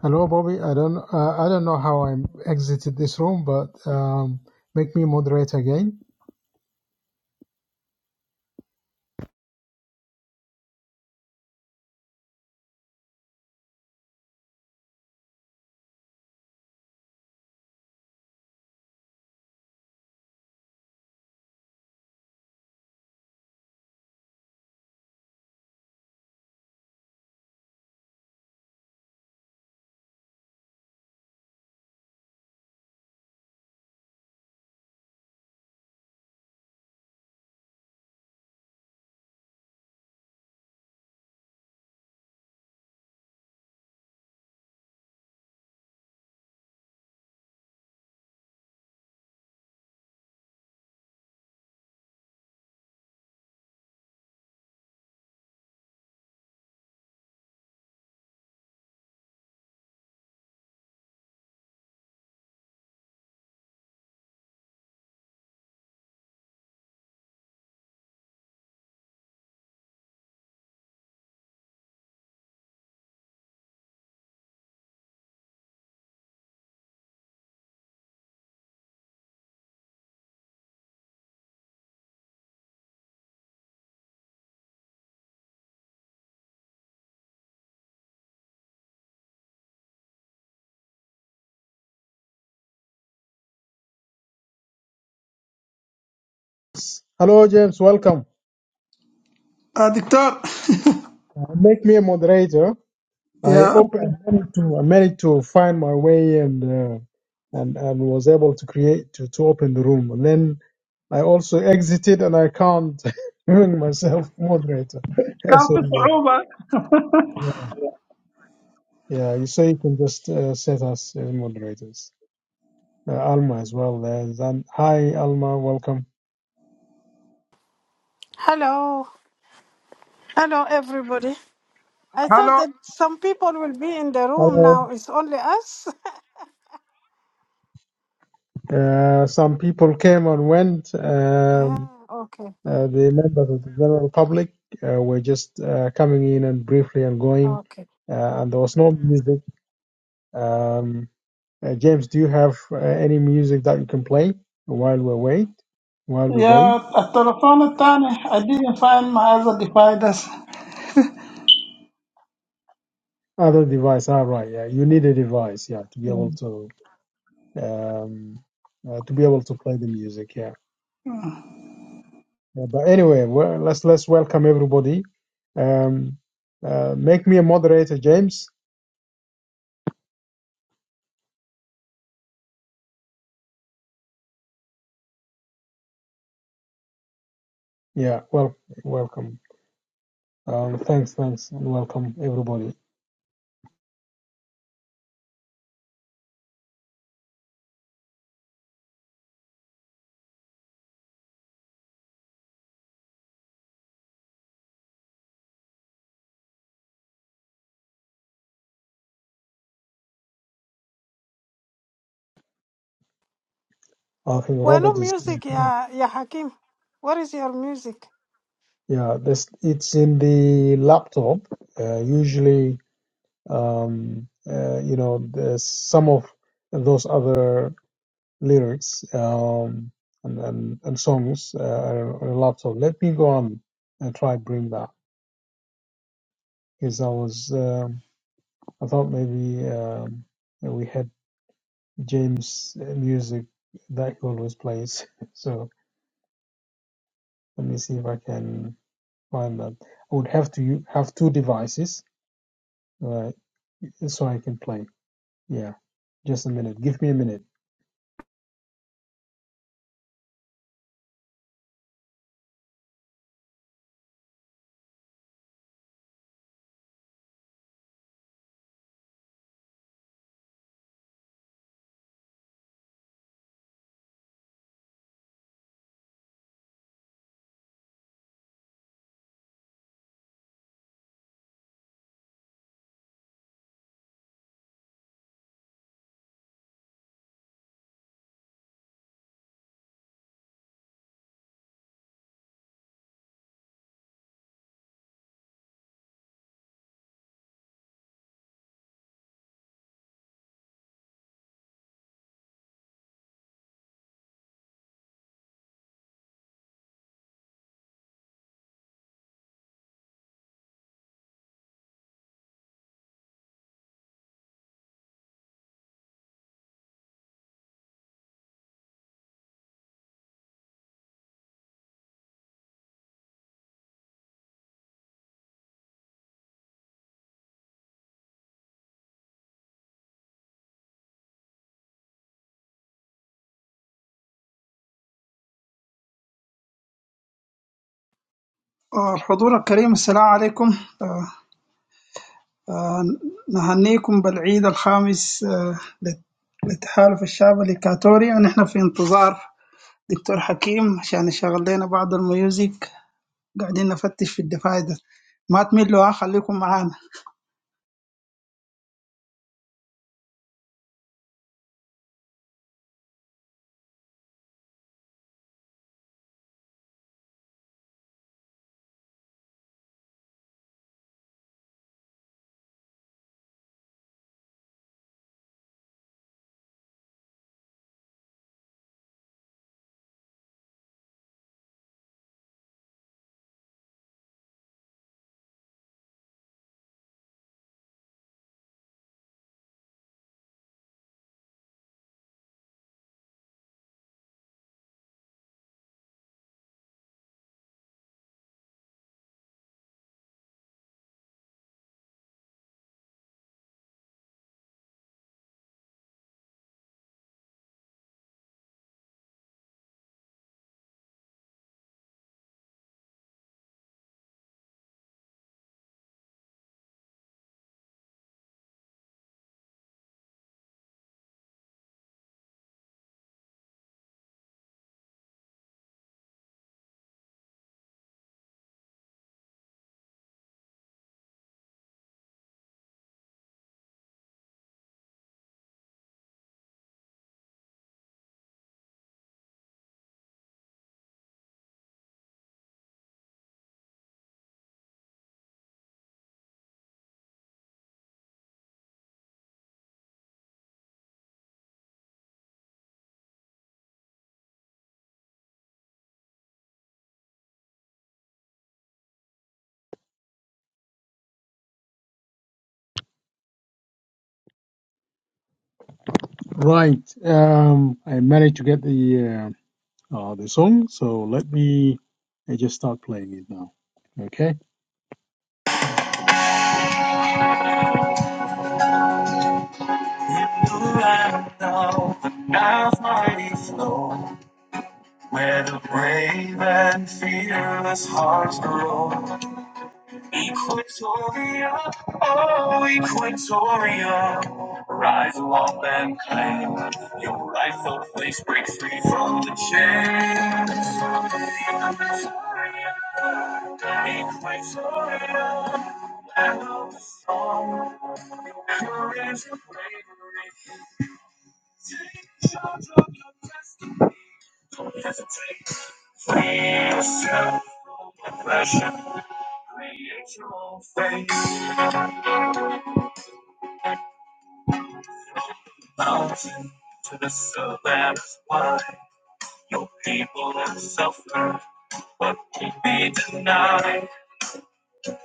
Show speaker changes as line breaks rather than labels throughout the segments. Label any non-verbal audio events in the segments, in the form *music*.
Hello, Bobby. I don't uh, I don't know how I exited this room, but um, make me moderate again. Hello, James. Welcome.
آه دكتور *laughs*
Uh, make me a moderator. I
يا
op- I managed to I managed to find my way and uh, and and was able to create to, to open the room. And then I also exited and I can't *laughs* bring myself moderator. Yeah,
كان
So
في
yeah,
صعوبة
yeah, yeah. You so you can just uh, set us as moderators. Uh, Alma as well. There's and hi Alma, welcome.
Hello. Hello, everybody. I thought
هلو
that some people will be in the room
Hello.
now. It's only us.
Uh, some people came and went.
*laughs*
Um,
yeah, okay.
Uh, the members of the general public uh, were just uh, coming in and briefly and going,
Okay.
uh, and there was no music. Um, uh, James, do you have uh, any music that you can play while we wait? While we wait,
يا التلفون الثاني I didn't find my other devices
other device. All right, yeah, you need a device, yeah, to be able to um, uh, to be able to play the music, yeah. Yeah, but anyway, well, let's let's welcome everybody. Um, uh, make me a moderator, James. Yeah, well, welcome. Um, thanks, thanks, and welcome everybody. I think
Well, no
Robert is.
music,
Mhm.
yeah, yeah, Hakim. What is your music?
Yeah, this it's in the laptop. Uh, usually, um, uh, you know, there's some of those other lyrics um, and, and and songs uh, are on a laptop. Let me go on and try bring that because I was um, I thought maybe um, we had James music that he always plays. *laughs* So let me see if I can. find that. I would have to have two devices uh, so I can play. Yeah, just a minute. Give me a minute.
آه، الحضور الكريم السلام عليكم آه، آه، نهنيكم بالعيد الخامس آه، لت- لتحالف الشعب الإكواتوري ونحن في انتظار دكتور حكيم عشان يشغل لنا بعض الميوزك قاعدين نفتش في الديفايدر ما تملوا آه، خليكم معانا
Right. Um, I managed to get the uh, uh, the song, so let me I just start playing it now. Okay. Where the brave and fearless hearts grow. Equatoria, oh Equatoria, rise up and claim your rightful place. Break free from the chains. Equatoria, Equatoria, land of the song. your courage and bravery. Take charge of your destiny. Don't hesitate. Free yourself from oppression. Create your own fate. Mountain to the sun. That is why your people have suffered. But can be denied.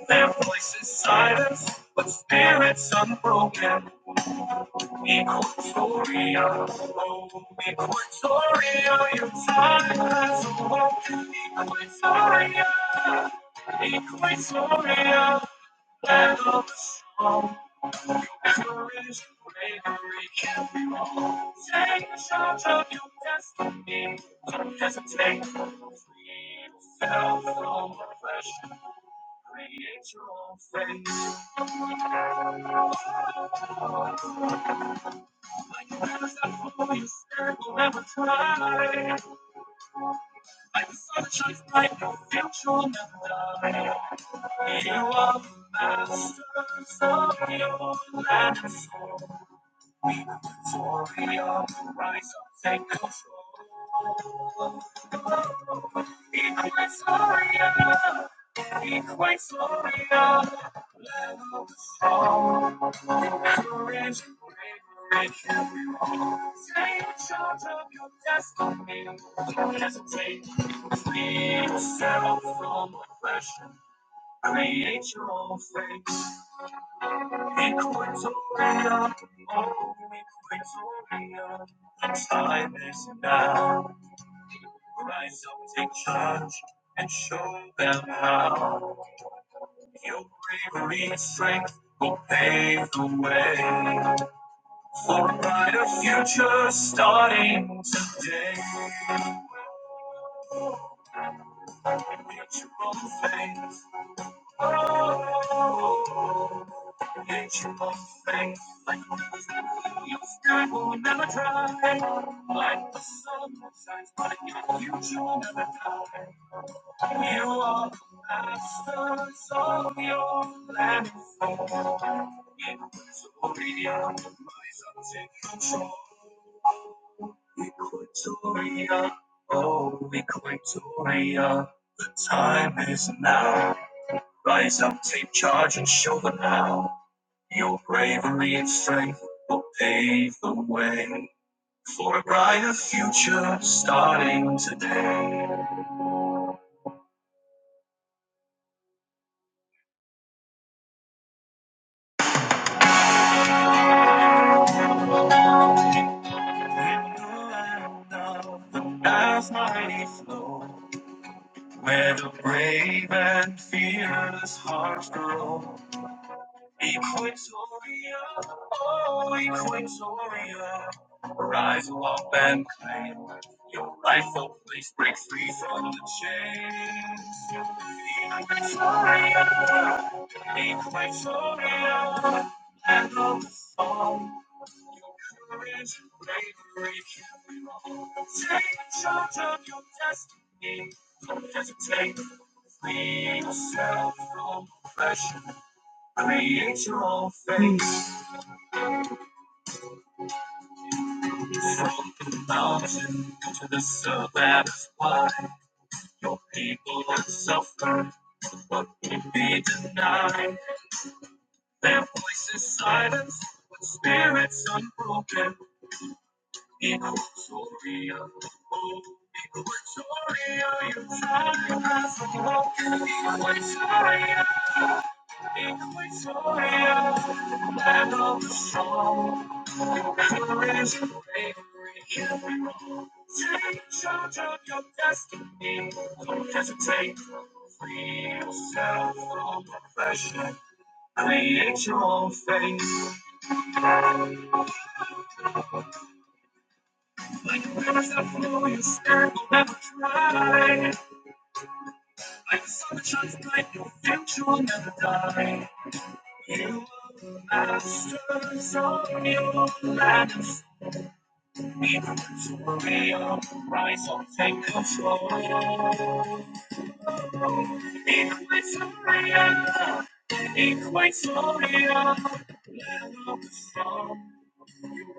Their voices silenced, but spirits unbroken. Equatoria, oh, Equatoria, your time has awoke. Equatoria, Equatoria, land of the strong. Courage, bravery, can be wrong. Take charge of your destiny. Don't hesitate. Free yourself from oppression. Create your own fate. Like the winds that blow, your spirit will never tire. Like the sunshine light, your faith will never die. You are the master of your land and soul. We will do for freedom, rise up, take control. Equate Soria, Equate Soria, land of the strong. Courage, bravery, we will take charge of your destiny. Don't hesitate, free yourself from oppression, create your own fate. Victoria, oh Victoria, the time is now. Rise up, take charge, and show them how. Your bravery and strength will pave the way for a brighter future starting today. Mutual faith. It's your faith, like you sky will never dry. Like the sun that shines, but your future will never die. You are the masters of your land. Equatoria, rise up, take control. Equatoria, oh Equatoria, the time is now. Rise up, take charge, and show them how your bravery and strength will pave the way for a brighter future starting today. In the land of the past mighty flow, where the brave and fearless hearts grow, Equatoria, oh Equatoria, rise up and claim your rightful place. Break free from the chains. Equatoria, Equatoria, land of the song. Your courage, bravery, can we all take charge of your destiny. Don't hesitate. Free yourself from oppression. Create your own face from the mountain to the sun. That is why your people are suffering, but can be denied. Their voices silenced, but spirits unbroken. Victoria, oh, Equatoria, your time has awoken. Victoria. Victoria, end of the song. Who is bravery in you? Take charge of your destiny. Don't hesitate, free yourself from oppression. Paint your face. Like the rivers that flow, you stand and never cry. Like the summer nights, your future will never die. You are the masters of your lands. Rise up, take control. In my surrender, in my surrender, let up the storm.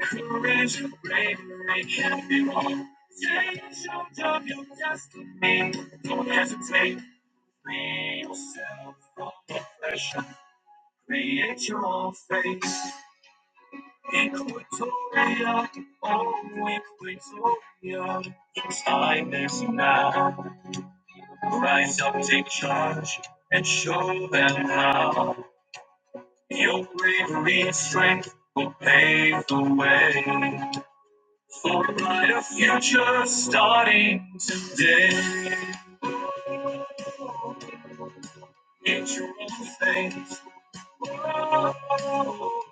Courage and bravery can be wrong. Take charge of your destiny. Don't hesitate. Free yourself from oppression. Create your own fate. Equatoria, oh Equatoria, the time is now. Rise up, take charge, and show them how. Your bravery and strength will pave the way for a brighter future starting today. It's your own fate. Oh,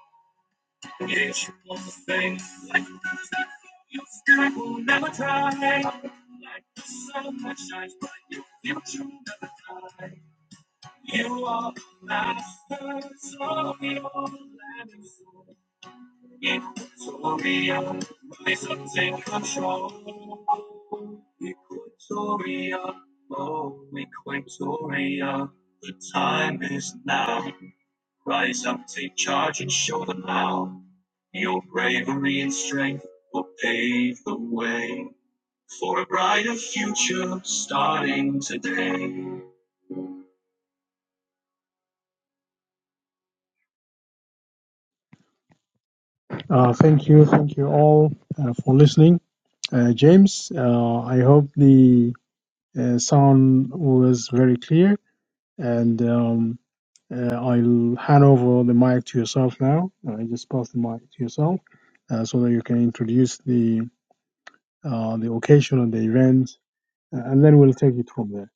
Yes, you want the same. Like the your sky will never dry. Like the sun that shines bright, your future will never die. You are the masters of your land and soul. In Victoria, rise up, take control. Victoria, oh, Victoria, the time is now. Rise up, take charge, and show them how. Your bravery and strength will pave the way for a brighter future starting today. Uh, thank you, thank you all uh, for listening. Uh, James, uh, I hope the uh, sound was very clear, and um, uh, I'll hand over the mic to yourself now. I just pass the mic to yourself uh, so that you can introduce the uh, the occasion and the event uh, and then we'll take it from there.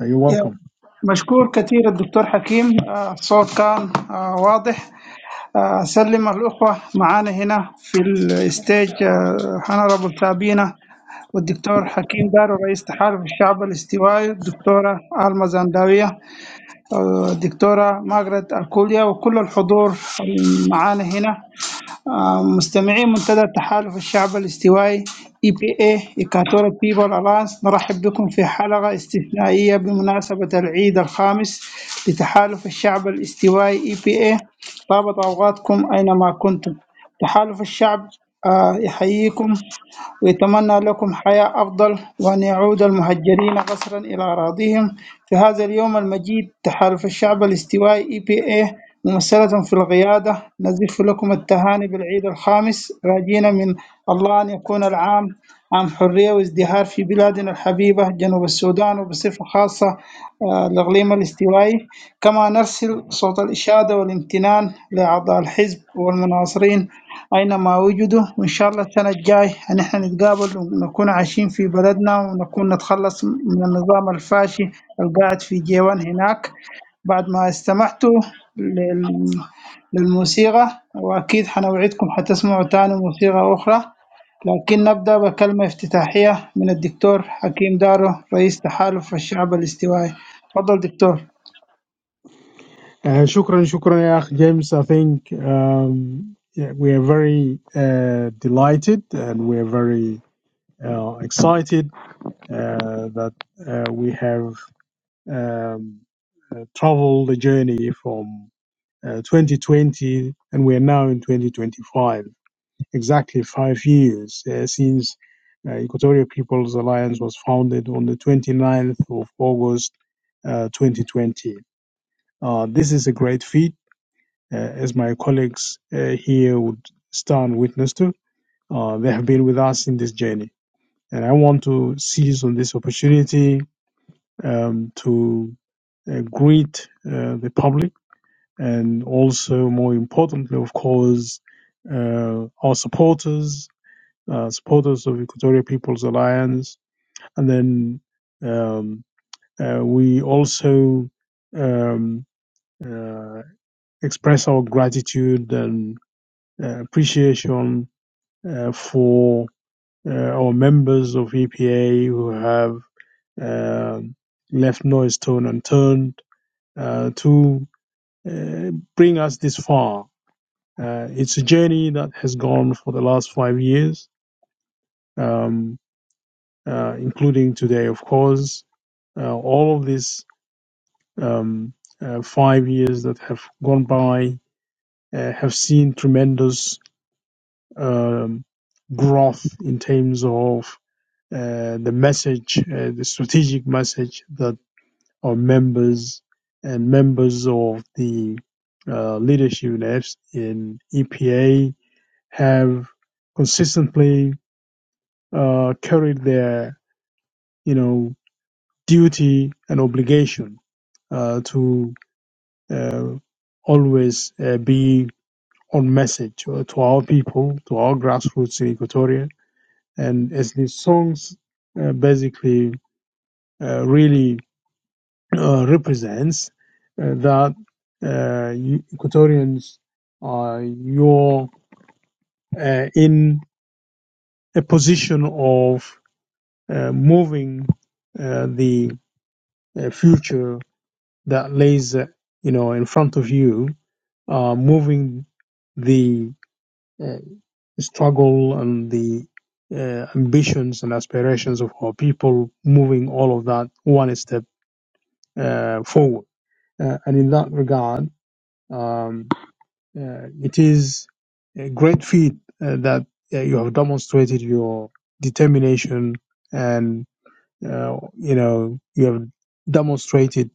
Uh, You're
يا
welcome.
مشكور كثير الدكتور حكيم آه، الصوت كان آه، واضح آه، أسلم الأخوة معانا هنا في الستيج هنربل سابينا والدكتور حكيم دارو رئيس تحالف الشعب الاستوائي الدكتورة آلما زنداوية آه، الدكتورة ماجرت الكوليا وكل الحضور معانا هنا آه، مستمعي منتدى تحالف الشعب الاستوائي اي بي اي ايكاتورا بيبل الانس نرحب بكم في حلقة استثنائية بمناسبة العيد الخامس لتحالف الشعب الاستوائي اي بي اي طابت اوقاتكم اينما كنتم تحالف الشعب آه، يحييكم ويتمنى لكم حياة أفضل وأن يعود المهجرين قسرا إلى أراضيهم في هذا اليوم المجيد تحالف الشعب الاستوائي EPA ممثلة في القيادة نزف لكم التهاني بالعيد الخامس راجين من الله أن يكون العام عام حرية وازدهار في بلادنا الحبيبة جنوب السودان وبصفة خاصة آه، الإقليم الاستوائي كما نرسل صوت الإشادة والامتنان لأعضاء الحزب والمناصرين أينما وجدوا وإن شاء الله السنة الجاي إن إحنا نتقابل ونكون عايشين في بلدنا ونكون نتخلص من النظام الفاشي القاعد في جيوان هناك بعد ما استمعتوا لل- للموسيقى وأكيد حنوعدكم حتسمعوا تاني موسيقى أخرى لكن نبدأ بكلمة افتتاحية من الدكتور حكيم دارو رئيس تحالف الشعب الاستوائي تفضل دكتور
Uh, shukran, shukran, يا أخ James. I think um, yeah, we are very uh, delighted and we are very uh, excited uh, that uh, we have um, uh, traveled the journey from uh, 2020 and we are now in 2025, exactly five years uh, since uh, Equatorial People's Alliance was founded on the 29th of August uh, 2020 Uh, this is a great feat, uh, as my colleagues uh, here would stand witness to. Uh, they have been with us in this journey. And I want to seize on this opportunity um, to uh, greet uh, the public and also, more importantly, of course, uh, our supporters, uh, supporters of Equatorial People's Alliance. And then um, uh, we also um, uh, express our gratitude and uh, appreciation uh, for uh, our members of EPA who have um left no stone unturned uh, to uh, bring us this far. Uh, it's a journey that has gone for the last five years, um, uh, including today, of course. Uh, all of these um, uh, five years that have gone by uh, have seen tremendous um, growth in terms of uh, the message, uh, the strategic message that our members and members of the uh, leadership in in EPA have consistently uh, carried their, you know, duty and obligation uh, to uh, always uh, be on message uh, to our people, to our grassroots in Equatoria, and as the songs uh, basically uh, really uh, represents uh, that uh, you- Equatorians are you're uh, in a position of uh, moving uh, the uh, future that lays uh, you know in front of you, uh, moving the uh, struggle and the uh, ambitions and aspirations of our people, moving all of that one step uh, forward. Uh, and in that regard, um, uh, it is a great feat uh, that uh, you have demonstrated your determination and, uh, you know, you have demonstrated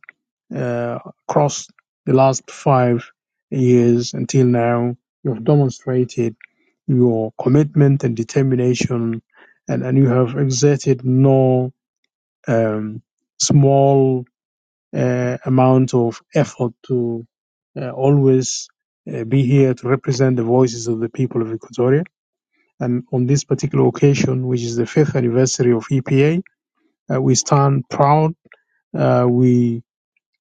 uh, across the last five years until now, you have demonstrated your commitment and determination and, and you have exerted no um, small uh, amount of effort to uh, always uh, be here to represent the voices of the people of Equatoria. And on this particular occasion, which is the fifth anniversary of EPA, uh, we stand proud. Uh, we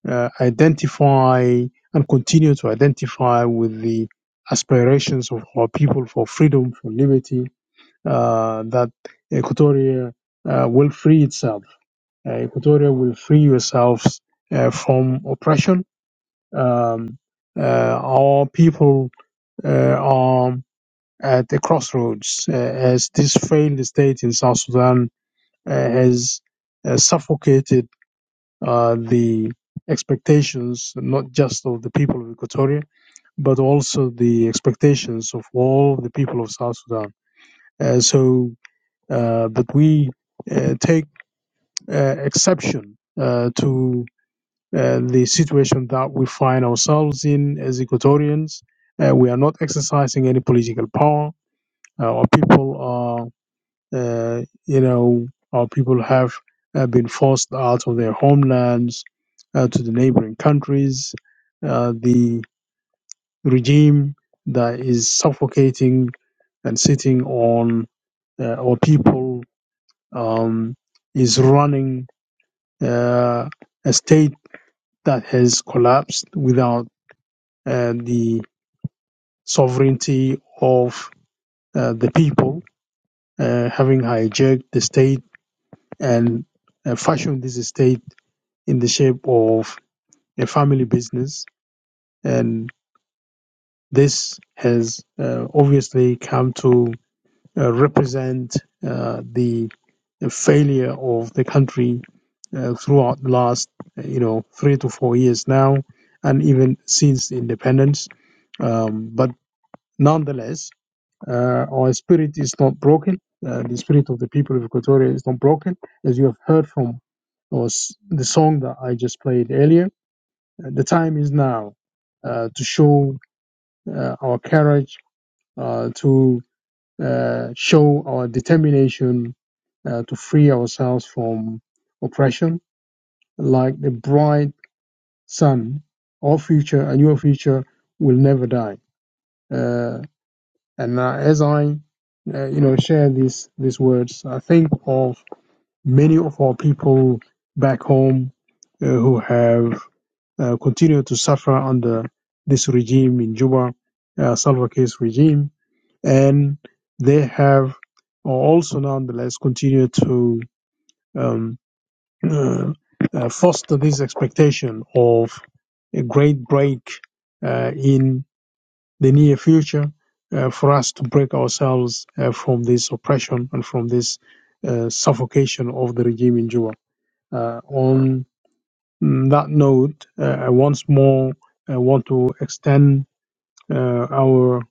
uh, identify and continue to identify with the aspirations of our people for freedom, for liberty, uh, that Equatoria uh, will free itself. Uh, Equatoria will free yourselves uh, from oppression Um, uh, our people uh, are at the crossroads uh, as this failed state in South Sudan uh, has uh, suffocated uh, the expectations not just of the people of Equatoria but also the expectations of all the people of South Sudan. Uh, so, uh, but we uh, take uh, exception uh, to. uh, the situation that we find ourselves in as Equatorians. Uh, we are not exercising any political power. Uh, Our people are, uh, you know, our people have uh, been forced out of their homelands uh, to the neighboring countries. Uh, the regime that is suffocating and sitting on uh, our people um, is running uh, a state that has collapsed without uh, the sovereignty of uh, the people, uh, having hijacked the state and uh, fashioned this state in the shape of a family business. And this has uh, obviously come to uh, represent uh, the failure of the country uh, throughout the last, uh, you know, three to four years now, and even since independence. Um, but nonetheless, Uh, our spirit is not broken. Uh, the spirit of the people of Equatoria is not broken, as you have heard from was the song that I just played earlier. Uh, The time is now uh, to show uh, our courage, uh, to uh, show our determination uh, to free ourselves from oppression. Like the bright sun, our future and your future will never die. Uh, And uh, as I, uh, you know, share these these words, I think of many of our people back home uh, who have uh, continued to suffer under this regime in Juba, uh, Salva Kiir's regime, and they have also, nonetheless, continued to um, uh, uh, foster this expectation of a great break uh, in the near future uh, for us to break ourselves uh, from this oppression and from this uh, suffocation of the regime in Juba. Uh, on that note, uh, I once more uh, want to extend uh, our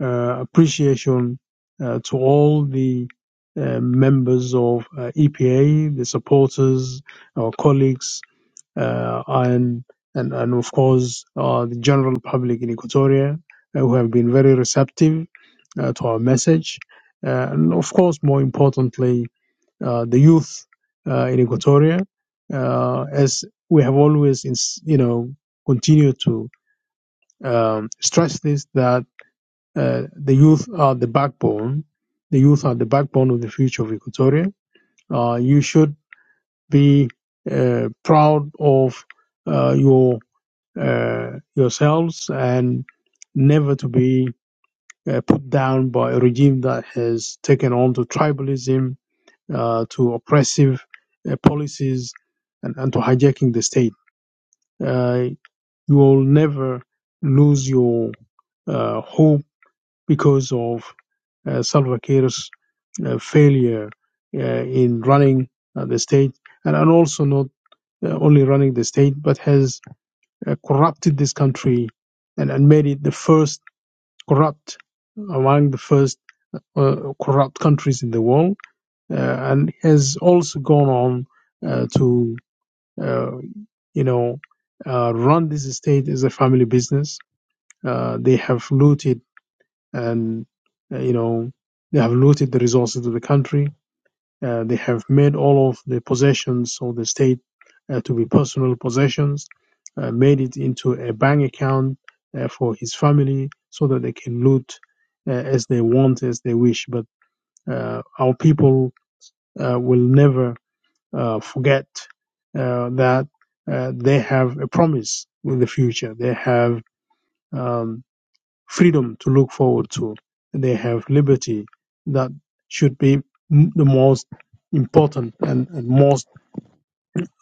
uh, appreciation uh, to all the uh, members of uh, EPA, the supporters, our colleagues, uh, and, and and of course uh, the general public in Equatoria uh, who have been very receptive uh, to our message, uh, and of course more importantly uh, the youth uh, in Equatoria, uh, as we have always ins- you know continued to um, stress this that uh, the youth are the backbone. The youth are the backbone of the future of Equatoria. Uh, you should be uh, proud of uh, your uh, yourselves and never to be uh, put down by a regime that has taken on to tribalism, uh, to oppressive uh, policies, and, and to hijacking the state. Uh, you will never lose your uh, hope because of uh, Salva Kiir's uh, failure uh, in running uh, the state, and, and also not uh, only running the state, but has uh, corrupted this country and, and made it the first corrupt among the first uh, corrupt countries in the world uh, and has also gone on uh, to uh, you know uh, run this state as a family business uh, they have looted and uh, you know they have looted the resources of the country Uh, they have made all of the possessions of the state uh, to be personal possessions, uh, made it into a bank account uh, for his family so that they can loot uh, as they want, as they wish. But uh, our people uh, will never uh, forget uh, that uh, they have a promise with the future. They have. Um, freedom to look forward to. They have liberty that should be m- the most important and, and most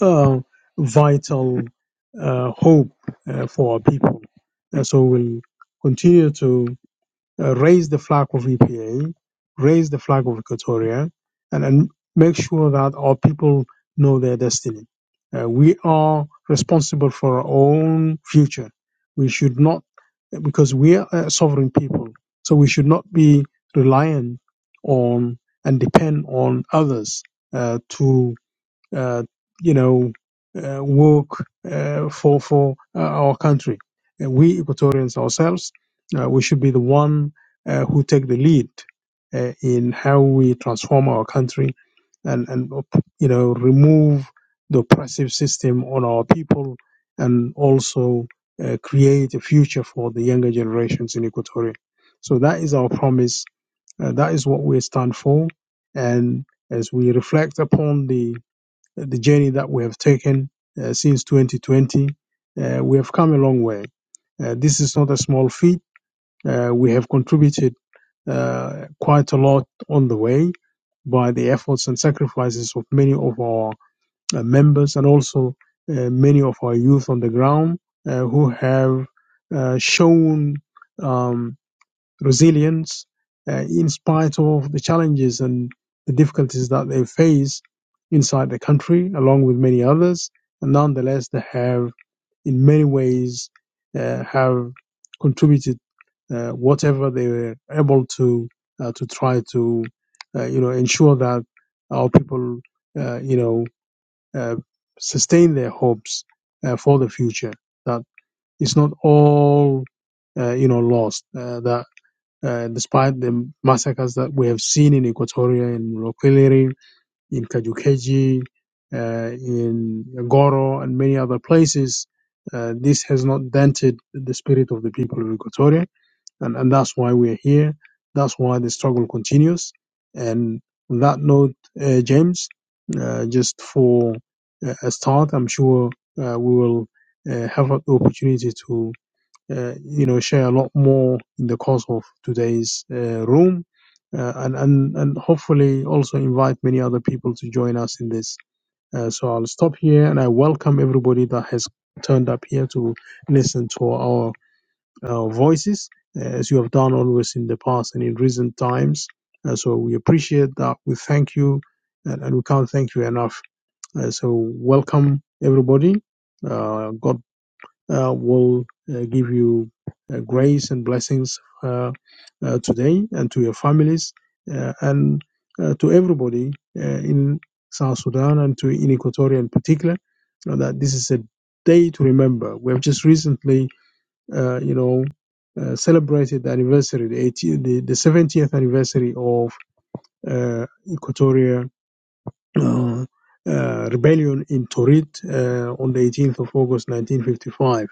uh, vital uh, hope uh, for our people. And so we'll continue to uh, raise the flag of EPA, raise the flag of Equatoria, and, and make sure that our people know their destiny. Uh, we are responsible for our own future. We should not, because we are a sovereign people, so we should not be reliant on and depend on others uh, to uh, you know, uh, work uh, for for uh, our country. Uh, we Equatorians ourselves, uh, we should be the one uh, who take the lead uh, in how we transform our country and and you know remove the oppressive system on our people and also uh, create a future for the younger generations in Equatoria. So that is our promise. Uh, that is what we stand for. And as we reflect upon the the journey that we have taken uh, since 2020. Uh, we have come a long way. Uh, this is not a small feat. Uh, we have contributed uh, quite a lot on the way by the efforts and sacrifices of many of our uh, members and also uh, many of our youth on the ground uh, who have uh, shown. Um, resilience uh, in spite of the challenges and the difficulties that they face inside the country, along with many others. And nonetheless, they have, in many ways, uh, have contributed uh, whatever they were able to uh, to try to, uh, you know, ensure that our people, uh, you know, uh, sustain their hopes uh, for the future. That it's not all, uh, you know, lost. Uh, that uh, despite the massacres that we have seen in Equatoria, in Mlokwiliri, in Kajukeji, uh, in Goro, and many other places, uh, this has not dented the spirit of the people of Equatoria, and, and that's why we're here. That's why the struggle continues. And on that note, uh, James, uh, just for uh, a start, I'm sure uh, we will uh, have the opportunity to uh, you know share a lot more in the course of today's uh, room uh, and, and and hopefully also invite many other people to join us in this uh, so i'll stop here and i welcome everybody that has turned up here to listen to our uh, voices uh, as you have done always in the past and in recent times uh, so we appreciate that we thank you and, and we can't thank you enough uh, so welcome everybody uh, god uh, will uh, give you uh, grace and blessings uh, uh, today and to your families uh, and uh, to everybody uh, in South Sudan and to in Equatoria in particular. uh, that this is a day to remember. We have just recently, uh, you know, uh, celebrated the anniversary, the, 18, the, the 70th anniversary of uh, Equatoria uh, uh, rebellion in Torit uh, on the 18th of August 1955.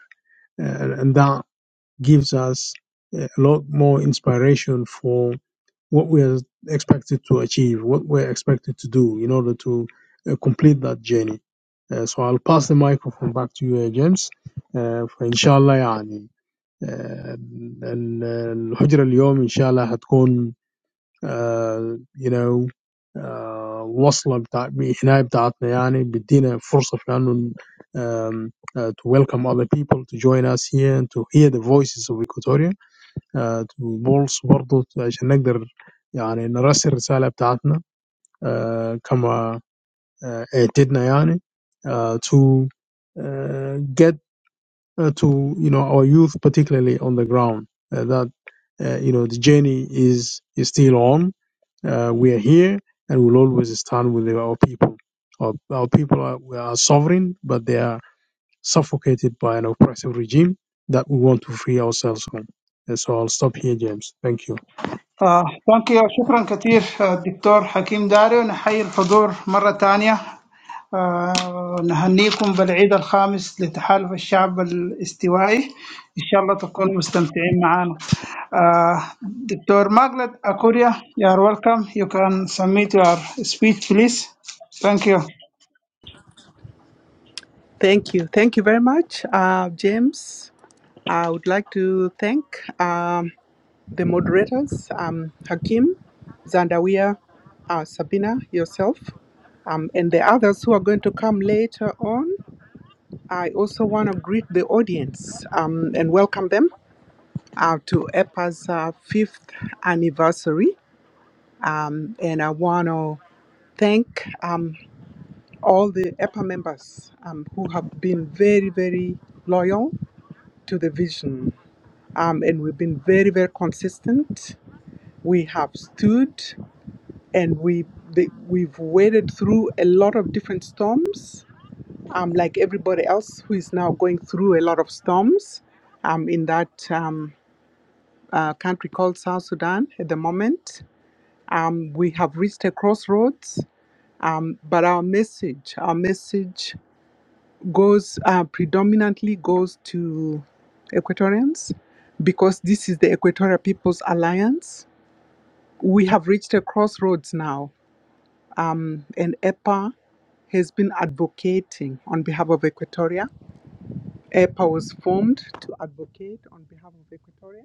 Uh, and, that gives us a lot more inspiration for what we're expected to achieve, what we're expected to do in order to uh, complete that journey. Uh, so I'll pass the microphone back to you, uh, James. Uh, فإن شاء الله يعني آه، ال- الهجرة اليوم إن شاء الله هتكون آه، you know آه، وصلة بتاع الحناية بتاعتنا يعني بتدينا فرصة في أنه um, uh, to welcome other people to join us here and to hear the voices of Equatoria. آه، وبولس برضه عشان نقدر يعني نرسل الرسالة بتاعتنا آه، كما آه، اعتدنا يعني آه، to uh, get uh, to you know our youth particularly on the ground uh, that uh, you know the journey is is still on uh, we are here and we'll always stand with our people our, our people are, we are sovereign but they are suffocated by an oppressive regime that we want to free ourselves from and so i'll stop here james thank you
آه، ثانك يو شكرا كثير آه، دكتور حكيم داري ونحيي الحضور مرة ثانية آه، نهنيكم بالعيد الخامس لتحالف الشعب الاستوائي إن شاء الله تكونوا مستمتعين معنا آه، دكتور ماجلت أكوريا you are welcome you can submit your speech please thank you
Thank you. Thank you very much, uh, James. I would like to thank um, the moderators, um, Hakim, Zandawia, uh, Sabina, yourself, um, and the others who are going to come later on. I also want to greet the audience um, and welcome them uh, to EPA's uh, fifth anniversary. Um, and I want to thank um, all the EPA members um, who have been very, very loyal to the vision. Um, and we've been very, very consistent. We have stood and we, the, we've waded through a lot of different storms, um, like everybody else who is now going through a lot of storms um, in that um, uh, country called South Sudan at the moment. Um, we have reached a crossroads, um, but our message, our message goes uh, predominantly goes to Equatorians because this is the Equatorial People's Alliance. We have reached a crossroads now, um, and EPA has been advocating on behalf of Equatoria. EPA was formed to advocate on behalf of Equatoria,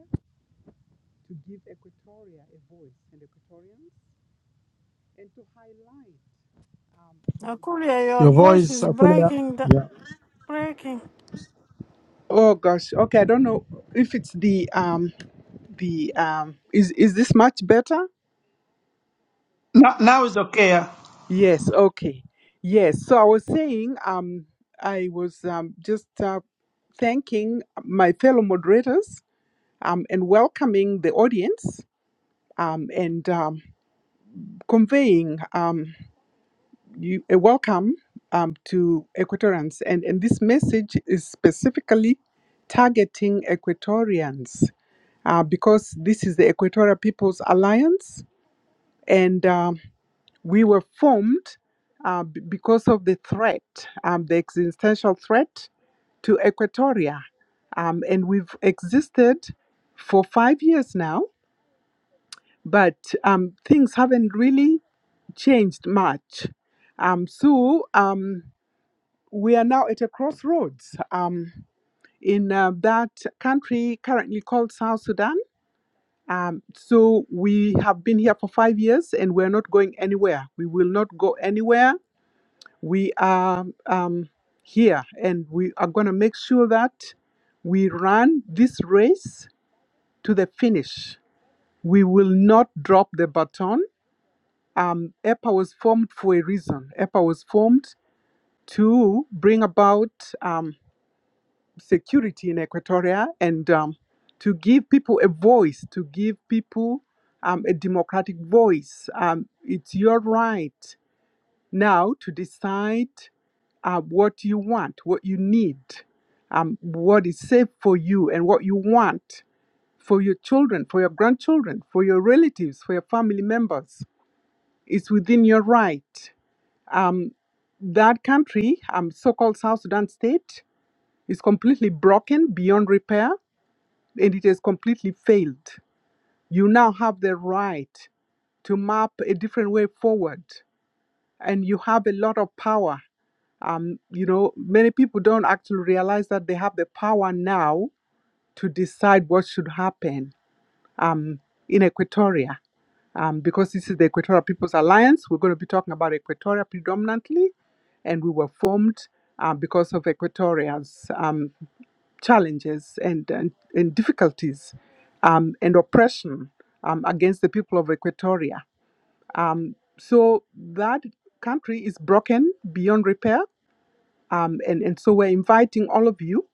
to give Equatoria a voice and Equatorians, and to highlight um, you know, the
Akulia, your
Your
challenges.
voice
voice
is
أقول يا
breaking, the,
يا-
breaking.
Oh gosh. Okay, I don't know if it's the um the um is is this much better?
No- now is okay
Yes, okay. Yes. So I was saying um I was um just uh, thanking my fellow moderators um and welcoming the audience um and um conveying um you a welcome um to Equatorians and and this message is specifically targeting Equatorians uh, because this is the Equatorial People's Alliance, and um, we were formed uh, b- because of the threat, um, the existential threat to Equatoria. Um, and we've existed for five years now, but um, things haven't really changed much. Um, so um, we are now at a crossroads um, in uh, that country currently called South Sudan Um, so we have been here for five years and we're not going anywhere. We will not go anywhere. We are um, here and we are going to make sure that we run this race to the finish. We will not drop the baton. Um, EPA was formed for a reason. EPA was formed to bring about um, security in Equatoria and um, to give people a voice, to give people um, a democratic voice. Um, it's your right now to decide uh, what you want, what you need, um, what is safe for you, and what you want for your children, for your grandchildren, for your relatives, for your family members. It's within your right. Um, that country, um, so called South Sudan state, is completely broken beyond repair and it has completely failed. You now have the right to map a different way forward, and you have a lot of power. Um, you know, many people don't actually realize that they have the power now to decide what should happen um, in Equatoria. Um, because this is the Equatorial People's Alliance, we're going to be talking about Equatoria predominantly, and we were formed um, because of Equatorians. Um, challenges and, and, and difficulties um, and oppression um, against the people of Equatoria. So that country is broken beyond repair. Um, and, and so we're inviting all of you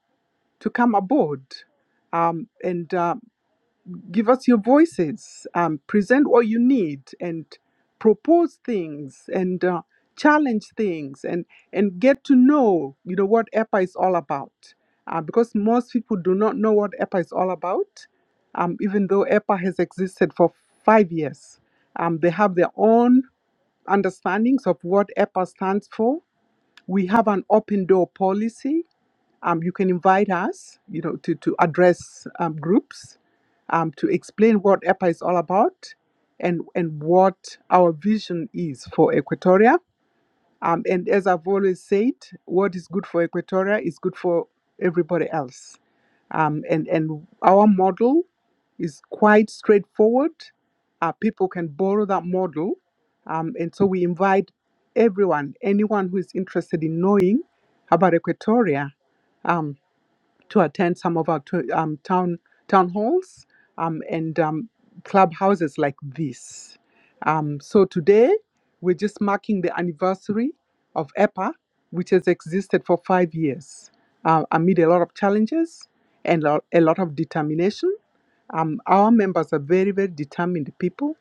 to come aboard um, and uh, give us your voices, um, present what you need, and propose things and uh, challenge things, and and get to know, you know, what EPA is all about. Uh, because most people do not know what EPA is all about, um, even though EPA has existed for five years. Um, they have their own understandings of what EPA stands for. We have an open door policy um, you can invite us, you know, to, to address um, groups, um, to explain what EPA is all about and, and what our vision is for Equatoria. Um, and as I've always said, what is good for Equatoria is good for everybody else. Um, and, and our model is quite straightforward. Uh, people can borrow that model. Um, and so we invite everyone, anyone who is interested in knowing about Equatoria, um, to attend some of our to, um, town town halls um, and um, clubhouses like this. Um, so today we're just marking the anniversary of EPA, which has existed for five years uh, amid a lot of challenges and lo- a lot of determination. Um, our members are very, very determined people.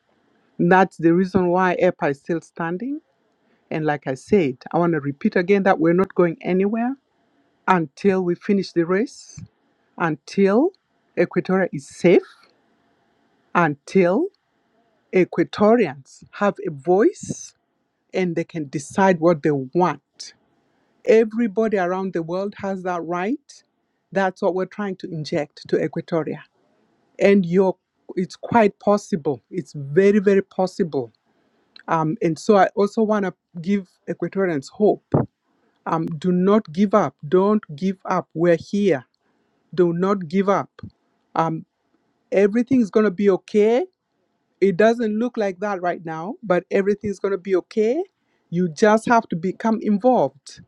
That's the reason why EPA is still standing. And like I said, I want to repeat again that we're not going anywhere until we finish the race until Equatoria is safe, until Equatorians have a voice and they can decide what they want. Everybody around the world has that right. That's what we're trying to inject to Equatoria. And you're, it's quite possible. It's very, very possible. Um, and so I also want to give Equatorians hope. Um, do not give up. Don't give up. We're here. Do not give up. Um, everything is going to be okay it doesn't look like that right now, but everything's going to be okay. You just have to become involved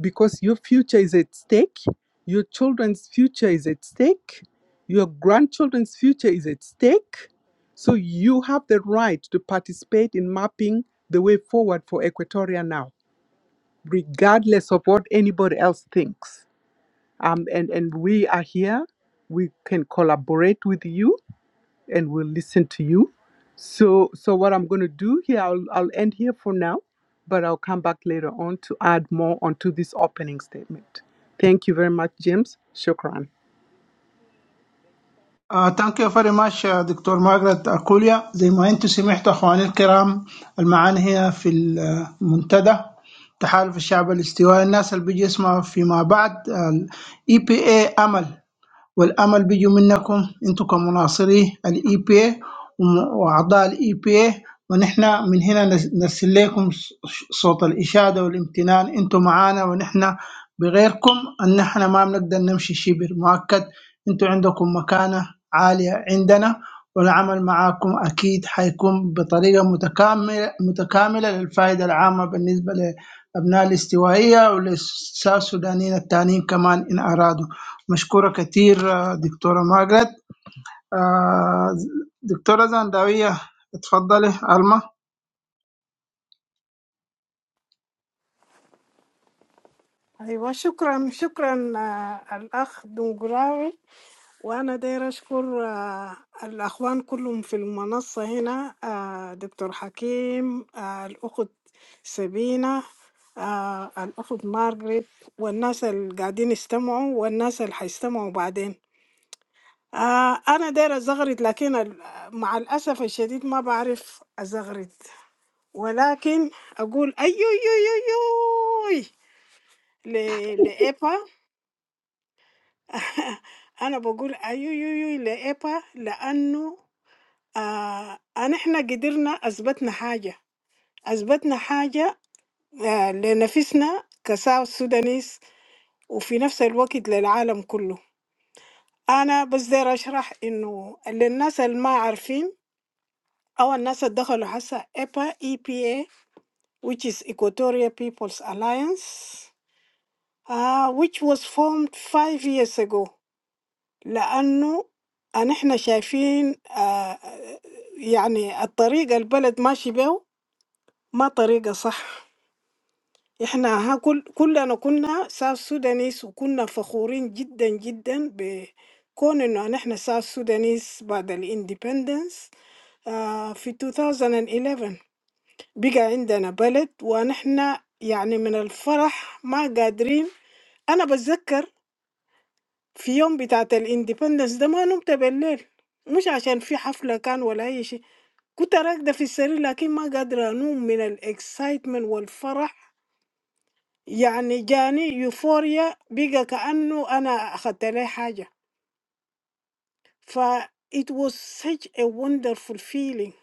because your future is at stake, your children's future is at stake, your grandchildren's future is at stake. So you have the right to participate in mapping the way forward for Equatoria now, regardless of what anybody else thinks. Um, and, and we are here. We can collaborate with you and will listen to you. So, so what I'm going to do here, I'll, I'll end here for now, but I'll come back later on to add more onto this opening statement. Thank you very much, James. Shukran.
ثانك يو فيري ماتش دكتور مارغريت اكوليا زي ما انتم سمعتوا اخواني الكرام المعاني هنا في المنتدى تحالف الشعب الاستوائي الناس اللي بيجي يسمعوا فيما بعد الاي بي اي امل والامل بيجي منكم انتم كمناصري الاي بي اي واعضاء الاي بي اي ونحن من هنا نس- نرسل لكم ص- صوت الاشاده والامتنان انتم معانا ونحن بغيركم ان احنا ما بنقدر نمشي شبر مؤكد انتوا عندكم مكانة عالية عندنا والعمل معاكم أكيد حيكون بطريقة متكاملة متكاملة للفائدة العامة بالنسبة لأبناء الاستوائية وللسودانيين السودانيين التانيين كمان إن أرادوا مشكورة كتير آه، دكتورة ماجرت آه، دكتورة زنداوية اتفضلي ألما
أيوة شكرا شكرا آه، الأخ دونجراوي وأنا داير أشكر آه، الأخوان كلهم في المنصة هنا آه، دكتور حكيم آه، الأخت سبينة آه، الأخت مارغريت والناس اللي قاعدين يستمعوا والناس اللي حيستمعوا بعدين آه، أنا داير أزغرد لكن ال- مع الأسف الشديد ما بعرف أزغرد ولكن أقول أيو يو يو يو *laughs* I am saying, "Hey, hey, hey!" Epa, because I, we were able to achieve something, achieve something for our own, for the Sudanese, and at the same time for the world. I just want to explain that the people who are aware or the people who have entered this Epa (EPA), which is the Equatorial People's Alliance, uh, which was formed five years ago. لأنه أن إحنا شايفين آه، يعني الطريقة البلد ماشي بيه ما طريقة صح إحنا ها كل كلنا كنا ساوث سودانيس وكنا فخورين جدا جدا بكون إنه أن إحنا ساوث سودانيس بعد الاندبندنس في 2011 بقى عندنا بلد ونحن يعني من الفرح ما قادرين أنا بتذكر في يوم بتاعة الاندبندنس ده ما نمت بالليل مش عشان في حفلة كان ولا أي شيء كنت راكدة في السرير لكن ما قادرة أنوم من الاكسايتمنت والفرح يعني جاني يوفوريا بقى كأنه أنا أخدت لي حاجة ف it was such a wonderful feeling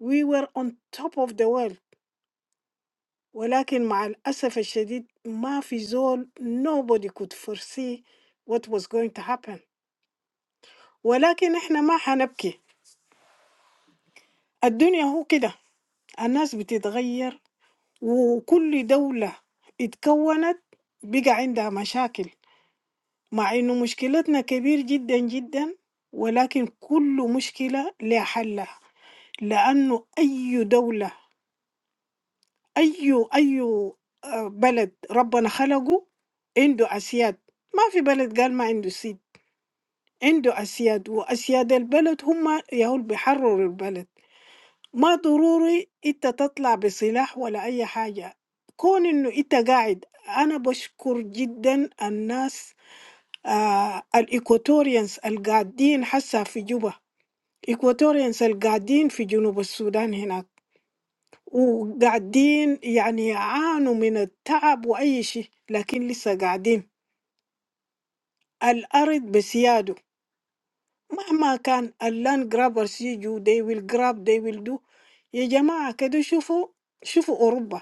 we were on top of the world ولكن مع الأسف الشديد ما في زول nobody could foresee what was going to happen ولكن إحنا ما حنبكي الدنيا هو كده الناس بتتغير وكل دولة اتكونت بقى عندها مشاكل مع انه مشكلتنا كبير جدا جدا ولكن كل مشكلة لها حلها لانه اي دولة اي اي آه، بلد ربنا خلقه عنده اسياد ما في بلد قال ما عنده سيد عنده اسياد واسياد البلد هم يهول بيحرروا البلد ما ضروري انت تطلع بسلاح ولا اي حاجة كون انه انت قاعد انا بشكر جدا الناس آه الايكواتوريانز القاعدين حسا في جوبا ايكواتوريانز القاعدين في جنوب السودان هناك وقاعدين يعني عانوا من التعب واي شيء لكن لسه قاعدين الارض بسياده مهما كان اللاند جرابرز يجوا they will grab they will do يا جماعة كده شوفوا شوفوا أوروبا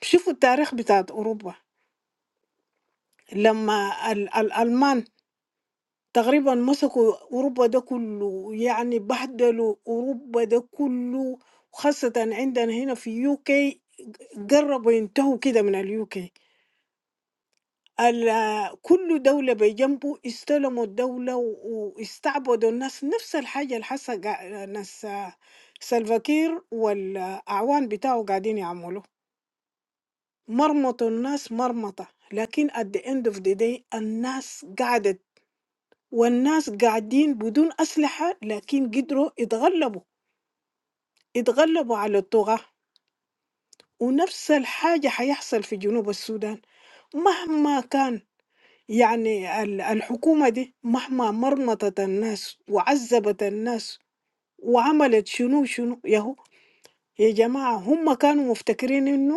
شوفوا التاريخ بتاعت أوروبا لما ال- الألمان تقريبا مسكوا أوروبا ده كله يعني بهدلوا أوروبا ده كله خاصة عندنا هنا في يوكي قربوا ينتهوا كده من اليوكي كل دولة بجنبه استلموا الدولة و- واستعبدوا الناس نفس الحاجة اللي حصل قا- ناس سلفاكير والأعوان بتاعه قاعدين يعملوا Marmot the Nas Marmota, but at the end of the day, the Nas were and the Nas were without weapons, but they managed to win, to win against the tribe, and the same thing happened in South Sudan, no matter what, I mean, the government did not crush the Nas, humiliated the Nas, and did what they wanted. Oh, guys, they were thinking that.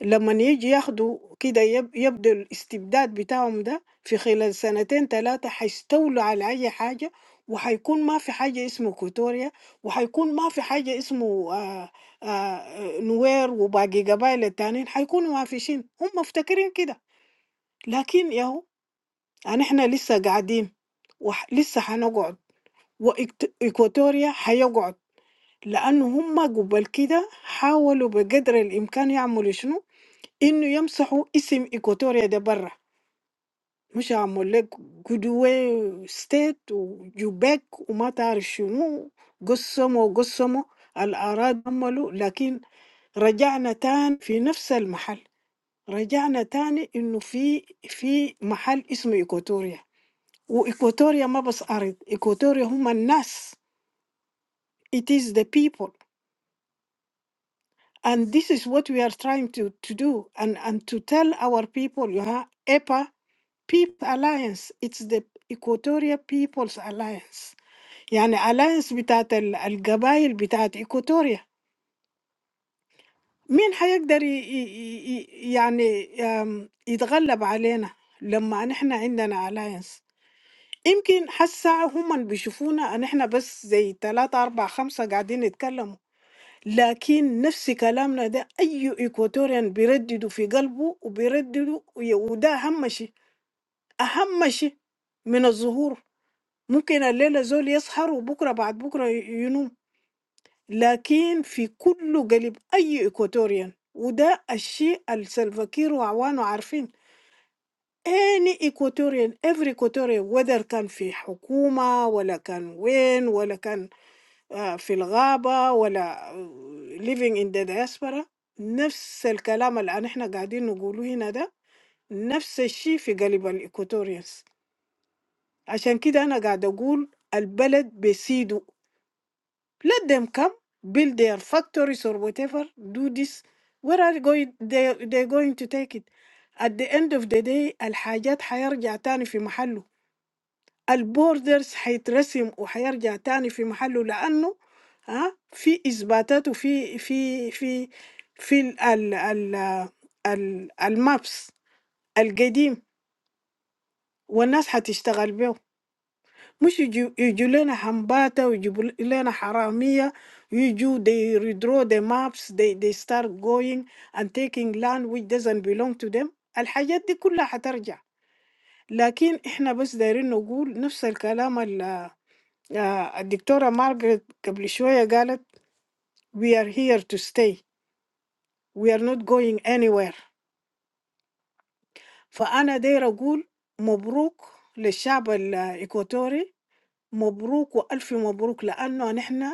لما يجي ياخدوا كده يب- يبدو الاستبداد بتاعهم ده في خلال سنتين ثلاثة هيستولوا على أي حاجة وهيكون ما في حاجة اسمه كوتوريا وهيكون ما في حاجة اسمه آه آه نوير وباقي قبائل التانيين هيكونوا معفشين هم مفتكرين كده لكن ياهو أنا إحنا لسه قاعدين ولسه هنقعد وإكواتوريا هيقعد لأنه هم قبل كده حاولوا بقدر الإمكان يعملوا شنو Inu yamsahu isim Iquatoria debarra. Musha molek Gudwe State, Ujbe, Umatarishu, Gussemo, Gussemo. Alaradamalu. لكن رجعنا تان في نفس المحل. رجعنا تاني إنه في في محل اسمه Iquatoria. و Iquatoria ما بس عارض. Iquatoria هم الناس. It is the people, and this is what we are trying to to do, and and to tell our people. You ha apa. Peep Alliance it's the Equatorial People's Alliance يعني alliance بتاعت ال- القبائل بتاعت إيكوتوريا مين حيقدر ي... ي... ي... يعني أم، يتغلب علينا لما نحن عندنا alliance يمكن حسا هم بيشوفونا ان احنا بس زي تلاتة أربعة خمسة قاعدين يتكلموا لكن نفس كلامنا ده أي إيكواتوريان بيرددوا في قلبه وبيرددوا وده أهم شيء أهم شيء من الظهور ممكن الليلة زول يسهر وبكرة بعد بكرة ينوم لكن في كله قلب أي إكواتوريان وده الشيء السلفاكير وعوانه عارفين any Equatorian every Equatorian whether كان في حكومة ولا كان وين ولا كان آه، في الغابة ولا آه، living in the diaspora نفس الكلام اللي احنا قاعدين نقوله هنا ده نفس الشيء في قلب الإيكواتوريانز عشان كده أنا قاعد أقول البلد بسيده Let them come, build their factories or whatever. Do this. Where are they going? They they're going to take it. At the end of the day, the project will return to the local. The borders will resume and will return to the local because, huh? There are evidence in in in in the the the maps, the old ones, and people will work with them. Which you you learn about, you learn howamiya. You do they redraw the maps. They they start going and taking land which doesn't belong to them. The life they all will come back. But we are just here to say the same thing that Dr. Margaret a little while ago. We are here to stay. We are not going anywhere. So I'm here to say, congratulations to the people of Ecuador. Congratulations and a thousand congratulations because we are here.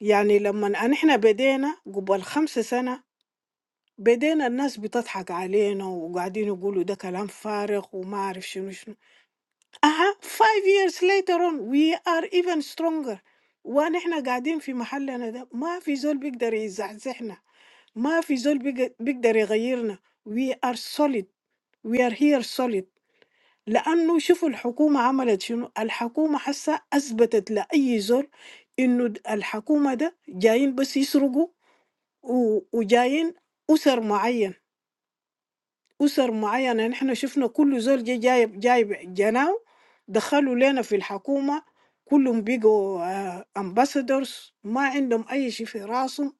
يعني لما نحن بدينا قبل خمس سنة بدينا الناس بتضحك علينا وقاعدين يقولوا ده كلام فارغ وما أعرف شنو شنو أها five years later on we are even stronger ونحن قاعدين في محلنا ده ما في زول بيقدر يزعزعنا ما في زول بيق- بيقدر يغيرنا we are solid we are here solid لأنه شوفوا الحكومة عملت شنو الحكومة حسا أثبتت لأي زول إنه الحكومة ده جايين بس يسرقوا و- وجايين أسر معين أسر معينة نحن شفنا كل زول جاي جايب جايب جناه دخلوا لنا في الحكومة كلهم بيجوا امباسادورز ما عندهم أي شيء في راسهم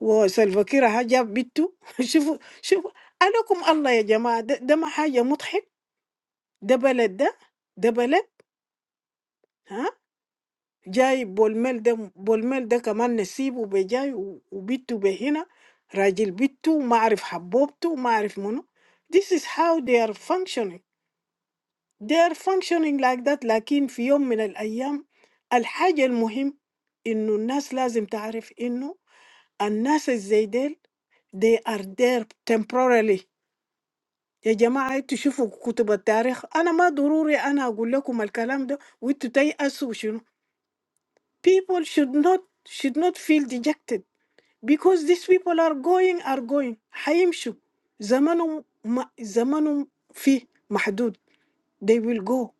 وسلفاكير ها جاب بنته *laughs* شوفوا شوفوا عليكم الله يا جماعة ده, ده ما حاجة مضحك ده بلد ده ده بلد ها جاي بولميل ده، بولميل ده كمان نسيبه بجاي و- وبيته بهنا، راجل بيته ما عارف حبوبته ما عارف منو. This is how they are functioning. They are functioning like that. But in some of the days, the most important thing is that the people must know that the people today they are there temporarily. The community should read books of history. I am not sure. I am talking about the language. We should not feel dejected. Because these people are going, are going. How you show? The time is the time is limited. They will go.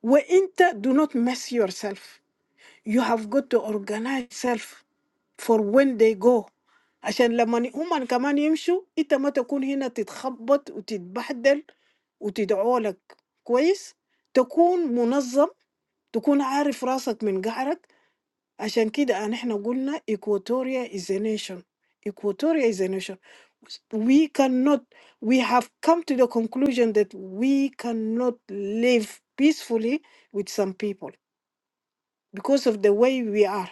When you do not mess yourself, you have got to organize yourself for when they go. So that when you come and you show, when you are not here, you are getting mixed up and you are getting confused and you are getting bad. Be organized. Be aware of what you are doing. عشان كده احنا قلنا Equatoria is a nation Equatoria is a nation we cannot we have come to the conclusion that we cannot live peacefully with some people because of the way we are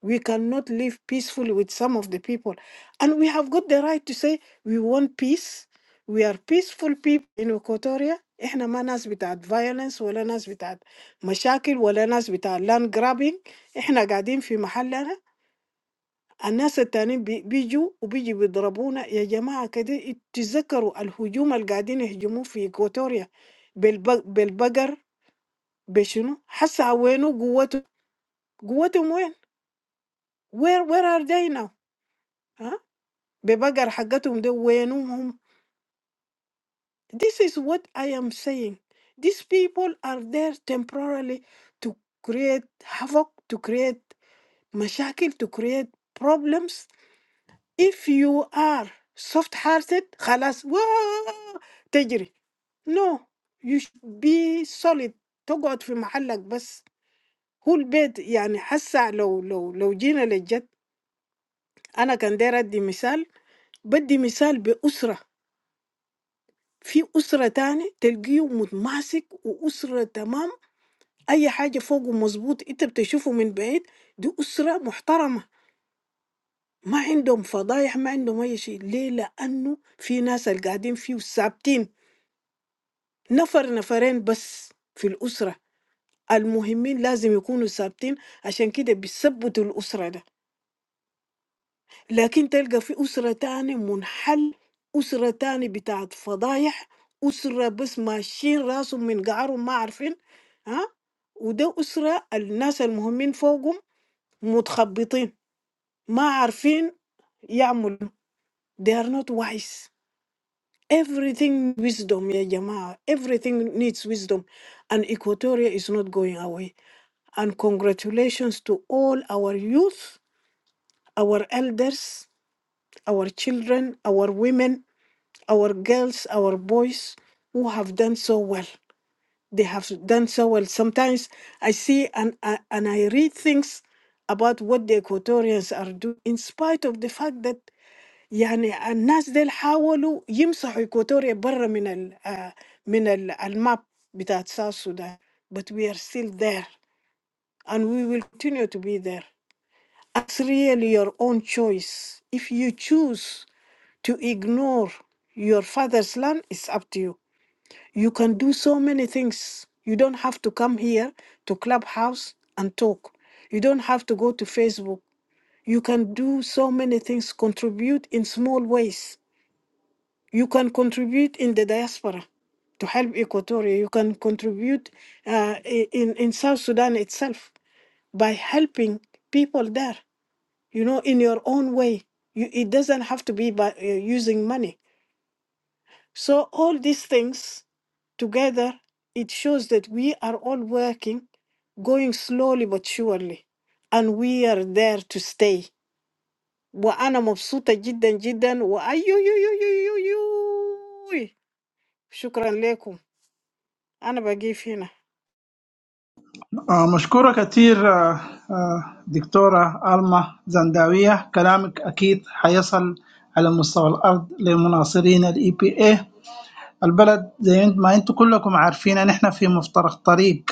we cannot live peacefully with some of the people and we have got the right to say we want peace we are peaceful people in Equatoria احنا ما ناس بتاعت violence ولا ناس بتاعت مشاكل ولا ناس بتاعت land grabbing احنا قاعدين في محلنا الناس التانيين بي- بيجوا وبيجي بيضربونا يا جماعة كده إت- تتذكروا الهجوم اللي قاعدين يهجموا في إكواتوريا بالب- بالبقر بشنو حسا وينو قوتهم قوتهم وين Where Where are they now ها ببقر حقتهم ده وينهم هم this is what I am saying these people are there temporarily to create havoc to create مشاكل to create problems if you are soft-hearted خلاص وا- تجري no you should be solid تقعد في محلك بس هو البيت يعني حسا لو لو لو جينا للجد أنا كان داير أدي مثال بدي مثال بأسرة في أسرة تاني تلقيه متماسك وأسرة تمام أي حاجة فوقه مظبوط أنت بتشوفه من بعيد دي أسرة محترمة ما عندهم فضايح ما عندهم أي شيء ليه لأنه في ناس القاعدين فيه ثابتين نفر نفرين بس في الأسرة المهمين لازم يكونوا ثابتين عشان كده بيثبتوا الأسرة ده لكن تلقى في أسرة تاني منحل أسرة تاني بتاعت فضايح أسرة بس ماشيين راسهم من قعرهم ما عارفين ها وده أسرة الناس المهمين فوقهم متخبطين ما عارفين يعملوا they are not wise everything wisdom يا جماعة everything needs wisdom and Equatoria is not going away And congratulations to all our youth, our elders, our children, our women, our girls, our boys who have done so well. They have done so well. Sometimes I see and, I- and I read things about what the Equatorians are doing, in spite of the fact that يعني الناس ديل حاولوا يمسحوا إيكواتوريا برا من ال آه، من ال- الماب بتاعت South Sudan but we are still there and we will continue to be there It's really your own choice. If you choose to ignore your father's land, it's up to you. You can do so many things. You don't have to come here to Clubhouse and talk. You don't have to go to Facebook. You can do so many things, contribute in small ways. You can contribute in the diaspora to help Equatoria. You can contribute uh, i- in, in South Sudan itself by helping people there you know, in your own way. You, it doesn't have to be by uh, using money. So all these things together, it shows that we are all working, going slowly but surely, and we are there to stay. وأنا مبسوطة جدا جدا وأيو يو يو يو يو يو شكرا لكم أنا بقيف هنا
آه، مشكورة كتير آه، آه، دكتورة ألما زنداوية كلامك أكيد حيصل على مستوى الأرض لمناصرين الاي بي اي البلد زي ما أنتم كلكم عارفين إن إحنا في مفترق طريق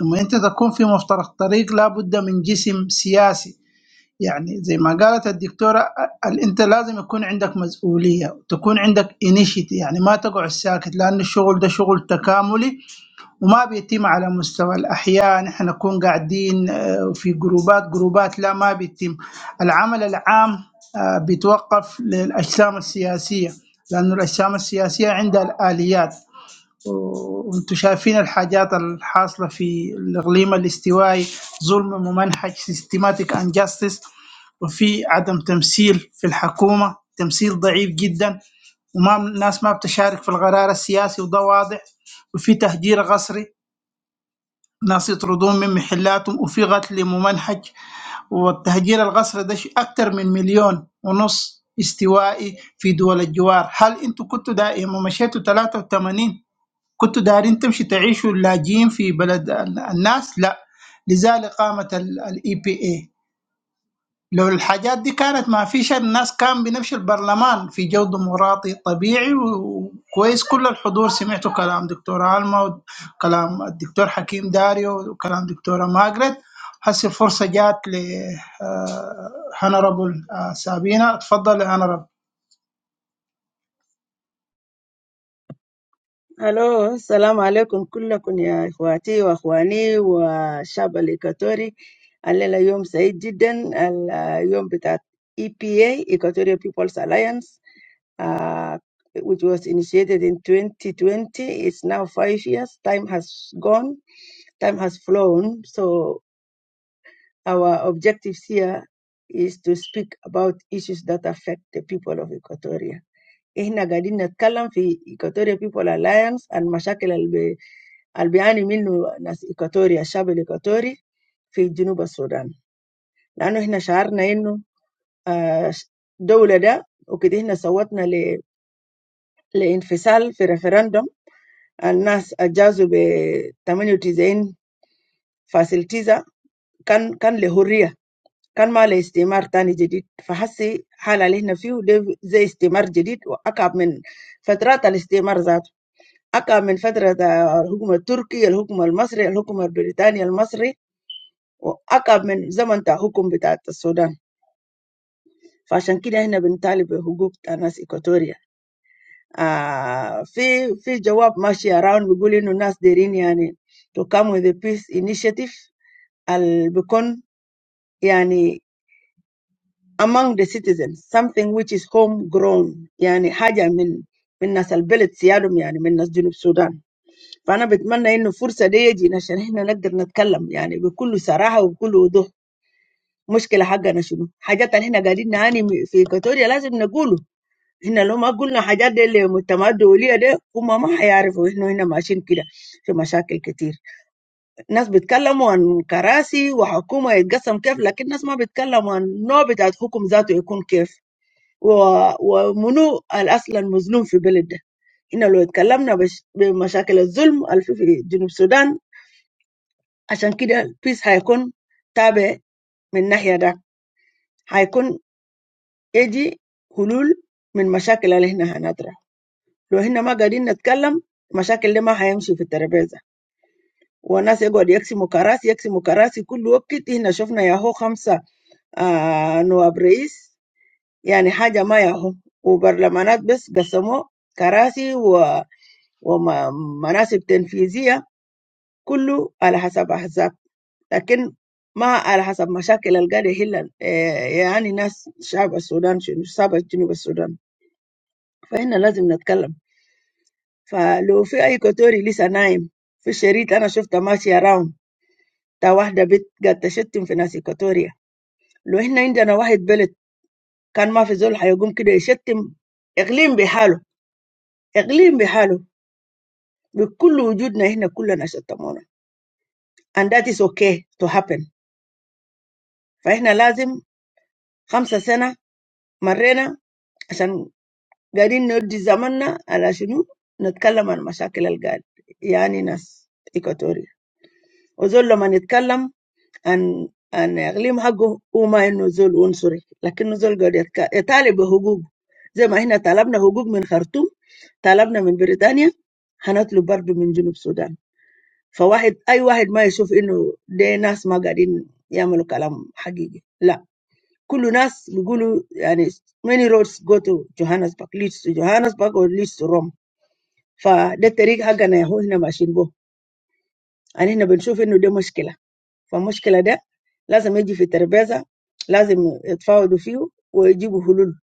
لما أنت تكون في مفترق طريق لابد من جسم سياسي يعني زي ما قالت الدكتورة آه، ال- أنت لازم يكون عندك مسؤولية تكون عندك انيشيتي يعني ما تقعد ساكت لأن الشغل ده شغل تكاملي وما بيتم على مستوى الأحياء نحن نكون قاعدين آه، في جروبات جروبات لا ما بيتم العمل العام آه، بيتوقف للأجسام السياسية لأنه الأجسام السياسية عندها الآليات و- وانتم شايفين الحاجات الحاصلة في الإقليم الاستوائي ظلم ممنهج systematic injustice وفي عدم تمثيل في الحكومة تمثيل ضعيف جدا وما الناس ما بتشارك في القرار السياسي وده واضح وفي تهجير قسري ناس يطردون من محلاتهم وفي قتل ممنهج والتهجير القسري ده شيء أكتر من مليون ونص استوائي في دول الجوار هل انتوا كنتوا دا لما مشيتوا 83 كنتوا دارين تمشي تعيشوا اللاجئين في بلد ال- الناس لا لذلك قامت الاي بي اي لو الحاجات دي كانت ما فيش الناس كان بنمشي البرلمان في جو ديمقراطي طبيعي وكويس كل الحضور سمعتوا كلام دكتورة ألما وكلام الدكتور حكيم داريو وكلام دكتورة ماجريت هسه الفرصة جات ل هنربل سابينة اتفضل يا هنربل
الو السلام عليكم كلكم يا اخواتي واخواني والشعب الايكواتوري الليله يوم سعيد جدا اليوم بتاع اي بي اي Equatorial People's Alliance uh, which was initiated in 2020 it's now five years time has gone time has flown so our objectives here is to speak about issues that affect the people of equatoria Eh, nagadini n'kalam fi Ikotoria People Alliance and mashakela albi albi ani minu nas Ikotoria shabu Ikotori fi Jinuba Sudan. Lano eh nashar na eh nu dola da, ukidi eh nasawat na le le infasal fi referendum, alnas ajazo be tamanyotiza eh, faciliza kan kan lehuriya kan ma leh istimar tani jedi fahasi halah eh nas fiu deh zeh istimar jedi u akab men fatra tal istimar zat. أكا من فترة الحكم التركي الحكم المصري الحكم البريطاني المصري وأكا من زمن تاع حكم بتاع السودان فعشان كده هنا بنطالب بحقوق تاع ناس إيكواتوريا آه في في جواب ماشي around بيقول إنه الناس دايرين يعني to come with a peace initiative اللي بيكون يعني among the citizens something which is homegrown يعني حاجة من من ناس البلد سيادهم يعني من ناس جنوب السودان فانا بتمنى انه الفرصه دي يجي عشان احنا نقدر نتكلم يعني بكل صراحه وبكل وضوح مشكلة حقنا شنو حاجات اللي احنا قاعدين نعاني م- في كاتوريا لازم نقوله احنا لو ما قلنا حاجات دي للمجتمعات الدوليه دي هم ما حيعرفوا احنا هنا ماشيين كده في مشاكل كتير ناس بيتكلموا عن كراسي وحكومة يتقسم كيف لكن ناس ما بيتكلموا عن النوع بتاع الحكم ذاته يكون كيف و- ومنو الاصل المظلوم في بلد ده إحنا لو اتكلمنا بش- بمشاكل الظلم اللي في في جنوب السودان عشان كده البيس هيكون تابع من الناحية ده هيكون يجي حلول من مشاكل اللي احنا هنطرح لو احنا ما قاعدين نتكلم المشاكل دي ما هيمشي في الترابيزة والناس يقعد يقسموا كراسي يقسموا كراسي كل وقت احنا شفنا ياهو خمسة آه نواب رئيس يعني حاجة ما ياهو وبرلمانات بس قسموا كراسي و ومناصب تنفيذية كله على حسب أحزاب لكن ما على حسب مشاكل القاعدة يحل يعني ناس شعب السودان شنو شعب جنوب السودان فهنا لازم نتكلم فلو في أي كوتوري لسه نايم في الشريط أنا شفتها ماشية راوند تا واحدة بنت قاعد تشتم في ناس إيكوتوريا لو إحنا عندنا واحد بلد كان ما في زول حيقوم كده يشتم إقليم بحاله إقليم بحاله بكل وجودنا إحنا كلنا شتمونا and that is okay to happen فإحنا لازم خمسة سنة مرينا عشان قاعدين نودي زماننا على شنو نتكلم عن مشاكل القاعد يعني ناس إيكواتوريا وزول لما يتكلم عن عن إقليم حقه هو ما إنه زول عنصري لكنه زول قاعد يتك- يطالب بحقوقه زي ما إحنا طلبنا حقوق من خرطوم طلبنا من بريطانيا هنطلب برضه من جنوب السودان فواحد أي واحد ما يشوف إنه ده ناس ما قاعدين يعملوا كلام حقيقي لا كل ناس بيقولوا يعني many roads go to Johannesburg leads to Johannesburg or leads to Rome فده الطريق حقنا يا هو احنا ماشيين به يعني احنا بنشوف انه ده مشكله فالمشكله ده لازم يجي في الترابيزه لازم يتفاوضوا فيه ويجيبوا حلول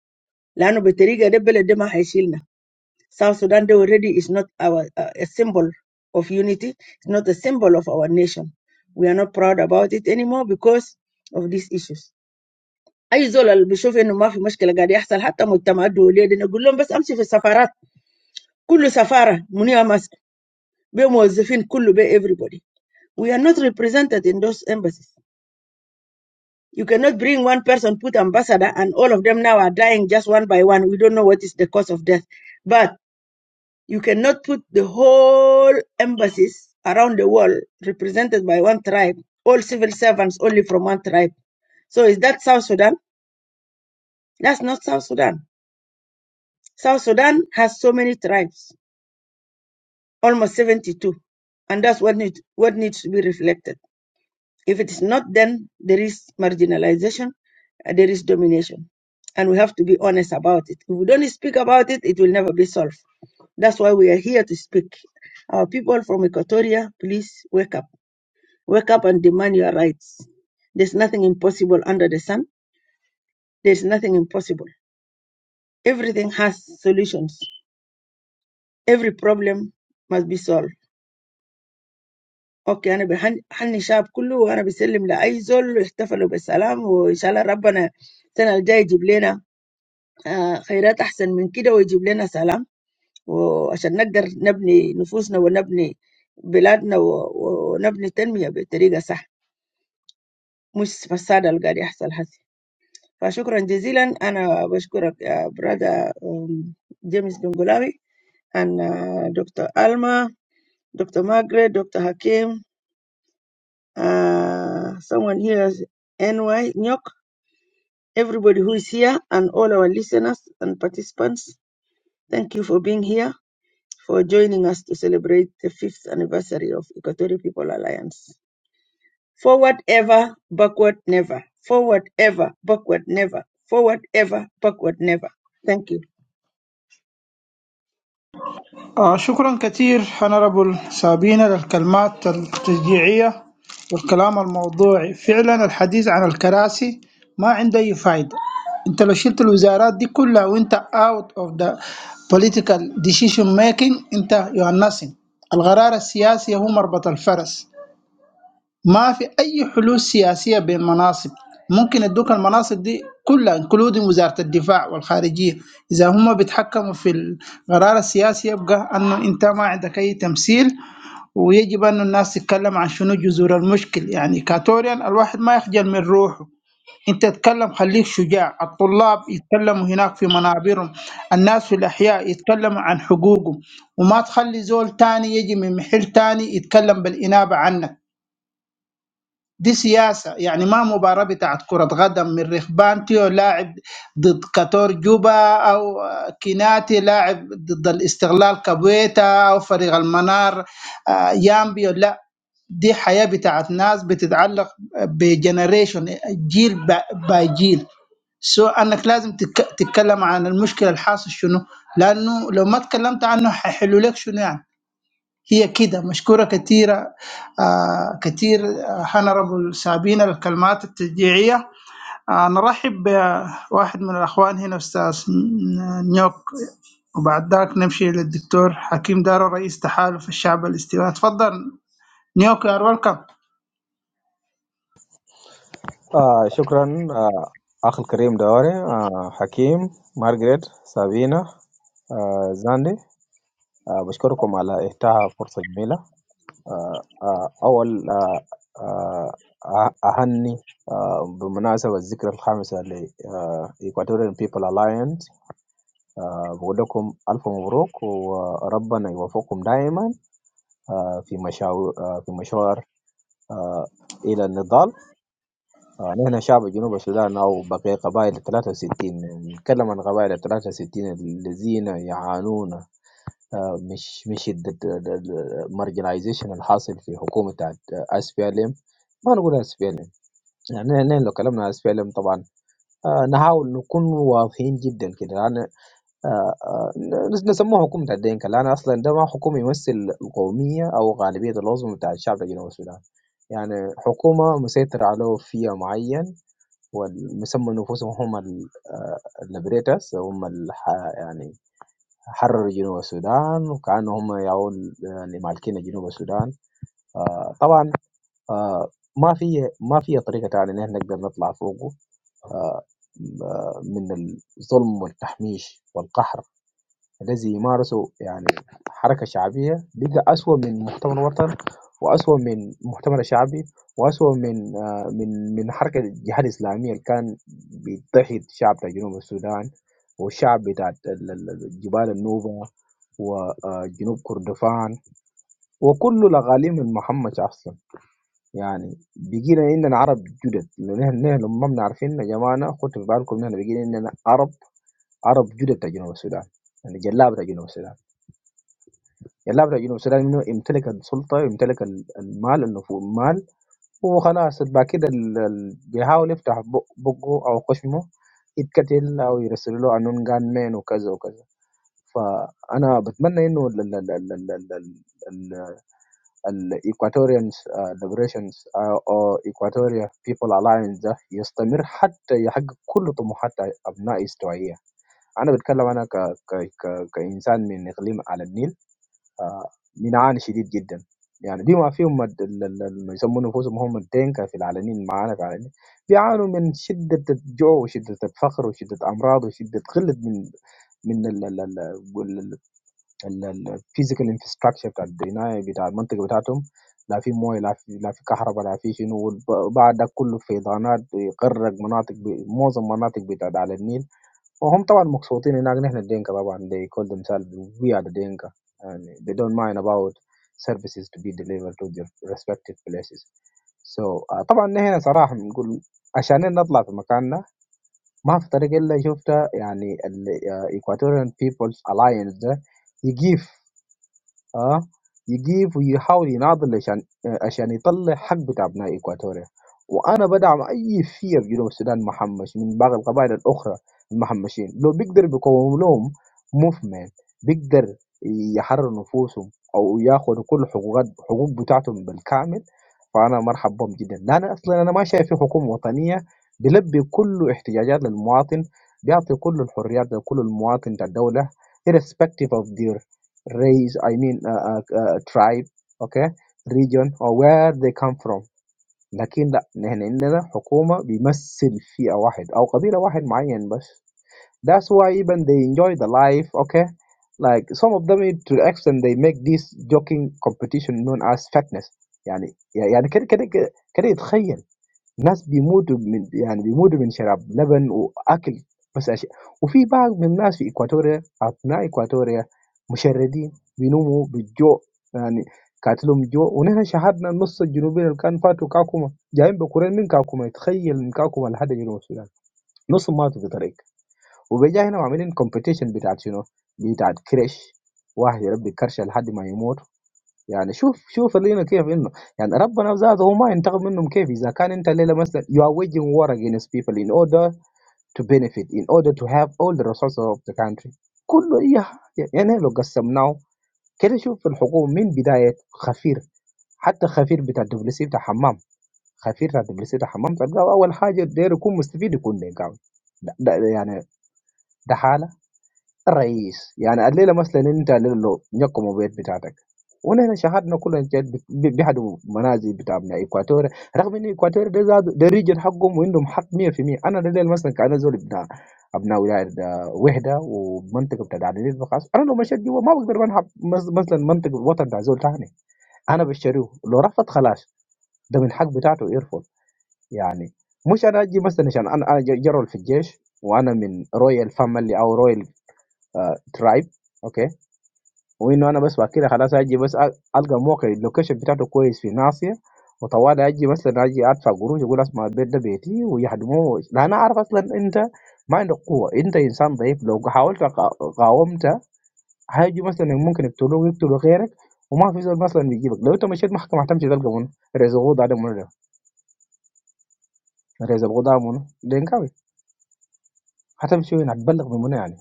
لانه بالطريقه ده البلد ده ما هيشيلنا South Sudan ده already is not our uh, a symbol of unity it's not a symbol of our nation we are not proud about it anymore because of these issues اي زول اللي بيشوف انه ما في مشكله قاعد يحصل حتى مجتمعات دوليه دي نقول لهم بس امشي في السفارات كل سفاره منيها ماسك بموظفين كله ب everybody we are not represented in those embassies you cannot bring one person put ambassador and all of them now are dying just one by one we don't know what is the cause of death but you cannot put the whole embassies around the world represented by one tribe all civil servants only from one tribe so is that south sudan that's not south sudan south sudan has so many tribes almost 72 and that's what need, what needs to be reflected if it is not then there is marginalization uh, there is domination and we have to be honest about it if we don't speak about it it will never be solved that's why we are here to speak our people from equatoria please wake up wake up and demand your rights there's nothing impossible under the sun there's nothing impossible everything has solutions every problem must be solved Okay, I'm with all the young people, and I'm presenting to Aizol. We celebrate with peace, and may God's grace bring us good news, better than that, and bring us peace, so that we can build our souls, build our country, and build our nation in a proper way. It's not going to happen. So thank you very much. I thank Brother James Ben Gullabi, Doctor Alma, Doctor Margaret, Doctor Hakim. Uh, someone here, NY Nyok, everybody who is here, and all our listeners and participants. Thank you for being here, for joining us to celebrate the fifth anniversary of Equatorial People Alliance. Forward ever, backward never. Forward ever, backward never. Forward ever, backward never. Thank you.
آه، شكرا كثير هنربل سابينا للكلمات التشجيعية والكلام الموضوعي فعلا الحديث عن الكراسي ما عنده أي فايدة انت لو شلت الوزارات دي كلها وانت out of the political decision making انت you are nothing القرار السياسي هو مربط الفرس ما في اي حلول سياسيه بين مناصب ممكن يدوك المناصب دي كلها انكلودين وزاره الدفاع والخارجيه اذا هم بيتحكموا في القرار السياسي يبقى انه انت ما عندك اي تمثيل ويجب انه الناس تتكلم عن شنو جذور المشكل يعني كاتوريان الواحد ما يخجل من روحه انت تتكلم خليك شجاع الطلاب يتكلموا هناك في منابرهم الناس في الاحياء يتكلموا عن حقوقهم وما تخلي زول تاني يجي من محل تاني يتكلم بالانابه عنك دي سياسة يعني ما مباراة بتاعت كرة قدم من ريخبانتيو لاعب ضد كاتور جوبا أو كيناتي لاعب ضد الاستغلال كابويتا أو فريق المنار آه، يامبيو لا دي حياة بتاعت ناس بتتعلق بجنريشن جيل ب- باي جيل سو انك لازم تك- تتكلم عن المشكله الحاصل شنو لانه لو ما تكلمت عنه حيحلوا لك شنو يعني هي كده مشكورة كثيرة آه كثير هنربل سابينا الكلمات التشجيعية آه نرحب بواحد من الأخوان هنا أستاذ نيوك وبعد ذاك نمشي للدكتور حكيم دارو رئيس تحالف الشعب الاستوائي تفضل نيوك يا ويلكم
آه شكرا آه أخ الكريم دوري آه حكيم مارغريت سابينا آه زاندي آه بشكركم على إتاحة فرصة جميلة آه آه أول آه آه آه، أهني آه بمناسبة الذكرى الخامسة ل آه Equatorial People Alliance آه بقول لكم ألف مبروك وربنا يوفقكم دائما آه في مشاو آه في مشوار آه إلى النضال آه، نحن شعب جنوب السودان أو بقي قبائل الثلاثة وستين نتكلم عن قبائل الثلاثة وستين الذين يعانون آه، مش مش المارجنايزيشن الحاصل في حكومة اس بي ال ام ما نقول اس بي ال ام يعني نحن لو كلمنا اس بي ال ام طبعا آه، نحاول نكون واضحين جدا كده لأن آه، آه، نس- نسموه حكومة الدين لأن أصلا ده ما حكومة يمثل القومية أو غالبية العظمى بتاع الشعب الجنوب السودان يعني حكومة مسيطر على فئة معين وسموا نفوسهم هم الليبريتس هم الح... يعني حرروا جنوب السودان وكانوا هم يعول يعني مالكين جنوب السودان آه طبعا آه ما في ما في طريقه ثانيه ان احنا نقدر نطلع فوقه آه، من الظلم والتحميش والقهر الذي يمارسه يعني حركة شعبية بقى أسوأ من مؤتمر وطن وأسوأ من مؤتمر شعبي وأسوأ من آه، من من حركة الجهاد الإسلامية اللي كان بيضحي الشعب بتاع جنوب السودان والشعب بتاع ال- ال- ال- جبال النوبة وجنوب كردفان وكل الأقاليم من محمد أصلا يعني بيجينا إننا عرب جدد لأن نحن نحن ما بنعرفين يا جماعة خدوا في بالكم إننا بيجينا إننا عرب عرب جدد بتاع جنوب السودان يعني جلاب بتاع جنوب السودان اللعبة تعجبني بس لازم إنه يمتلك السلطة يمتلك ال- المال النفوذ المال هو خلاص بعد كده ال- ال- بيحاول يفتح بق- بقه أو خشمه يتقتل أو يرسل له قانون جان مان وكذا وكذا فأنا بتمنى إنه ال- ال- ال- ال- ال- ال- ال- ال- Equatorians uh, Liberations uh, أو Equatorial People Alliance ده يستمر حتى يحقق كل طموحات أبناء استوائية أنا بتكلم أنا ك... ك... ك... كإنسان من إقليم على النيل آه، بنعاني شديد جدا يعني بما فيهم الد- ال- ال- ال- يسمون انفسهم هم الدينكا في العلنيين معانا في العلنيين بيعانوا من شده الجوع وشده الفقر وشده امراض وشده قله من من الفيزيكال انفراستراكشر بتاع البنايه بتاع المنطقه بتاعتهم لا في مويه لا في لا في كهرباء لا في شنو وبعد ده كله فيضانات يغرق مناطق ب- معظم مناطق بتاع على النيل وهم طبعا مبسوطين هناك نحن الدينكا طبعا they call themselves we are the Dinka and they don't mind about services to be delivered to their respective places so آه، طبعا نحن صراحة بنقول عشان نطلع في مكاننا ما في طريق إلا شفتها يعني ال آه، Equatorian People's Alliance ده يجيف آه، يجيب ويحاول يناضل عشان آه، عشان يطلع حق بتاع أبناء إكواتوريا وأنا بدعم أي شيء في جنوب السودان محمش من باقي القبائل الأخرى المحمشين لو بيقدر بيقوم لهم موفمنت بيقدر يحرر نفوسهم أو ياخذوا كل حقوقات حقوق بتاعتهم بالكامل فأنا مرحب بهم جدا لأن أصلا أنا ما شايف في حكومة وطنية بيلبي كل احتياجات للمواطن بيعطي كل الحريات لكل المواطن بتاع الدولة irrespective of their race i mean uh, uh, uh, tribe okay region or where they come from لكن لا نحن عندنا حكومة بيمثل فئة واحد أو قبيلة واحد معين بس that's why even they enjoy the life okay like some of them to the extent they make this joking competition known as fatness يعني يعني كده كده كده يتخيل ناس بيموتوا من يعني بيموتوا من شراب لبن وأكل بس عشان وفي بعض من الناس في إكواتوريا أبناء إكواتوريا مشردين بينوموا بالجوع يعني قاتلهم الجوع ونحن شهدنا النص الجنوبي اللي كان فاتوا كاكوما جايين بكورين من كاكوما تخيل من كاكوما لحد جنوب السودان نص ماتوا في الطريق وبيجا هنا عاملين كومبيتيشن بتاعت شنو؟ بتاعت كرش واحد يربي كرشه لحد ما يموت يعني شوف شوف اللينا كيف انه يعني ربنا ذاته هو ما ينتقم منهم كيف اذا كان انت الليله مثلا you are waging war against people in order to benefit in order to have all the resources of the country كله إيه يعني لو قسمناه كده شوف في الحكومه من بدايه خفير حتى خفير بتاع الدبليو سي بتاع حمام خفير بتاع الدبليو سي بتاع حمام تلقاه اول حاجه داير يكون مستفيد يكون نيجاوي ده, ده يعني ده حاله الرئيس يعني الليله مثلا انت الليله لو نقموا بيت بتاعتك ونحن شهدنا كلنا جد ب- بيحدوا منازل بتاع ابناء اكواتوريا رغم ان اكواتوريا ده زاد ده ريجن حقهم وعندهم حق 100% انا الليله مثلا كان زول ابناء ابناء ولايه ده وحده ومنطقه بتاع عدنين بخاص انا لو مشيت جوا ما بقدر منحب مس- مثلا منطقه الوطن بتاع زول تاني انا بشتريه لو رفض خلاص ده من حق بتاعته يرفض يعني مش انا اجي مثلا عشان انا انا جرول في الجيش وانا من رويال فاميلي او رويال آه ترايب اوكي وانه انا بس بعد كده خلاص اجي بس أ- القى موقع اللوكيشن بتاعته كويس في ناصيه وطوالي اجي مثلا اجي ادفع قروش اقول اسمع البيت ده بيتي ويهدموه لا انا اعرف اصلا انت ما عندك قوه انت انسان ضعيف لو حاولت قا- قاومت هيجي مثلا ممكن يقتلوك ويقتلوا غيرك وما في زول مثلا بيجيبك لو انت مشيت محكمه هتمشي تلقى منو رئيس القضاء ده منو ده؟ رئيس القضاء منو؟ دينكاوي هتمشي وين هتبلغ بمنو يعني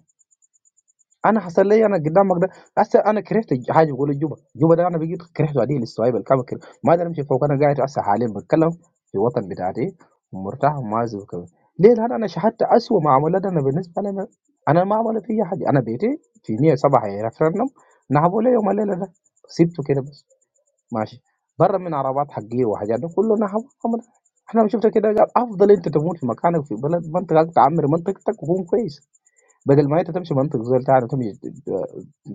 انا حصل لي انا قدامك ده هسه انا كرهت الج- حاجه بقول الجوبه الجوبه ده انا بقيت كرهته عديل السوايب الكامل كده ما اقدر امشي فوق انا قاعد هسه حاليا بتكلم في الوطن بتاعتي ومرتاح وما زي كده ليه لان انا شهدت اسوء ما عملت انا بالنسبه لي انا أنا ما عملت فيا حاجه انا بيتي في 107 ريفرندم نهبوا لي يوم الليله ده سبته كده بس ماشي برا من عربات حقيقية وحاجات ده كله نهبوا عمل- احنا شفت كده قال افضل انت تموت في مكانك في بلد منطقتك تعمر منطقتك وكون كويس بدل ما أنت تمشي منطق زي بتاع ده تمشي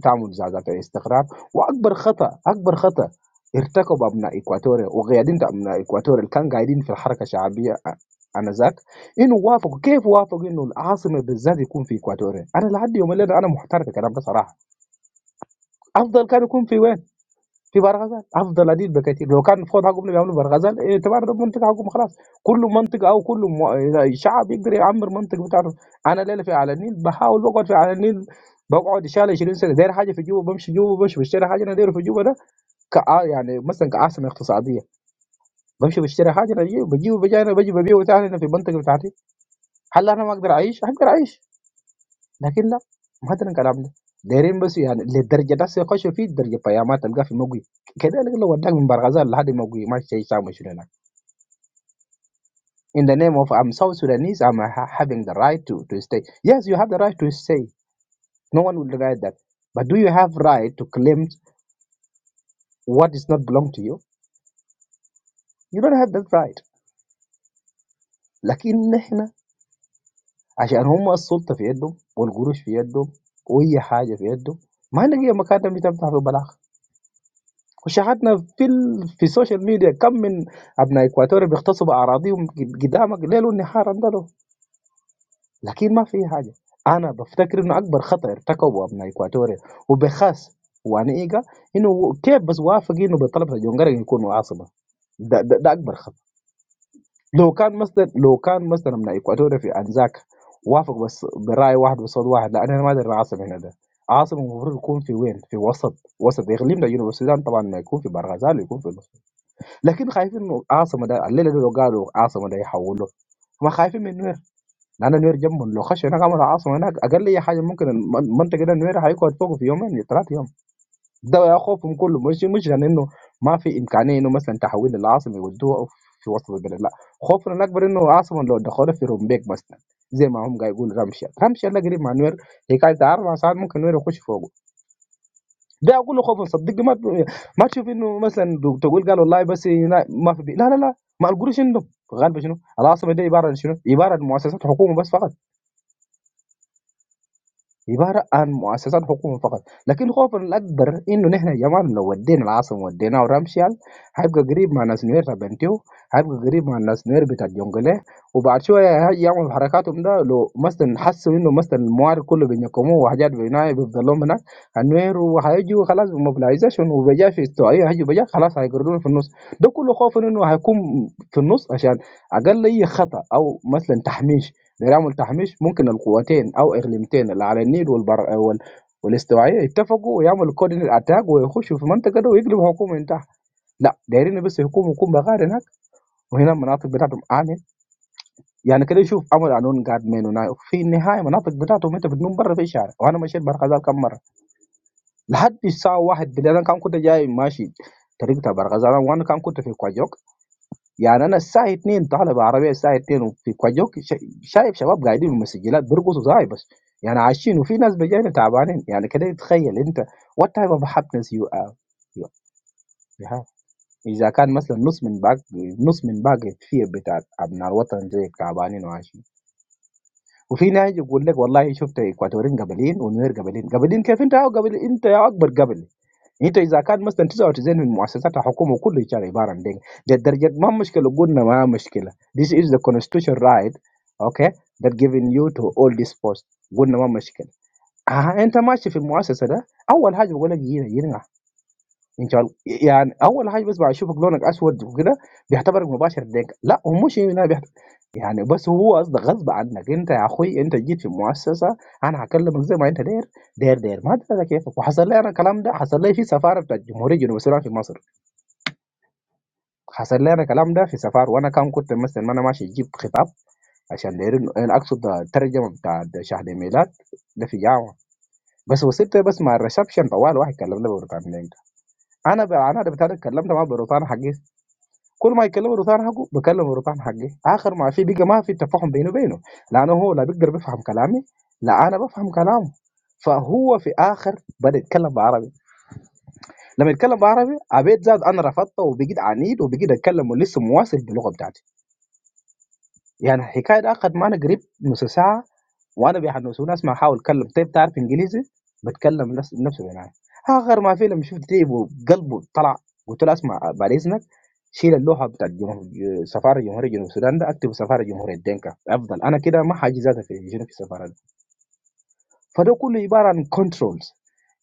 تعمل زعزعة استقرار واكبر خطا اكبر خطا ارتكب ابناء اكواتوريا وقيادين ابناء اكواتوريا اللي كانوا قاعدين في الحركه الشعبيه آ- انذاك انه وافقوا كيف وافقوا انه العاصمه بالذات يكون في اكواتوريا انا لحد يوم الليله انا محتار في الكلام ده صراحه افضل كان يكون في وين في برغزال افضل عديد بكثير لو كان فوضى حقهم اللي بيعملوا برغزال إيه، اعتبار ده منطقه حقهم خلاص كل منطقه او كل م- شعب يقدر يعمر منطقه بتاعته انا ليله في على النيل بحاول بقعد في على النيل بقعد شال 20 سنه داير حاجه في جوبا بمشي جوبا بمشي بشتري حاجه انا داير في جوبا ده كع... يعني مثلا كعاصمه اقتصاديه بمشي بشتري حاجه انا بجيب بجيب بجي انا بجي ببيع تاني هنا في المنطقه بتاعتي هل انا ما اقدر اعيش؟ اقدر اعيش لكن لا ما هذا الكلام ده دايرين بس يعني للدرجه ده سيخشوا فيه درجه فيامات تلقاه في مقوي كذلك لو وداك من برغزال لحد مقوي ما شيء سامع شنو هناك in the name of I'm South Sudanese I'm ha- having the right to to stay yes you have the right to stay no one will deny that but do you have right to claim what is not belong to you you don't have that right لكن احنا عشان هم السلطه في يدهم والقروش في يدهم واي حاجه في يدهم ما نلقى مكاتب بتفتح في بلاغ وشاهدنا في ال... في السوشيال ميديا كم من ابناء اكواتوريا بيغتصبوا اراضيهم قدامك ليل ونهار عندنا لكن ما في حاجه انا بفتكر انه اكبر خطا ارتكبه ابناء اكواتوريا وبخاص وانا ايجا انه كيف بس وافق انه بطلب جونجر يكونوا عاصمه ده, ده, ده اكبر خطا لو كان مثلا لو كان مثلا ابناء اكواتوريا في انزاك وافق بس براي واحد بصوت واحد لا انا ما ادري العاصمه هنا ده عاصمه المفروض يكون في وين؟ في وسط وسط اقليم ده جنوب السودان طبعا ما يكون في برغزال يكون في لكن خايفين انه عاصمه ده الليله دي لو قالوا عاصمه ده يحولوه ما خايفين من نوير لان نوير جنبهم لو خشوا هناك عملوا عاصمه هناك اقل اي حاجه ممكن الم- المنطقه ده نوير هيقعد فوقه في يومين ثلاث يوم ده يا خوفهم كله مش مش لان انه ما في امكانيه انه مثلا تحويل العاصمه يودوها في وسط البلد لا خوفنا الاكبر انه عاصمه لو دخلوا في رومبيك مثلا زي ما هم قاعد يقول رمشه رمشه اللي قريب مع نوير هي قاعده اربع ساعات ممكن نوير يخش فوقه ده اقول له خوفا صدقني ما ما تشوف انه مثلا تقول قال والله بس هنا ما في بي. لا لا لا ما القروش عندهم غالبا شنو؟ العاصمه دي عباره عن شنو؟ عباره عن مؤسسات حكومه بس فقط عبارة عن مؤسسات حكومة فقط، لكن خوفنا الأكبر إنه نحن يا مان لو ودينا العاصمة وديناها رمشيال حيبقى قريب مع ناس نوير تبع انتيو، حيبقى قريب مع ناس نوير بتاع جونجلي، وبعد شوية هاي يعملوا حركاتهم ده لو مثلا حسوا إنه مثلا الموارد كله بينكموه وحاجات بيناي بيفضلهم هناك النوير وهيجوا خلاص بموبلايزيشن وبجاء في استوائية هيجوا بجاء خلاص هيقرروا في النص، ده كله خوف إنه هيكون في النص عشان أقل أي خطأ أو مثلا تحميش لدعم التحميش ممكن القوتين أو إقليمتين اللي على النيل والبر وال... والاستوائية يتفقوا ويعملوا كوردينيت أتاك ويخشوا في المنطقة دي ويقلبوا حكومة من تحت لا دايرين بس يقوموا يكون بغار هناك وهنا المناطق بتاعتهم آمن يعني كده يشوف أمر قانون قاعد مين ونايف في النهاية مناطق بتاعتهم أنت بتنوم برا في الشارع وأنا مشيت برغزال كم مرة لحد الساعة واحد بالليل أنا كان كنت جاي ماشي طريق تبع برغزال وأنا كان كنت في كوجو يعني أنا الساعة 02:00 طالع بعربية الساعة 02:00 وفي كوجوك ش شايف شباب قاعدين بالمسجّلات بيرقصوا زاي بس، يعني عايشين وفي ناس بجينا تعبانين، يعني كده تخيّل أنت what type of happiness you are you you have إذا كان مثلًا نُص من باق نُص من باقي الفئة بتاعة أبناء الوطن زيك تعبانين وعايشين، وفي ناس يقول لك والله شُفت إكواتوريين قبليين ونوير قبليين، قبليين كيف أنت ياهو قبلي أنت ياهو أكبر قبلي. Into this account must enter all the money of the government. This is the constitutional right, okay, that giving you to all this post. Good number, machine. Ah, into machine for the money of the government. How all have to go there? Here, here, nga. ان شاء الله يعني اول حاجه بس بعد يشوفك لونك اسود وكده بيعتبرك مباشر ليك لا هو مش هنا بيعت- يعني بس هو قصدك غصب عنك انت يا اخوي انت جيت في مؤسسه انا هكلمك زي ما انت داير داير داير ما ادري أنا كيفك وحصل لي انا الكلام ده حصل لي في سفاره بتاعت الجمهوريه الجنوب السودان في مصر حصل لي انا الكلام ده في سفاره وانا كان كنت مثلا ما انا ماشي اجيب خطاب عشان دايرين انا اقصد الترجمه بتاع شهر الميلاد ده في جامعه بس وصلت بس مع الريسبشن طوال واحد كلمني ببريطانيا انا ب... انا ده بتاع اتكلمت مع بروتانا حقي كل ما يكلم الروتانا حقه بكلم الروتانا حقي اخر ما في بقى ما في تفاهم بينه وبينه لانه هو لا بيقدر بيفهم كلامي لا انا بفهم كلامه فهو في اخر بدا يتكلم بعربي لما يتكلم بعربي عبيد زاد انا رفضته وبقيت عنيد وبقيت اتكلم ولسه مواصل باللغه بتاعتي يعني الحكاية ده أخد معانا قريب نُص ساعة وأنا بيحمسوني أسمع أحاول أتكلّم، "طيب تعرف إنجليزي؟" باتكلّم نفس بنفس الإنعاش. آخر ما في لمّا شُفت ب قلبه طلع، قُلت له: "اسمع بعد إذنك شيل اللوحة بتاعة جمه ج سفارة جمهورية جنوب السودان ده، اكتب سفارة جمهورية دينكا أفضل، أنا كده ما حاجي ذاته في شنو في السفارة دي." فده كُلّه عبارة عن controls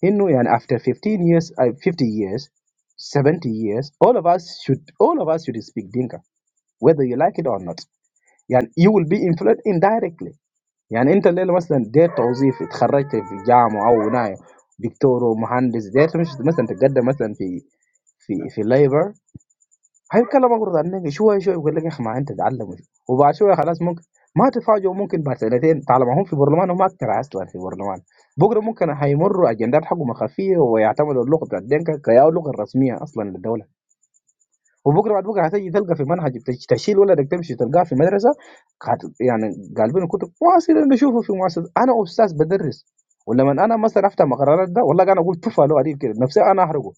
إنه يعني after 15 years أي 50 years 70 years all of us should all of us should speak dinka whether you like it or not. يعني you will be influenced indirectly. يعني انت الليله مثلا ديت وظيفه اتخرجت في جامعه او ناي دكتور ومهندس ديت مش مثلا تتقدم مثلا في في في الليبر هيكلمك برضه عن النبي شويه شويه يقول لك يا اخي ما انت تعلم وش- وبعد شويه خلاص ممكن ما تتفاجئوا ممكن بعد سنتين طالما هم في برلمان هم اكثر اصلا في برلمان بكره ممكن هيمروا اجندات حقهم خفيه ويعتمدوا اللغه بتاعت دينكا كيا اللغه الرسميه اصلا للدوله وبكره بعد بكره هتيجي تلقى في منهج تش- تشيل ولدك تمشي تلقاه في مدرسه قاعد- يعني قالبين كتب مؤثر اللي اشوفه في مؤثر انا استاذ بدرس ولما انا مثلا افتح مقررات ده والله انا اقول تفا له عديد كده نفسي انا احرقه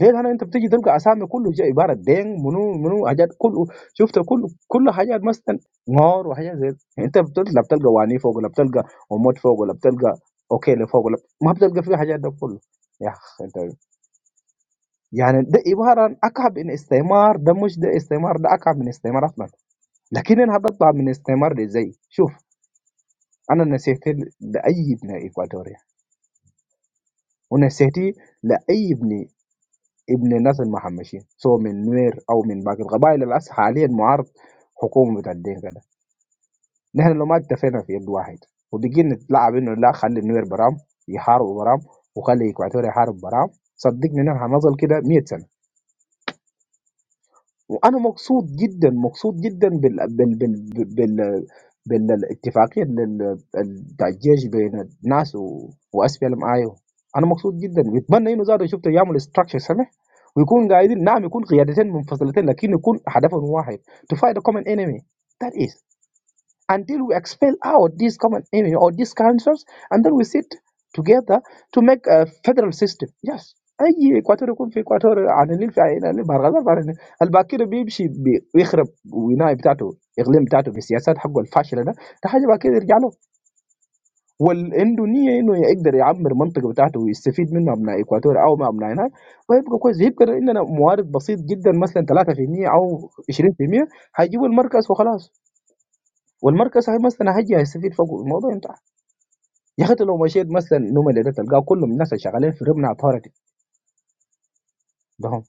ليه انا انت بتيجي تلقى اسامي كله جاي عباره دين منو منو حاجات كله شفت كله كل حاجات مثلا نار وحاجات زي دي. انت بتطلع بتلقى واني فوق ولا بتلقى وموت فوق ولا بتلقى اوكي اللي فوق ولا ما بتلقى فيه حاجات ده كله يا اخي انت يعني ده عبارة أكعب من استعمار ده مش ده استعمار ده أكعب من استعمار أصلا لكن أنا بطلع من الاستعمار ده إزاي شوف أنا نسيت ل- لأي ابن إكواتوريا ونسيت لأي ابن ابن ناس المهمشين سواء من نوير أو من باقي القبائل الأس حاليا معارض حكومة بتاع الدين كده نحن لو ما اتفقنا في يد واحد وبقينا نتلاعب إنه لا خلي النوير برام يحاربوا برام وخلي إكواتوريا يحارب برام صدقني نحن هنظل كده 100 سنة وانا مبسوط جدا مبسوط جدا بال بال بال بال بالاتفاقيه لل- بتاع الجيش بين الناس و... واس بي ام اي انا مبسوط جدا بتمنى انه زاد شفت يعمل ستراكشر سمح ويكون قاعدين نعم يكون قيادتين منفصلتين لكن يكون هدفهم واحد to fight a common enemy that is until we expel out these common enemy or these cancers, and then we sit together to make a federal system. Yes. اي اكواتور يكون في اكواتور عنانين في عينين برغزال في عنانين الباكر بيمشي بي- بيخرب ولايه بتاعته اقليم بتاعته بالسياسات حقه الفاشله ده ده حاجه بعد كده يرجع له والعنده نيه انه يقدر يعمر منطقه بتاعته ويستفيد منه ابناء اكواتور او ما ابناء هناك ويبقى كويس يبقى عندنا موارد بسيط جدا مثلا 3% او 20% هيجيبوا المركز وخلاص والمركز صحيح مثلا هيجي هيستفيد فوق الموضوع انتهى يا اخي أنت لو مشيت مثلا النوم اللي ده تلقاه كلهم الناس اللي شغالين في ربنا اثارتي ده هم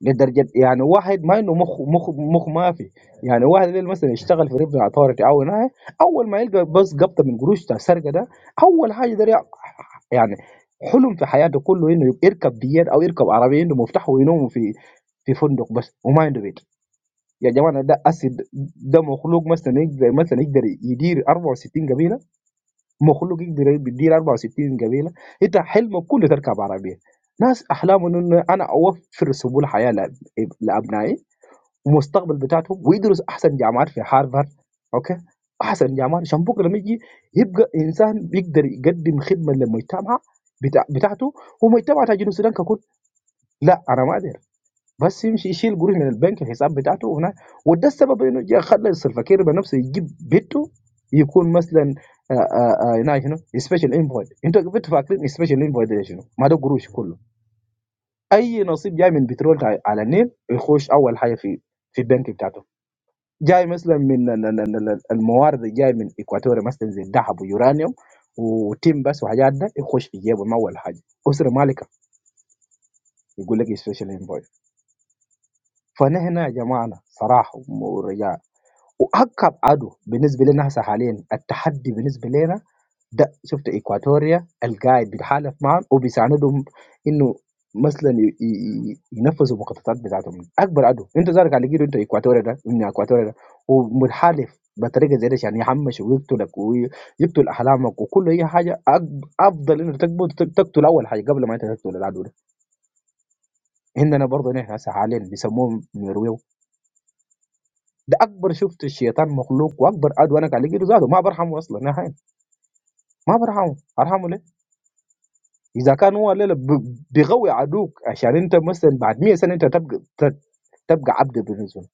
لدرجه يعني واحد ما انه مخ مخ مخ ما في يعني واحد اللي مثلا يشتغل في ربنا اثارتي او هنا اول ما يلقى بس قبضه من قروش بتاع السرقه ده اول حاجه ده يع- يعني حلم في حياته كله انه يبقى يركب بيات او يركب عربيه عنده مفتاح وينوم في في فندق بس وما عنده بيت يا جماعه ده اسد ده مخلوق مثلا يقدر مثلا يقدر يدير 64 قبيله مخلوق يقدر بيدير 64 قبيله انت حلمك كله تركب عربيه ناس احلامهم انه انا اوفر سبل حياه لأب- لابنائي المستقبل بتاعتهم ويدرس احسن جامعات في هارفارد اوكي احسن جامعات عشان بكره لما يجي يبقى انسان بيقدر يقدم خدمه للمجتمع بتاع بتاعته ومجتمع تاع جنوب السودان ككل لا انا ما أدري بس يمشي يشيل قروش من البنك الحساب بتاعته هناك وده السبب انه جاء خلى السلفاكير بنفسه يجيب بيته يكون مثلا آه، آه، آه، هناك شنو سبيشال انفويد انتوا بنتوا فاكرين سبيشال انفويد ده شنو ما ده قروش كله اي نصيب جاي من بترول تاع- على النيل يخش اول حاجه في في البنك بتاعته جاي مثلا من ال- ال- ال- ال- الموارد اللي جاي من اكواتوريا مثلا زي الذهب ويورانيوم وتيم بس وحاجات ده يخش في جيبه ما اول حاجه اسره مالكه يقول لك سبيشال انفويد فنحن يا جماعه صراحه وأكبر عدو بالنسبة لنا هسه حاليا التحدي بالنسبة لنا ده شفت إكواتوريا القاعد بيتحالف معهم وبيساندهم إنه مثلا ي- ي- ي- ينفذوا المخططات بتاعتهم اكبر عدو انت ذلك على جيرو انت اكواتوريا ده من اكواتوريا ده ومتحالف بطريقه زي دي عشان يحمش ويقتلك ويقتل احلامك وكل اي حاجه أك- افضل انك تقبل تقتل اول حاجه قبل ما انت تقتل العدو ده عندنا برضه نحن هسه حاليا بيسموهم نرويج ده اكبر شفت الشيطان مخلوق واكبر عدو انا قاعد اجيله ذاته ما برحمه اصلا نهائي ما برحمه ارحمه ليه؟ اذا كان هو الليله ب- بيغوي عدوك عشان انت مثلا بعد 100 سنه انت تبقى ت- تبقى عبد بالنسبه له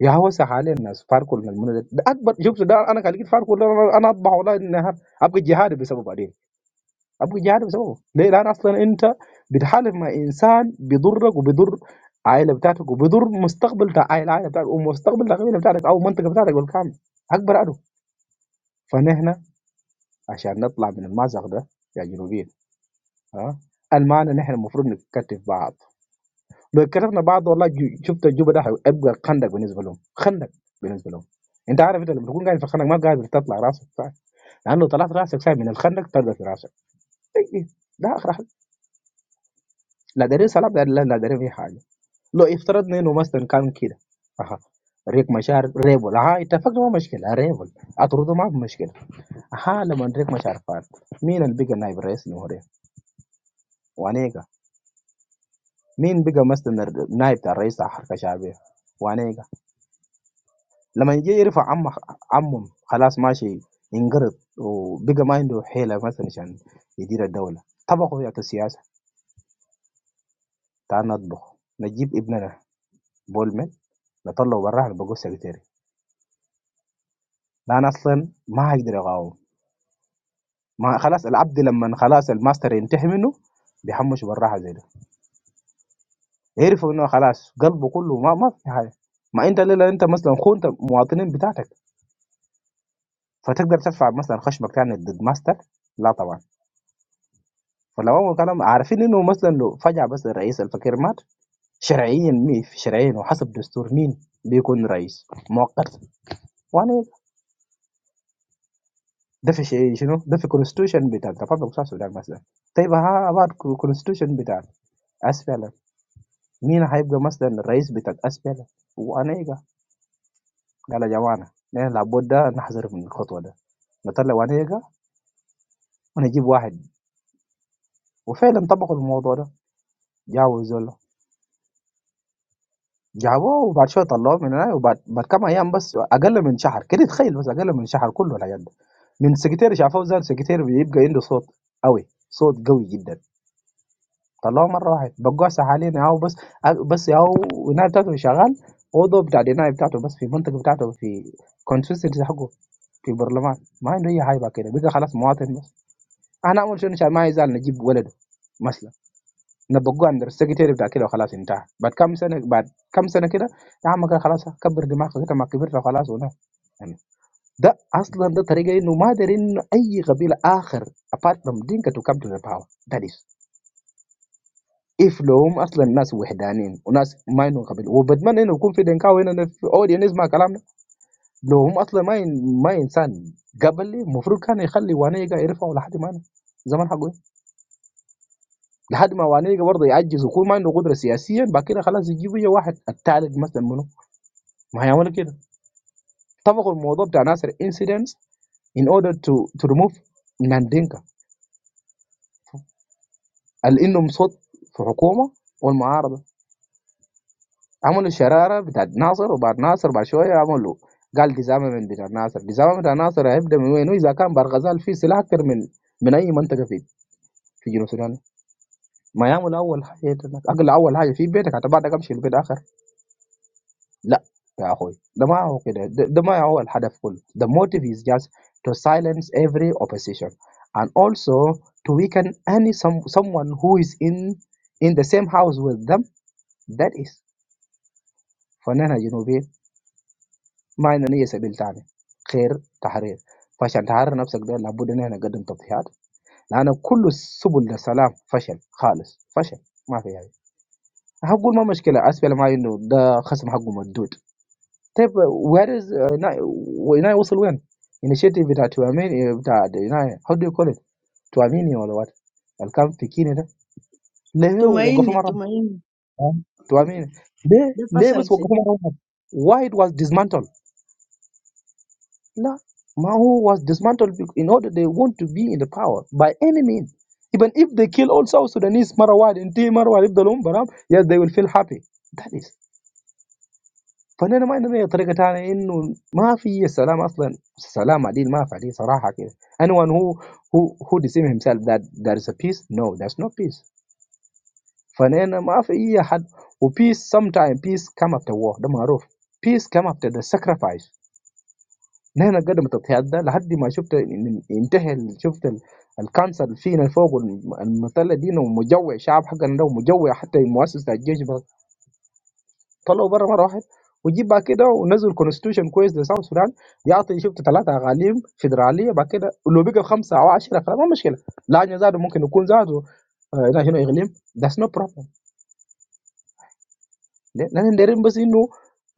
يا هو حاليا الناس فاركوا من المنى ده ده اكبر شفت ده انا قاعد اجيب فاركوا ده انا أنا اطبع ولا النهار ابقى جهادي بسببه بعدين ابقى جهادي بسببه ليه؟ لان اصلا انت بتحالف مع انسان بيضرك وبيضر عائله بتاعتك وبيضر مستقبل تاع العائله بتاعتك ومستقبل العائله بتاعتك او المنطقه بتاعتك بالكامل اكبر عدو فنحن عشان نطلع من المأزق ده يا جنوبيين ها المعنى نحن المفروض نكتف بعض لو كتفنا بعض والله جو- شفت الجوبة ده هيبقى خندق بالنسبة لهم خندق بالنسبة لهم انت عارف انت لما تكون قاعد في الخندق ما قادر تطلع راسك صح لانه طلعت راسك صح من الخندق تلقى في راسك إيه إيه. ده اخر حاجه لا دارين سلام لا لا دارين اي حاجه لو افترضنا انه مثلا كان كده اها ريك مشار ريبل ها اتفقنا ما مشكله ريبل اطرده ما في مشكله ها لما ريك مشار فات مين اللي بقى نائب رئيس الجمهوريه؟ وانيقا مين بقى مثلا الر- نائب بتاع الرئيس بتاع حركه شعبيه وانا يقع. لما يجي يرفع عمه عمهم خلاص ماشي ينقرض وبقى ما عنده حيله مثلا عشان يدير الدوله طبقوا يا السياسه تعال نطبخ نجيب ابننا بولمن نطلعه براه على بقول سكرتيري لا انا اصلا ما هقدر اقاوم ما خلاص العبد لما خلاص الماستر ينتهي منه بيحمش براها زي ده يعرفوا انه خلاص قلبه كله ما ما في حاجه ما انت ليه لا انت مثلا خونت مواطنين بتاعتك فتقدر ترفع مثلًا خشمك يعني ضد ماستر؟ لا طبعًا، فلو أول كلام عارفين إنه مثلًا لو فجأة بس الرئيس الفقير مات شرعيًا مين شرعيًا وحسب دستور مين بيكون رئيس مؤقتًا، يعني ده في شي شنو ده في constitution بتاع الرفاق بتاع السودان مثلًا، طيب ها بعد co constitution بتاع SPLM مين هيبقى مثلًا الرئيس بتاع SPLM؟ وأنيقة قال يا جماعة نحن لابد نحذر من الخطوة ده، نطلع وانيقة ونجيب واحد وفعلًا طبقوا الموضوع ده جابوا الزول ده. جابوه وبعد شوية طلعوه من هناك وبعد بعد كام أيام بس أقل من شهر كده تخيل بس أقل من شهر كله الحاجات دي من سكرتير شافوه زاد سكرتير بيبقى عنده صوت قوي صوت قوي جدا طلعوه مرة واحد بقوا حاليا ياهو بس بس ياهو النايب بتاعته شغال أوضه بتاع النايب بتاعته بس في المنطقة بتاعته في كونسيستنسي حقه في البرلمان ما عنده أي حاجة بعد كده بقى خلاص مواطن بس أنا أول شيء إن شاء الله ما يزال نجيب ولده مثلا. نبقوه عند السكرتير بتاع كده وخلاص انتهى بعد كام سنه بعد كام سنه كده يا عم كده خلاص كبر دماغك انت ما كبرت خلاص ولا يعني ده اصلا ده طريقه انه ما دارين انه اي قبيله اخر apart from dinka to come to the power that is if لهم اصلا ناس وحدانيين وناس ما عندهم قبيله وبتمنى انه يكون في دنكاو هنا في اودينس يسمع كلامنا لو هم اصلا ما ين... ما انسان قبلي المفروض كان يخلي وانيقا يرفعوا لحد ما أنا. زمان حقه لحد ما وانيجا برضه يعجز ويكون ما عنده قدره سياسيا بعد كده خلاص يجيبوا يجي واحد الثالث مثلا منه ما هيعملوا كده طبقوا الموضوع بتاع ناصر انسيدنتس in order to to remove ناندينكا اللي انهم صوت في حكومه والمعارضه عملوا شراره بتاعت ناصر وبعد ناصر بعد شويه عملوا قال ديزامن بتاع ناصر ديزامن بتاع ناصر هيبدا من وين اذا كان برغزال فيه سلاح اكثر من من اي منطقه في في جنوب السودان ما يعمل اول حاجه هناك. اقل اول حاجه في بيتك حتى بعدك امشي البيت اخر لأ يا أخوي، ده ما هو كده، ده ده ما هو الهدف كله. The motive is just to silence every opposition and also to weaken any some someone who is in in the same house with them that is فنانة جنوبيين ما عندنا أي سبيل تاني غير تحرير. فعشان تحرر نفسك ده لابد إن إحنا نقدم تضحيات لأن كل سبل السلام فشل خالص، فشل ما في هاي. هاقول ما مشكلة أسفل ما إنه ده خصم حقه مردود طيب where is uh, هنا هنا وصل وين؟ initiative بتاع تواميني بتاع هنا how do you call it تواميني ولا what؟ الكام في كيني ده ليه وقفوا
Tumaini,
مرة؟
Tumaini.
آه، تواميني ليه
The
ليه
fashion
بس وقفوا
shadid.
مرة واحدة؟ why it was dismantled؟ لا ما هو was dismantled bec- in order they want to be in the power by any means even if they kill all South Sudanese مرة واحدة انتهي مرة واحدة يفضلوا برام yes they will feel happy فأنا ما عندنا أي طريقة تانية إنه ما في السلام أصلًا، السلام عديل ما في عديل صراحة كده. Anyone who who who deceive himself that there is a peace, no, there's no peace. فأنا ما في أي حد وpeace sometimes peace come after war ده معروف. Peace come after the sacrifice. نحن قدمت التضحيات ده لحد ما شفت إن- انتهى ال- شفت ال- الكانسر فينا فوق الم- المثلث دينا ومجوع شعب حقنا ده ومجوع حتى مؤسسة الجيش طلعوا بره مره واحد وجيب بعد كده ونزل كونستيوشن كويس لساوث السودان يعطي شفت ثلاثه اقاليم فيدراليه بعد كده لو بقى خمسه او 10 فما مشكله لانه زاد ممكن يكون زاد آه، هنا شنو اقليم ذاتس نو بروبلم لان اللي دايرين بس انه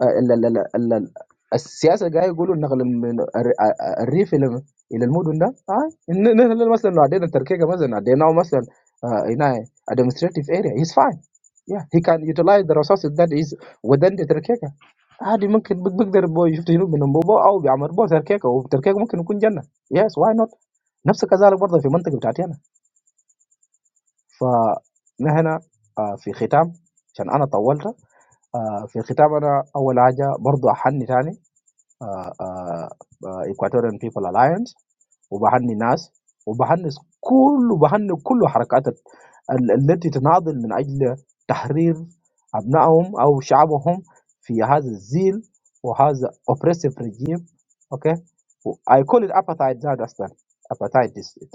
آه، ال- ال- ال- ال- ال- السياسه قاعد يقولوا نقل من الر- آه، آه، الريف الى الى المدن ده آه. إن- إن- إن مثلا لو عدينا تركيا مثلا عديناه مثلا آه، هنا administrative area he's fine yeah he can utilize the resources that is within the تركيا عادي ممكن بق- بقدر بو يشوف تجنوب من بو او بيعمر بو تركيكه وتركيكه ممكن يكون جنه يس واي نوت نفس كذلك برضه في المنطقه بتاعتي انا فنحن آه، في ختام عشان انا طولت آه في الختام انا اول حاجه برضو احني تاني آه آه آه Equatorian People Alliance وبحني الناس وبحني كل وبحني كل حركات ال- ال- التي تناضل من اجل تحرير ابنائهم او شعبهم في هذا الزيل وهذا oppressive regime اوكي و I call it apartheid that اصلا apartheid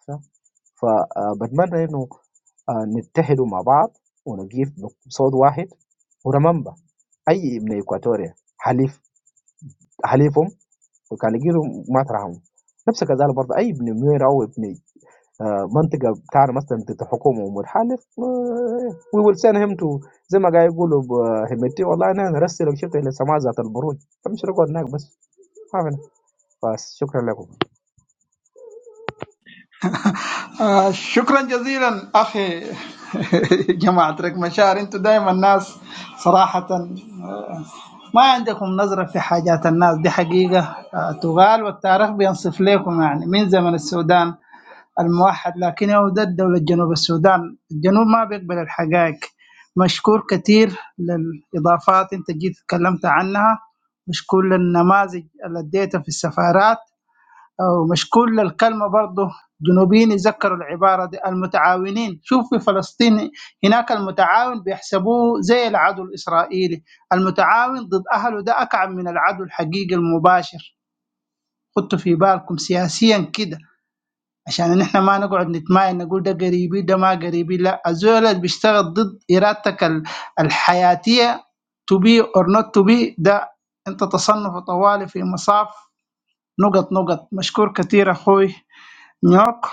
صح؟ فبتمنى انه آه، نتحدوا مع بعض ونقيف بصوت واحد ورممبا اي ابن اكواتوريا حليف حليفهم وكان يجيروا ما ترحموا نفس كذلك برضه اي ابن نوير او ابن آه، منطقه بتاعنا مثلا تحت حكومه ومتحالف وي ويل سين هيم تو زي ما قاعد يقولوا بهمتي والله انا نرسلك شفت الى سماء ذات البروج فمش نقعد هناك بس ما فينا فشكرا لكم
آه شكرا جزيلا أخي *laughs* جماعة ريك مشاعر أنتوا دائما ناس صراحة ما عندكم نظرة في حاجات الناس دي حقيقة آه، تقال والتاريخ بينصف لكم يعني من زمن السودان الموحد لكن هو ده الدولة جنوب السودان الجنوب ما بيقبل الحقائق مشكور كثير للإضافات أنت جيت تكلمت عنها مشكور للنماذج اللي اديتها في السفارات أو مش كل الكلمة برضه جنوبيين يذكروا العبارة دي المتعاونين شوف في فلسطين هناك المتعاون بيحسبوه زي العدو الإسرائيلي المتعاون ضد أهله ده أكعب من العدو الحقيقي المباشر خدتوا في بالكم سياسيا كده عشان نحن ما نقعد نتماين نقول ده قريبي ده ما قريبي لا الزول اللي بيشتغل ضد إرادتك ال- الحياتية to be or not to be ده أنت تصنف طوالي في مصاف نقط نقط مشكور كثير أخوي نيوك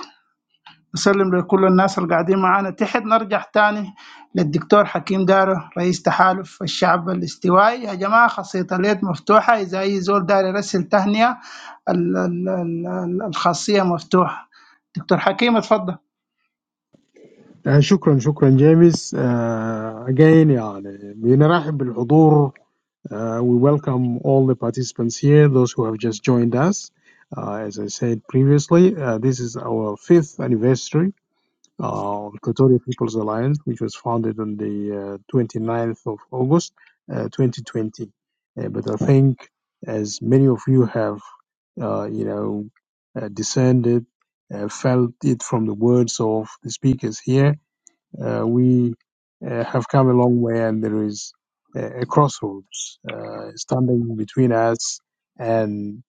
نسلم لكل الناس اللي قاعدين معانا تحت نرجع تاني للدكتور حكيم دارو رئيس تحالف الشعب الاستوائي يا جماعة خاصية اليد مفتوحة إذا أي زول داري يرسل تهنئة ال- ال- ال- ال- الخاصية مفتوحة دكتور حكيم اتفضل
آه، شكرا شكرا جيمس uh, again يعني بنرحب بالحضور Uh, we welcome all the participants here, those who have just joined us. Uh, as I said previously, uh, this is our fifth anniversary uh, of Equatorial People's Alliance, which was founded on the uh, 29th of August uh, 2020. Uh, but I think, as many of you have uh, you know, uh, discerned it, uh, felt it from the words of the speakers here. Uh, we uh, have come a long way, and there is a, a crossroads uh, standing between us and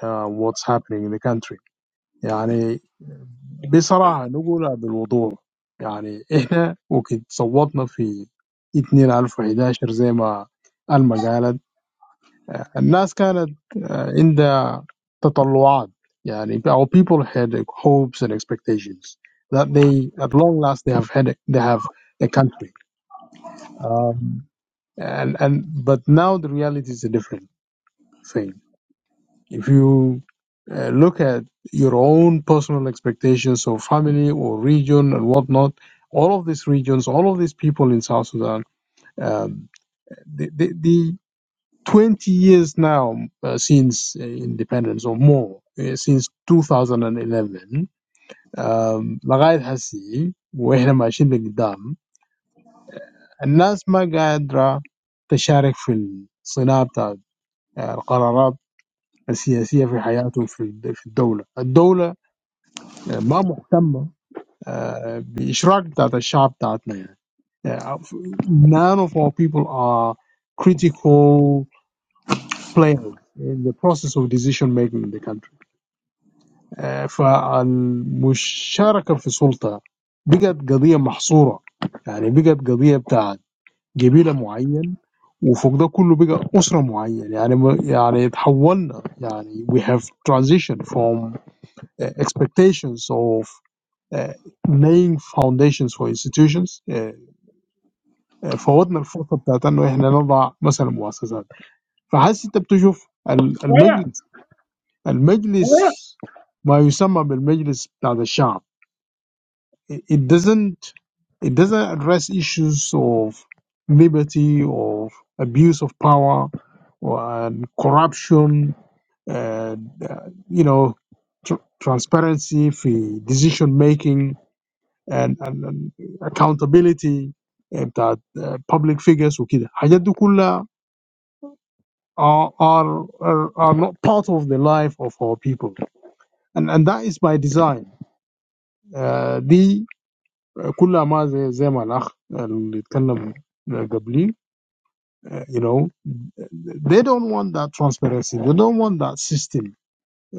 uh, what's happening in the country. يعني بصراحة نقولها بالوضوح يعني إحنا وقت صوتنا في 2011 زي ما ألما *laughs* Uh, الناس كانت آه، عندها تطلعات يعني our people had hopes and expectations that they at long last they have had a, they have a country um, and and but now the reality is a different thing if you uh, look at your own personal expectations of family or region and whatnot all of these regions all of these people in South Sudan um, the, the, Twenty years now uh, since uh, independence, or more uh, since 2011, we have seen, and we are seeing, the fact that people do not know how to participate in the making of political decisions in their lives and in the country. The country is not prepared to involve its people in the decision-making process. We have transitioned from expectations of laying foundations for institutions. So we have the first step that we are now building. So we have transitioned from uh, expectations of uh, laying foundations for institutions. So we have the first step that we are now building. it, it doesn't it doesn't address issues of liberty of abuse of power or and corruption and uh, you know tr- transparency في decision making and, and, and accountability بتاعت uh, public figures وكده الحاجات دي كلها are, are, are, are not part of the life of our people and, and that is by design uh, دي Kullama zay malakh li tkanam gabli, you know. They don't want that transparency. They don't want that system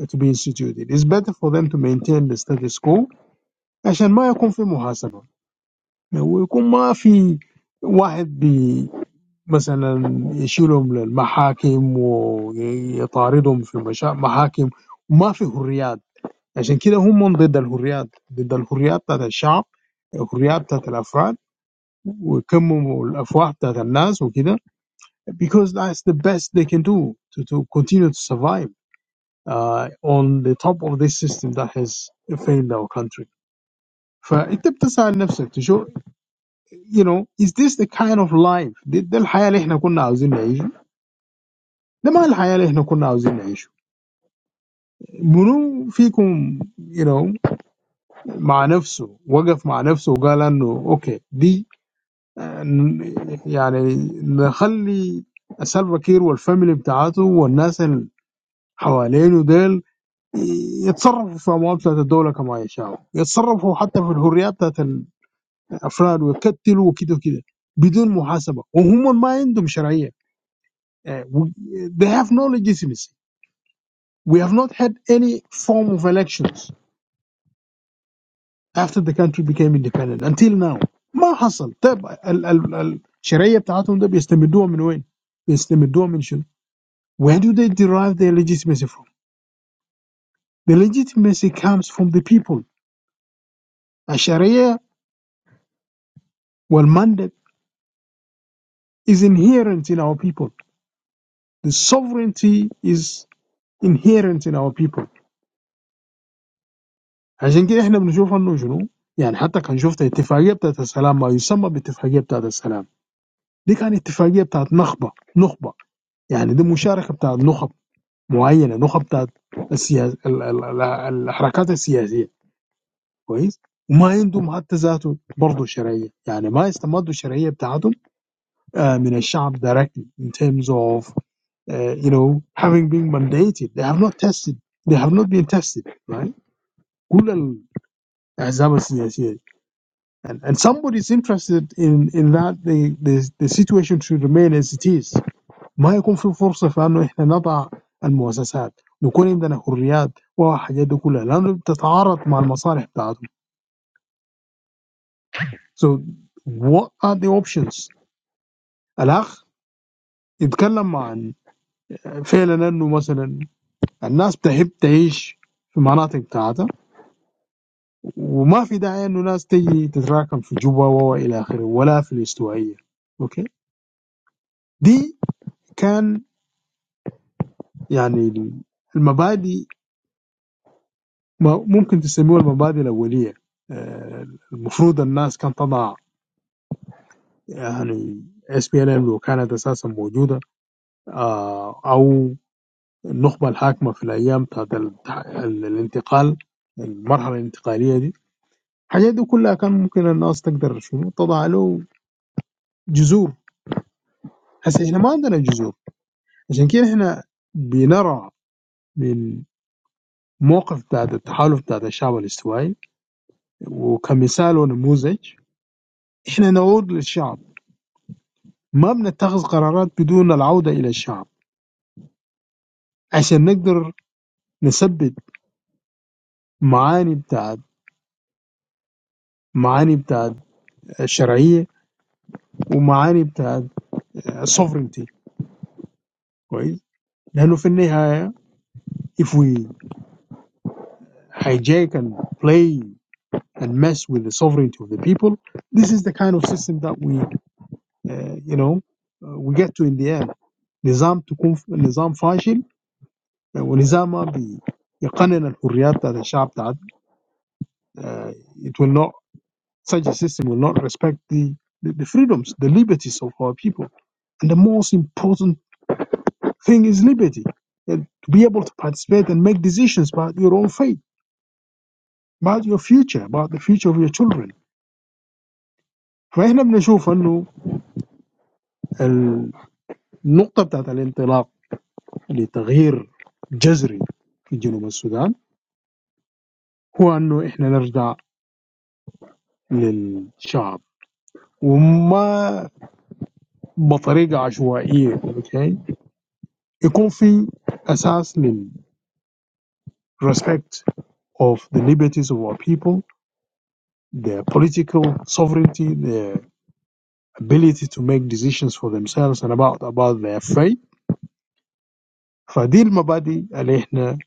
to be instituted. It's better for them to maintain the status quo. Ashan ma yakum fi muhasabah. Ma yakum ma fi waad bi, masalan yishulum lal mahakim wa yataridum fi musha mahakim. Ma fi hurriyat. Ashan kila houmondid al hurriyat. Didd al hurriyat ta ta shab. Hurriyat ta ta lafrad. We come to have that analysis, because that's the best they can do to to continue to survive uh, on the top of this system that has failed our country. For it depends on himself to show, you know, is this the kind of life that the life we are going to live? What kind of life we are going to live? Munu, fi kum, you know, ma nafsu, waf ma nafsu, wala no, okay, bi. Meaning they have no legitimacy. We have not had any form of elections after the country became independent until now. Nothing happened. The legitimacy they have is from where? From whom? Where do they derive their legitimacy from? The legitimacy comes from the people. Aschariya, well, mandate is inherent in our people. The sovereignty is inherent in our people. As inkei, we have no choice. No, you know, yeah. Even if we have an agreement, that is peace, but you somehow bet the agreement that is peace. This is an agreement that is a nope, nope. Yeah, this is a nope, nope. A particular nope, nope. The political movements. كويس وما عندهم حتى ذاته برضه شرعيه يعني ما استمدوا الشرعيه بتاعتهم آه، من الشعب directly in terms of uh, you know having been mandated they have not tested they have not been tested right كل الاحزاب السياسيه دي. and, and somebody is interested in in that the, the the situation should remain as it is ما يكون في فرصه في انه احنا نضع المؤسسات نكون عندنا حريات والحاجات دي كلها لانه بتتعارض مع المصالح بتاعتهم so what are the options الاخ يتكلم عن فعلا انه مثلا الناس تحب تعيش في مناطق بتاعتها وما في داعي انه ناس تجي تتراكم في جوبا والى اخره ولا في الاستوائيه اوكي دي كان يعني المبادئ ما- ممكن تسميها المبادئ الاوليه آه، المفروض الناس كان تضع يعني اس بي ال ام لو كانت اساسا موجوده آه، او النخبه الحاكمه في الايام بتاعت ال- الانتقال المرحله الانتقاليه دي الحاجات دي كلها كان ممكن الناس تقدر شنو تضع له جذور هسه احنا ما عندنا جذور عشان كده احنا بنرى من موقف بتاعت التحالف بتاعت الشعب الاستوائي وكمثال ونموذج احنا نعود للشعب ما بنتخذ قرارات بدون العودة إلى الشعب عشان نقدر نثبت معاني بتاعت معاني بتاعت الشرعية ومعاني بتاعت sovereignty كويس لأنه في النهاية if we hijack and play and mess with the sovereignty of the people. This is the kind of system that we, uh, you know, uh, we get to in the end. نظام تكون نظام فاشل آه، ونظام ما بي- يقنن الحريات بتاعت الشعب بتاعت آه، it will not such a system will not respect the, the the freedoms the liberties of our people and the most important thing is liberty and to be able to participate and make decisions about your own fate about your future about the future of your children فاحنا بنشوف انه نقطة بعد الانتلاق لتغيير جزري في جنوب السودان هو إنه إحنا نرجع للشعب وما بطريقة عشوائية. Okay يكون في أساس للrespect of the liberties of our people, their political sovereignty, their ability to make decisions for themselves and about about their faith. فدي المبادئ اللي إحنا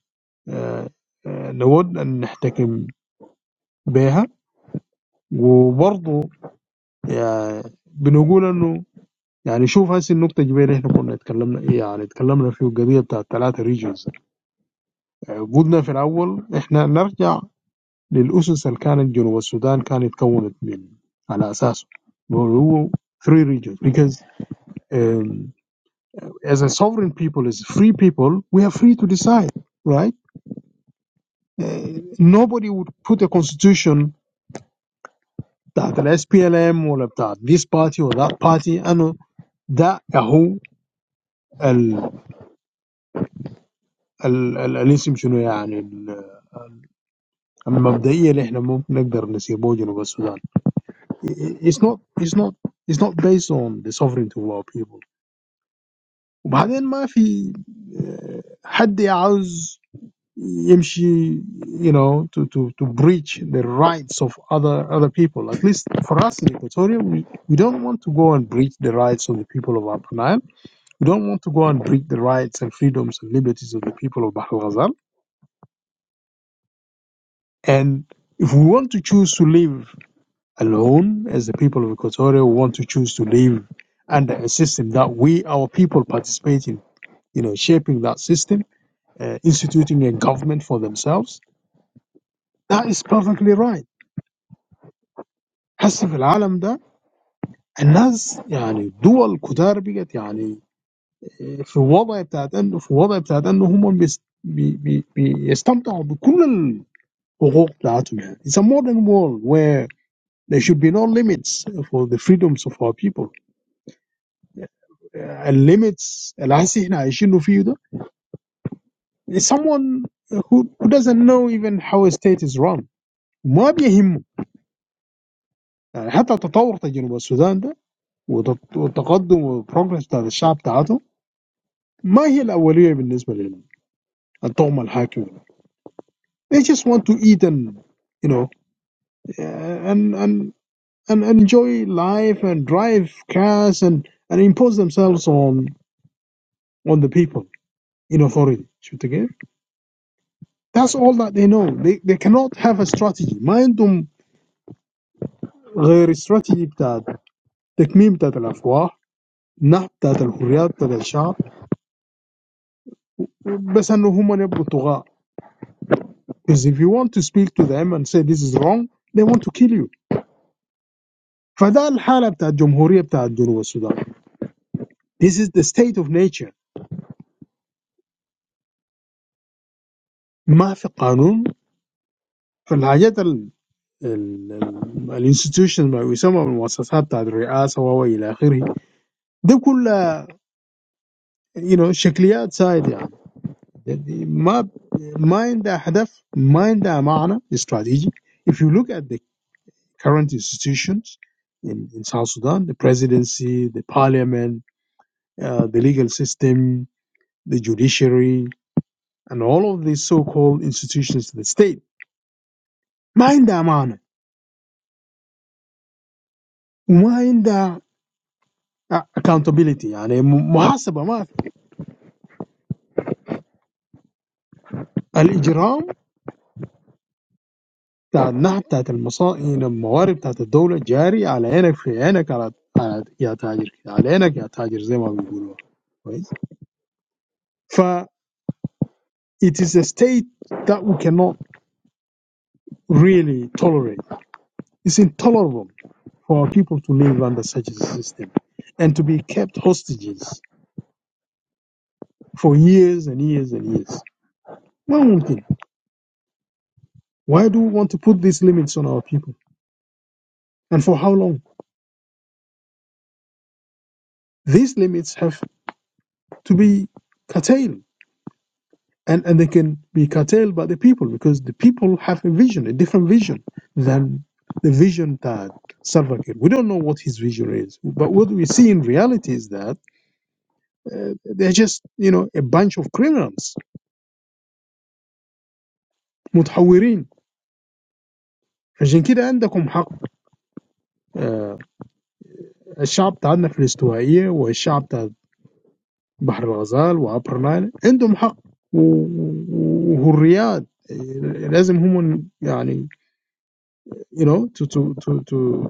آه، آه، نود أن نحكم بها وبرضو. Yeah, we can say that. I mean, look at the point we were talking about. I mean, we were talking about three regions. We were in the first. We are going back to the essence that the South Sudan was formed on the basis of three regions because um, as a sovereign people, as free people, we are free to decide, right? Uh, Nobody would put a constitution that lets PLM or that this party or that party. I know that is the ال ال الاسم شنو يعني ال- مبدئيا احنا ممكن نقدر نسيبه جنوب السودان it's not it's not it's not based on the sovereignty of our people وبعدين ما في آه، حد عاوز يمشي you know to to to breach the rights of other other people at least for us in Equatoria we, we don't want to go and breach the rights of the people of Upper Nile we don't want to go and breach the rights and freedoms and liberties of the people of Bahr el Ghazal and if we want to choose to live alone as the people of Equatoria who want to choose to live under a system that we, our people, participate in, you know, shaping that system, uh, instituting a government for themselves. That is perfectly right. هسه في العالم ده الناس يعني دول كتار بقت يعني في وضع بتاعت انه في وضع بتاعت انه هم بيس- بي بي بيستمتعوا بكل الحقوق بتاعتهم يعني. It's a modern world where there should be no limits for the freedoms of our people. الليميتس اللي هسه احنا عايشينه فيه ده is someone who, who doesn't know even how a state is run ما بيهمه يعني حتى تطور بتاع جنوب السودان ده وت- والتقدم والبروجرس بتاع الشعب بتاعته ما هي الأولية بالنسبة للطغمة الحاكمة they just want to eat and you know uh, and and and enjoy life and drive cars and and impose themselves on on the people in authority شفت كيف؟ That's all that they know. They they cannot have a strategy. Mayn doun ghairy strategy tad tekmiib tad alafwa naf tad alkhuriyat tad alshaab. Besa nohum ane abdo tuga. Because if you want to speak to them and say this is wrong, they want to kill you. For that, the problem of the Republic of Sudan. This is the state of nature. Ma fi kanun. For the need of the institutions, by some of the bosses, up to the president and so on and so forth. They're all, you know, shakliyat saidiya. ما ما عندها هدف ما عندها معنى استراتيجي if you look at the current institutions in, in South Sudan the presidency the parliament uh, the legal system the judiciary and all of these so-called institutions of the state ما عندها معنى وما عندها accountability يعني محاسبة ما في. الإجرام بتاع النحت بتاعت المصائد الموارد بتاعت الدولة جاري على عينك في عينك على, على يا تاجر على عينك يا تاجر زي ما بيقولوا كويس ف it is a state that we cannot really tolerate it's intolerable for our people to live under such a system and to be kept hostages for years and years and years ما ممكن why do we want to put these limits on our people and for how long these limits have to be curtailed and and they can be curtailed by the people because the people have a vision, a different vision than the vision that Salva Kiir. We don't know what his vision is, but what we see in reality is that uh, they're just you know a bunch of criminals متحورين عشان كده عندكم حق آه، الشعب بتاعنا في الاستوائية والشعب بتاع بحر الغزال وابر نايل عندهم حق وحريات لازم هم يعني you know to to to to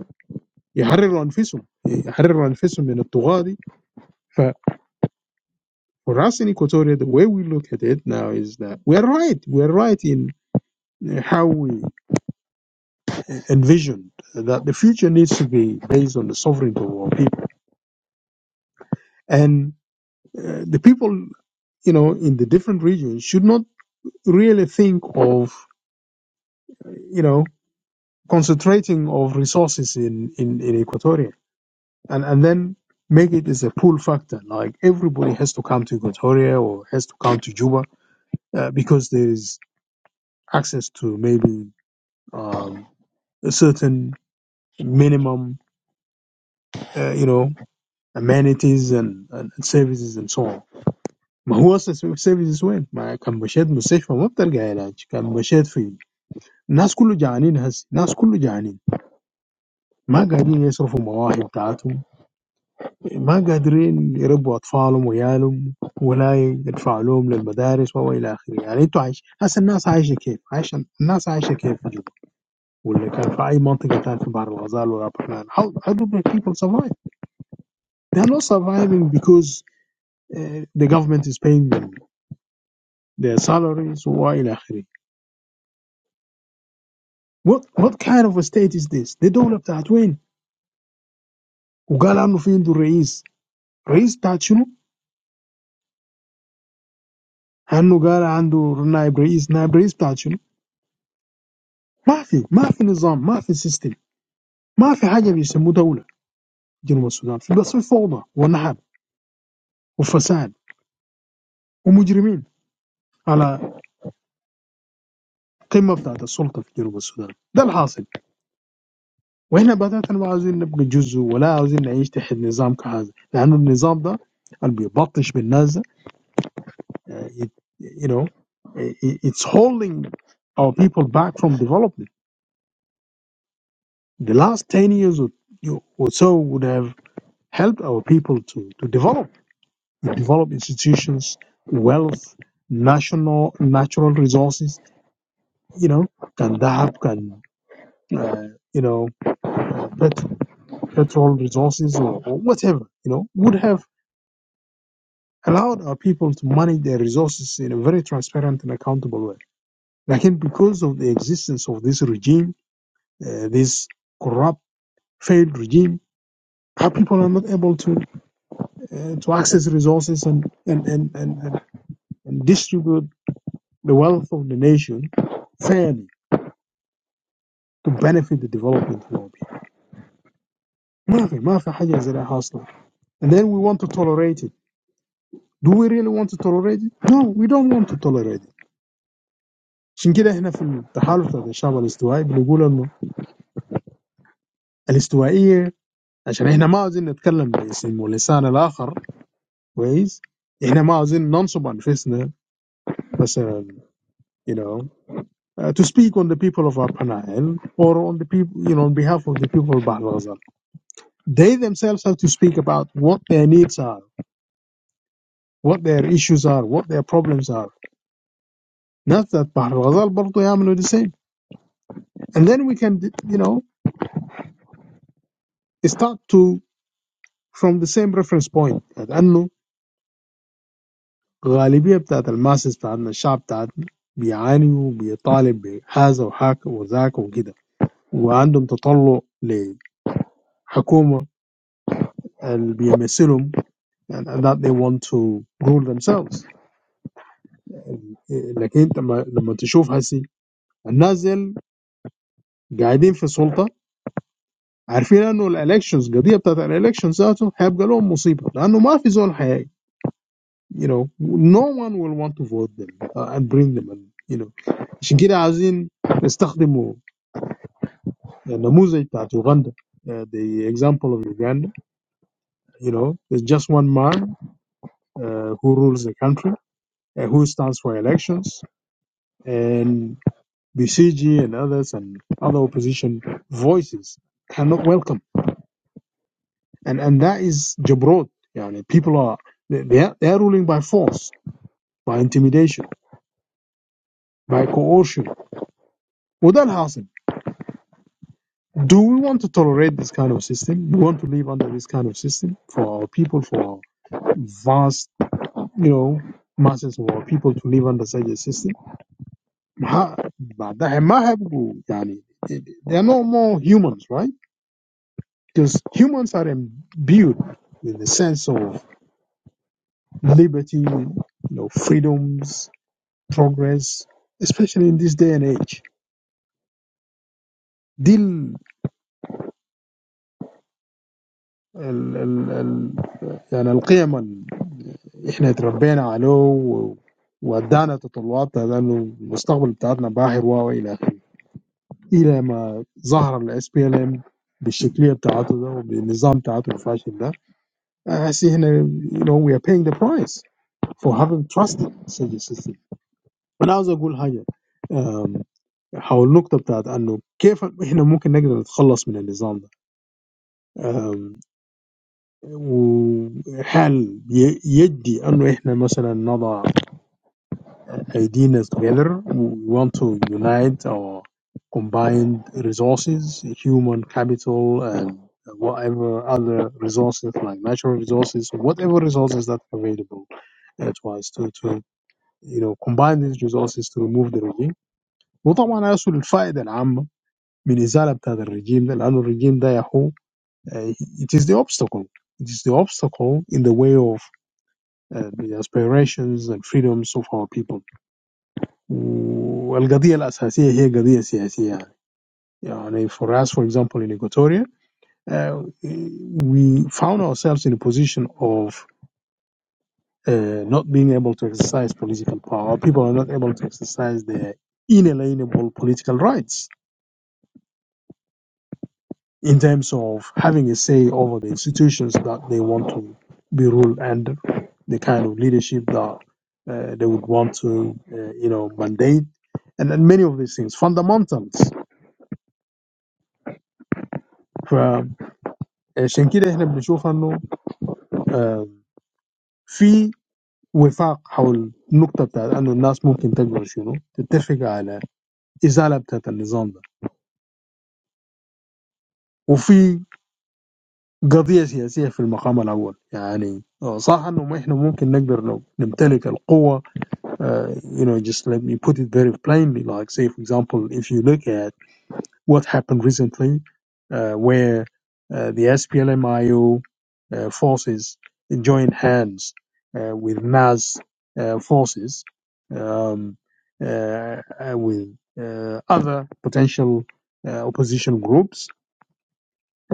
يحرروا انفسهم يحرروا انفسهم من الطغاة دي for us in Equatoria the way we look at it now is that we are right we are right in how we envisioned that the future needs to be based on the sovereignty of our people and uh, the people you know in the different regions should not really think of you know concentrating of resources in in, in Equatoria and and then make it as a pull factor like everybody has to come to Equatoria or has to come to Juba uh, Because there is access to maybe um, a certain minimum, uh, you know, amenities and and services and so on. Mahuasas make services when my kambochad mustesh from up there gaeraj. Kambochad fi nas kulu jahani nas nas kulu jahani. Ma qadin ya sofu mauahi btaatum. Ma qadrin ribo atfalum wyalum, walaay faglum lil madaris wawi laa. Aleytoish. Hase nas aishekhef aishan nas aishekhef jum. واللي كان في أي منطقة تانية في بحر الغزال والأبحران. How how do black people survive? They are not surviving because uh, the government is paying them their salaries. Why? What what kind of a state is this? They don't have that. When Uganda no fi into reis, reis tation, and Uganda into naib reis, naib reis tation, maafi, maafi nizam, maafi system, maafi haya bisho mutawauna jiruba Sudan. It's just a form of corruption, and fraud, and fraud, and criminals on the top of the power in jiruba Sudan. That's what happened. وهنا بدات ما عاوزين نبقى جزء ولا عاوزين نعيش تحت نظام كهذا لان النظام ده اللي بيبطش بالناس ده آه، it- you know i- it's holding our people back from development the last 10 years or or so would have helped our people to to develop to develop institutions wealth national natural resources you know can dahab can uh, you know pet, petrol resources or, or whatever you know would have allowed our people to manage their resources in a very transparent and accountable way. Like because of the existence of this regime, uh, this corrupt, failed regime, our people are not able to uh, to access resources and and, and, and and distribute the wealth of the nation fairly to benefit the development of our people. ما في- ما في حاجة زي And then we want to tolerate it. Do we really want to tolerate it? No, we don't want to tolerate it. عشان كده احنا في التحالف بتاع الشعب الاستوائي بنقول انه الاستوائيه عشان احنا ما عاوزين نتكلم باسم ولسان الاخر كويس احنا ما عاوزين ننصب انفسنا مثلا you know uh, to speak on the people of Upper Nile or on the people you know on behalf of the people of Bahr Ghazal they themselves have to speak about what their needs are what their issues are what their problems are not that Bahr Ghazal برضو يعملوا the same and then we can you know start to from the same reference point لأنه غالبية بتاعت الماسس بتاعتنا الشعب بتاعتنا بيعاني وبيطالب بهذا وهاك وذاك وكده وعندهم تطلع لحكومة اللي بيمثلهم and that they want to rule themselves لكن انت ما- لما تشوف هسي الناس ديل قاعدين في السلطة عارفين انه الالكشنز القضية بتاعت الالكشنز ذاته هيبقى لهم مصيبة لانه ما في زول حي you know no one will want to vote them uh, and bring them and you know عشان كده عايزين نستخدموا uh, Namuzaj Pat Uganda, uh, the example of Uganda, you know, there's just one man uh, who rules the country, uh, who stands for elections, and BCG and others and other opposition voices cannot welcome. And and that is Jabrod. Yani people are they they are, they are ruling by force, by intimidation, by coercion. Well, that has Do we want to tolerate this kind of system? Do we want to live under this kind of system for our people, for our vast you know masses or people to live under such a system Ha- But they might have to. يعني they are no more humans right because humans are imbued with the sense of liberty you know freedoms progress especially in this day and age دي ال ال ال ال يعني القيم اللي احنا تربينا عليه و- وادانا تطلعات لانه المستقبل بتاعتنا باهر والى اخره الى ما ظهر الاس بي ال ام بالشكليه بتاعته ده وبالنظام بتاعته الفاشل ده. I see هنا You know we are paying the price for having trusted such a system. But I was going to say, how about the fact that no, how are we going to get out of this? ideas together. We want to unite our combined resources, human capital, and whatever other resources like natural resources, whatever resources that are available. That's why it's to, to you know combine these resources to remove the regime. وطبعا هيحصل الفائدة العامة من إزالة بتاعت الرجيم ده لأنه الرجيم ده يا هو uh, it is the obstacle it is the obstacle in the way of uh, the aspirations and freedoms of our people والقضية الأساسية هي قضية سياسية يعني يعني for us for example in Equatoria uh, we found ourselves in a position of uh, not being able to exercise political power people are not able to exercise their inalienable political rights in terms of having a say over the institutions that they want to be ruled and the kind of leadership that uh, they would want to uh, you know mandate and, and many of these things fundamentals So you know, just let me put it very plainly. Like, say, for example, if you look at what happened recently, uh, where uh, the SPLMIO uh, forces joined hands uh, with NAS uh, forces, um, uh, uh, with uh, other potential uh, opposition groups,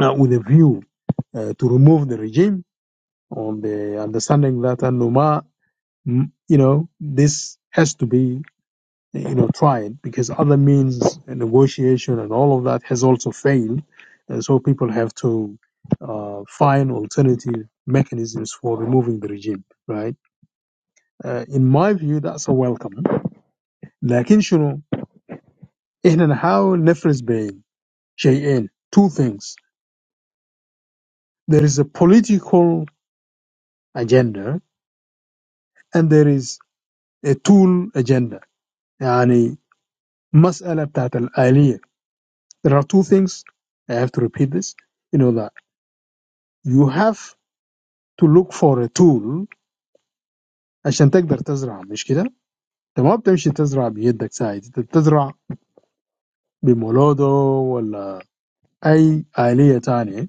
uh, with a view uh, to remove the regime on the understanding that uh, Numa, mm, you know, this has to be you know, tried because other means and negotiation and all of that has also failed. And so people have to uh, find alternative mechanisms for removing the regime, right? Uh, in my view, that's a welcome. لكن شنو؟ إحنا نحاول نفرز بين شيئين two things. There is a political agenda and there is a tool agenda. يعني مسألة بتاعت الآلية. There are two things. I have to repeat this. You know that you have to look for a tool عشان تقدر تزرع مش كده؟ انت ما بتمشي تزرع بيدك سايد انت بتزرع بمولودو ولا اي آلية تانية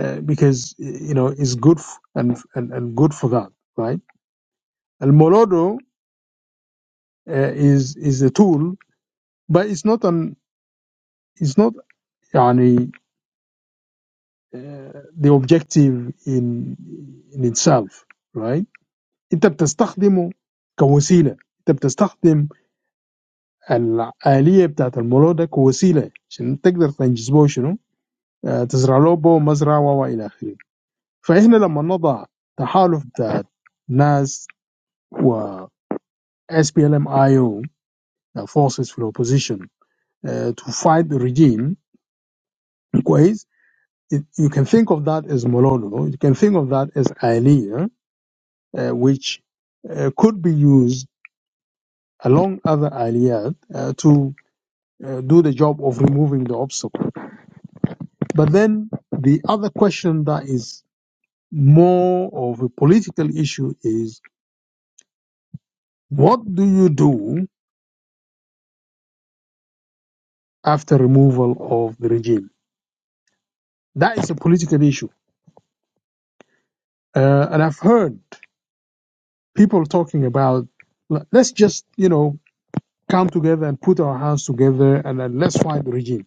uh, because you know it's good f- and, and, and good for that right المولودو uh, is is a tool but it's not an it's not يعني uh, the objective in in itself right انت بتستخدمه كوسيلة انت بتستخدم الآلية بتاعت المولود ده كوسيلة عشان تقدر تنجز شنو؟ آه، تزرع له به مزرعة وإلى آخره. فإحنا لما نضع تحالف بتاع ناس و S P L M I O uh, forces في opposition uh, to fight the regime كويس it, you can think of that as Mololo you can think of that as Aliyah uh, which uh, could be used along other Aliyat uh, to uh, do the job of removing the obstacle But then the other question that is more of a political issue is what do you do after removal of the regime? That is a political issue. Uh, and I've heard people talking about "Let- us just, you know, come together and put our hands together and then let's fight the regime.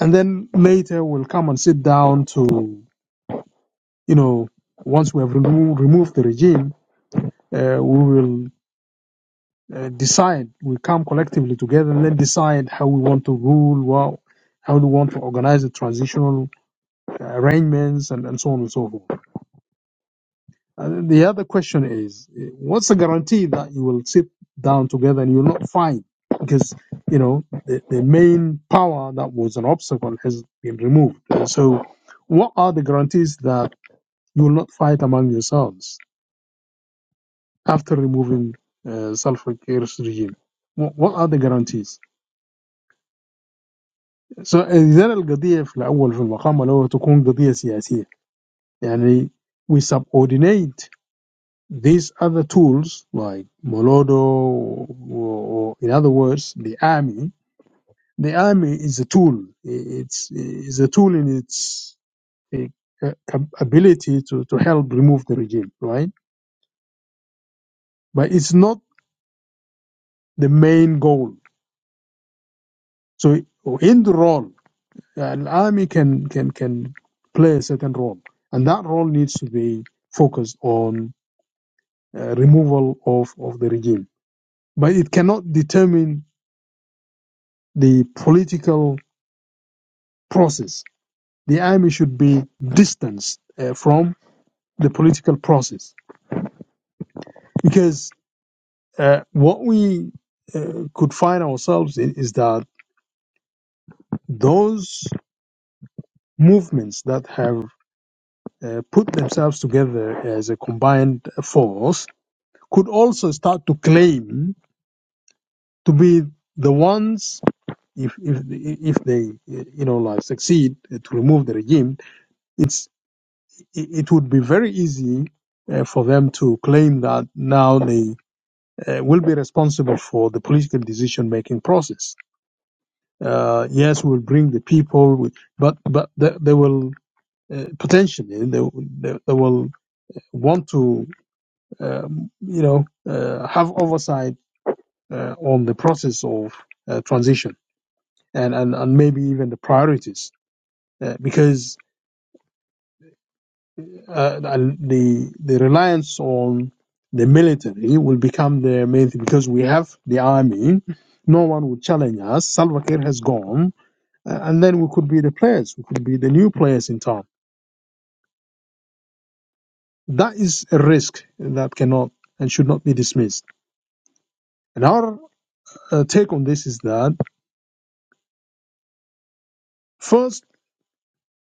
And then later we'll come and sit down to, you know, once we have remo- removed the regime, uh, we will uh, decide. We come collectively together and then decide how we want to rule, well, how we want to organize the transitional arrangements, and, and so on and so forth. And the other question is, uh, what's the guarantee that you will sit down together and you'll not fight? Because you know the, the main power that was an obstacle has been removed. And so, what are the guarantees that you will not fight among yourselves after removing uh, Salva Kiir's regime? What, what are the guarantees? إذا القضية في الأول في المقام الأول تكون قضية سياسية يعني we subordinate these other tools like Molodo or, or in other words the army the army is a tool it's is a tool in its eh, cap- ability to, to help remove the regime right but it's not the main goal so in the role an army can can can play a certain role and that role needs to be focused on uh, removal of, of the regime. But it cannot determine the political process. The army should be distanced uh, from the political process because uh, what we uh, could find ourselves in is that those movements that have uh, put themselves together as a combined force could also start to claim to be the ones if if if they you know like succeed to remove the regime it's it would be very easy uh, for them to claim that now they uh, will be responsible for the political decision making process. Uh, yes, we'll bring the people, with, but but they, they will uh, potentially they, will- they they will want to um, you know uh, have oversight uh, on the process of uh, transition and, and and maybe even the priorities uh, because uh, the the reliance on the military will become the main thing because we have the army. No one would challenge us. Salva Kiir has gone, uh, and then we could be the players. We could be the new players in town. That is a risk that cannot and should not be dismissed. And our uh, take on this is that first,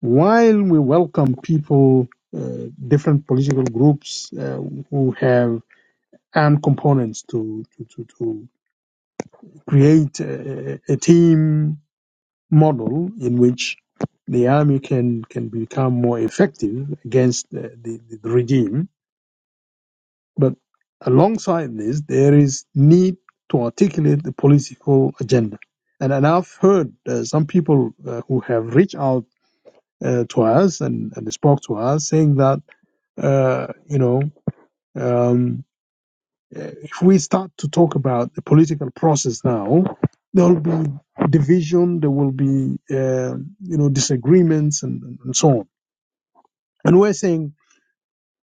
while we welcome people, uh, different political groups uh, who have armed components to to to to create a, a team model in which the army can, can become more effective against the, the, the regime. But alongside this, there is need to articulate the political agenda. And, and I've heard uh, some people uh, who have reached out uh, to us and, and spoke to us saying that, uh, you know, um, uh, if we start to talk about the political process now, there will be division, there will be uh, you know disagreements and, and and so on. And we're saying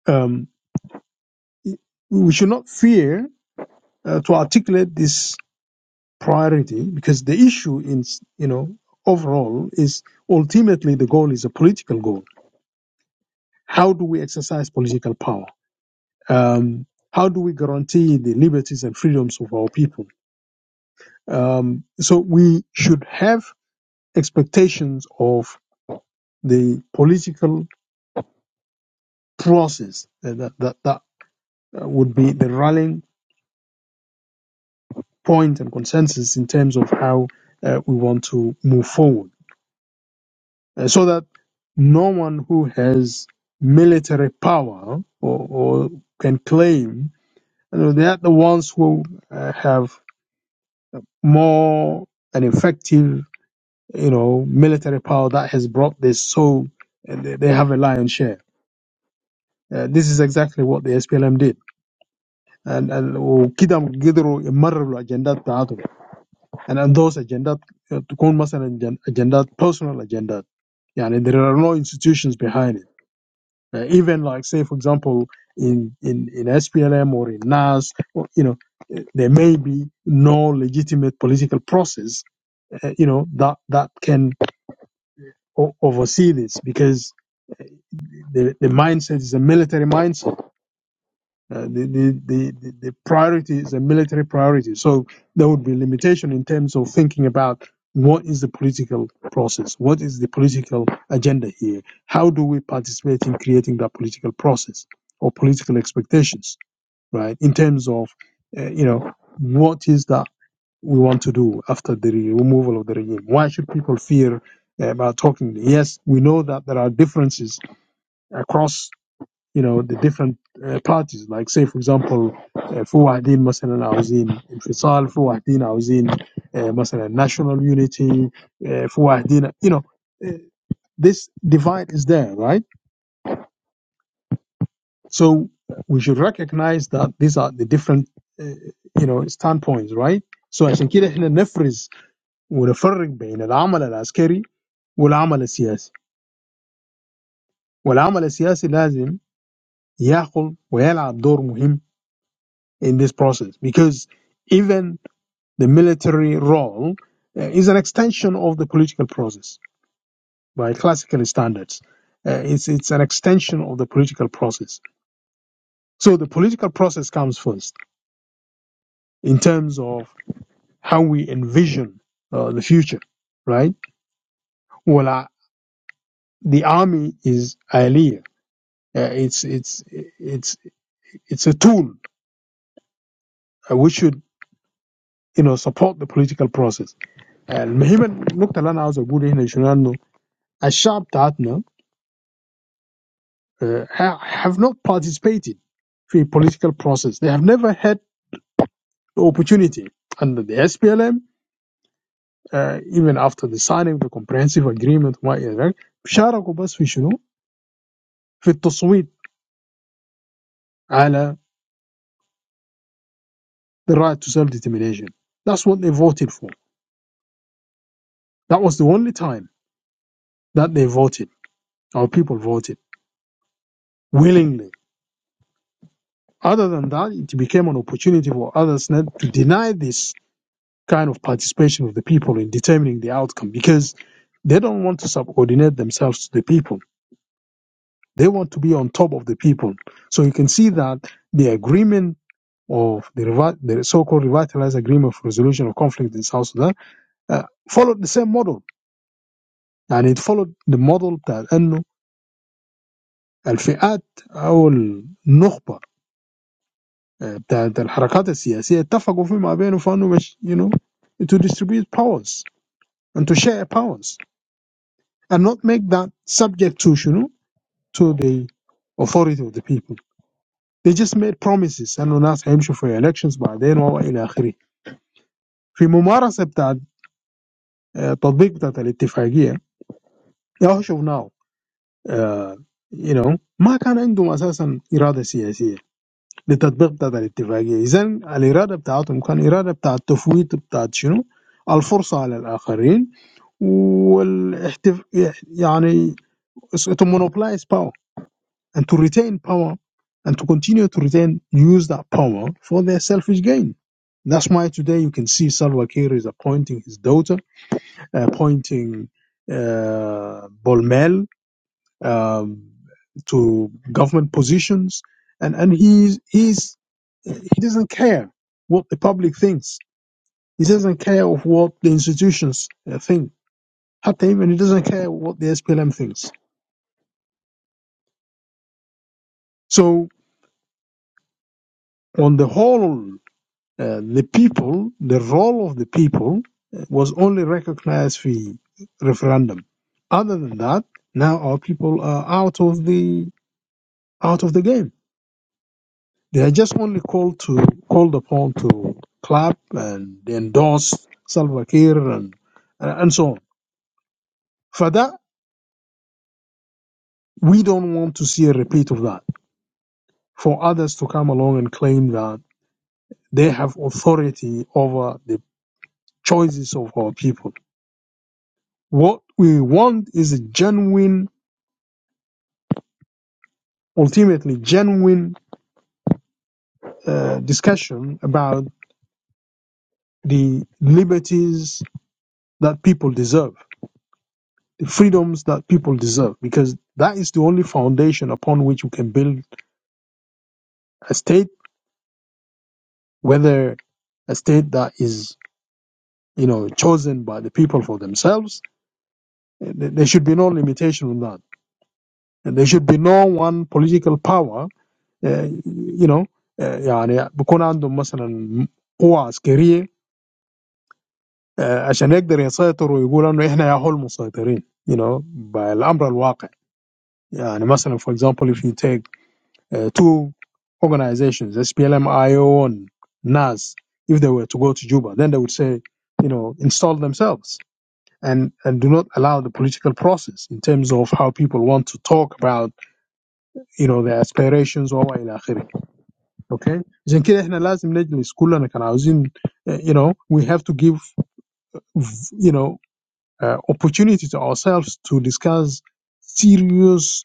um, we should not fear uh, to articulate this priority because the issue in you know overall is ultimately the goal is a political goal. How do we exercise political power? Um, how do we guarantee the liberties and freedoms of our people? Um, so we should have expectations of the political process uh, that that that uh, would be the rallying point and consensus in terms of how uh, we want to move forward, Uh, so that no one who has military power or, or can claim you know, they are the ones who uh, have more an effective you know military power that has brought this so uh, they, they have a lion's share. Uh, this is exactly what the SPLM did ال- ال- وكده قدروا يمرروا الاجندات بتاعتهم يعني اندوس اجندات تكون مثلا جن- اجندات personal اجندات يعني there are no institutions behind it Uh, even like say for example in in in SPLM or in NAS or, you know there may be no legitimate political process uh, you know that that can o- oversee this because the the mindset is a military mindset Uh, the, the, the, the the priority is a military priority. So there would be limitation in terms of thinking about what is the political process? What is the political agenda here? How do we participate in creating that political process or political expectations, right? In terms of, uh, you know, what is that we want to do after the re- removal of the regime? Why should people fear uh, about talking? Yes, we know that there are differences across you know the different uh, parties like say for example uh, في واحدين مثلا عاوزين انفصال في واحدين عاوزين uh, مثلا national unity uh, في واحدين you know uh, this divide is there right so we should recognize that these are the different uh, you know standpoints right so عشان كده احنا نفرز ونفرق بين العمل العسكري والعمل السياسي والعمل السياسي لازم ياخذ ويلعب دور مهم in this process because even the military role uh, is an extension of the political process by classical standards. Uh, it's, it's an extension of the political process. So the political process comes first in terms of how we envision uh, the future, right? Well, uh, the army is aliyah. Uh, it's it's it's it's a tool uh, which should you know support the political process. المهم النقطة اللي أنا عاوز أقول هنا شنو إنه الشعب بتاعتنا uh, ha- have not participated in political process. They have never had the opportunity under the SPLM, uh, even after the signing of the comprehensive agreement وما إلى ذلك شاركوا بس في شنو؟ في التصويت على the right to self-determination. That's what they voted for. That was the only time that they voted. Our people voted willingly. Other than that, it became an opportunity for others not to deny this kind of participation of the people in determining the outcome because they don't want to subordinate themselves to the people. They want to be on top of the people. So you can see that the agreement of the, revi- the so-called revitalized agreement for resolution of conflict in South Sudan uh, followed the same model, and it followed the model that إنه الفئات أو النخبة آه، بتاعت الحركات السياسية اتفقوا فيما بينهم فإنه مش- you know to distribute powers and to share powers. And not make that subject to you know, to the authority of the people. They just made promises and announced ambition for elections, but then what will happen? In the practice of applying that agreement, how should we know? You know, they didn't have basically political intentions to apply that agreement. Then the intentions they had were intentions to gain power over the others and monopolize power. and to retain power and to continue to retain use that power for their selfish gain. That's why today you can see Salva Kiir is appointing his daughter, appointing uh, Bolmel um, to government positions, and and he's he's he doesn't care what the public thinks. He doesn't care of what the institutions uh, think. Hatta even he doesn't care what the SPLM thinks. So on the whole, Uh, the people, the role of the people uh, was only recognized via referendum. Other than that, now our people are out of the out of the game. They are just only called to called upon to clap and endorse Salva Kiir and uh, and so on. For that, we don't want to see a repeat of that. For others to come along and claim that they have authority over the choices of our people. What we want is a genuine ultimately genuine uh, discussion about the liberties that people deserve, the freedoms that people deserve, because that is the only foundation upon which you can build a state, whether a state that is, you know, chosen by the people for themselves. Uh, There there should be no limitation on that. And there should be no one political power, uh, you know, uh, يعني بكون عندهم مثلا قوة عسكرية آه، عشان يقدر يسيطر ويقول انه احنا يا هو المسيطرين you know بالامر الواقع يعني مثلا for example if you take uh, two organizations SPLM-IO and NAS if they were to go to Juba then they would say you know install themselves and and do not allow the political process in terms of how people want to talk about you know their aspirations وما الى اخره okay عشان كده احنا لازم نجلس كلنا كان عاوزين uh, you know we have to give you know uh, opportunity to ourselves to discuss serious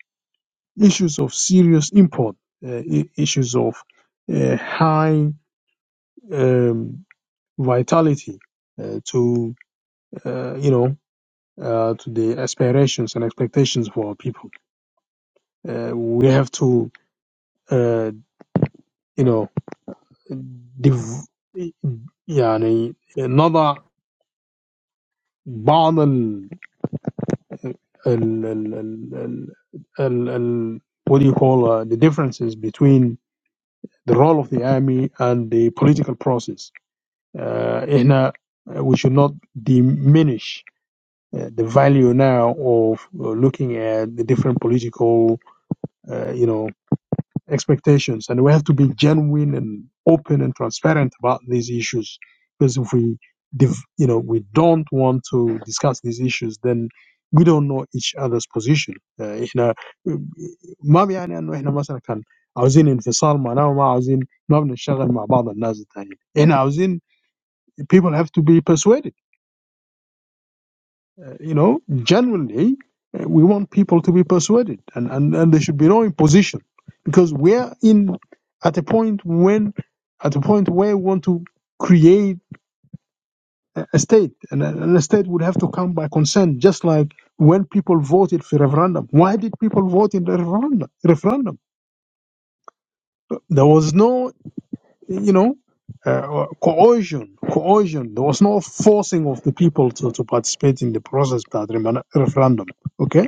issues of serious import, uh, i- issues of uh, high um, vitality uh, to uh, you know uh, to the aspirations and expectations for our people. Uh, we have to uh, you know div- يعني نضع بعض ال ال ال ال ال ال- what do you call uh, the differences between the role of the army and the political process. Uh, إحنا- we should not diminish uh, the value now of uh, looking at the different political, uh, you know, expectations and we have to be genuine and open and transparent about these issues because if we you know we don't want to discuss these issues then we don't know each other's position uh, احنا ما بيعني انه احنا مثلا كان عاوزين انفصال معناه ما عاوزين ما بنشتغل مع بعض الناس الثانيين احنا عاوزين people have to be persuaded you know, generally, uh, we want people to be persuaded, and, and, and there should be no imposition, because we're in at a point when at a point where we want to create a a state, and a, and a state would have to come by consent, just like when people voted for referendum. Why did people vote in the referendum? Referendum. There was no, you know, uh, coercion, coercion. There was no forcing of the people to, to participate in the process of that referendum. Okay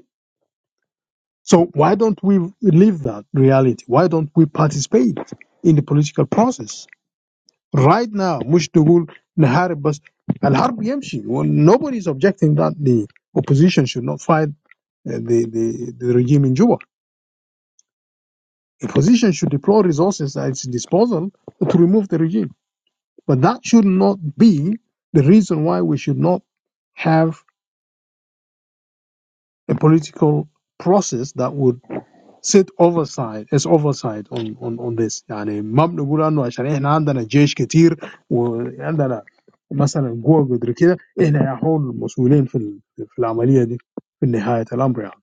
So why don't we live that reality? Why don't we participate in the political process right now? مش تقول نحارب بس الحرب يمشي Well, nobody is objecting that the opposition should not fight uh, the, the, the regime in Juba. The opposition should deploy resources at its disposal to remove the regime. But that should not be the reason why we should not have a political process that would سيت اوفرسايد از اوفرسايد اون اون اون ذس يعني ما بنقول انه عشان احنا عندنا جيش كتير وعندنا مثلا قوه قدر كده احنا يا هون المسؤولين في ال- في العمليه دي في نهايه الامر يعني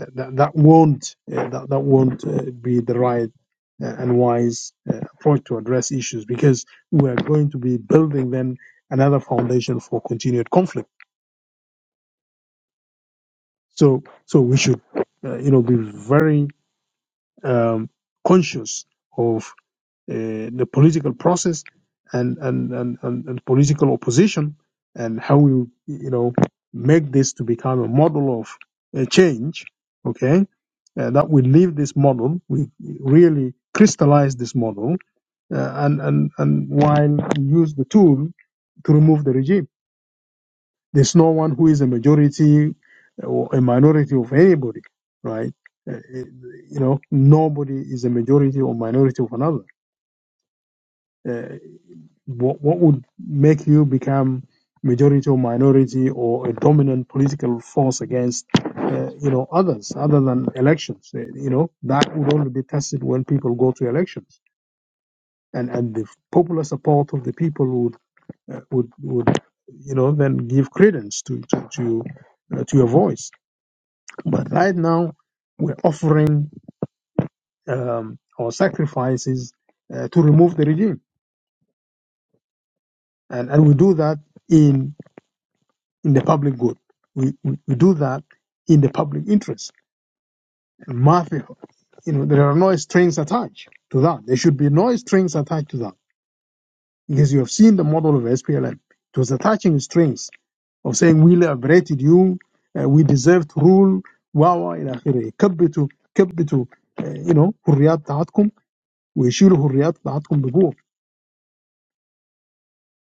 that, that won't uh, that, that won't uh, be the right uh, and wise uh, approach to address issues because we are going to be building then another foundation for continued conflict so so we should uh, you know be very um, conscious of uh, the political process and, and, and, and, and political opposition and how we you know make this to become a model of a change okay uh, that we leave this model we really crystallize this model uh, and, and and while we use the tool to remove the regime there's no one who is a majority or a minority of anybody right Uh, you know nobody is a majority or minority of another Uh, What what would make you become majority or minority or a dominant political force against uh, you know others other than elections? Uh, You know that would only be tested when people go to elections, and and the popular support of the people would uh, would would you know then give credence to to to, uh, to your voice. But right now we're offering um, our sacrifices uh, to remove the regime, and and we do that in in the public good. We, we, we do that in the public interest. And Matthew, you know, there are no strings attached to that. There should be no strings attached to that because you have seen the model of SPLM. It was attaching strings of saying we liberated you, uh, we deserve to rule, wawa ila akhirih. كبتوا كبتوا uh, you know hurriyat حريات we ويشيلوا hurriyat بتاعتكم بقوة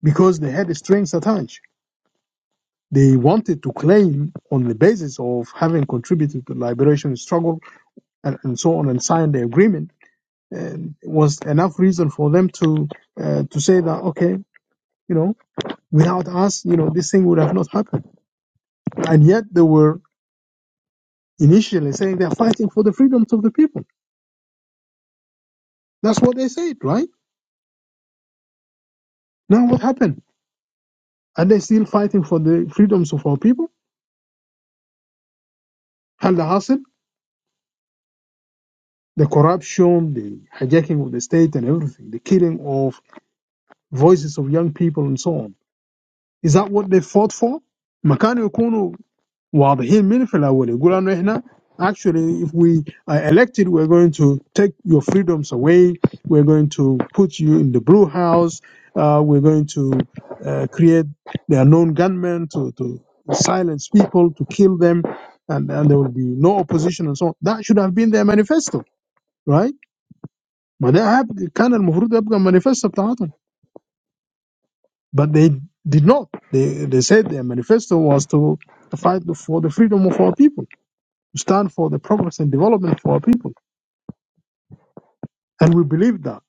because they had strings attached. They wanted to claim on the basis of having contributed to the liberation struggle and, and so on and signed the agreement and it was enough reason for them to uh, to say that okay you know without us you know this thing would have not happened and yet they were initially saying they're fighting for the freedoms of the people that's what they said right now what happened are they still fighting for the freedoms of our people hal the hassle the corruption the hijacking of the state and everything the killing of voices of young people and so on is that what they fought for ما كانوا واضحين من في الاول يقولوا انه احنا actually if we are elected we're going to take your freedoms away we're going to put you in the brew house uh, we're going to uh, create the unknown gunmen to, to silence people to kill them and, and there will be no opposition and so on that should have been their manifesto right ما ده هب- كان المفروض يبقى manifesto بتاعتهم but they did not they, they said their manifesto was to, to fight for the freedom of our people stand for the progress and development for our people. And we believe that.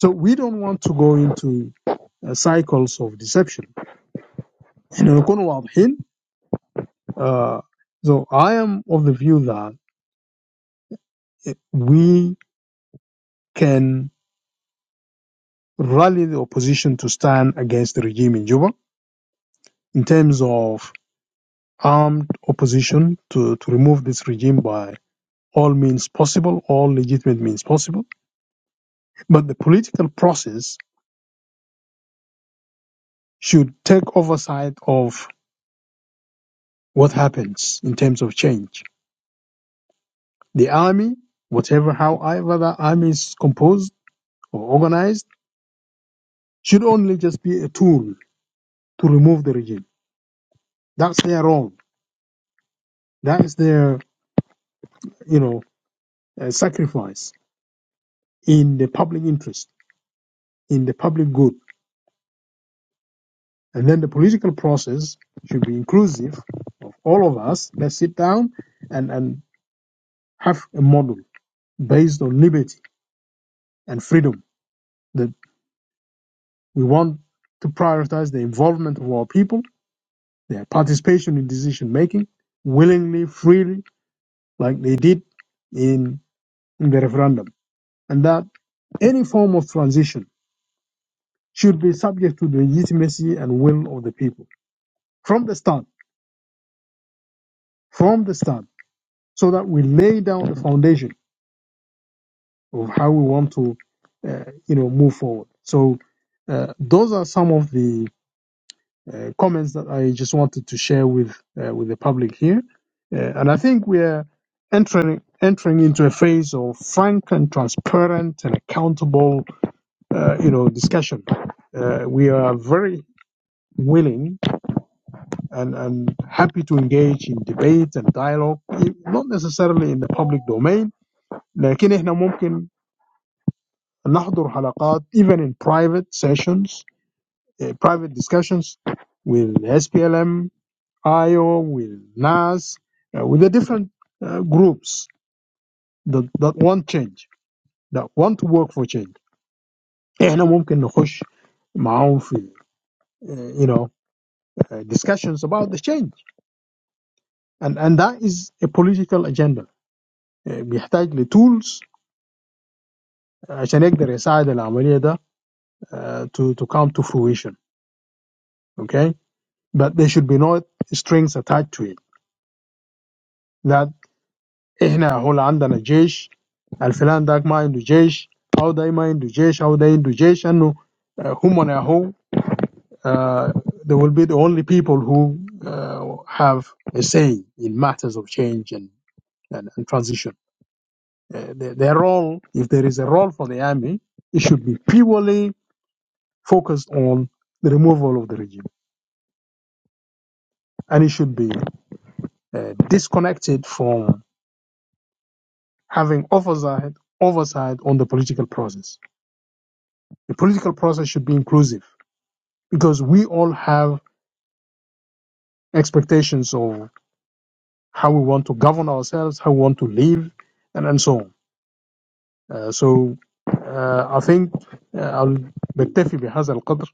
So we don't want to go into uh, cycles of deception. And نكون واضحين. Uh, so I am of the view that eh, we can rally the opposition to stand against the regime in Juba in terms of armed opposition to, to remove this regime by all means possible, all legitimate means possible. But the political process should take oversight of what happens in terms of change. The army, whatever, however the army is composed or organized, should only just be a tool to remove the regime. That's their role. That is their, you know, uh, sacrifice in the public interest, in the public good. And then the political process should be inclusive of all of us. Let's sit down and, and have a model based on liberty and freedom that we want to prioritize the involvement of our people their participation in decision making willingly, freely, like they did in in the referendum, and that any form of transition should be subject to the legitimacy and will of the people from the start, from the start, so that we lay down the foundation of how we want to, uh, you know, move forward. So uh, those are some of the uh, comments that I just wanted to share with uh, with the public here. Uh, and I think we are entering entering into a phase of frank and transparent and accountable, uh, you know, discussion. Uh, we are very willing and, and happy to engage in debate and dialogue, not necessarily in the public domain, لكن احنا ممكن نحضر حلقات even in private sessions, uh, private discussions with SPLM IO, with NAS, uh, with the different uh, groups that, that want change, that want to work for change. احنا ممكن نخش معاهم في uh, you know uh, discussions about the change and and that is a political agenda uh, بيحتاج ل tools uh, عشان يقدر يساعد العملية ده uh, to to come to fruition okay but there should be no strings attached to it That. احنا هو عندنا جيش الفلان داك ما عنده جيش او ده ما عنده جيش او ده عنده جيش انه آه، هم هو uh, they will be the only people who uh, have a say in matters of change and, and, and transition. Uh, their, their role, if there is a role for the army, it should be purely focused on the removal of the regime. And it should be uh, disconnected from having oversight, oversight on the political process. The political process should be inclusive because we all have expectations of how we want to govern ourselves, how we want to live, and, and so on. Uh, so uh, I think uh, I'll بكتفي بهذا القدر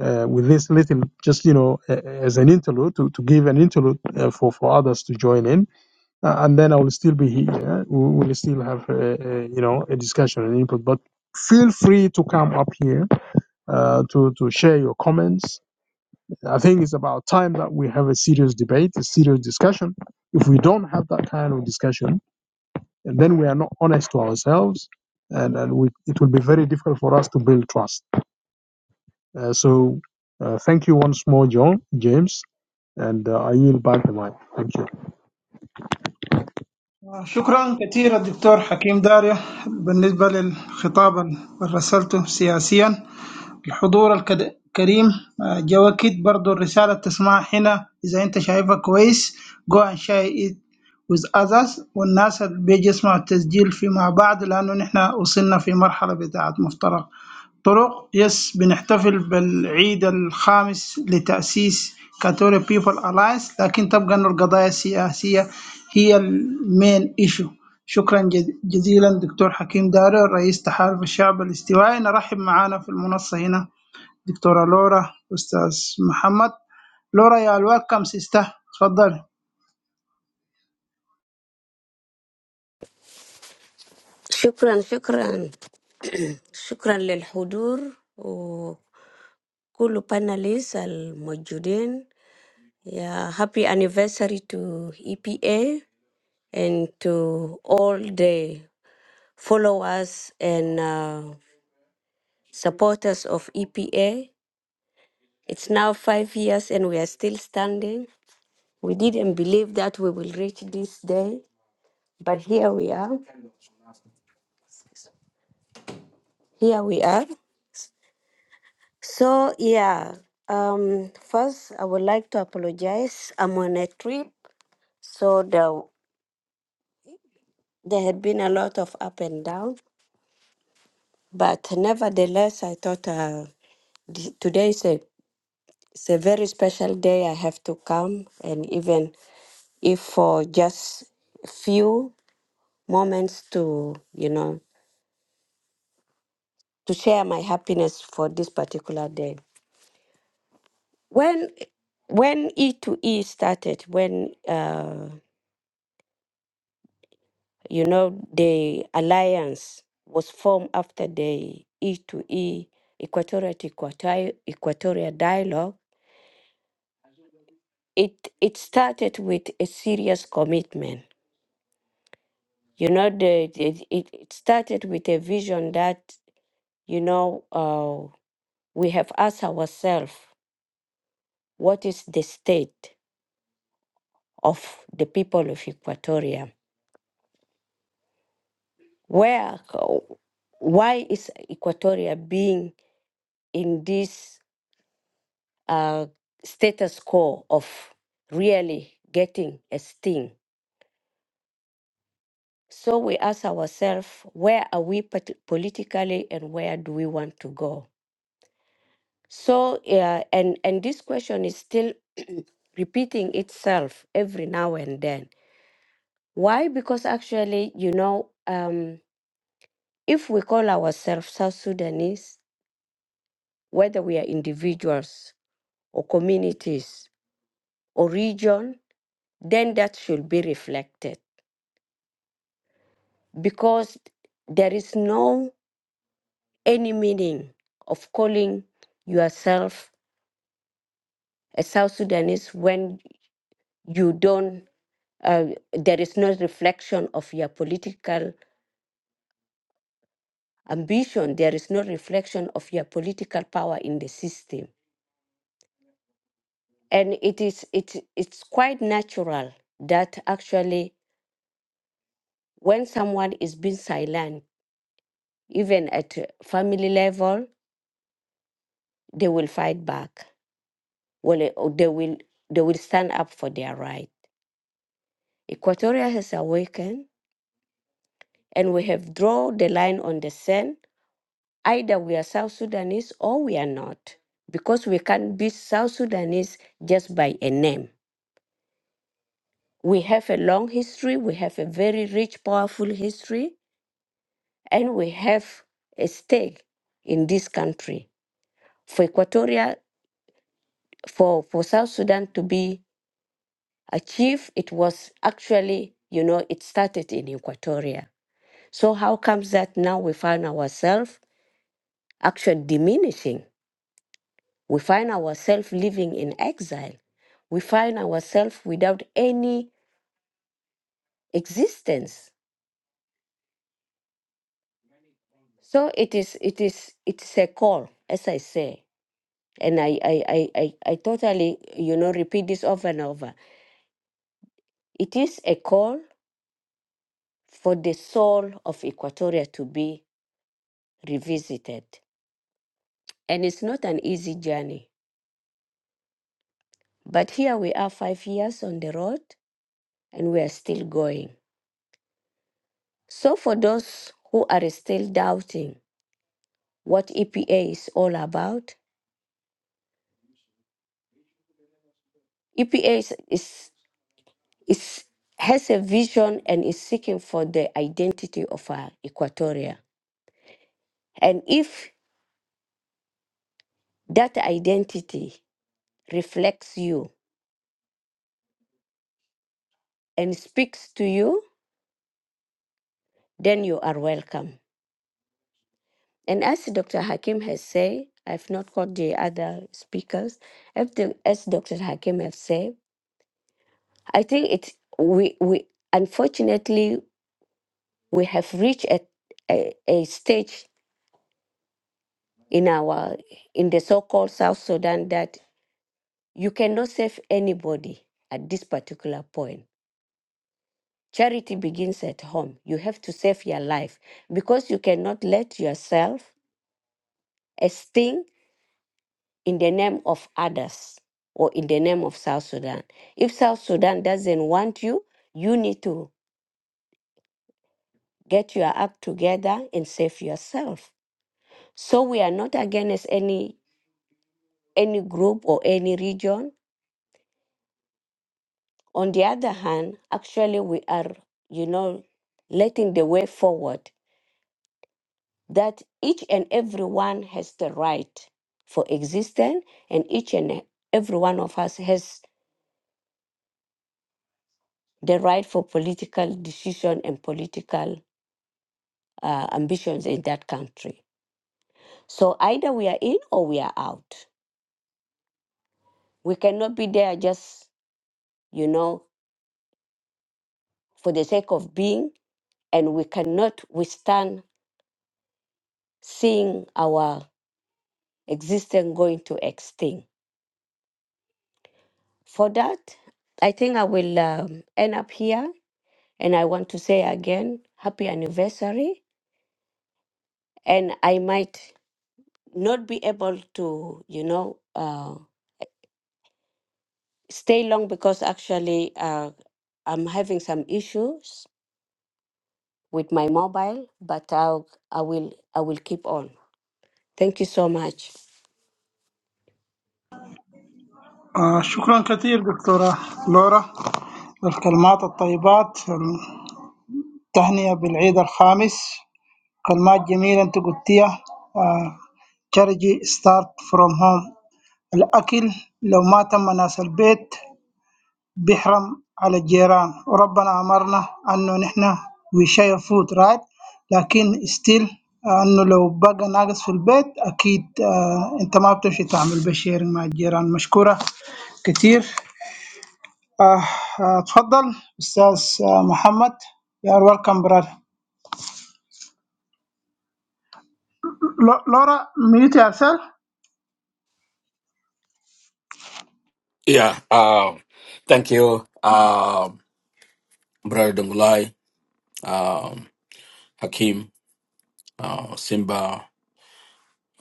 uh, with this little, just you know, uh, as an interlude to, to give an interlude uh, for for others to join in, uh, and then I will still be here. We will still have uh, uh, you know a discussion and input, but. Feel free to come up here uh, to to share your comments I think it's about time that we have a serious debate, a serious discussion. If we don't have that kind of discussion, and then we are not honest to ourselves, and, and we, it will be very difficult for us to build trust. Uh, so, uh, thank you once more, John James, and uh, I yield back the mic. Thank you.
شكرا كثيرا دكتور حكيم داريا بالنسبة للخطاب اللي رسلته سياسيا الحضور الكريم آه، جا وقت برضو الرسالة تسمع هنا إذا أنت شايفها كويس go and share it with others والناس اللي بيجي يسمعوا التسجيل فيما بعد لأنه نحن وصلنا في مرحلة بتاعة مفترق طرق يس بنحتفل بالعيد الخامس لتأسيس كاثوليك بيبل ألاينس لكن تبقى أن القضايا السياسية هي المين ايشو شكرا جز- جزيلا دكتور حكيم دارو رئيس تحالف الشعب الاستوائي نرحب معانا في المنصة هنا دكتورة لورا أستاذ محمد لورا يا الويلكم سيستا تفضل
شكرا شكرا شكرا للحضور وكل panelists الموجودين Yeah, happy anniversary to EPA and to all the followers and uh, supporters of EPA. It's now five years and we are still standing. We didn't believe that we will reach this day, but here we are. Here we are. So yeah, um, first I would like to apologize. I'm on a trip, so there there had been a lot of up and down, but nevertheless, I thought uh, th- today is a it's a very special day. I have to come, and even if for just a few moments to you know to share my happiness for this particular day. When when E2E started, when uh. You know, the alliance was formed after the E to E Equatorial to Equatorial, Equatorial dialogue. It it started with a serious commitment. You know, the it, it it started with a vision that you know uh, we have asked ourselves what is the state of the people of Equatoria? Where, why is Equatoria being in this? uh, status quo of really getting a sting. So we ask ourselves, where are we pati- politically and where do we want to go? So, uh, and, and this question is still *clears throat* repeating itself every now and then. Why? Because actually, you know, um, if we call ourselves South Sudanese, whether we are individuals or communities or region, then that should be reflected because there is no any meaning of calling yourself a South Sudanese when you don't. Uh, there is no reflection of your political ambition. There is no reflection of your political power in the system, and it is it it's quite natural that actually when someone is being silent, even at a family level, they will fight back. Well, eh, or they will they will stand up for their right Equatoria has awakened and we have drawn the line on the sand. Either we are South Sudanese or we are not, because we can't be South Sudanese just by a name. We have a long history, we have a very rich, powerful history, and we have a stake in this country. For Equatoria, for, for South Sudan to be achieved, it was actually, you know, it started in Equatoria. So how comes that now we find ourselves actually diminishing. We find ourselves living in exile. We find ourselves without any existence. So it is it is it's a call, as I say. And I, I, I, I, I totally, you know, repeat this over and over. It is a call for the soul of Equatoria to be revisited. And it's not an easy journey. But here we are five years on the road and we are still going. So, for those who are still doubting what EPA is all about, EPA is, is, is- has a vision and is seeking for the identity of our Equatoria. And if that identity reflects you and speaks to you, then you are welcome. And as Dr. Hakim has said, I've not caught the other speakers. If the- As Dr. Hakim has said, I think it's we we unfortunately we have reached a, a, a stage in our in the so-called South Sudan that you cannot save anybody at this particular point. Charity begins at home. You have to save your life because you cannot let yourself a sting in the name of others or in the name of South Sudan. If South Sudan doesn't want you, you need to get your act together and save yourself. So we are not against any any group or any region On the other hand, actually, we are, you know, letting the way forward that each and everyone has the right for existence, and each and every one of us has the right for political decision and political uh, ambitions in that country. So either we are in or we are out. We cannot be there just, you know, for the sake of being, and we cannot withstand seeing our existence going to extinct. For that, I think I will um, end up here. And I want to say again, happy anniversary. And I might not be able to, you know, uh, stay long because actually uh, I'm having some issues with my mobile. But I'll, I will, I will keep on. Thank you so much.
آه شكرا كثير دكتورة لورا الكلمات الطيبات التهنئة بالعيد الخامس كلمات جميلة أنت قلتيها آه، charity start from home الأكل لو ما تم ناس البيت بيحرم على الجيران وربنا أمرنا أنه نحن we share food right لكن still آه، أنه لو بقى ناقص في البيت أكيد آه، أنت ما بتمشي تعمل بشيرنج مع الجيران مشكورة كتير آه، آه، تفضل أستاذ آه، محمد يا ويلكم برادر لورا ميوت يا أرسل
Yeah. Um, thank you, um, Brother Dongulai, um, Hakim, uh, Simba,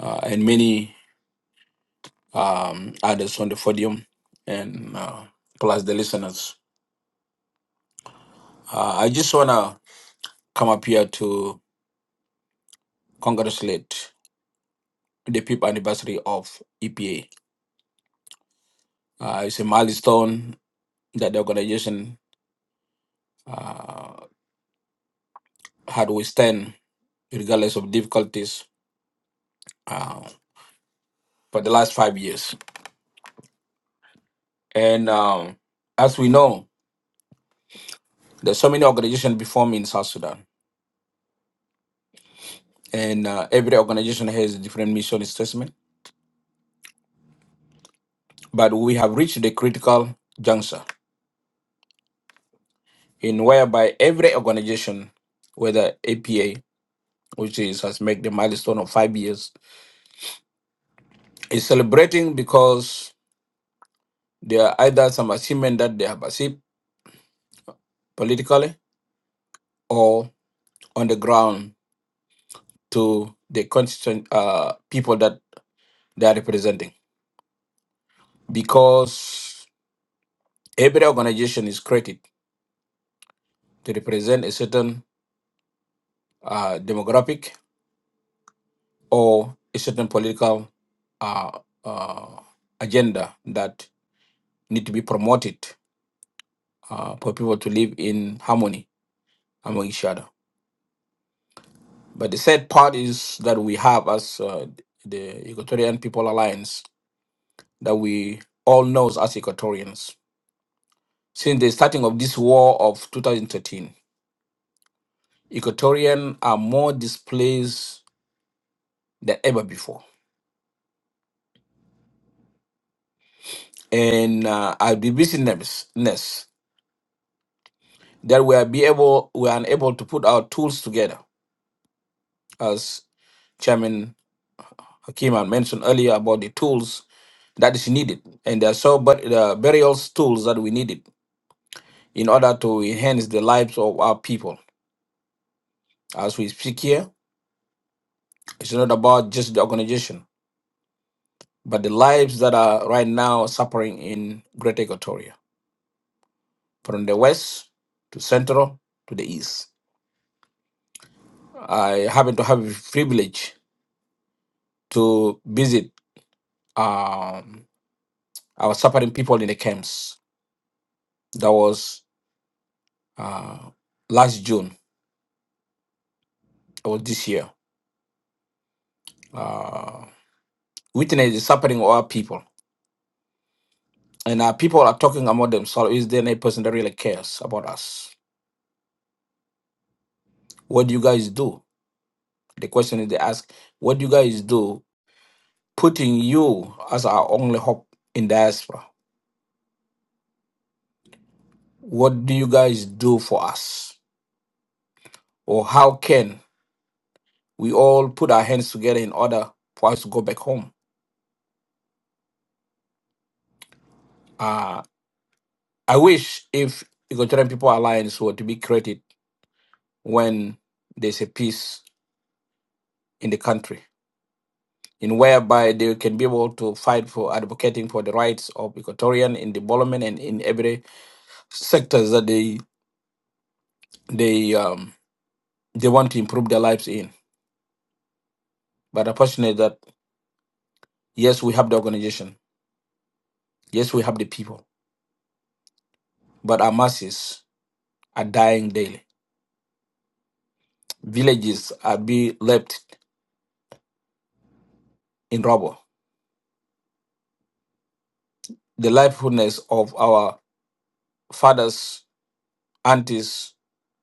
uh, and many um, others on the podium, and uh, plus the listeners. Uh, I just want to come up here to congratulate the fifth anniversary of EPA. Uh, it's a milestone that the organization uh, had withstand regardless of difficulties uh, for the last five years. And um, as we know, there's so many organizations before me in South Sudan, and uh, every organization has a different mission statement. But we have reached the critical juncture in whereby every organization, whether APA, which is has made the milestone of five years, is celebrating because there are either some achievement that they have achieved politically or on the ground to the constituent uh, people that they are representing. Because Every organization is created to represent a certain uh, demographic or a certain political uh, uh, agenda that need to be promoted uh, for people to live in harmony among each other. But the sad part is that we have as uh, the Equatorian People Alliance that we all know as Equatorians. Since the starting of this war of 2013, Equatorians are more displaced than ever before and uh, our divisiveness that we are be able we are unable to put our tools together as chairman hakim had mentioned earlier about the tools that is needed and there are so but uh, burials tools that we needed in order to enhance the lives of our people as we speak here it's not about just the organization but the lives that are right now suffering in greater equatoria from the west to central to the east i happen to have the privilege to visit Um, I was supporting people in the camps. That was uh, last June or this year. Uh, witness is supporting our people, and our people are talking among themselves. Is there any person that really cares about us? What do you guys do? The question is they ask, what do you guys do? Putting you as our only hope in diaspora. What do you guys do for us? Or how can we all put our hands together in order for us to go back home? Uh, I wish if Equatorian People Alliance were to be created when there's a peace in the country, in whereby they can be able to fight for advocating for the rights of Equatorian in development and in every sectors that they they um, they want to improve their lives in. But unfortunately, that yes, we have the organization, yes, we have the people, but our masses are dying daily. Villages are being left in rubble. The livelihoods of our fathers aunties,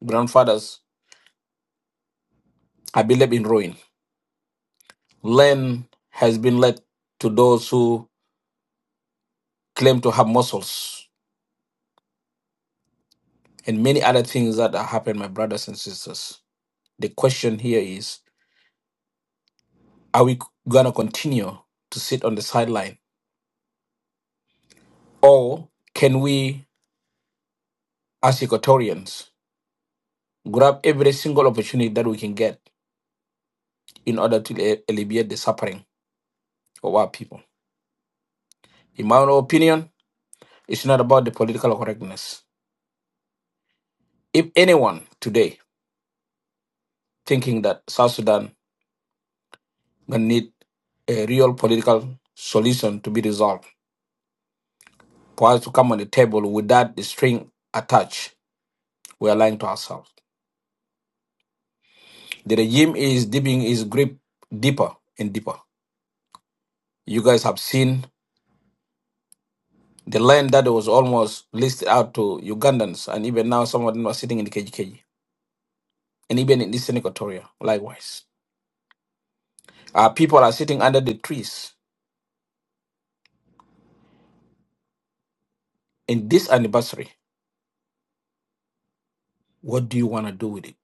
grandfathers have been left in ruin. Land has been let to those who claim to have muscles, and many other things that have happened, my brothers and sisters. The question here is are we going to continue to sit on the sideline, or can we, as Equatorians, grab every single opportunity that we can get in order to alle- alleviate the suffering of our people? In my own opinion, it's not about the political correctness. If anyone today thinking that South Sudan will need a real political solution to be resolved. For us to come on the table without the string attached, we are lying to ourselves. The regime is dipping its grip deeper and deeper. You guys have seen the land that was almost listed out to Ugandans, and even now some of them are sitting in the KGKG, and even in Eastern Equatoria, likewise. Our people are sitting under the trees in this anniversary. What do you want to do with it?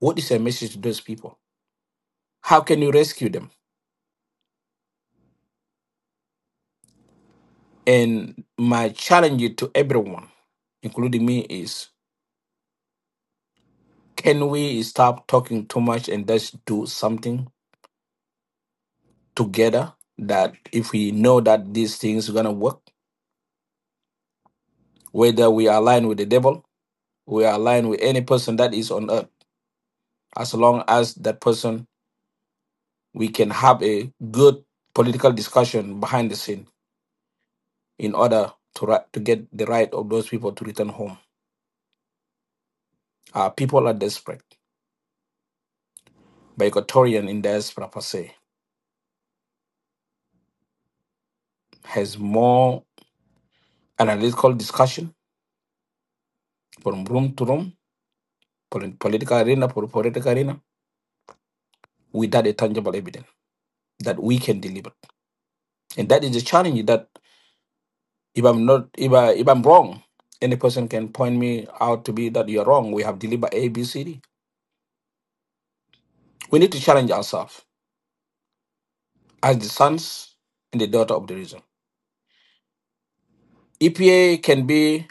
What is your message to those people? How can you rescue them? And my challenge to everyone, including me, is can we stop talking too much and just do something together that if we know that these things are gonna work, whether we align with the devil, we align with any person that is on earth, as long as that person we can have a good political discussion behind the scene in order to ri- to get the right of those people to return home. Uh, people are desperate. By Equatorian in diaspora per se has more. analytical discussion from room to room, pol- political arena for political arena, without a tangible evidence that we can deliver. And that is the challenge that if I'm not, if, I, if I'm wrong, any person can point me out to be that you're wrong. We have delivered A, B, C, D. We need to challenge ourselves as the sons and the daughter of the region. EPA can be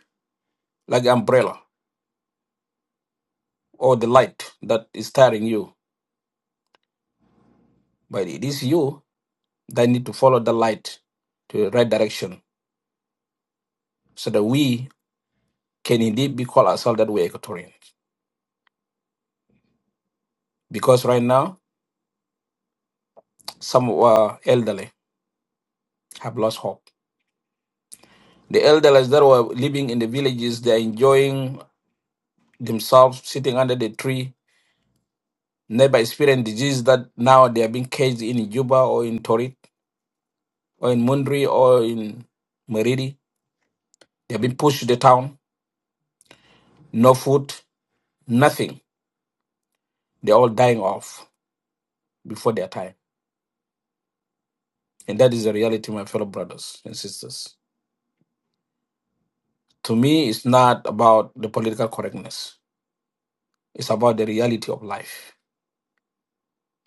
like an umbrella or the light that is steering you, but it is you that need to follow the light to the right direction so that we can indeed be called ourselves that we're Equatorian. Because right now, some of our elderly have lost hope. The elderly that were living in the villages, they're enjoying themselves sitting under the tree, never experiencing disease that now they are being caged in Juba or in Torit or in Mundri or in Meridi. They've been pushed to the town, no food, nothing. They're all dying off before their time. And that is the reality, my fellow brothers and sisters. To me, it's not about the political correctness It's about the reality of life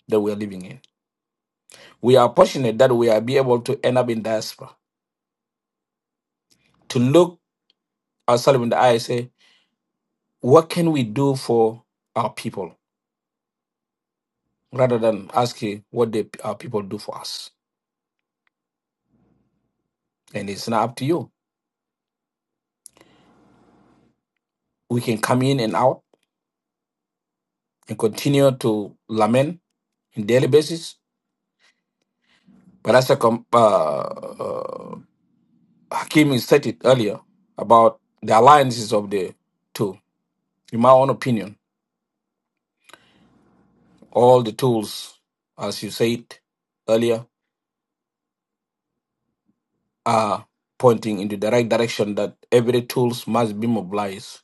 that we are living in. We are fortunate that we are be able to end up in diaspora, to look ourselves in the eye and say, what can we do for our people? Rather than asking what the, our people do for us. And it's not up to you. We can come in and out and continue to lament in daily basis. But as a com- uh, uh, Hakim said it earlier about the alliances of the two, in my own opinion All the tools, as you said earlier, are pointing in the direct direction that every tools must be mobilized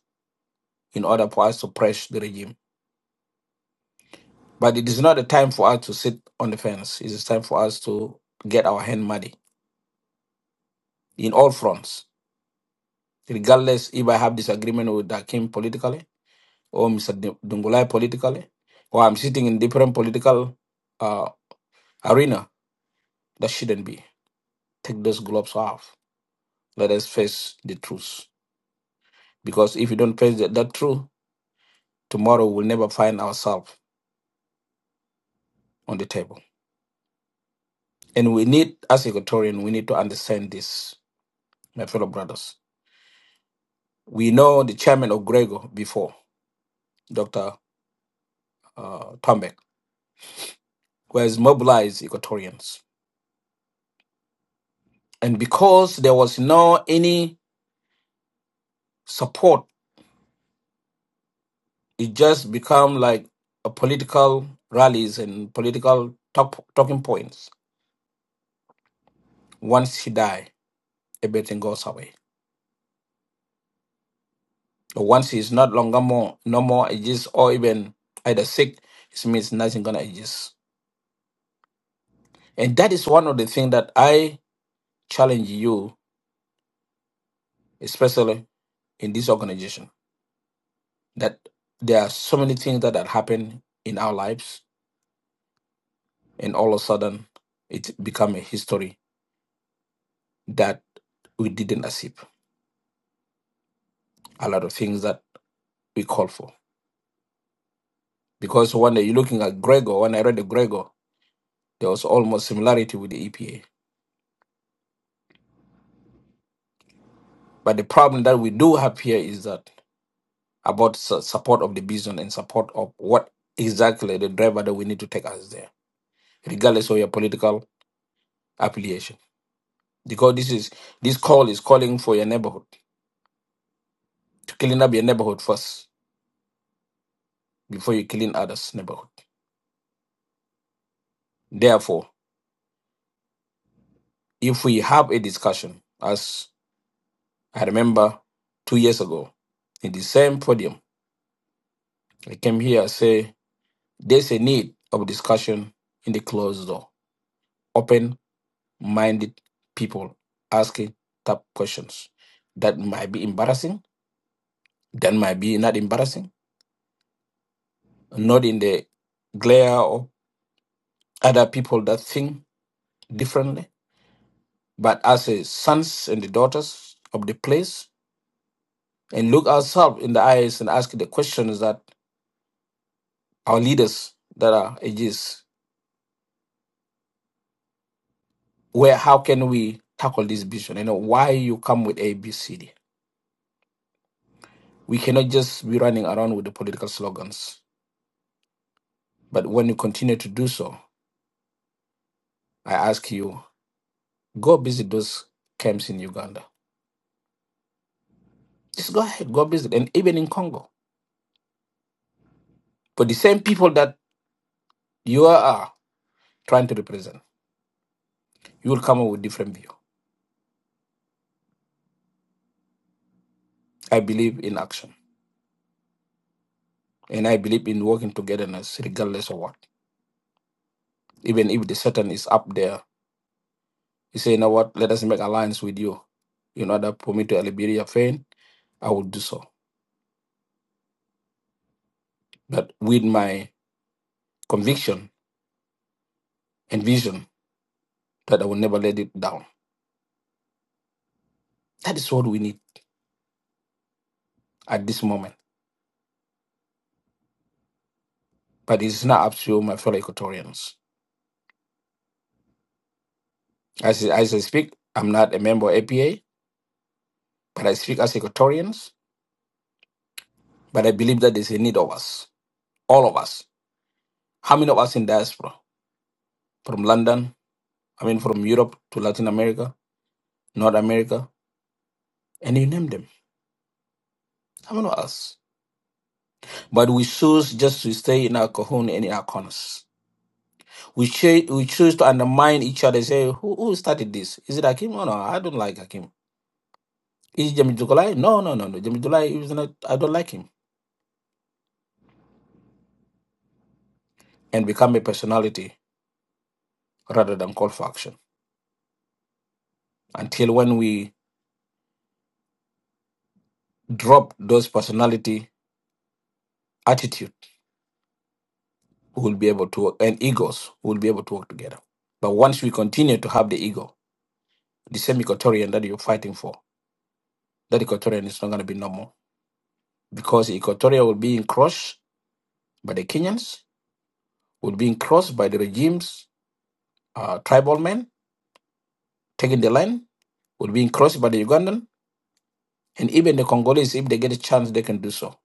in order for us to press the regime. But it is not a time for us to sit on the fence. It is time for us to get our hand muddy in all fronts, regardless if I have disagreement with Dakim politically or Mr. Dun- Dungulai politically, or I'm sitting in different political uh, arena. That shouldn't be. Take those gloves off. Let us face the truth Because if you don't praise that, that truth, tomorrow we'll never find ourselves on the table. And we need, as Equatorian, we need to understand this, my fellow brothers. We know the chairman of Grego before, Dr. Uh, Tombek, who has mobilized Equatorians. And because there was no any support, it just become like a political rallies and political talk, talking points. Once he die, everything goes away. Once he's not longer more, no more exists, or even either sick, it means nothing gonna exist. And that is one of the things that I challenge you, especially in this organization, that there are so many things that, that happen in our lives, and all of a sudden it become a history that we didn't achieve. A lot of things that we call for. Because when you're looking at Gregor, when I read the Gregor, there was almost similarity with the EPA. But the problem that we do have here is that about su- support of the business and support of what exactly the driver that we need to take us there, regardless of your political affiliation. Because this is this call is calling for your neighborhood to clean up your neighborhood first before you clean others' neighborhood. Therefore, if we have a discussion, as I remember two years ago in the same podium, I came here and say there's a need of discussion in the closed door, open. minded people asking tough questions that might be embarrassing, that might be not embarrassing, not in the glare of other people that think differently, but as a sons and the daughters of the place and look ourselves in the eyes and ask the questions that our leaders that are ages where how can we tackle this vision? You know, why you come with A, B, C, D? We cannot just be running around with the political slogans. But when you continue to do so, I ask you, go visit those camps in Uganda. Just go ahead, go visit, and even in Congo. But the same people that you are trying to represent, you will come up with different view. I believe in action, and I believe in working togetherness, regardless of what. Even if the Satan is up there, you say, you know what? Let us make alliance with you. In order for me to alleviate your pain, I will do so. But with my conviction and vision that I will never let it down. That is what we need at this moment but it's not up to my fellow Equatorians. As, as I speak, I'm not a member of APA, but I speak as Equatorians, but I believe that there's a need of us, all of us. How many of us in diaspora? From London, I mean, from Europe to Latin America, North America, and you name them. How many of us? But we choose just to stay in our cocoon and in our corners. We, ch- we choose to undermine each other and say, who, who started this? Is it Hakim? Oh, no, I don't like Hakim. Is it Jamil Dukolai? No, no, no, no. Jamil Dukolai, is not, I don't like him. and become a personality rather than call for action. Until when we drop those personality attitude, we will be able to work, and egos we will be able to work together. But once we continue to have the ego, the same equatorian that you're fighting for, that equatorian is not going to be normal because equatoria will be encroached by the Kenyans, will be encroached by the regime's uh, tribal men taking the land, will be encroached by the Ugandan, and even the Congolese, if they get a chance, they can do so.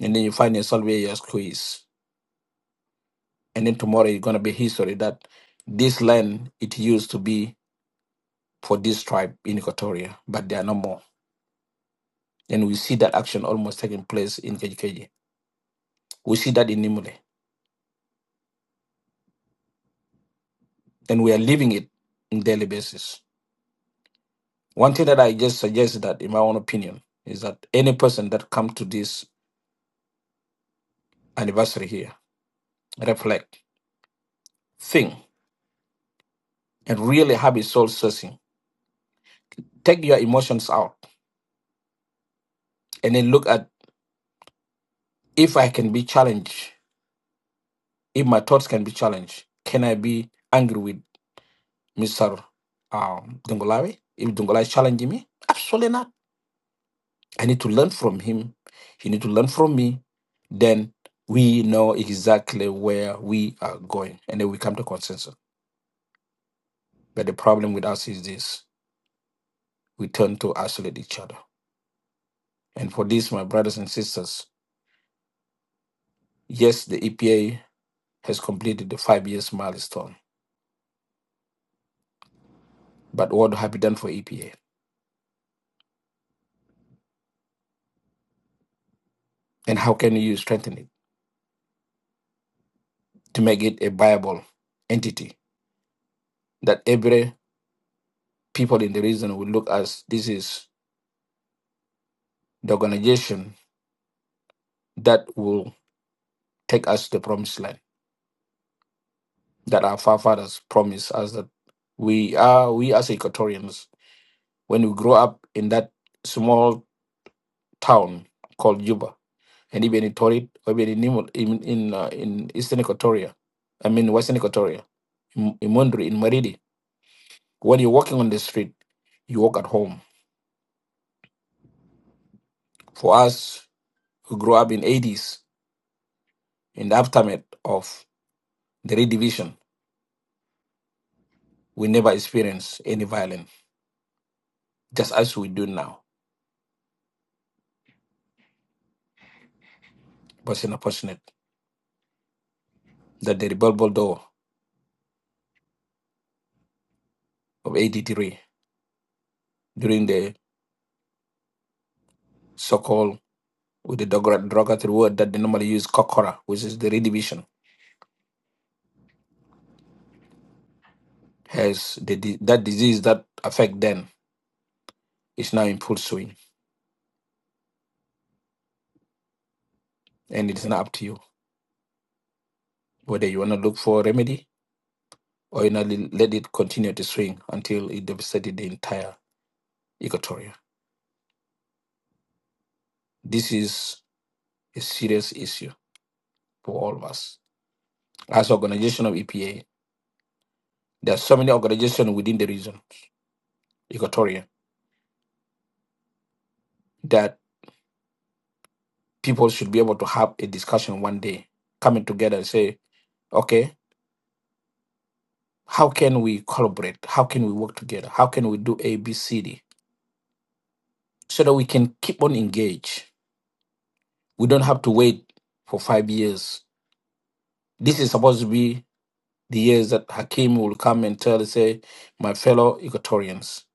And then you find yourself where you're squeezed and then tomorrow it's going to be history that this land it used to be for this tribe in Equatoria, but they are no more. And we see that action almost taking place in Kejikeji. We see that in Nimule, and we are living it on daily basis. One thing that I just suggest that, in my own opinion, is that any person that come to this anniversary here, reflect, think, and really have a soul searching. Take your emotions out, and then look at if I can be challenged, if my thoughts can be challenged, can I be angry with? Mr. Um, Dungolawi, if Dungolawi challenging me, absolutely not. I need to learn from him. He need to learn from me. Then we know exactly where we are going, and then we come to consensus. But the problem with us is this: we turn to isolate each other. And for this, my brothers and sisters, yes, the EPA has completed the five years milestone. But what have you done for EPA? And how can you strengthen it to make it a viable entity that every people in the region will look as this is the organization that will take us to the promised land that our forefathers promised us that we are we as Equatorians when we grow up in that small town called Juba and even in Tori or even in Nimo- in in, uh, in Eastern Equatoria, I mean Western Equatoria, in, in Mondri, in Maridi, when you're walking on the street, you walk at home. For us who grew up in 80s in the aftermath of the redivision We never experienced any violence, just as we do now. It was unfortunate that the rebellion door of 83 during the so-called with the drug- derogatory word that they normally use, kokora, which is the redivision, has the, di- that disease that affect them is now in full swing, and it is not up to you whether you want to look for a remedy or you not le- let it continue to swing until it devastated the entire equatoria. This is a serious issue for all of us. As organization of EPA, There are so many organizations within the region, Equatoria, that people should be able to have a discussion one day, coming together and say, okay, how can we collaborate? How can we work together? How can we do A, B, C, D? So that we can keep on engaged. We don't have to wait for five years. This is supposed to be the years that Hakim will come and tell, say, my fellow Equatorians,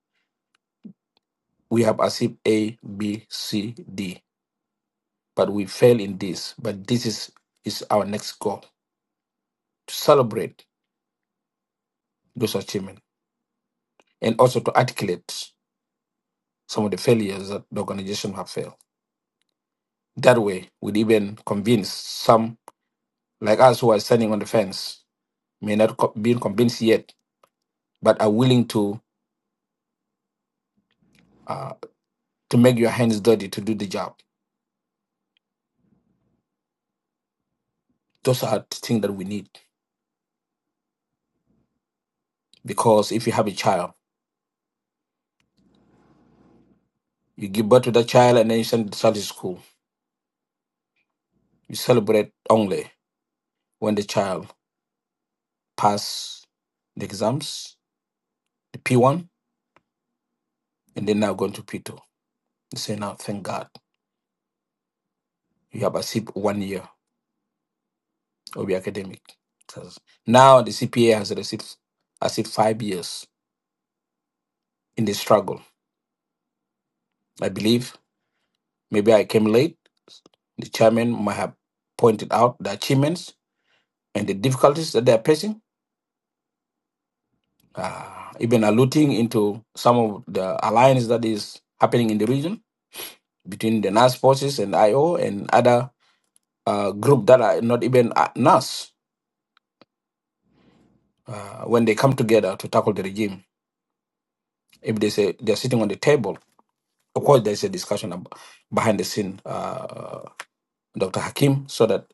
we have achieved A, B, C, D, but we fail in this. But this is, is our next goal to celebrate those achievements and also to articulate some of the failures that the organization have failed. That way, we'd even convince some like us who are standing on the fence may not co- be convinced yet, but are willing to uh, to make your hands dirty to do the job. Those are the things that we need because if you have a child, you give birth to that child and then you send the child to school. You celebrate only when the child pass the exams, the P1, and then now going to P2. You say now, thank God You have a SIP one year of be academic. Because Now the CPA has received I said five years in the struggle. I believe maybe I came late. The chairman might have pointed out the achievements and the difficulties that they are facing. Uh, even alluding into some of the alliance that is happening in the region between the NAS forces and IO and other uh, group that are not even uh, NAS uh, when they come together to tackle the regime. If they say they're sitting on the table Of course, there's a discussion ab- behind the scene, uh, Dr. Hakim, so that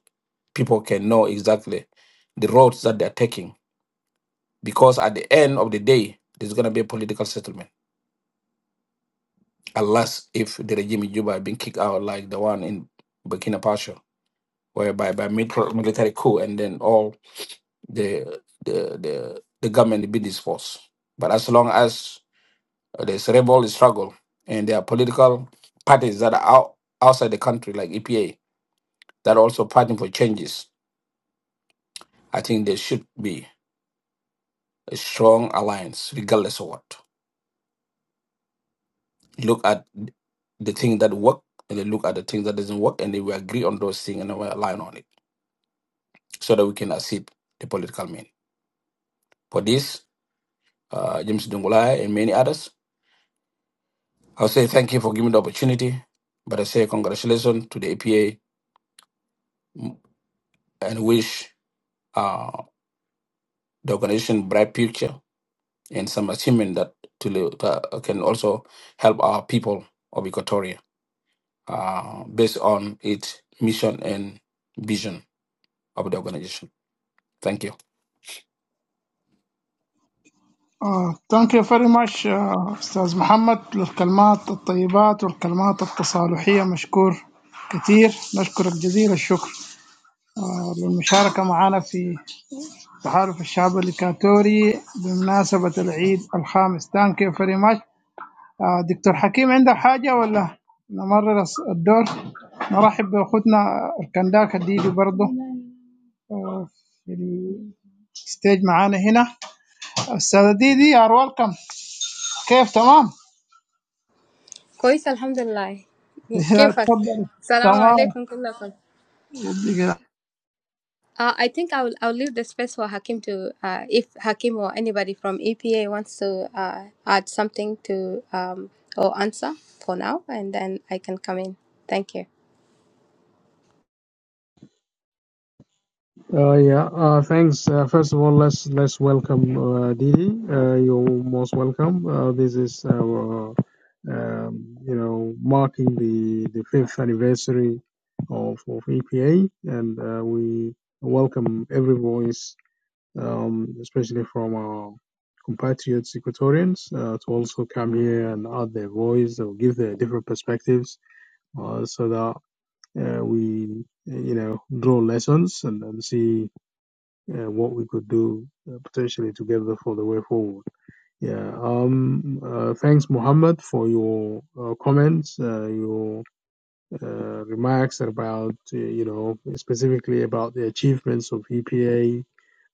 people can know exactly the roads that they're taking. Because at the end of the day, there's going to be a political settlement, unless if the regime in Juba had been kicked out, like the one in Burkina Faso, whereby by mil- military coup and then all the the the, the government be dispersed. But as long as there's rebel struggle and there are political parties that are out, outside the country, like EPA, that also fighting for changes. I think there should be a strong alliance, regardless of what. Look at the thing that work, and then look at the thing that doesn't work, and then we agree on those things and then we align on it, so that we can achieve the political mean. For this, uh, James Dungulai and many others, I'll say thank you for giving the opportunity, but I say congratulations to the APA mm, and wish uh, the organization bright future and some achievement that to, li- that can also help our people of Equatoria uh, based on its mission and vision of the organization. Thank you.
Uh, thank you very much uh, أستاذ محمد للكلمات الطيبات والكلمات التصالحية مشكور كثير نشكرك جزيل الشكر آه، للمشاركة معنا في تحالف الشعب الإكواتوري بمناسبة العيد الخامس thank you very much آه، دكتور حكيم عندك حاجة ولا نمرر الس- الدور نرحب بأخوتنا الكنداك الديدي برضه آه، في الستيج معانا هنا أستاذة ديدي أر ويلكم كيف تمام؟
كويسة الحمد لله
*laughs* يا
كيفك
تفضل
السلام
تمام
عليكم كلكم
يديك العافية.
Uh, I think I'll I'll leave the space for Hakim to uh, if Hakim or anybody from EPA wants to uh, add something to um, or answer for now, and then I can come in. Thank you.
Uh, yeah, uh, thanks. Uh, first of all, let's let's welcome uh, Didi. Uh, you're most welcome. Uh, this is our, um, you know, marking the, the fifth anniversary of, of EPA, and uh, we welcome every voice, um, especially from our compatriots, Equatorians, uh, to also come here and add their voice or give their different perspectives, uh, so that uh, we, you know, draw lessons and, and see yeah, what we could do uh, potentially together for the way forward. Yeah. Um. Uh, thanks, Muhammad, for your uh, comments, uh, your uh, remarks about uh, you know specifically about the achievements of EPA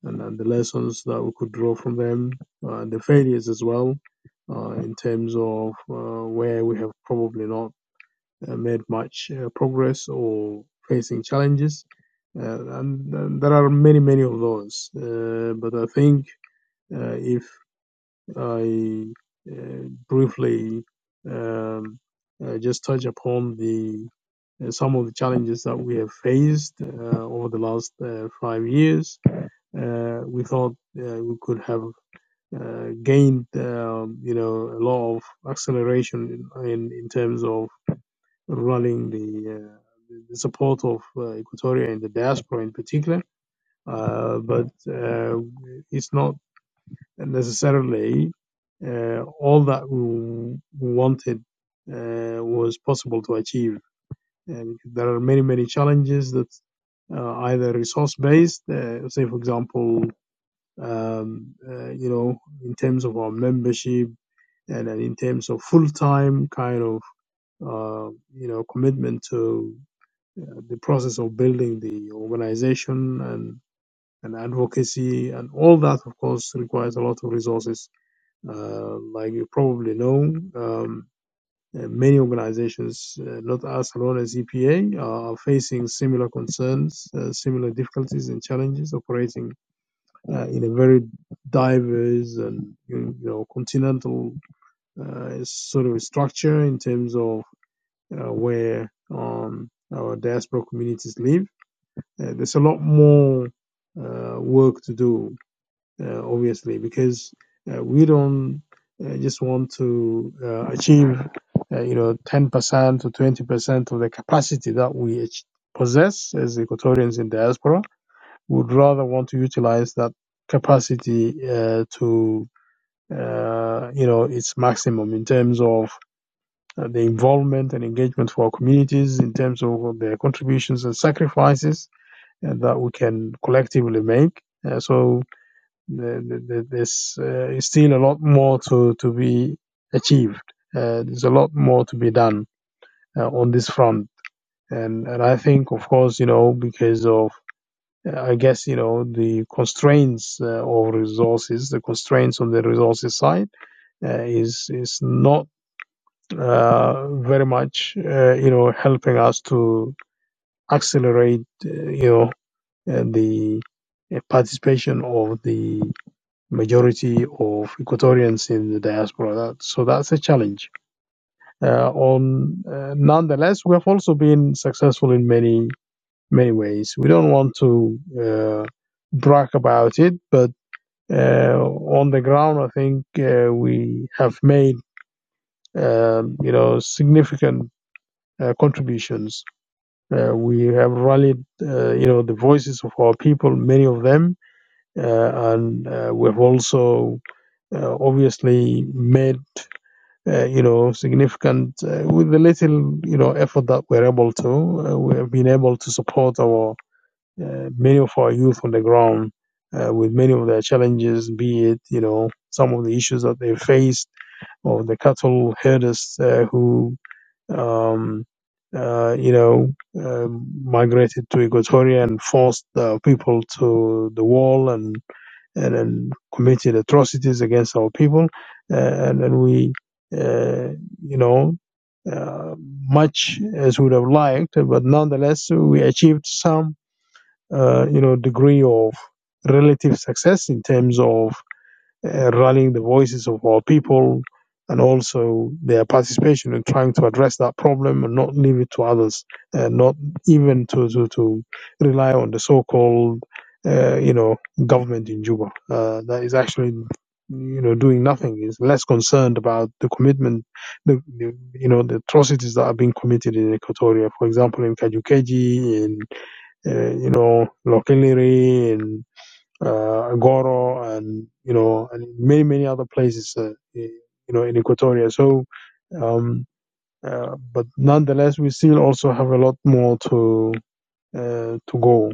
and, and the lessons that we could draw from them uh, and the failures as well. Uh, in terms of uh, where we have probably not uh, made much uh, progress or facing challenges. Uh, and, and there are many, many of those. Uh, but I think uh, if I uh, briefly um, uh, just touch upon the uh, some of the challenges that we have faced uh, over the last uh, five years, uh, we thought uh, we could have uh, gained, um, you know, a lot of acceleration in, in, in terms of Running the, uh, the the support of uh, Equatoria and the diaspora in particular. Uh, but uh, it's not necessarily uh, all that we wanted uh, was possible to achieve. And there are many, many challenges that uh, either resource-based, uh, say for example, um, uh, you know, in terms of our membership and, and in terms of full-time kind of, uh, you know, commitment to uh, the process of building the organization and, and advocacy and all that, of course, requires a lot of resources. Uh, like you probably know, um, uh, many organizations, uh, not us alone as EPA, are facing similar concerns, uh, similar difficulties and challenges operating uh, in a very diverse and you know continental uh, sort of structure in terms of uh, where um, our diaspora communities live uh, there's a lot more uh, work to do, uh, obviously, because uh, we don't uh, just want to uh, achieve, uh, you know, 10% to 20% of the capacity that we possess as Equatorians in diaspora. Would rather want to utilize that capacity uh, to, uh, you know, its maximum in terms of uh, the involvement and engagement for our communities, in terms of their contributions and sacrifices and that we can collectively make. Uh, so the, the, there's uh, still a lot more to, to be achieved. Uh, there's a lot more to be done uh, on this front. And, and I think, of course, you know, because of, uh, I guess, you know, the constraints uh, of resources, the constraints on the resources side uh, is, is not uh, very much, uh, you know, helping us to accelerate, uh, you know, uh, the uh, participation of the majority of Equatorians in the diaspora. That, so that's a challenge. Uh, on uh, nonetheless, we have also been successful in many many ways. We don't want to uh, brag about it, but uh, on the ground, I think uh, we have made um, you know significant. Uh, contributions. Uh, we have rallied, uh, you know, the voices of our people, many of them, uh, and uh, we've also uh, obviously made uh, you know significant uh, with the little you know effort that we're able to uh, we have been able to support our uh, many of our youth on the ground uh, with many of their challenges be it you know some of the issues that they faced or the cattle herders uh, who um, uh, you know, um migrated to Equatoria and forced uh, people to the wall and and, and committed atrocities against our people. uh, And, and we, uh, you know, uh, much as we would have liked, but nonetheless, we achieved some, uh, you know, degree of relative success in terms of uh, rallying the voices of our people and also their participation in trying to address that problem and not leave it to others and not even to, to, to rely on the so-called uh, you know government in Juba uh, that is actually you know doing nothing is less concerned about the commitment the, the you know the atrocities that are being committed in Equatoria for example in Kajukeji in uh, you know Lokeliri uh, Goro, and you know, and many many other places, uh, i- you know, in Equatoria. So, um, uh, but nonetheless, we still also have a lot more to uh, to go.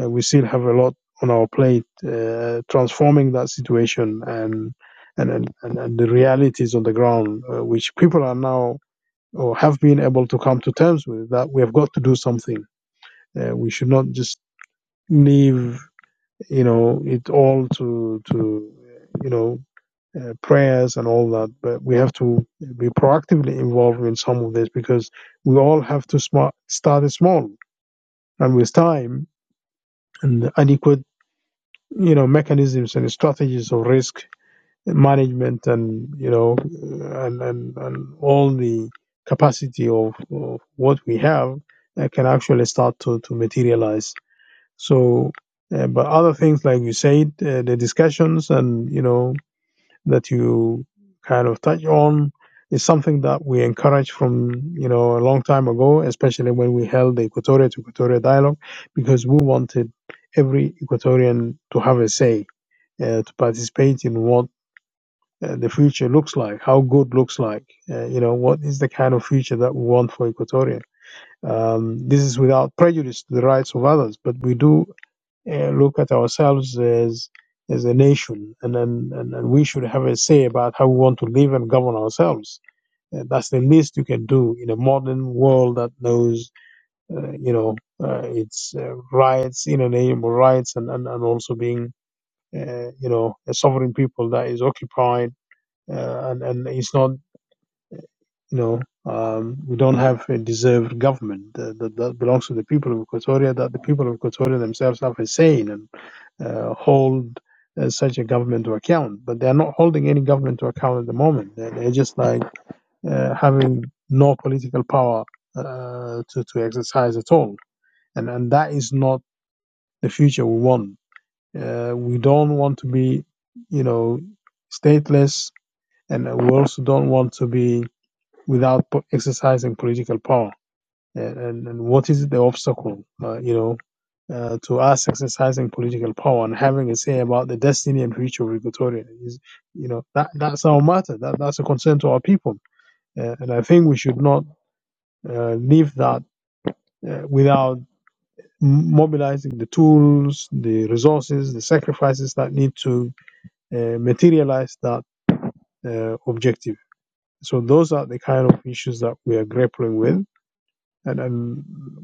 Uh, we still have a lot on our plate, uh, transforming that situation and and and, and, and the realities on the ground, uh, which people are now or have been able to come to terms with. That we have got to do something. Uh, we should not just leave you know it all to to you know uh, prayers and all that but we have to be proactively involved in some of this because we all have to smart, start small and with time and adequate you know mechanisms and strategies of risk management and you know and and, and all the capacity of, of what we have uh, can actually start to to materialize so, uh, but other things like you said, uh, the discussions and you know that you kind of touch on is something that we encourage from you know a long time ago, especially when we held the Equatorial to Equatorial dialogue, because we wanted every Equatorian to have a say, uh, to participate in what. Uh, the future looks like how good looks like uh, you know what is the kind of future that we want for equatoria um, this is without prejudice to the rights of others but we do uh, look at ourselves as as a nation, and, and and we should have a say about how we want to live and govern ourselves. Uh, that's the least you can do in a modern world that knows, uh, you know, uh, its uh, rights, inalienable rights, and and, and also being, uh, you know, a sovereign people that is occupied, uh, and and it's not, you know. Um, we don't have a deserved government that, that, that belongs to the people of Equatoria, that the people of Equatoria themselves have a say in, and uh, hold uh, such a government to account. But they are not holding any government to account at the moment. They're, they're just like uh, having no political power uh, to to exercise at all, and and that is not the future we want. Uh, we don't want to be, you know, stateless, and we also don't want to be without exercising political power and, and and what is the obstacle, uh, you know, uh, to us exercising political power and having a say about the destiny and future of Equatoria. Is you know that that's our matter. That that's a concern to our people, uh, and I think we should not uh, leave that uh, without m- mobilizing the tools, the resources, the sacrifices that need to uh, materialize that uh, objective. So those are the kind of issues that we are grappling with and and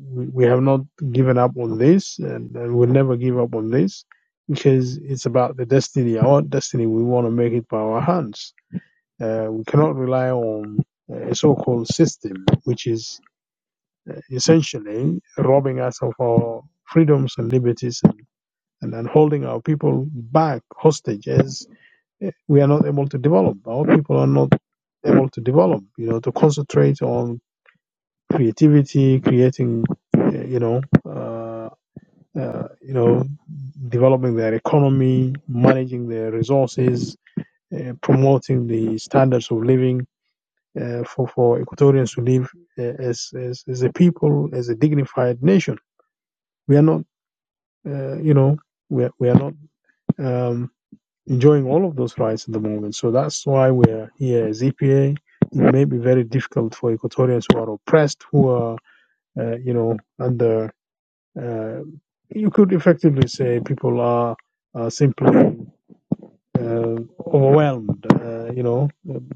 we we have not given up on this, and, and we'll never give up on this because it's about the destiny, our destiny. We want to make it by our hands. Uh, we cannot rely on a so-called system, which is uh, essentially robbing us of our freedoms and liberties, and, and, and holding our people back hostage as uh, we are not able to develop. Our people are not able to develop. You know, to concentrate on creativity, creating, uh, you know, uh, uh, you know, developing their economy, managing their resources, uh, promoting the standards of living uh, for for Equatorians to live uh, as, as as a people, as a dignified nation. We are not, uh, you know, we are, we are not. Um, enjoying all of those rights at the moment so that's why we're here as epa it may be very difficult for equatorians who are oppressed who are uh, you know under Uh, you could effectively say people are, are simply uh, overwhelmed, uh, you know,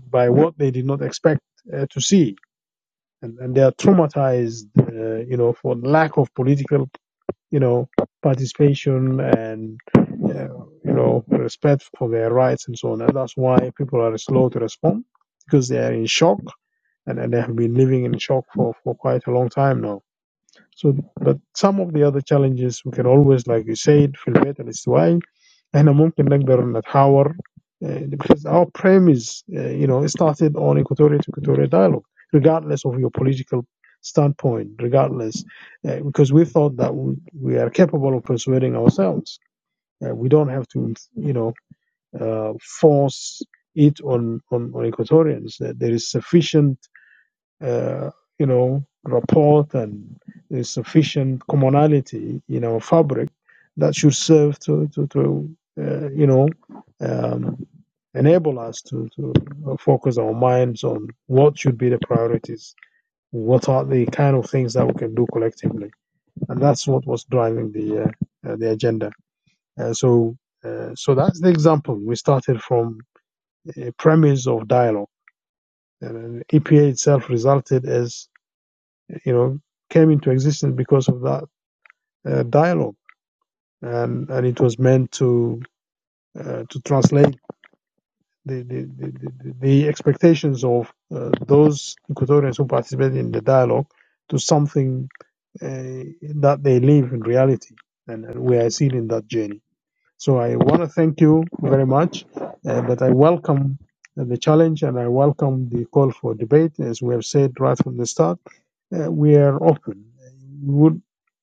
by what they did not expect uh, to see, and, and they are traumatized, uh, you know, for lack of political, you know, participation and uh, you know respect for their rights and so on. And that's why people are slow to respond because they are in shock and, and they have been living in shock for, for quite a long time now. So, but some of the other challenges we can always, like you said, في البيت الاستوائي احنا ممكن نقدر نتحاور uh, because our premise, uh, you know, it started on equatorial to equatorial dialogue, regardless of your political standpoint, regardless, uh, because we thought that we, we are capable of persuading ourselves. Uh, we don't have to, you know, uh, force it on, on, on equatorians. Uh, there is sufficient uh, you know, rapport and a sufficient commonality in our fabric that should serve to, to, to uh, you know, um, enable us to, to focus our minds on what should be the priorities, what are the kind of things that we can do collectively. And that's what was driving the, uh, uh, the agenda. Uh, so, uh, so that's the example. We started from a premise of dialogue. And EPA itself resulted as you know, came into existence because of that uh, dialogue, and and it was meant to uh, to translate the the, the, the expectations of uh, those Equatorians who participated in the dialogue to something uh, that they live in reality, and, and we are still in that journey. So I want to thank you very much, uh, but I welcome the challenge and I welcome the call for debate. As we have said right from the start, uh, we are open. We would,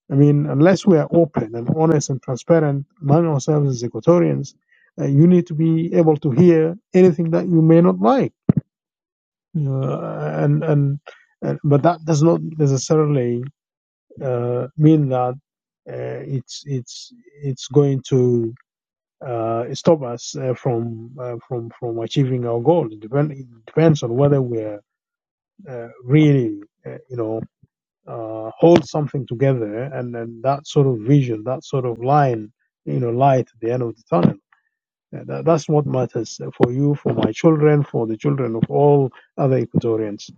I mean, unless we are open and honest and transparent among ourselves as Equatorians, uh, you need to be able to hear anything that you may not like, uh, and, and and but that does not necessarily uh, mean that uh, it's it's it's going to uh, stop us uh, from uh, from from achieving our goal. It, depend, it depends on whether we're uh, really, uh, you know, uh, hold something together, and then that sort of vision, that sort of line, you know, light at the end of the tunnel. Uh, That, that's what matters for you, for my children, for the children of all other Equatorians,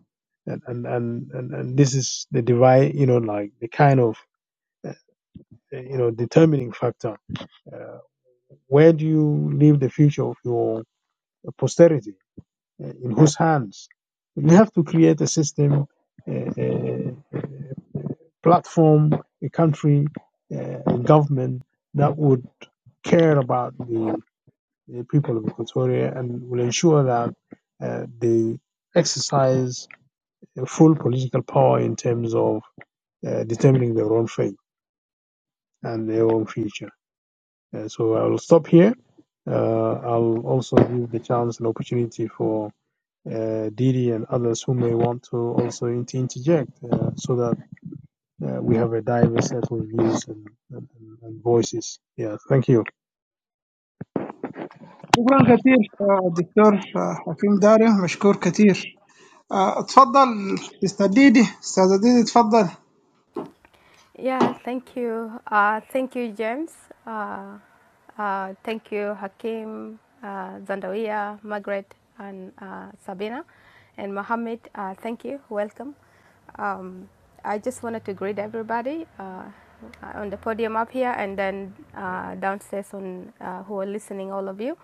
and and and and, and this is the divide, you know, like the kind of uh, you know determining factor. Uh, where do you leave the future of your posterity, uh, in whose hands. We have to create a system, uh, a platform, a country, uh, a government that would care about the, the people of Equatoria and will ensure that uh, they exercise full political power in terms of uh, determining their own fate and their own future. Uh, so I'll stop here. Uh, I'll also give the chance and opportunity for uh, Didi and others who may want to also interject uh, so that uh, we have a diverse set of views and, and, and voices. Yeah, thank you.
شكرا كثير آه، دكتور آه، حكيم داري مشكور كثير آه، اتفضل استاذ ديدي استاذ ديدي اتفضل
Yeah, thank you. Uh, thank you, James. Uh, uh, thank you, Hakim, uh, Zandawia, Margaret, and uh, Sabina, and Mohammed. Uh, thank you. Welcome. Um, I just wanted to greet everybody uh, on the podium up here and then uh, downstairs on uh, who are listening, all of you.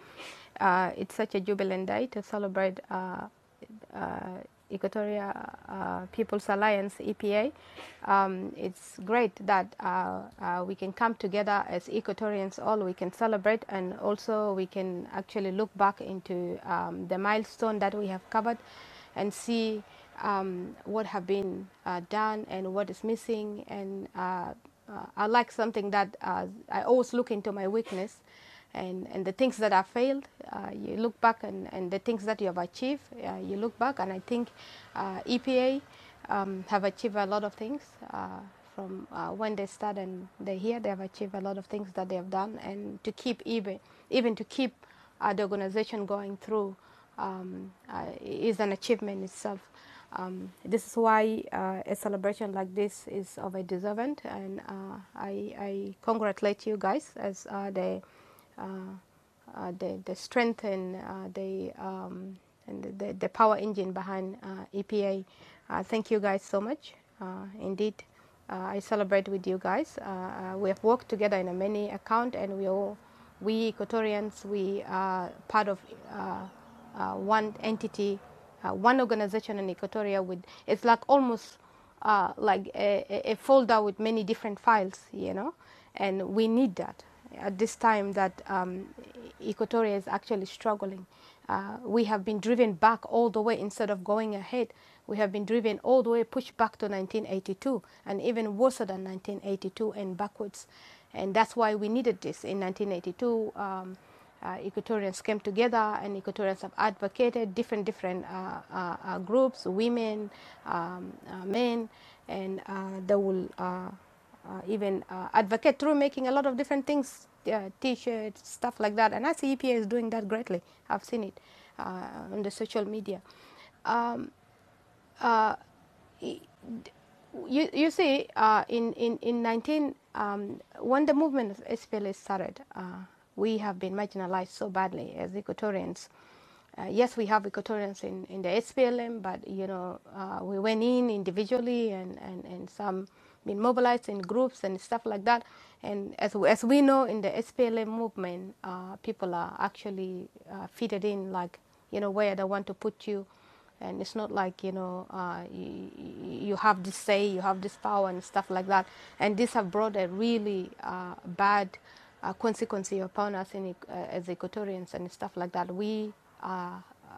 Uh, it's such a jubilant day to celebrate. Uh, uh, Equatoria uh, People's Alliance (EPA), um, it's great that uh, uh, we can come together as Equatorians. All we can celebrate, and also we can actually look back into um, the milestone that we have covered, and see um, what have been uh, done and what is missing. And uh, uh, I like something that uh, I always look into my weakness and, and the things that have failed, uh, you look back and, and the things that you have achieved, uh, you look back and I think uh, EPA um, have achieved a lot of things uh, from uh, when they start and they're here, they have achieved a lot of things that they have done and to keep even, even to keep uh, the organization going through um, uh, is an achievement itself. Um, this is why uh, a celebration like this is of a deserving, and uh, I, I congratulate you guys as uh, the uh, uh, the, the strength and uh, the, um, and the, the power engine behind uh, EPA. Uh, thank you guys so much. Uh, indeed, uh, I celebrate with you guys. Uh, uh, we have worked together in a many account, and we all, we Equatorians, we are part of uh, uh, one entity, uh, one organization in Equatoria. With it's like almost uh, like a, a- folder with many different files, you know, and we need that at this time that um, Equatoria is actually struggling. Uh, we have been driven back all the way instead of going ahead. We have been driven all the way, pushed back to 1982, and even worse than 1982 and backwards. And that's why we needed this in 1982. Um, uh, Equatorians came together and Equatorians have advocated different different uh, uh, uh, groups, women, um, uh, men, and uh, they will uh, uh, even uh, advocate through making a lot of different things, uh, t-shirts, stuff like that. And I see EPA is doing that greatly. I've seen it uh, on the social media. Uh, uh, you, you see, uh, in, in, in 19, um, when the movement of SPLA started, uh, we have been marginalized so badly as Equatorians. Uh, yes, we have Equatorians in, in the SPLM, but you know, uh, we went in individually and, and, and some been mobilized in groups and stuff like that. And as, as we know, in the SPLM movement, uh, people are actually uh, fitted in like, you know, where they want to put you and it's not like you know uh, you, you have this say you have this power and stuff like that and this have brought a really uh, bad uh, consequence upon us in, uh, as equatorians and stuff like that we uh,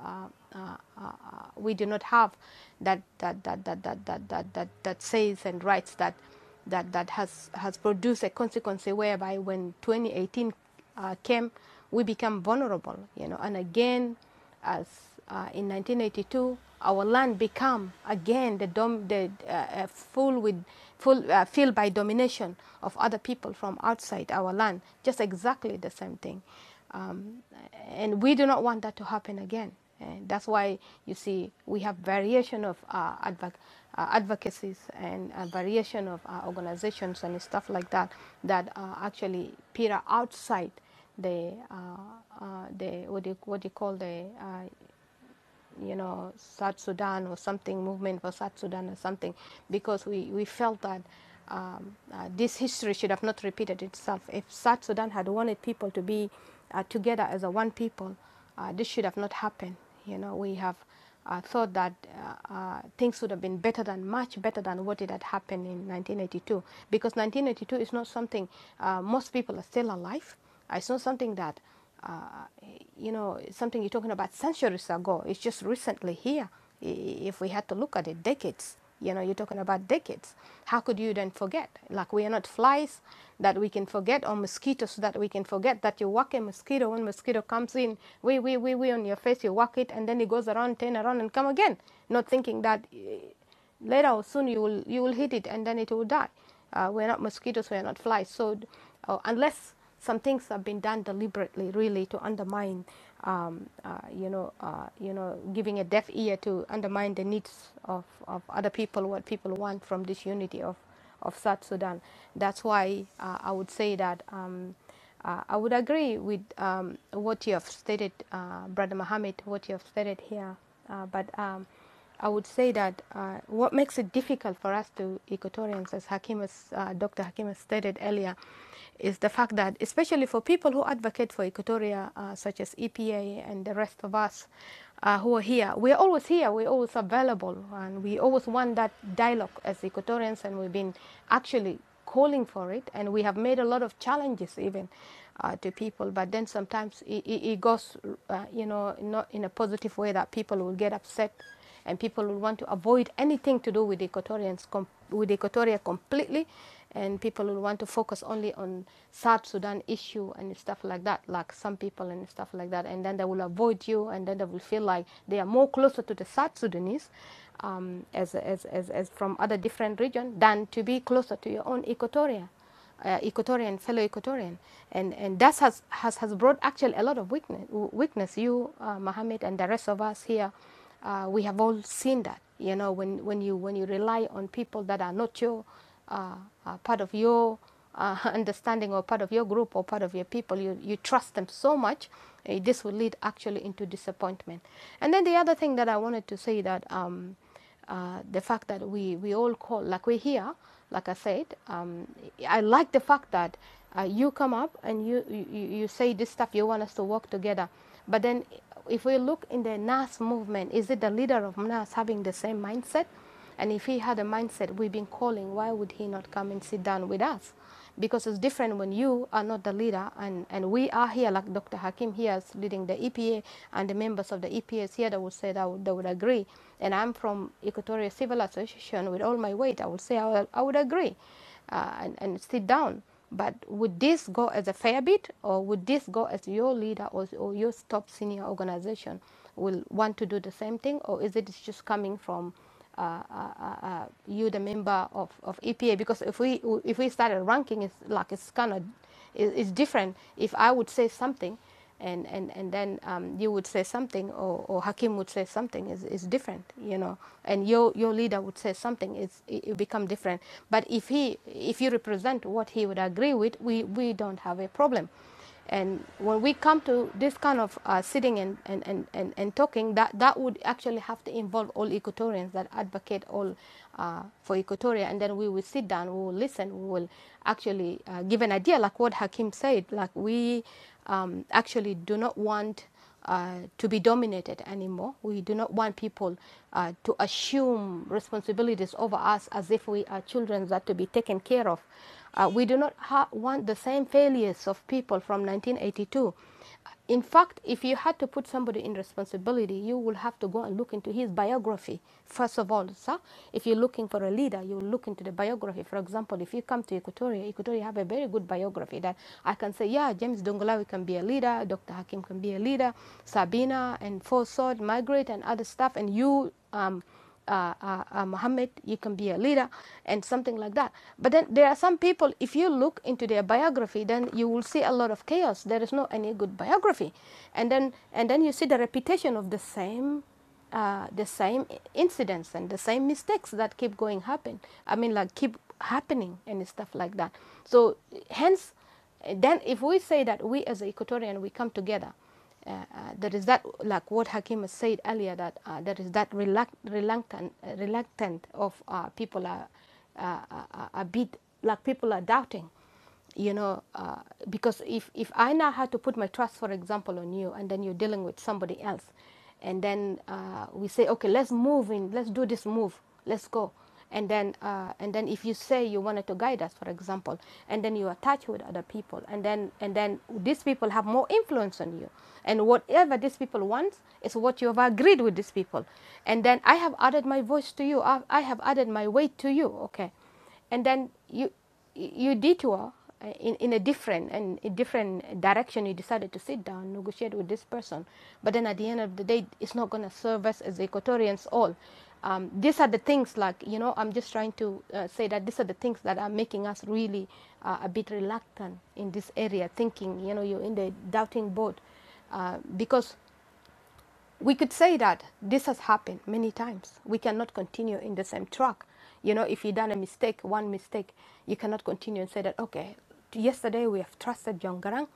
uh, uh, uh, uh, we do not have that that that that that that that that, that says and rights that that that has has produced a consequence whereby when 2018 uh, came we become vulnerable you know and again as uh, in 1982 our land become again the, dom- the uh, uh, full with full uh, filled by domination of other people from outside our land just exactly the same thing um, and we do not want that to happen again and that's why you see we have variation of uh, advoc- uh, advocacies and uh, variation of uh, organizations and stuff like that that uh, actually peer outside the uh, uh, the what do you, what do you call the uh, you know South Sudan or something movement for South Sudan or something because we, we felt that um, uh, this history should have not repeated itself. If South Sudan had wanted people to be uh, together as a one people, uh, this should have not happened. You know we have uh, thought that uh, uh, things would have been better than much better than what it had happened in 1982 because 1982 is not something uh, most people are still alive. Uh, It's not something that uh, you know something you're talking about centuries ago. It's just recently here. If we had to look at it, decades you know you're talking about decades how could you then forget like we are not flies that we can forget or mosquitoes that we can forget that you walk a mosquito when mosquito comes in we we we we on your face you walk it and then it goes around turn around and come again not thinking that eh, later or soon you will you will hit it and then it will die uh, we're not mosquitoes, we're not flies. So, uh, unless some things have been done deliberately, really, to undermine, um, uh, you know, uh, you know, giving a deaf ear to undermine the needs of, of other people, what people want from this unity of, of South Sudan. That's why uh, I would say that. Um, uh, I would agree with um, what you have stated, uh, Brother Mohammed, what you have stated here, uh, but um, I would say that uh, what makes it difficult for us to Equatorians, as Hakim has, uh, Dr. Hakim has stated earlier, is the fact that, especially for people who advocate for Equatoria, uh, such as EPA and the rest of us uh, who are here, we're always here, we're always available, and we always want that dialogue as Equatorians, and we've been actually calling for it, and we have made a lot of challenges even uh, to people. But then sometimes it, it, goes, uh, you know, not in a positive way that people will get upset, and people will want to avoid anything to do with Equatorians com- with Equatoria completely, and people will want to focus only on South Sudan issue and stuff like that, like some people and stuff like that, and then they will avoid you, and then they will feel like they are more closer to the South Sudanese um, as, as, as, as from other different region than to be closer to your own equatorial, uh, equatorian, fellow equatorian. And, and that has, has, has brought actually a lot of weakness. weakness. You, uh, Mohammed, and the rest of us here, uh, we have all seen that. You know, when, when, you, when you rely on people that are not your uh, uh, part of your uh, *laughs* understanding or part of your group or part of your people. You, you trust them so much. eh, this will lead actually into disappointment. And then the other thing that I wanted to say that um, uh, the fact that we, we all call, like we're here, like I said, um, I like the fact that uh, you come up and you, you, you say this stuff, you want us to work together. But then if we look in the NAS movement, is it the leader of NAS having the same mindset? And if he had a mindset we've been calling, why would he not come and sit down with us? Because it's different when you are not the leader and, and we are here, like Dr. Hakim here is leading the EPA and the members of the EPAs here that would say that would, they would agree. And I'm from Equatorial Civil Association with all my weight, I would say I would, I would agree uh, and, and sit down. But would this go as a fair bit or would this go as your leader or, or your top senior organization will want to do the same thing or is it just coming from uh, uh, uh, uh, you the member of, of EPA because if we if we started ranking it's like it's kind of it's different if I would say something and and and then um, you would say something or, or Hakim would say something is is different you know and your your leader would say something it's it, it become different but if he if you represent what he would agree with we we don't have a problem and when we come to this kind of uh, sitting and, and, and, and, and talking, that, that would actually have to involve all Equatorians that advocate all uh, for Equatoria. And then we will sit down, we will listen, we will actually uh, give an idea, like what Hakim said. Like we um, actually do not want uh, to be dominated anymore. We do not want people uh, to assume responsibilities over us as if we are children that to be taken care of. Uh, we do not ha- want the same failures of people from 1982. In fact, if you had to put somebody in responsibility, you will have to go and look into his biography. First of all, sir, if you're looking for a leader, you look into the biography. For example, if you come to Equatorial Equatoria, Equatoria have a very good biography that I can say, yeah, James Dongolawi can be a leader, Dr. Hakim can be a leader, Sabina and Forsod, Margaret and other stuff, and you, um, uh, uh, uh, Muhammad, you can be a leader, and something like that. But then there are some people, if you look into their biography, then you will see a lot of chaos. There is no any good biography. And then, and then you see the reputation of the same uh, the same incidents and the same mistakes that keep going happen i mean like keep happening and stuff like that so hence uh, then if we say that we as a equatorian we come together uh, uh, there is that like what hakim said earlier that uh, there is that relac- reluctant uh, reluctant of uh, people are uh, uh, uh, a bit like people are doubting you know, uh, because if, if I now had to put my trust, for example, on you, and then you're dealing with somebody else, and then uh, we say, okay, let's move in, let's do this move, let's go, and then uh, and then if you say you wanted to guide us, for example, and then you attach with other people, and then and then these people have more influence on you, and whatever these people want is what you have agreed with these people, and then I have added my voice to you, I, I have added my weight to you, okay and then you you detour uh, in, in a different and a different direction you decided to sit down negotiate with this person but then at the end of the day it's not going to serve us as equatorians all um, these are the things like you know i'm just trying to uh, say that these are the things that are making us really uh, a bit reluctant in this area thinking you know you're in the doubting boat uh, because we could say that this has happened many times. We cannot continue in the same track. You know, if you done a mistake, one mistake, you cannot continue and say that, okay, yesterday we have trusted John Garang,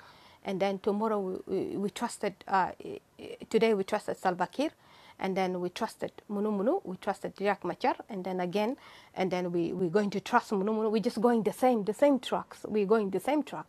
and then tomorrow we, we, we trusted, uh, eh, eh, today we trusted Salva Kiir, and then we trusted Munu Munu, we trusted Jack Machar, and then again, and then we, we're going to trust Munu Munu. We're just going the same, the same tracks. We're going the same track,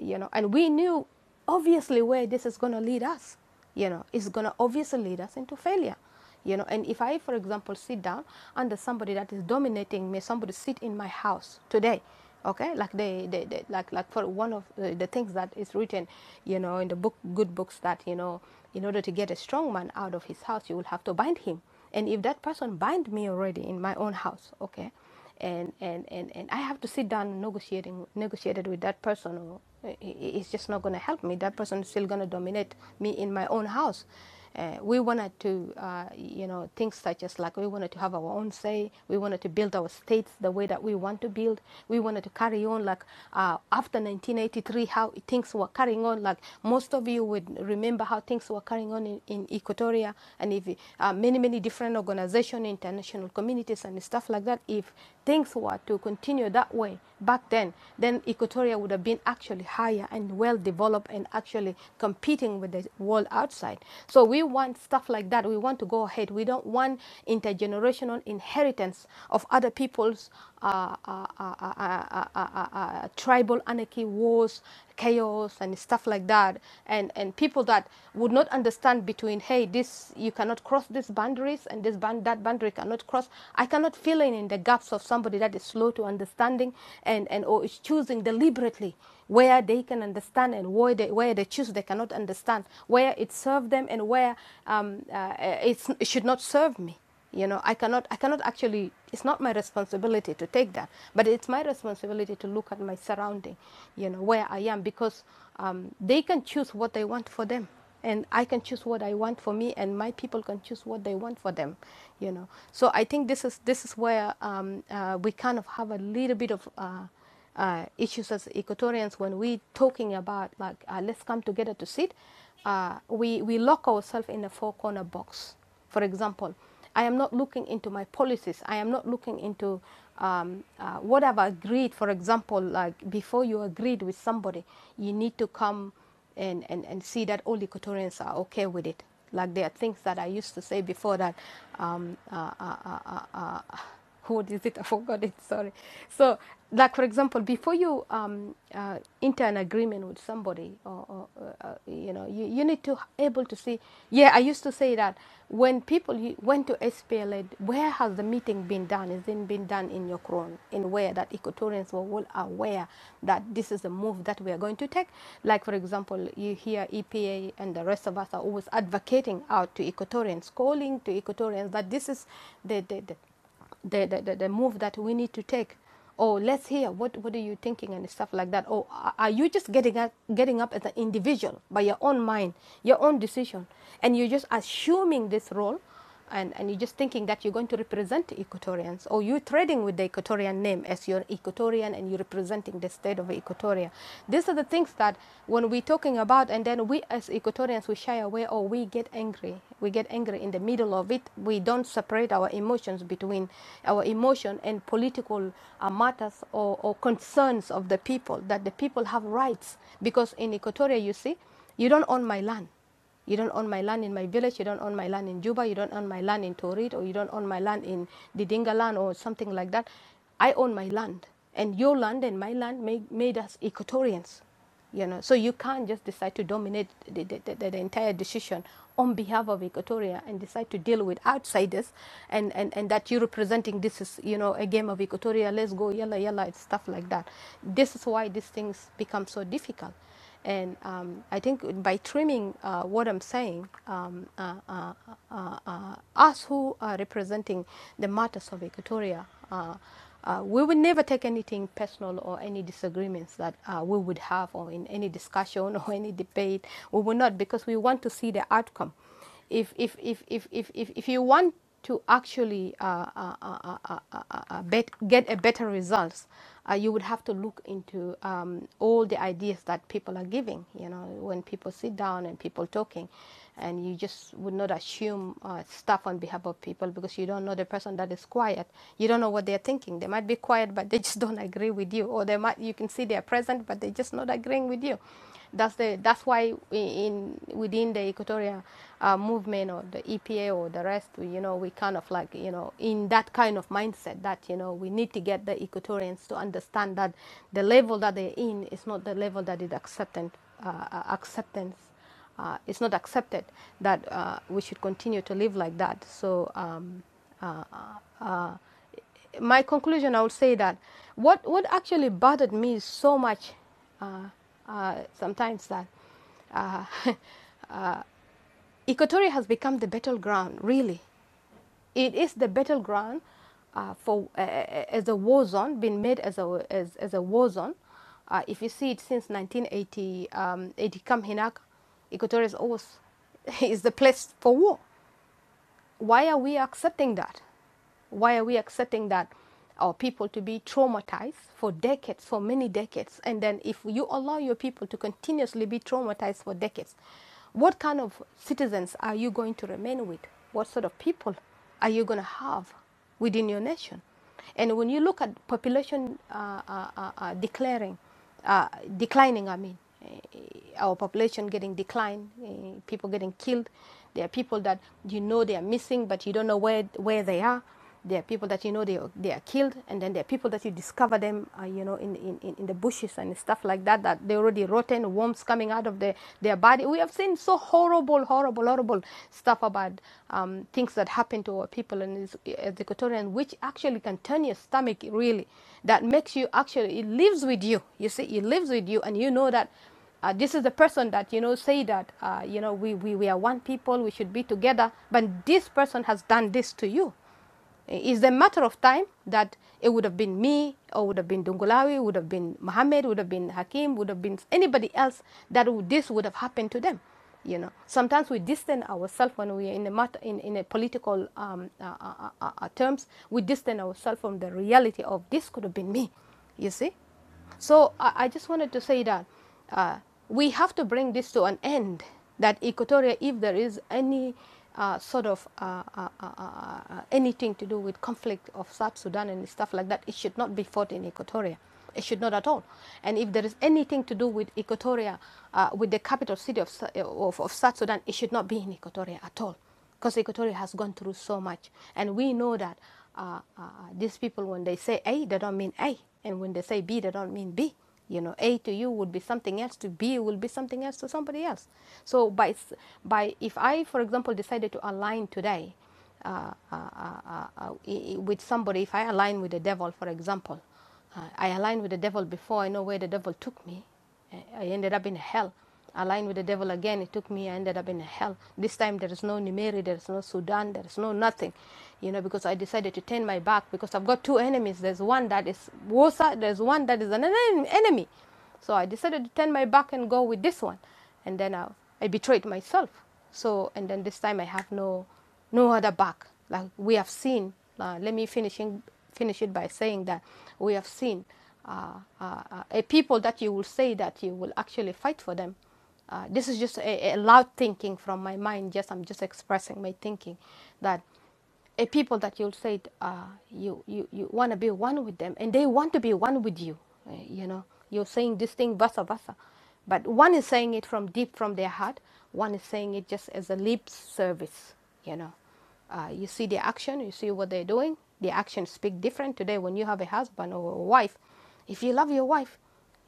you know, and we knew obviously where this is going to lead us you know it's going to obviously lead us into failure you know and if i for example sit down under somebody that is dominating me somebody sit in my house today okay like they, they, they like like for one of the, the things that is written you know in the book good books that you know in order to get a strong man out of his house you will have to bind him and if that person bind me already in my own house okay and and and, and I have to sit down and negotiating negotiated with that person. Or i- i- it's just not going to help me. That person is still going to dominate me in my own house. Uh, we wanted to, uh, you know, things such as like we wanted to have our own say. We wanted to build our states the way that we want to build. We wanted to carry on like uh, after 1983, how things were carrying on. Like most of you would remember how things were carrying on in, in Equatoria and if uh, many, many different organizations, international communities and stuff like like that, if things were to continue that way back then, then Equatoria would have been actually higher and well developed and actually competing with the world outside. So we want stuff like that. We want to go ahead. We don't want intergenerational inheritance of other people's uh, uh, uh, uh, uh, uh, uh, uh, tribal anarchy, wars, chaos, and stuff like that. And and people that would not understand between, hey, this you cannot cross these boundaries, and this band that boundary cannot cross. I cannot fill in in the gaps of somebody that is slow to understanding and and or is choosing deliberately where they can understand and where they where they choose they cannot understand, where it serves them and where um, uh, it's, it should not serve me you know i cannot i cannot actually it's not my responsibility to take that but it's my responsibility to look at my surrounding you know where i am because um, they can choose what they want for them and i can choose what i want for me and my people can choose what they want for them you know so i think this is this is where um, uh, we kind of have a little bit of uh, uh, issues as equatorians when we talking about like uh, let's come together to sit uh, we we lock ourselves in a four corner box for example, I am not looking into my policies. I am not looking into um, uh, what I've agreed. For example, like before you agreed with somebody, you need to come and, and, and see that all Equatorians are okay with it. Like there are things that I used to say before that um, uh, uh, uh, uh, uh, code is it? *laughs* I forgot it. Sorry. So, like for example, before you um, uh, enter an agreement with somebody, or, or uh, uh, you know, you, you need to able to see. Yeah, I used to say that when people went to SPLA, where has the meeting been done? Is it been done in your Yokron, in where that Equatorians were all aware that this is a move that we are going to take. Like for example, you hear EPA and the rest of us are always advocating out to Equatorians, calling to Equatorians that this is the the, the the, the, the, the move that we need to take. Oh, let's hear what, what are you thinking and stuff like that. Oh, are are you just getting up, getting up as an individual by your own mind, your own decision, and you're just assuming this role, and, and you're just thinking that you're going to represent Equatorians, or you're trading with the Equatorian name as your Equatorian and you're representing the state of Equatoria. These are the things that when we're talking about, and then we as Equatorians we shy away or we get angry. We get angry in the middle of it. We don't separate separate our emotions between our emotion and political uh, matters or, or concerns of the people, that the people have rights. Because in Equatoria, you see, you don't own my land. You don't own my land in my village, you don't own my land in Juba, you don't own my land in Torit, or you don't own my land in Didinga land or something like that. I own my land. And your land and my land made, made us Equatorians you know so you can't just decide to dominate the, the, the, the entire decision on behalf of equatoria and decide to deal with outsiders and, and, and that you're representing this is you know a game of equatoria let's go yalla yalla and stuff like that this is why these things become so difficult and um, I think by trimming uh, what I'm saying, um, uh, uh, uh, uh, us who are representing the matters of Equatoria, uh, uh, we would never take anything personal or any disagreements that uh, we would have or in any discussion *laughs* or any debate. We will not because we want to see the outcome if if if if if if, if you want to actually uh, uh, uh, uh, uh, uh, uh, uh, bet, get a better results, uh, you would have to look into um, all the ideas that people are giving. You know, when people sit down and people talking, and you just would not assume uh, stuff on behalf of people because you don't know the person that is quiet. You don't know what they're thinking. They might be quiet, but they just don't agree with you, or they might you can see they're present, but they're just not agreeing with you. That's the that's why in within the Equatorial uh, movement or the EPA or the rest, you know, we kind of like you know in that kind of mindset that you know we need to get the Equatorians to understand that the level that they're in is not the level that is acceptance uh, uh, acceptance. Uh, it's not accepted that uh, we should continue to live like that. So um, uh, uh, my conclusion, I would say that what what actually bothered me so much uh, uh, sometimes that uh, *laughs* Equatoria has become the battleground. Really, it is the battleground uh, for uh, uh, as a war zone, been made as a as, as a war zone. Uh, if you see it since 1980, um, 80 Kam Hinak, Equatoria is always *laughs* is the place for war why are we accepting that? Why are we accepting that our people to be traumatized for decades, for many decades? And then, if you allow your people to continuously be traumatized for decades, what kind of citizens are you going to remain with? What sort of people are you going to have? within your nation. And when you look at population uh, uh, uh, uh, declaring, uh, declining, I mean, eh, our population getting declined, eh, people getting killed. There are people that you know they are missing, but you don't know where, where they are. There are people that you know they are, they are killed, and then there are people that you discover them, uh, you know, in, in, in in the bushes and stuff like that, that they already rotten, kind of worms coming out of their, their body. We have seen so horrible, horrible, horrible stuff about um, things that happen to our people in the as Equatorian, which actually can turn your stomach really. That makes you actually, it lives with you. You see, it lives with you, and you know that uh, this is the person that you know say that uh, you know we, we, we are one people we should be together but this person has done this to you it's a matter of time that it would have been me, or would have been Dungulawi, would have been Mohammed, would have been Hakim, would have been anybody else that would, this would have happened to them. You know, sometimes we distance ourselves when we are in a matter, in, in a political um, uh, uh, uh, uh, terms. We distance ourselves from the reality of this could have been me. You see, so I, I just wanted to say that uh, we have to bring this to an end. That Equatoria, if there is any uh, sort of uh, uh, uh, uh, uh, anything to do with conflict of South Sudan and stuff like that, it should not be fought in Equatoria. It should not at all. And if there is anything to do with Equatoria, uh, with the capital city of, of, of South Sudan, it should not be in Equatoria at all because Equatorial has gone through so much, and we know that uh, uh, uh, these people, when they say A, they don't mean A, and when they say B, they don't mean B. You know, A to you would be something else to B will be something else to somebody else. So by by, if I, for example, decided to align today uh, uh, uh, uh, uh, with somebody, if I align with the devil, for example, uh, I aligned with the devil before I know where the devil took me I ended up in hell. I Aligned with the devil again. It took me, I ended up in hell. This time there is no Nimeri, there is no Sudan, there is no nothing. You know, because I decided to turn my back because I've got two enemies. There's one that is Wosa, there's one that is an enemy. So I decided to turn my back and go with this one. And then I, I betrayed myself. So, and then this time I have no no other back. Like we have seen, uh, let me finish, in, finish it by saying that we have seen uh, uh, uh, a people that you will say that you will actually fight for them. Uh, this is just a, a loud thinking from my mind. Just I'm just expressing my thinking that a people that you'll say uh, you, you, you want to be one with them and they want to be one with you uh, you know you're saying this thing versa versa but one is saying it from deep from their heart one is saying it just as a lip service you know uh, you see the action you see what they're doing the actions speak different today when you have a husband or a wife if you love your wife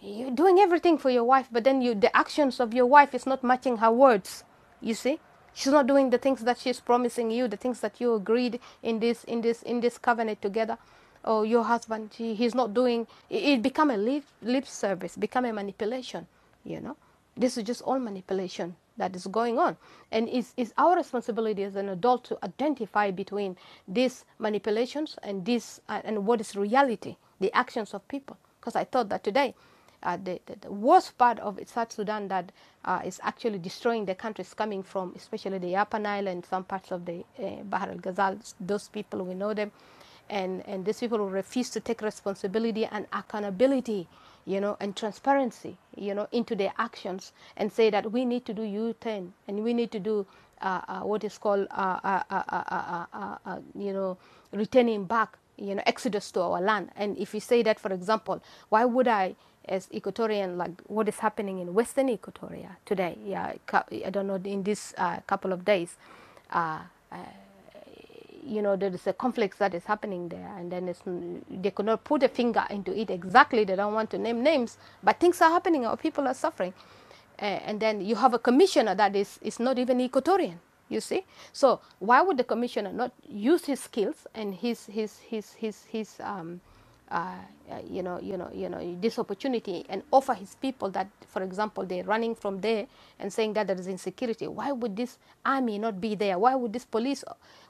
you're doing everything for your wife, but then you, the actions of your wife is not matching her words. You see, she's not doing the things that she's promising you, the things that you agreed in this in this in this covenant together. Or oh, your husband, he, he's not doing. It, it become a lip, lip service, become a manipulation. You know. This is just all manipulation that is going on. And it's, it's our responsibility as an adult to identify between these manipulations and, this, uh, and what is reality, the actions of people. Because I thought that today, uh, the, the, the worst part of South Sudan that uh, is actually destroying the country is coming from, especially the Upper Nile and some parts of the uh, Bahar al Ghazal. Those people, we know them and, and these people will refuse to take responsibility and accountability, you know, and transparency, you know, into their actions and say that we need to do U-turn and we need to do uh, uh, what is called, uh, uh, uh, uh, uh, uh, uh, uh, you know, returning back, you know, exodus to our land. And if you say that, for example, why would I, as Equatorian, like what is happening in Western Equatoria today? Yeah, I don't know in this uh, couple of days. Uh, you know there is a conflict that is happening there and then it's, they could not put a finger into it exactly they don't want to name names but things are happening or people are suffering uh, and then you have a commissioner that is, is not even equatorian you see so why would the commissioner not use his skills and his his his his, his his um, uh, uh, you know, you know, you know, this opportunity and offer his people that, for example, they're running from there and saying that there is insecurity. Why would this army not be there? Why would this police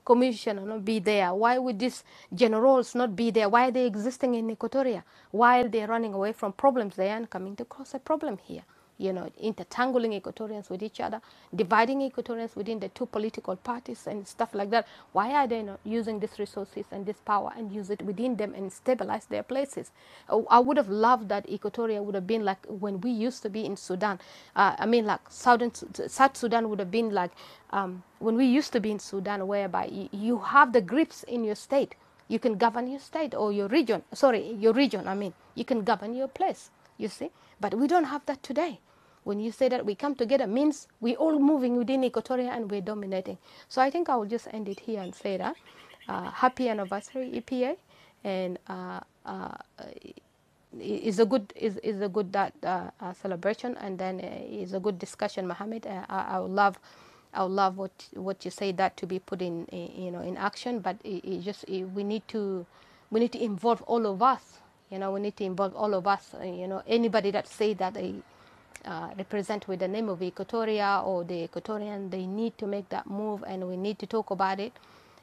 commissioner not be there? Why would these generals not be there? Why are they existing in Equatoria while they're running away from problems? They are coming to cause a problem here you know, intertangling Equatorians with each other, dividing Equatorians within the two political parties and stuff like that. Why are they not using these resources and this power and use it within them and stabilize their places? Oh, I would have loved that Equatoria would have been like when we used to be in Sudan. Uh, I mean, like Southern South Sudan would have been like um, when we used to be in Sudan, whereby you, you have the grips in your state you can govern your state or your region. Sorry, your region, I mean. You can govern your place, you see. But we don't have that today. When you say that we come together means we're all moving within Equatoria and we're dominating. So I think I will just end it here and say that. Uh, happy anniversary, EPA. And uh, uh, is a good is, is a good that uh, uh, celebration and then uh, is a good discussion Mohammed. Uh, I, I would love I would love what what you say that to be put in i- you know in action but it, it just it, we need to we need to involve all of us you know we need to involve all of us uh, you know anybody that say that they uh, represent with the name of Equatoria or the Equatorian, they need to make that move and we need to talk about it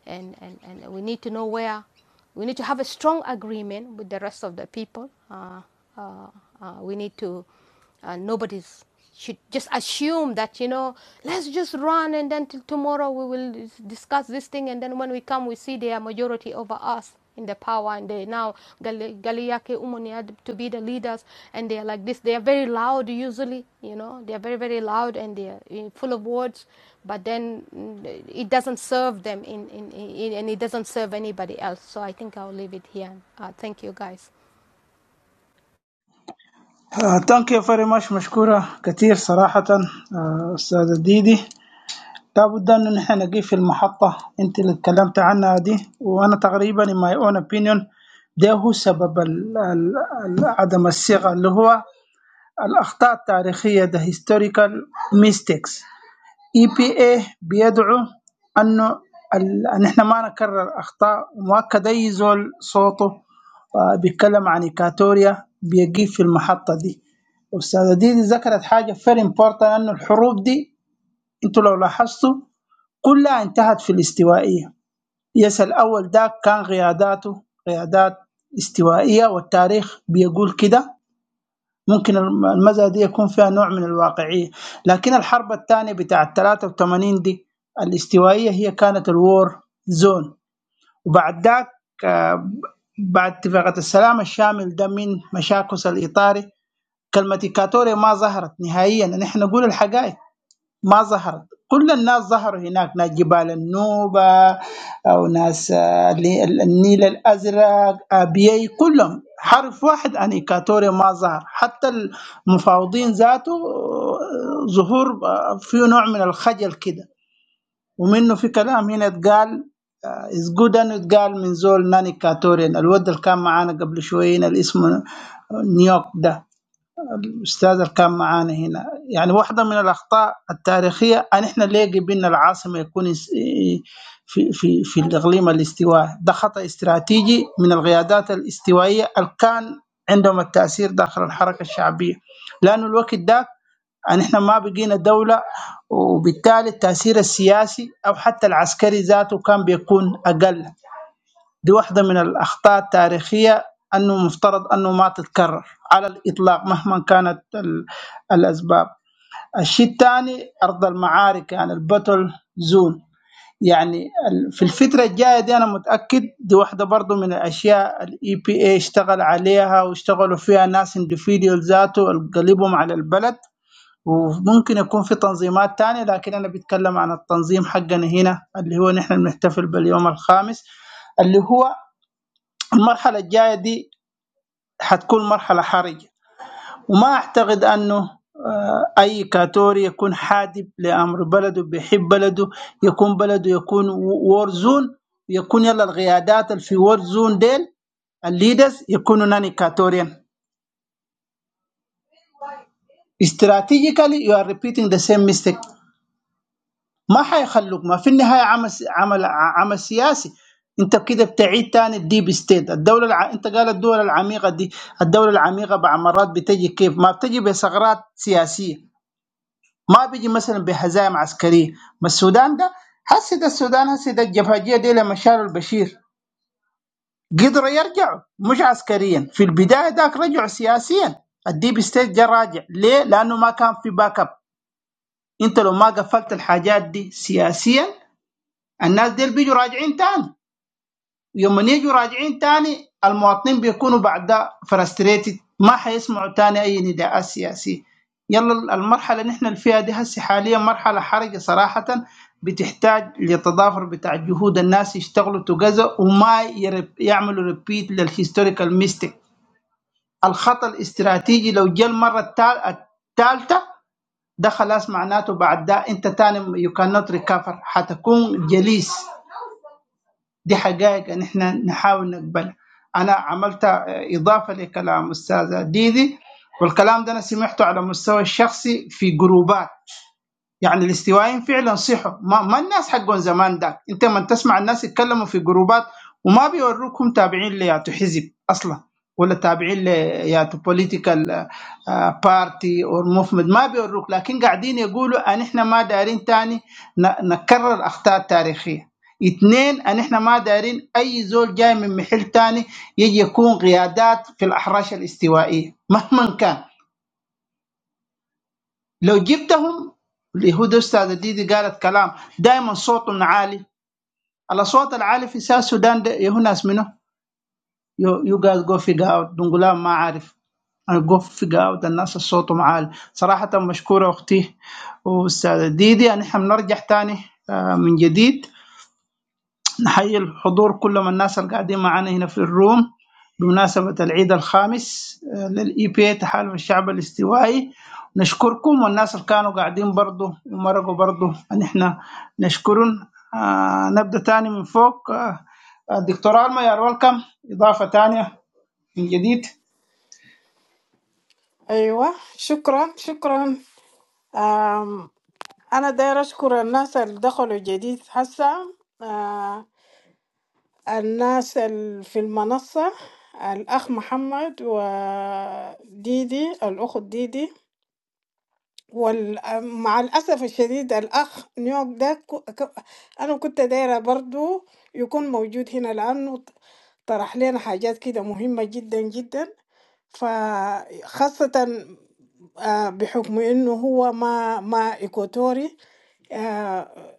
and, and, and we need to know where. We need to have a strong agreement with the rest of the people. Uh, uh, uh, we need to, uh, nobody's should just assume that you know let's just run and then till tomorrow we will discuss this thing and then when we come we see they are majority over us in the power and they now Gali- Galiake Umoni had to be the leaders and they are like this they are very loud usually you know they are very very loud and they are eh, full of words but then mm, it doesn't serve them in, in, in and it doesn't serve anybody else so I think I'll leave it here uh, thank you guys
ثانك يو فيري ماتش مشكورة كثير صراحة آه، استاذ ديدي لابد ان نحن نقيف في المحطة انت اللي اتكلمت عنها دي وانا تقريبا in my own opinion ده هو سبب ال- ال- ال- عدم الصيغة اللي هو الأخطاء التاريخية the historical mistakes اي بي ايه بيدعو انه ال- ان احنا ما نكرر اخطاء ومؤكد اي زول صوته آه، بيتكلم عن إيكاتوريا بيجي في المحطة دي والأستاذة ديدي ذكرت حاجة فيري امبورتنت أنه الحروب دي أنتوا لو لاحظتوا كلها انتهت في الاستوائية يس الأول ده كان قياداته قيادات استوائية والتاريخ بيقول كده ممكن الم- المزأة دي يكون فيها نوع من الواقعية لكن الحرب الثانية بتاعة 83 دي الاستوائية هي كانت الوور زون وبعد ذاك آه، بعد اتفاقية السلام الشامل ده من مشاكس الإطاري كلمة إيكاتوري ما ظهرت نهائيا نحن نقول الحقائق ما ظهرت كل الناس ظهروا هناك ناس جبال النوبة أو ناس آه، اللي- النيل الأزرق أبيي كلهم حرف واحد عن إيكاتوريا ما ظهر حتى المفاوضين ذاته آه، ظهور آه، فيه نوع من الخجل كده ومنه في كلام هنا اتقال از جود انه اتقال من زول ناني كاتوريان الود اللي كان معانا قبل شوية هنا اللي اسمه نيوك ده الاستاذ اللي كان معانا هنا يعني واحده من الاخطاء التاريخيه ان احنا ليه بان العاصمه يكون اس- في في في الاقليم الاستوائي ده خطا استراتيجي من القيادات الاستوائيه اللي كان عندهم التاثير داخل الحركه الشعبيه لانه الوقت ده ان احنا ما بقينا دوله وبالتالي التاثير السياسي او حتى العسكري ذاته كان بيكون اقل دي واحدة من الأخطاء التاريخية أنه مفترض أنه ما تتكرر على الإطلاق مهما كانت ال- الأسباب الشيء الثاني أرض المعارك يعني البتل زون يعني ال- في الفترة الجاية دي أنا متأكد دي واحدة برضو من الأشياء الإي بي اي اشتغل عليها واشتغلوا فيها ناس اندفيديول ذاته قلبهم على البلد وممكن يكون في تنظيمات تانية لكن أنا بتكلم عن التنظيم حقنا هنا اللي هو نحن بنحتفل باليوم الخامس اللي هو المرحلة الجاية دي حتكون مرحلة حرجة وما أعتقد أنه آه، أي كاتوري يكون حادب لأمر بلده بيحب بلده يكون بلده يكون وورزون يكون يلا القيادات اللي في وورزون ديل الليدرز يكونوا ناني كاتوريان استراتيجيكالي you are repeating the same mistake ما حيخلوك ما في النهايه عمل عمل عمل سياسي انت كده بتعيد تاني الديب ستيت الدوله الع... انت قال الدول العميقه دي الدوله العميقه بعد مرات بتجي كيف ما بتجي بثغرات سياسيه ما بيجي مثلا بهزائم عسكريه ما السودان ده هسه ده السودان هسه ده الجبهجيه دي لما شالوا البشير قدروا يرجعوا مش عسكريا في البدايه ذاك رجعوا سياسيا الديب ستيت جا راجع ليه؟ لانه ما كان في باك اب انت لو ما قفلت الحاجات دي سياسيا الناس ديل بيجوا راجعين تاني يوم يجوا راجعين تاني المواطنين بيكونوا بعد ده فرستريتد ما حيسمعوا تاني اي نداءات سياسيه يلا المرحله اللي احنا فيها دي هسه حاليا مرحله حرجه صراحه بتحتاج للتضافر بتاع جهود الناس يشتغلوا توجذر وما يرب يعملوا ريبيت للهيستوريكال ميستيك الخطا الاستراتيجي لو جاء المره الثالثه ده خلاص معناته بعد ده انت تاني يو كانوت ريكفر حتكون جليس دي حقائق ان احنا نحاول نقبلها انا عملت اضافه لكلام استاذه ديدي والكلام ده انا سمعته على مستوى الشخصي في جروبات يعني الاستوائيين فعلا صحوا ما, ما الناس حقهم زمان ده انت من تسمع الناس يتكلموا في جروبات وما بيوروكم تابعين لياتو حزب اصلا ولا تابعين لياتو بوليتيكال بارتي او موفمنت ما بيوروك لكن قاعدين يقولوا ان احنا ما دارين تاني ن- نكرر اخطاء تاريخيه اثنين ان احنا ما دارين اي زول جاي من محل تاني يجي يكون قيادات في الاحراش الاستوائيه *laughs* مهما كان لو جبتهم اليهود استاذ ديدي قالت كلام دائما صوتهم عالي الاصوات العاليه في ساوث السودان ده يهو ناس منه يو يو جايز جو في اوت دونجلام ما عارف انا جو في اوت الناس صوتهم عالي صراحه مشكوره اختي واستاذه ديدي نحن بنرجع تاني آه، من جديد نحيي الحضور كل من الناس اللي قاعدين معانا هنا في الروم بمناسبة العيد الخامس آه، للاي بي تحالف الشعب الاستوائي نشكركم والناس اللي كانوا قاعدين برضو ومرقوا برضو ان احنا نشكرهم آه نبدا تاني من فوق آه آه، دكتور الما يا ويلكم اضافه تانية من جديد
أيوة شكرا شكرا أم أنا داير أشكر الناس اللي دخلوا جديد هسا الناس ال- في المنصة الأخ محمد وديدي الأخت ديدي ومع الأسف الشديد الأخ نيوك ده كو- كو- أنا كنت دايرة برضو يكون موجود هنا لأنه ط- طرح لنا حاجات كده مهمة جدا جدا فخاصة آه، بحكم إنه هو ما ما إيكوتوري آه،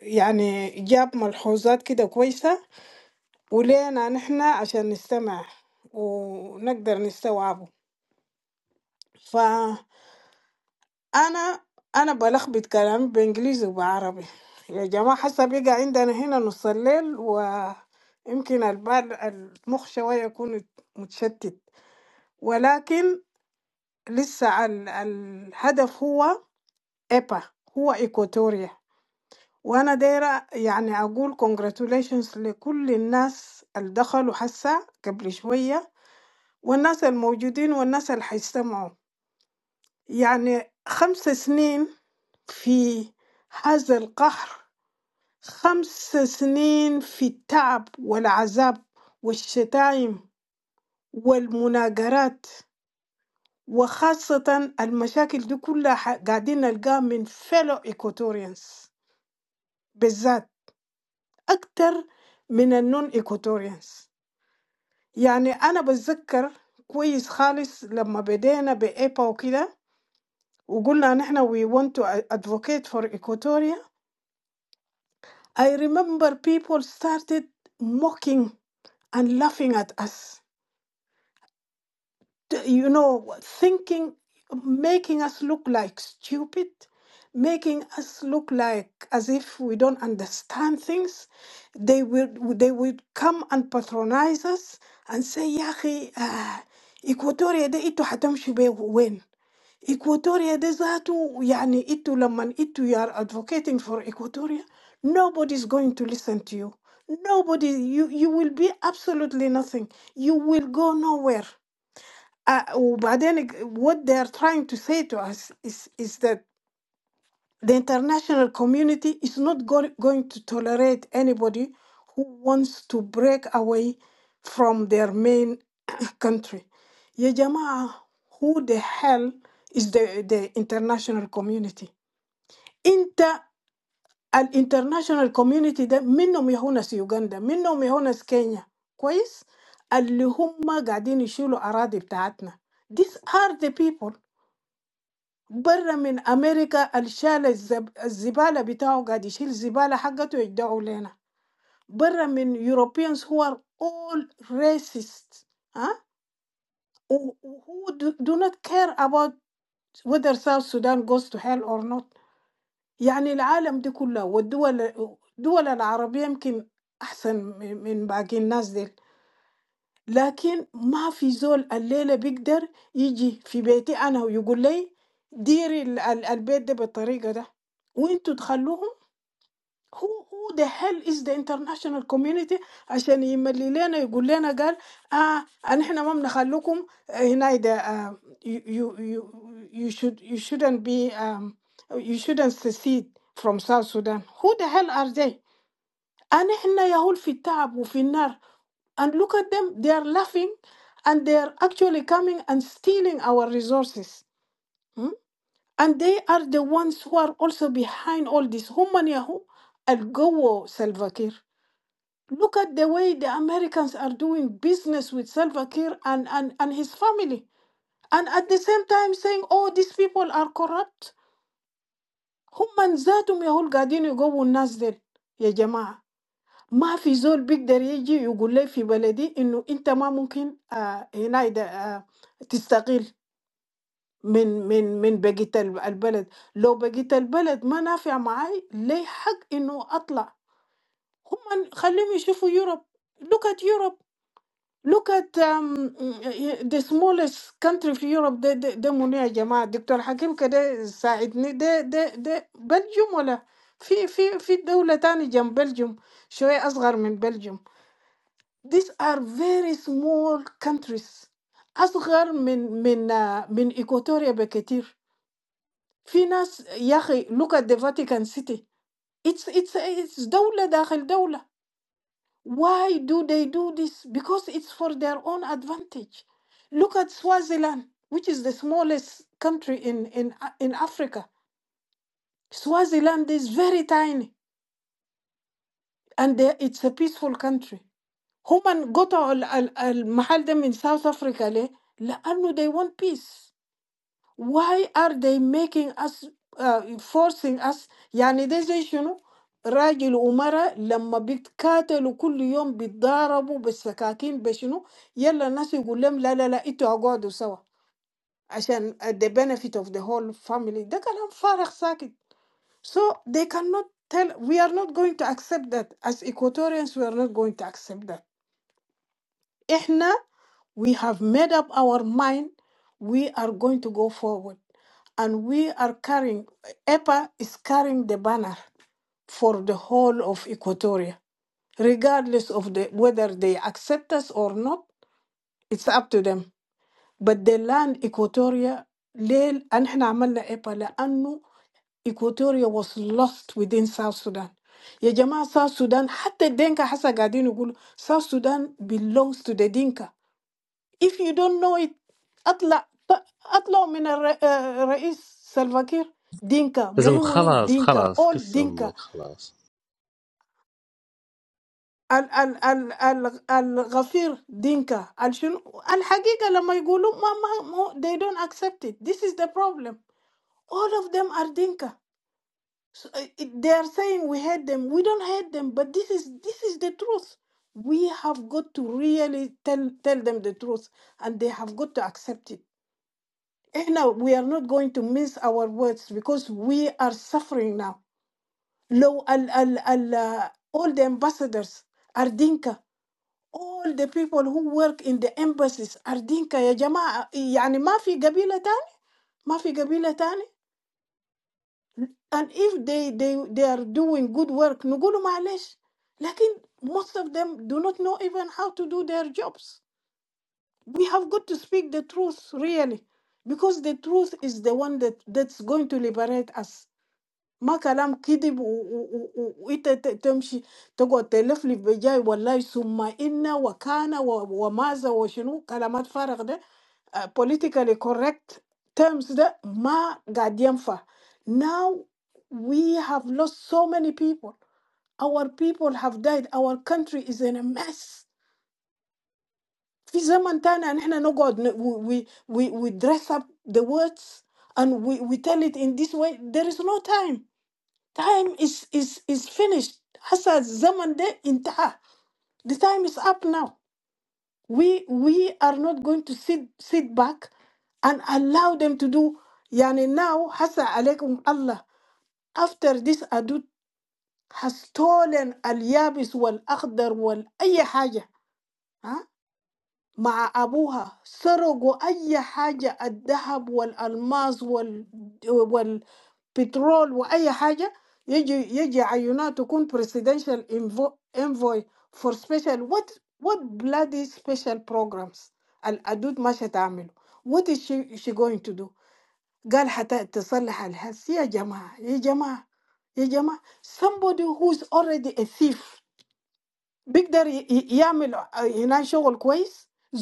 يعني جاب ملحوظات كده كويسة ولينا نحن عشان نستمع ونقدر نستوعبه فأنا أنا بلخبط كلامي بإنجليزي وبعربي يا جماعة حسب بقى عندنا هنا نص الليل ويمكن البال المخ شوية يكون متشتت ولكن لسه ال الهدف هو إيبا هو إيكوتوريا وأنا دايرة يعني أقول congratulations لكل الناس اللي دخلوا حسا قبل شوية والناس الموجودين والناس اللي هيستمعوا يعني خمس سنين في هذا القهر خمس سنين في التعب والعذاب والشتايم والمناجرات وخاصة المشاكل دي كلها ح- قاعدين نلقاها من فيلو إيكوتوريانس بالذات أكتر من النون إيكوتوريانس يعني أنا بتذكر كويس خالص لما بدينا بإيبا وكده وقلنا نحن we want to advocate for Equatoria, I remember people started mocking and laughing at us. You know, thinking, making us look like stupid, making us look like as if we don't understand things. They would they would come and patronize us and say, "يا أخي, آه، Equatoria ده إنتوا هتمشوا بيه وين?" Equatoria ده ذاته يعني انتوا لما انتوا you are advocating for Equatoria nobody's going to listen to you nobody you you will be absolutely nothing you will go nowhere uh, وبعدين what they are trying to say to us is is that the international community is not go- going to tolerate anybody who wants to break away from their main *coughs* *clears throat* country. Ya jamaa, who the hell is the, the international community? Inter international community ده منهم يهو ناس يوغندا منهم يهو ناس كينيا كويس اللي هم قاعدين يشيلوا أراضي بتاعتنا these are the people Bra from America, the Shale, the Zibala, they have. They don't see the Zibala. They are coming to us. Bra from Europeans who are all racists, ah, who do do not care about whether South Sudan goes to hell or not. I mean, the world is all. The Arab countries can be better than the rest of the people. لكن ما في زول الليلة بيقدر يجي في بيتي أنا ويقول لي ديري ال- ال- البيت ده بالطريقة ده وانتوا تخلوهم هو هو the hell is the international community عشان يملي لنا يقول لنا قال اه أن احنا ما بنخلوكم هنا ده آه you, you, you, you should you shouldn't be um, you shouldn't secede from South Sudan who the hell are they أنا احنا يهول في التعب وفي النار and look at them, they are laughing and they are actually coming and stealing our resources. Hmm? And they are the ones who are also behind all this. Human yahu al Gowo Salva Kiir. Look at the way the Americans are doing business with Salva Kiir and, and, and his family. And at the same time saying, oh, these people are corrupt. هم من ذاتهم يهو القاعدين يقووا الناس ديل ما في زول بيقدر يجي يقول لي في بلدي انه انت ما ممكن آه هنا ده آه تستقيل من من من بقية الب- البلد لو بقية البلد ما نافع معاي ليه حق انه اطلع هم خليهم يشوفوا يوروب look at Europe look at um, the smallest country في يوروب ده ده, ده منو يا جماعة دكتور حكيم كده ساعدني ده ده ده بلجيوم ولا في في في دولة تانية جنب بلجيوم شوية أصغر من بلجيوم These are very small countries. أصغر من من آه، من إيكواتوريا بكتير. في ناس يا أخي look at the Vatican City. It's it's it's دولة داخل دولة. Why do they do this? Because it's for their own advantage. Look at Swaziland, which is the smallest country in in uh, in Africa. Swaziland is very tiny, and they- it's a peaceful country. هم قطعوا ال- ال- المحل ده من South Africa ليه؟ لأنه they want peace. Why are they making us uh, forcing us يعني ده زي شنو؟ راجل ومرأة لما بيتكاتلوا كل يوم بيتضاربوا بالسكاكين بشنو؟ يلا الناس يقول لهم لا لا لا انتوا اقعدوا سوا عشان the benefit of the whole family ده كلام فارغ ساكت. So they cannot tell we are not going to accept that as Equatorians we are not going to accept that. احنا We have made up our mind we are going to go forward. And we are carrying, EPA is carrying the banner for the whole of Equatoria, regardless of the, whether they accept us or not. It's up to them. But the land Equatoria, ليه احنا عملنا إيبا لأنه Equatoria was lost within South Sudan. يا جماعة South Sudan حتى الدينكا حسا قاعدين يقولوا South Sudan belongs to the Dinka. If you don't know it, أطلع أطلع من الر- آه، الرئيس سلفاكير دينكا
لازم
منو منو
خلاص
دينكا
خلاص
all
كس
دينكا
أمك خلاص
ال ال ال ال الغفير دينكا الشنو الحقيقة لما يقولوا ما ما ما- they don't accept it this is the problem all of them are dinka so, uh, it- they are saying we hate them we don't hate them but this is this is the truth we have got to really tell tell them the truth and they have got to accept it And Now we are not going to miss our words because we are suffering now لو ال ال ال uh, all the ambassadors are Dinka all the people who work in the embassies are Dinka يا جماعة يعني ما في قبيلة تاني ما في قبيلة تاني and if they they they are doing good work نقولوا معلش لكن most of them do not know even how to do their jobs we have got to speak the truth really because the truth is the one that that's going to liberate us ما كلام كذب و- و- و- و- وانت ت- تمشي تقعد تلفلف بجاي والله ثم ان وكان و- وماذا وشنو كلامات فارغ ده آه، politically correct terms ده ما قاعد ينفع now we have lost so many people our people have died our country is in a mess في زمن تاني نحن نقعد ن- we, we, we we dress up the words and we, we tell it in this way there is no time Time is is is finished. Hasa zaman de intaha. The time is up now. We we are not going to sit sit back and allow them to do yani now hasa alaikum Allah. After this adult has stolen al-yabis wal-akhdar wal-ayy haja. ها؟ مع أبوها سرقوا أي حاجة الذهب والألماس وال Petrol or any thing. He he he should not become presidential envoy envoy for special. What what bloody special programs? I do not know what to do. What is she she going to do? She has to call her her sister. Somebody who is already a thief. He can do. He can work well.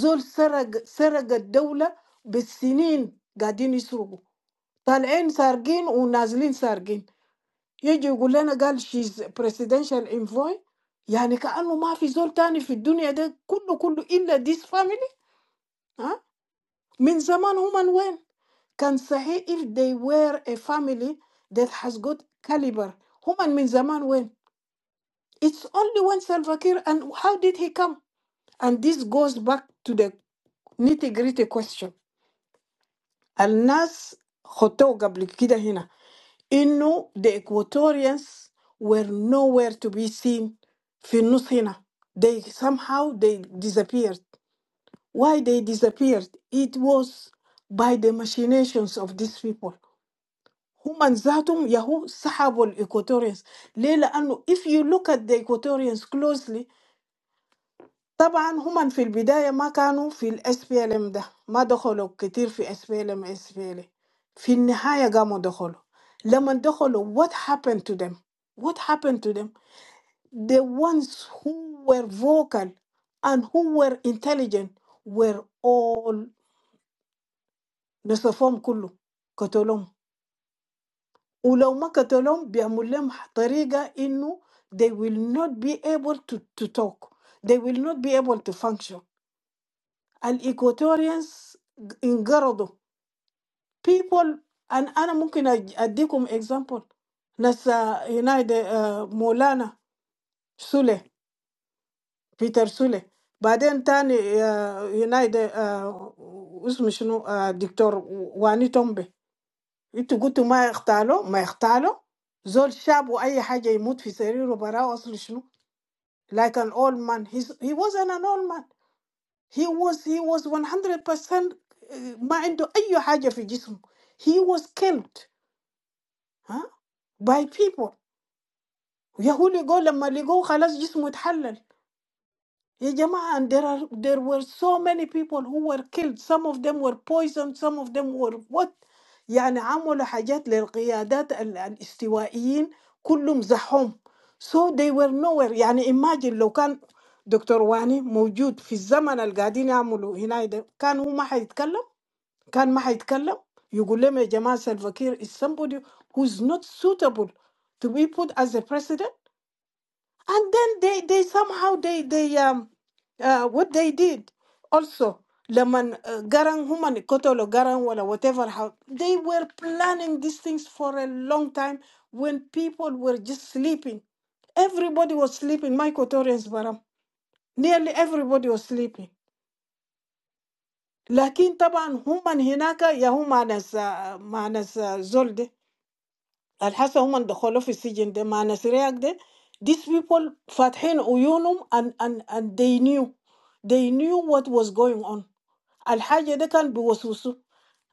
Zul Sarg Sargad Dola. For years, they are going to be. They are coming and going. يجي يقول لنا قال شيز presidential envoy يعني كأنه ما في زول تاني في الدنيا ده كله كله إلا this family ها من زمان هم وين كان صحيح if they were a family that has got caliber هم من زمان وين it's only when Salva Kiir and how did he come and this goes back to the nitty gritty question الناس خطوه قبل كده هنا انه the Equatorians were nowhere to be seen في النص هنا. They somehow they disappeared. Why they disappeared? It was by the machinations of these people. هم ذاتهم يهو سحبوا الإيكواتوريانز ليه؟ لأنه if you look at the Equatorians closely طبعا هم في البداية ما كانوا في الاس بي ال ام ده ما دخلوا كتير في اس بي ال ام اس بي ال في النهاية قاموا دخلوا لما دخلوا what happened to them what happened to them the ones who were vocal and who were intelligent were all نصفهم كله قتلهم ولو ما قتلهم بيعمل لهم طريقة إنه they will not be able to, to talk they will not be able to function And Equatorians in general, people, and I am looking at a good example. Now, you know the Mwana Sule, Peter Sule. But then, then you know the, us, we know, Ah, Doctor Wani Tumbe. It got to be executed. Executed. This young man was killed in the street for no reason. Like an old man, He's, he was an old man. He was he was one hundred percent mind to anyhajyafijism. He was killed, huh, by people. Yehuligol and maligol, khalas jismut halal. Yehjama and there are there were so many people who were killed. Some of them were poisoned. Some of them were what? يعني عاملوا حاجات للقيادات ال- الاستوائيين كلهم زحوم. So they were nowhere. يعني imagine لو كان دكتور واني موجود في الزمن القاهدي نعملوا هنايدا كان هو ما حيتكلم. كان ما هيتكلم يقول لهم يا جماعة Salva Kiir is somebody who's not suitable to be put as a president and then they they somehow they they um uh, what they did also لمن uh, Garang هم قتلوا Garang ولا whatever how they were planning these things for a long time when people were just sleeping everybody was sleeping my Equatorians baram nearly everybody was sleeping لكن طبعا هم هناك يا هم مع ناس مع ناس زول ده Al hasa human dakholo fi sijin de ma nasiriyak de. These people fathin uyunum and, and, and they knew. They knew what was going on. Al haja de kan biwasusu.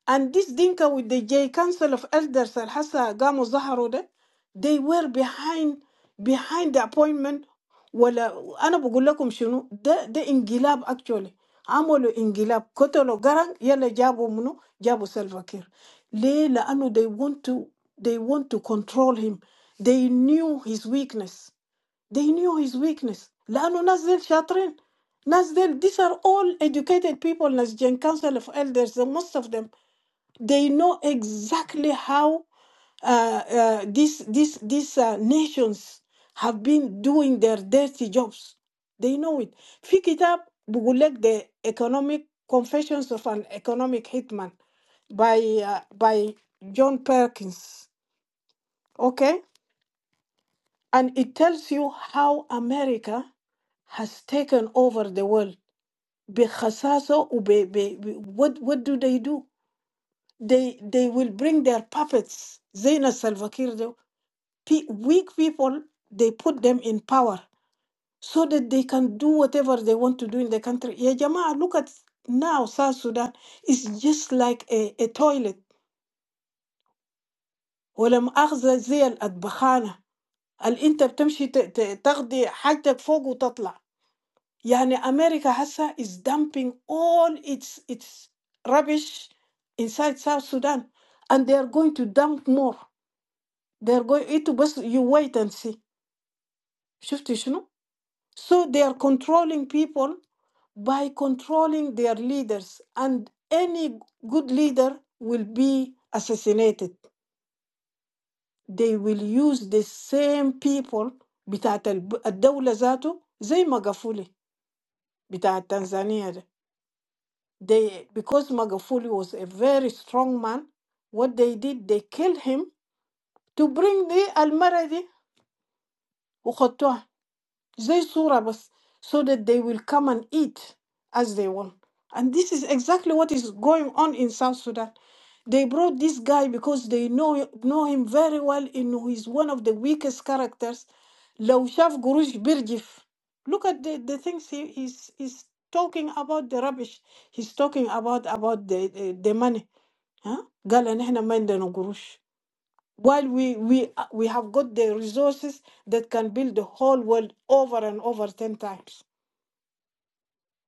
And this Dinka with the J Council of Elders Al Hassa Gamo Zaharo they were behind behind the appointment ولا أنا بقول لكم شنو ده ده انقلاب actually عملوا انقلاب قتلوا قرن يلا جابوا منو جابوا سلفاكير ليه لأنه they want to they want to control him they knew his weakness they knew his weakness لأنه ناس ديل شاطرين ناس ديل these are all educated people ناس جن council of elders most of them they know exactly how uh, uh, these these these uh, nations have been doing their dirty jobs. They know it. في كتاب بقول لك the economic confessions of an economic hitman by uh, by John Perkins. Okay, and it tells you how America has taken over the world. بخساسة وب ب, ب, what what do they do? They they will bring their puppets. زي ناس Salva Pe- weak people, they put them in power so that they can do whatever they want to do in the country. Yeah, Jamaa, look at now South Sudan. It's just like a, a toilet. ولا مؤاخذة زي الأطبخانة اللي أنت بتمشي ت- ت- تاخدي حاجتك فوق وتطلع. يعني أمريكا هسا is dumping all its its rubbish inside South Sudan and they are going to dump more. They are going. إنتوا بس you wait and see. شفتي شنو؟ So they are controlling people by controlling their leaders, and any good leader will be assassinated. They will use the same people بتاعت الب- الدولة ذاته زي ماغافولي بتاع تنزانيا ده. They, because Magafuli was a very strong man, what they did, they killed him to bring the Almaradi زي صورة بس so that they will come and eat as they want. And this is exactly what is going on in South Sudan. They brought this guy because they know know him very well and he's one of the weakest characters. لو شاف قروش بيرجف. Look at the, the things he, he's, he's talking about the rubbish. He's talking about about the, the, the money. ها؟ قال إن إحنا ما عندنا قروش while we we uh, we have got the resources that can build the whole world over and over 10 times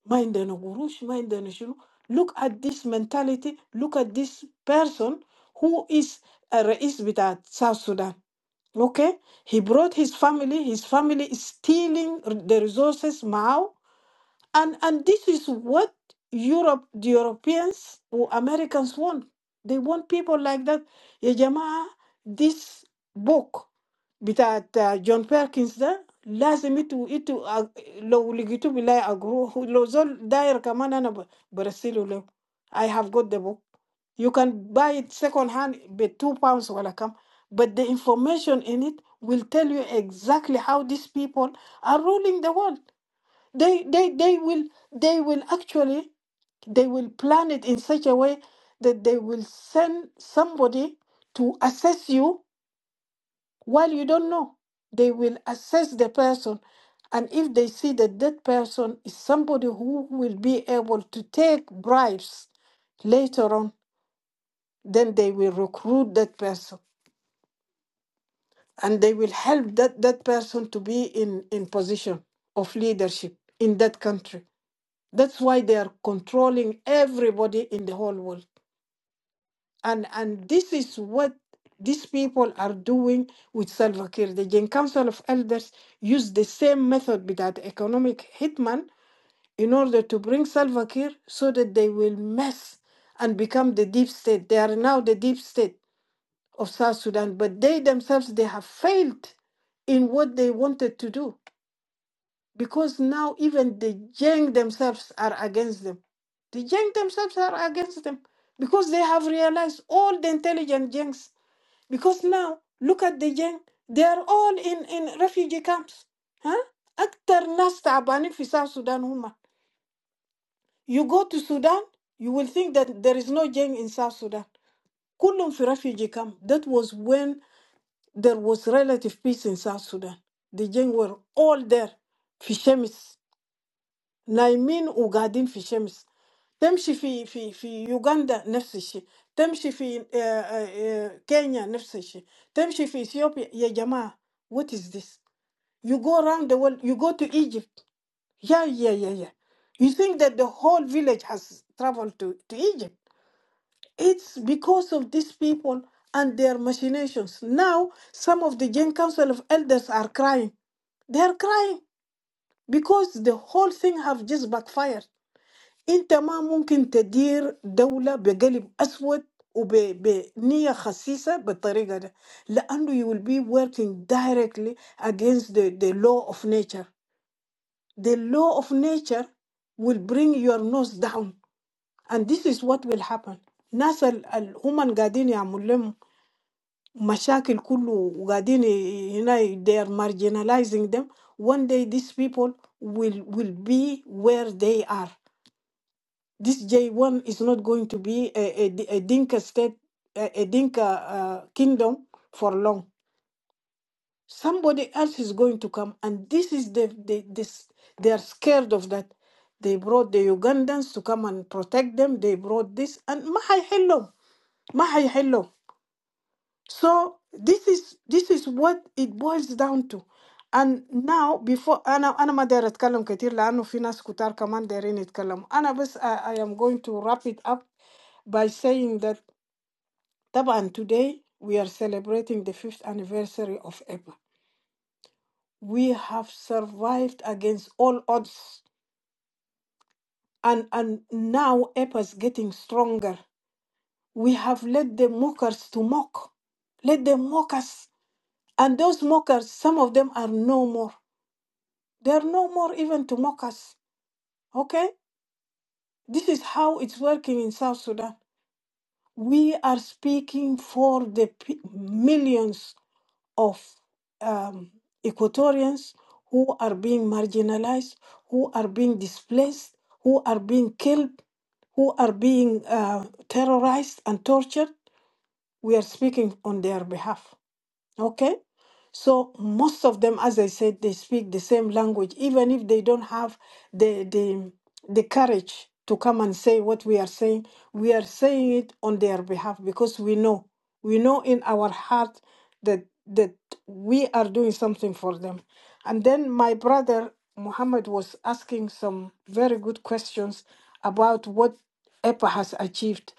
Mind عندنا قروش mind عندنا شنو look at this mentality look at this person who is a رئيس بتاع South Sudan okay he brought his family his family is stealing the resources معاه and and this is what Europe, the Europeans or Americans want. They want people like that. Ya jamaa, this book بتاعت جون بيركنز ده لازم انتوا انتوا أ- لو لقيتوه بالله اقروه لو زول داير كمان انا ب- برسله له I have got the book you can buy it second hand ب 2 pounds ولا كم but the information in it will tell you exactly how these people are ruling the world they they they will they will actually they will plan it in such a way that they will send somebody to assess you while you don't know they will assess the person and if they see that that person is somebody who will be able to take bribes later on then they will recruit that person and they will help that, that person to be in, in position of leadership in that country That's why they are controlling everybody in the whole world. And and this is what these people are doing with Salva Kiir. The Gen Council of Elders used the same method with that economic hitman in order to bring Salva Kiir so that they will mess and become the deep state. They are now the deep state of South Sudan, but they themselves they have failed in what they wanted to do. because now even the Jeng themselves are against them. The Jeng themselves are against them because they have realized all the intelligent Jengs. Because now, look at the Jeng, they are all in, in refugee camps. Huh? أكتر ناس تعبانين في South Sudan هما. You go to Sudan, you will think that there is no Jeng in South Sudan. كلهم في refugee camp. That was when there was relative peace in South Sudan. The Jeng were all there. في شمس نايمين وقاعدين في شمس تمشي في في في يوغندا نفس الشيء تمشي في آه، آه، آه، كينيا نفس الشيء تمشي في اثيوبيا يا جماعه what is this you go around the world you go to Egypt yeah yeah yeah yeah you think that the whole village has traveled to, to Egypt it's because of these people and their machinations now some of the General council of elders are crying they are crying because the whole thing have just backfired انت ما ممكن تدير دولة بقلب أسود وبنية خسيسة بالطريقة دي لأنه you will be working directly against the, the law of nature. The law of nature will bring your nose down and this is what will happen. ناس ال- ال- هم اللي قاعدين يعملوا لهم مشاكل كله وقاعدين ي- هنا they are marginalizing them. One day these people will will be where they are. This J1 is not going to be a, a, D- a Dinka state, a, a Dinka uh, kingdom for long. Somebody else is going to come, and this is the, the this they are scared of that. They brought the Ugandans to come and protect them. They brought this, and ما حيحلهم ما حيحلهم. So this is this is what it boils down to. And now before أنا أنا ما داير أتكلم كتير لأنه في ناس كتار كمان دايرين يتكلموا. أنا بس I, I am going to wrap it up by saying that طبعا today we are celebrating the fifth anniversary of EPA. We have survived against all odds and and now EPA is getting stronger. We have let the mockers to mock. Let them mock us And those mockers, some of them are no more. They are no more even to mock us. Okay? This is how it's working in South Sudan. We are speaking for the pe- millions of um, Equatorians who are being marginalized, who are being displaced, who are being killed, who are being uh, terrorized and tortured. We are speaking on their behalf. Okay? So most of them, as I said, they speak the same language, even if they don't have the the the courage to come and say what we are saying, we are saying it on their behalf because we know. We know in our heart that that we are doing something for them. And then my brother Muhammad was asking some very good questions about what EPA has achieved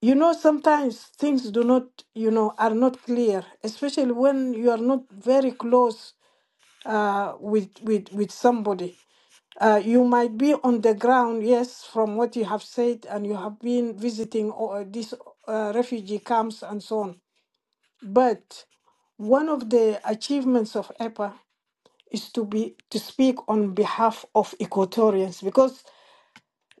you know sometimes things do not you know are not clear especially when you are not very close uh, with with with somebody uh, you might be on the ground yes from what you have said and you have been visiting or these uh, refugee camps and so on but one of the achievements of EPA is to be to speak on behalf of Equatorians because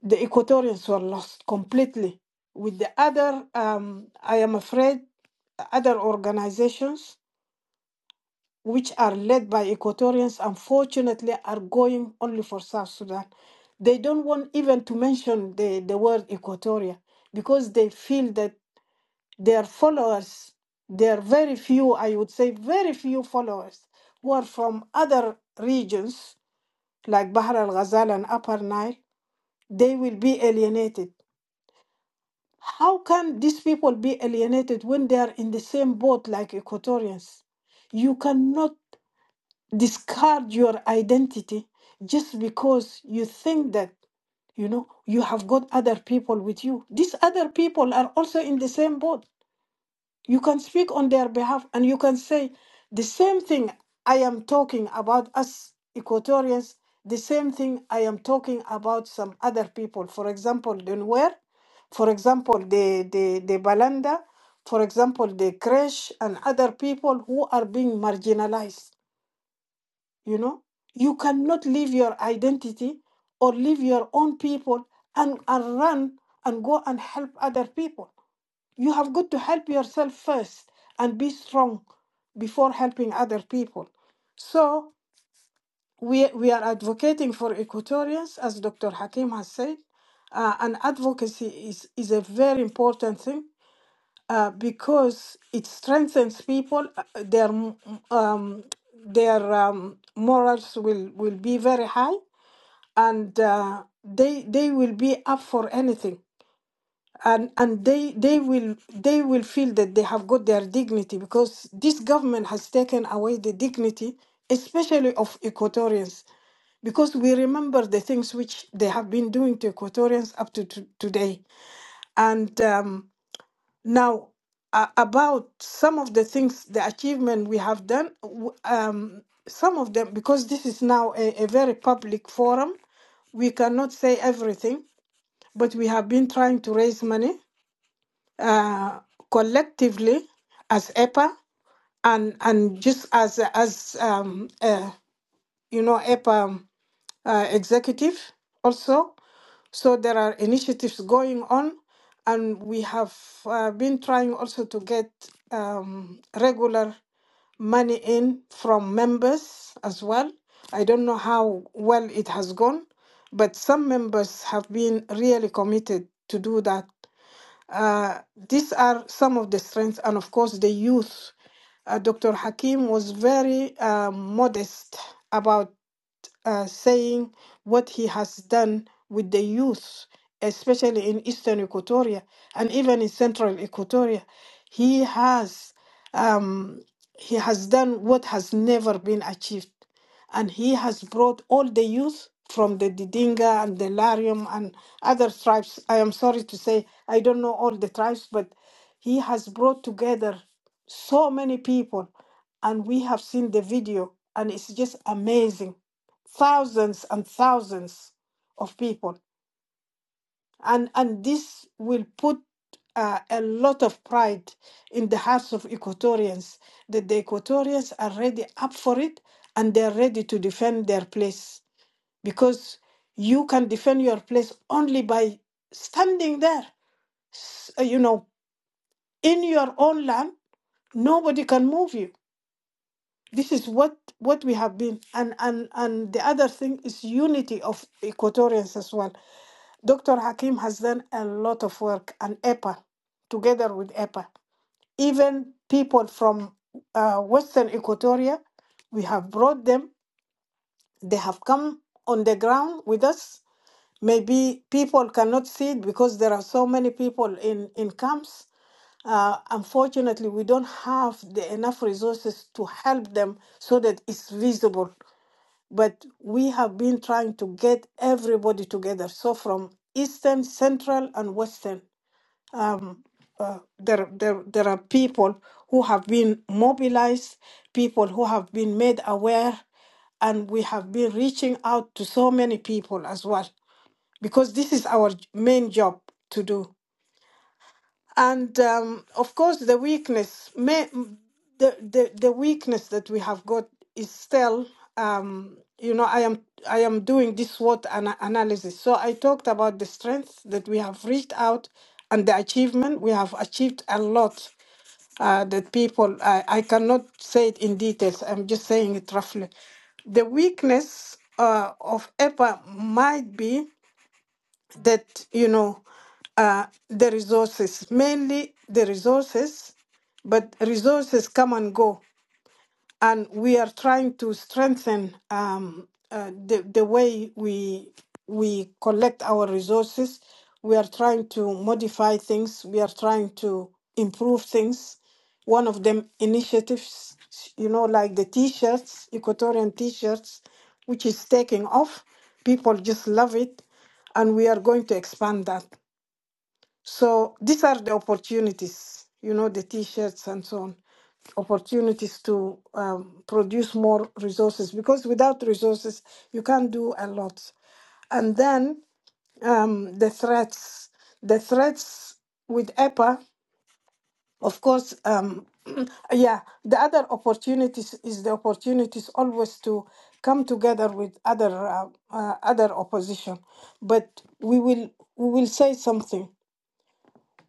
the Equatorians were lost completely. With the other, um, I am afraid, other organizations which are led by Equatorians, unfortunately, are going only for South Sudan. They don't want even to mention the, the word Equatoria because they feel that their followers, there are very few, I would say, very few followers who are from other regions like Bahr al Ghazal and Upper Nile, they will be alienated. How can these people be alienated when they are in the same boat like Equatorians? You cannot discard your identity just because you think that you know you have got other people with you. These other people are also in the same boat. You can speak on their behalf and you can say the same thing I am talking about us Equatorians, the same thing I am talking about some other people. For example, the Nuer, for example, the, the, the Balanda, for example, the Kresh and other people who are being marginalized. You know, you cannot leave your identity or leave your own people and, and run and go and help other people you have got to help yourself first and be strong before helping other people. So we, we are advocating for Equatorians, as Dr. Hakim has said. Uh, and advocacy is, is a very important thing uh, because it strengthens people. uh, Their, um, their um, morals will, will be very high and uh, they, they will be up for anything and and they they will they will feel that they have got their dignity because this government has taken away the dignity especially of equatorians because we remember the things which they have been doing to equatorians up to to today and um, now uh, about some of the things the achievement we have done w- um, some of them because this is now a, a very public forum we cannot say everything but we have been trying to raise money uh, collectively as EPA and and just as as um, uh, you know EPA uh, executive also. So there are initiatives going on, and we have uh, been trying also to get um, regular money in from members as well. I don't know how well it has gone, but some members have been really committed to do that uh, these are some of the strengths, and of course, the youth. Uh, Dr. Hakim was very uh, modest about uh, saying what he has done with the youth, especially in eastern Equatoria and even in central Equatoria. He has um, he has done what has never been achieved, and he has brought all the youth from the Didinga and the Larium and other tribes. I am sorry to say I don't know all the tribes, but he has brought together so many people, and we have seen the video, and it's just amazing thousands and thousands of people. And, and this will put uh, a lot of pride in the hearts of Equatorians that the Equatorians are ready up for it and they're ready to defend their place because you can defend your place only by standing there, S- uh, you know, in your own land. Nobody can move you. this is what what we have been and and and the other thing is unity of equatorians as well dr hakim has done a lot of work and epa together with epa even people from uh, western equatoria we have brought them they have come on the ground with us Maybe people cannot see it because there are so many people in, in camps. Uh, unfortunately, we don't have the enough resources to help them so that it's visible. But we have been trying to get everybody together. So from Eastern, Central, and Western, um, uh, there, there, there are people who have been mobilized, people who have been made aware, and we have been reaching out to so many people as well because this is our j- main job to do. And um, of course, the weakness, may, the, the the weakness that we have got is still, um, you know, I am I am doing this SWOT ana- analysis. So I talked about the strengths that we have reached out and the achievement we have achieved a lot. Uh, that people, I, I cannot say it in details. I'm just saying it roughly. The weakness uh, of EPA might be that you know uh, the resources mainly the resources but resources come and go and we are trying to strengthen um, uh, the the way we we collect our resources. We are trying to modify things. We are trying to improve things. One of them initiatives, you know, like the T-shirts, Equatorian T-shirts, which is taking off. People just love it, and we are going to expand that. So these are the opportunities, you know, the T-shirts and so on, opportunities to um, produce more resources because without resources you can't do a lot. And then um, the threats, the threats with EPA, of course, um, *clears throat* yeah. The other opportunities is the opportunities always to come together with other uh, uh, other opposition, but we will we will say something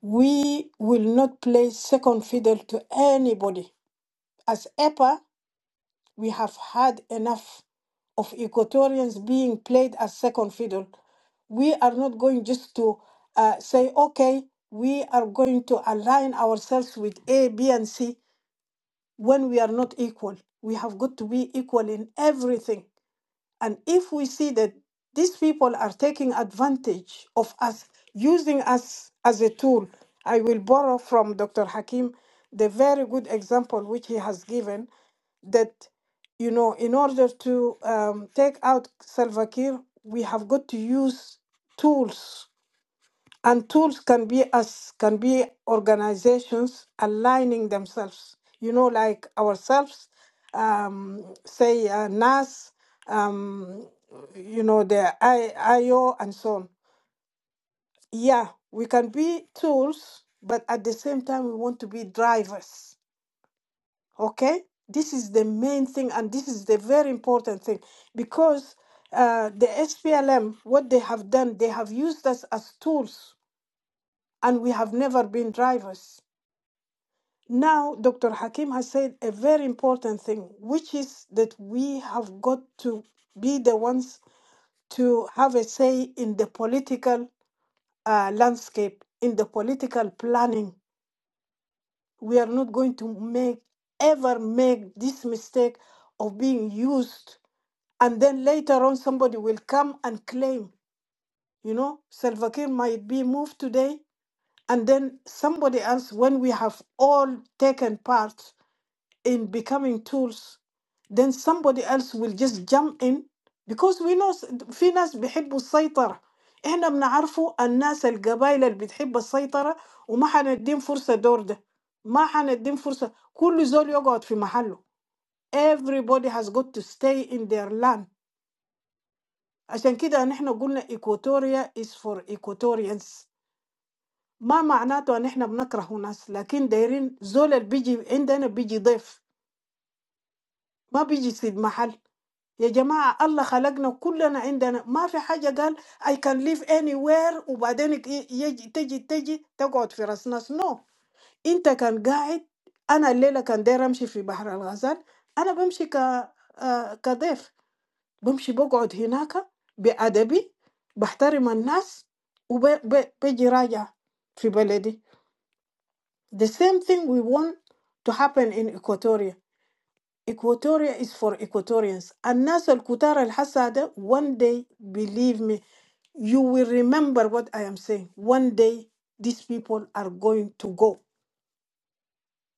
we will not play second fiddle to anybody. As EPA, we have had enough of Equatorians being played as second fiddle. We are not going just to uh, say, okay, we are going to align ourselves with A, B, and C when we are not equal. We have got to be equal in everything. And if we see that these people are taking advantage of us, using us as a tool, I will borrow from Dr. Hakim the very good example which he has given that, you know, in order to um, take out Salva Kiir, we have got to use tools and tools can be us can be organizations aligning themselves you know like ourselves um, say uh, nas um, you know the I, io and so on yeah we can be tools but at the same time we want to be drivers okay this is the main thing and this is the very important thing because uh, the SPLM, what they have done, they have used us as tools and we have never been drivers. Now, Dr. Hakim has said a very important thing, which is that we have got to be the ones to have a say in the political uh, landscape, in the political planning. We are not going to make ever make this mistake of being used, and then later on somebody will come and claim, you know, Salva Kiir might be moved today, And then somebody else, when we have all taken part in becoming tools, then somebody else will just jump in because we know s- في ناس بيحبوا السيطرة احنا بنعرفوا الناس القبائل اللي بتحب السيطرة وما حنديهم فرصة دور ده ما حنديهم فرصة كل زول يقعد في محله everybody has got to stay in their land عشان كده نحن قلنا equatoria is for Equatorians ما معناته ان احنا بنكره ناس لكن دايرين زول اللي بيجي عندنا بيجي ضيف ما بيجي يسيب محل يا جماعة الله خلقنا كلنا عندنا ما في حاجة قال I can live anywhere وبعدين ي- يجي تجي تجي تقعد في راس ناس نو no. انت كان قاعد انا الليلة كان داير امشي في بحر الغزال انا بمشي ك... آه، كضيف بمشي بقعد هناك بأدبي بحترم الناس وبيجي راجع في بلدي The same thing we want to happen in Equatoria. Equatoria is for Equatorians. الناس الكتار الحسادة one day believe me you will remember what I am saying. One day these people are going to go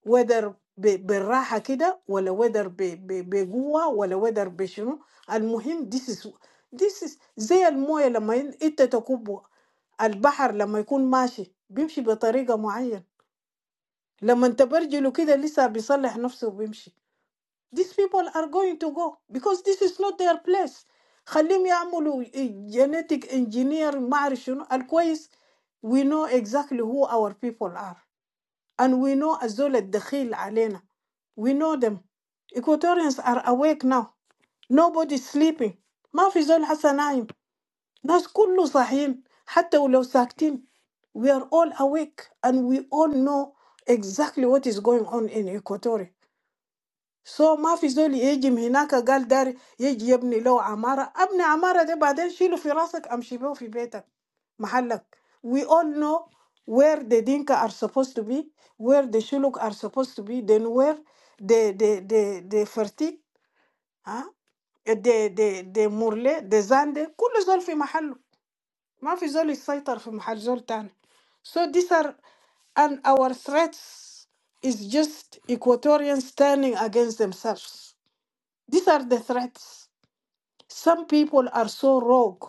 whether ب- بالراحة كده ولا whether ب- ب- بقوة ولا whether بشنو المهم this is this is زي الموية لما ين- انت تكبه البحر لما يكون ماشي بيمشي بطريقة معينة لما تبرجله كده لسه بيصلح نفسه وبيمشي these people are going to go because this is not their place خليهم يعملوا genetic engineer ما أعرف شنو الكويس we know exactly who our people are and we know الزول الدخيل علينا we know them Equatorians are awake now nobody is sleeping ما في زول حسن نايم ناس كله صاحيين حتى ولو ساكتين we are all awake and we all know exactly what is going on in Equatoria so ما في زول يجي من هناك قال داري يجي يبني له عمارة ابني عمارة ده بعدين شيله في راسك امشي بيه في بيتك محلك we all know where the Dinka are supposed to be where the Shuluk are supposed to be then where the the the the Fertig ها the the the Murle the Zande كل زول في محله ما في زول يسيطر في محل زول تاني so these are and our threats is just Equatorians standing against themselves. These are the threats. Some people are so rogue,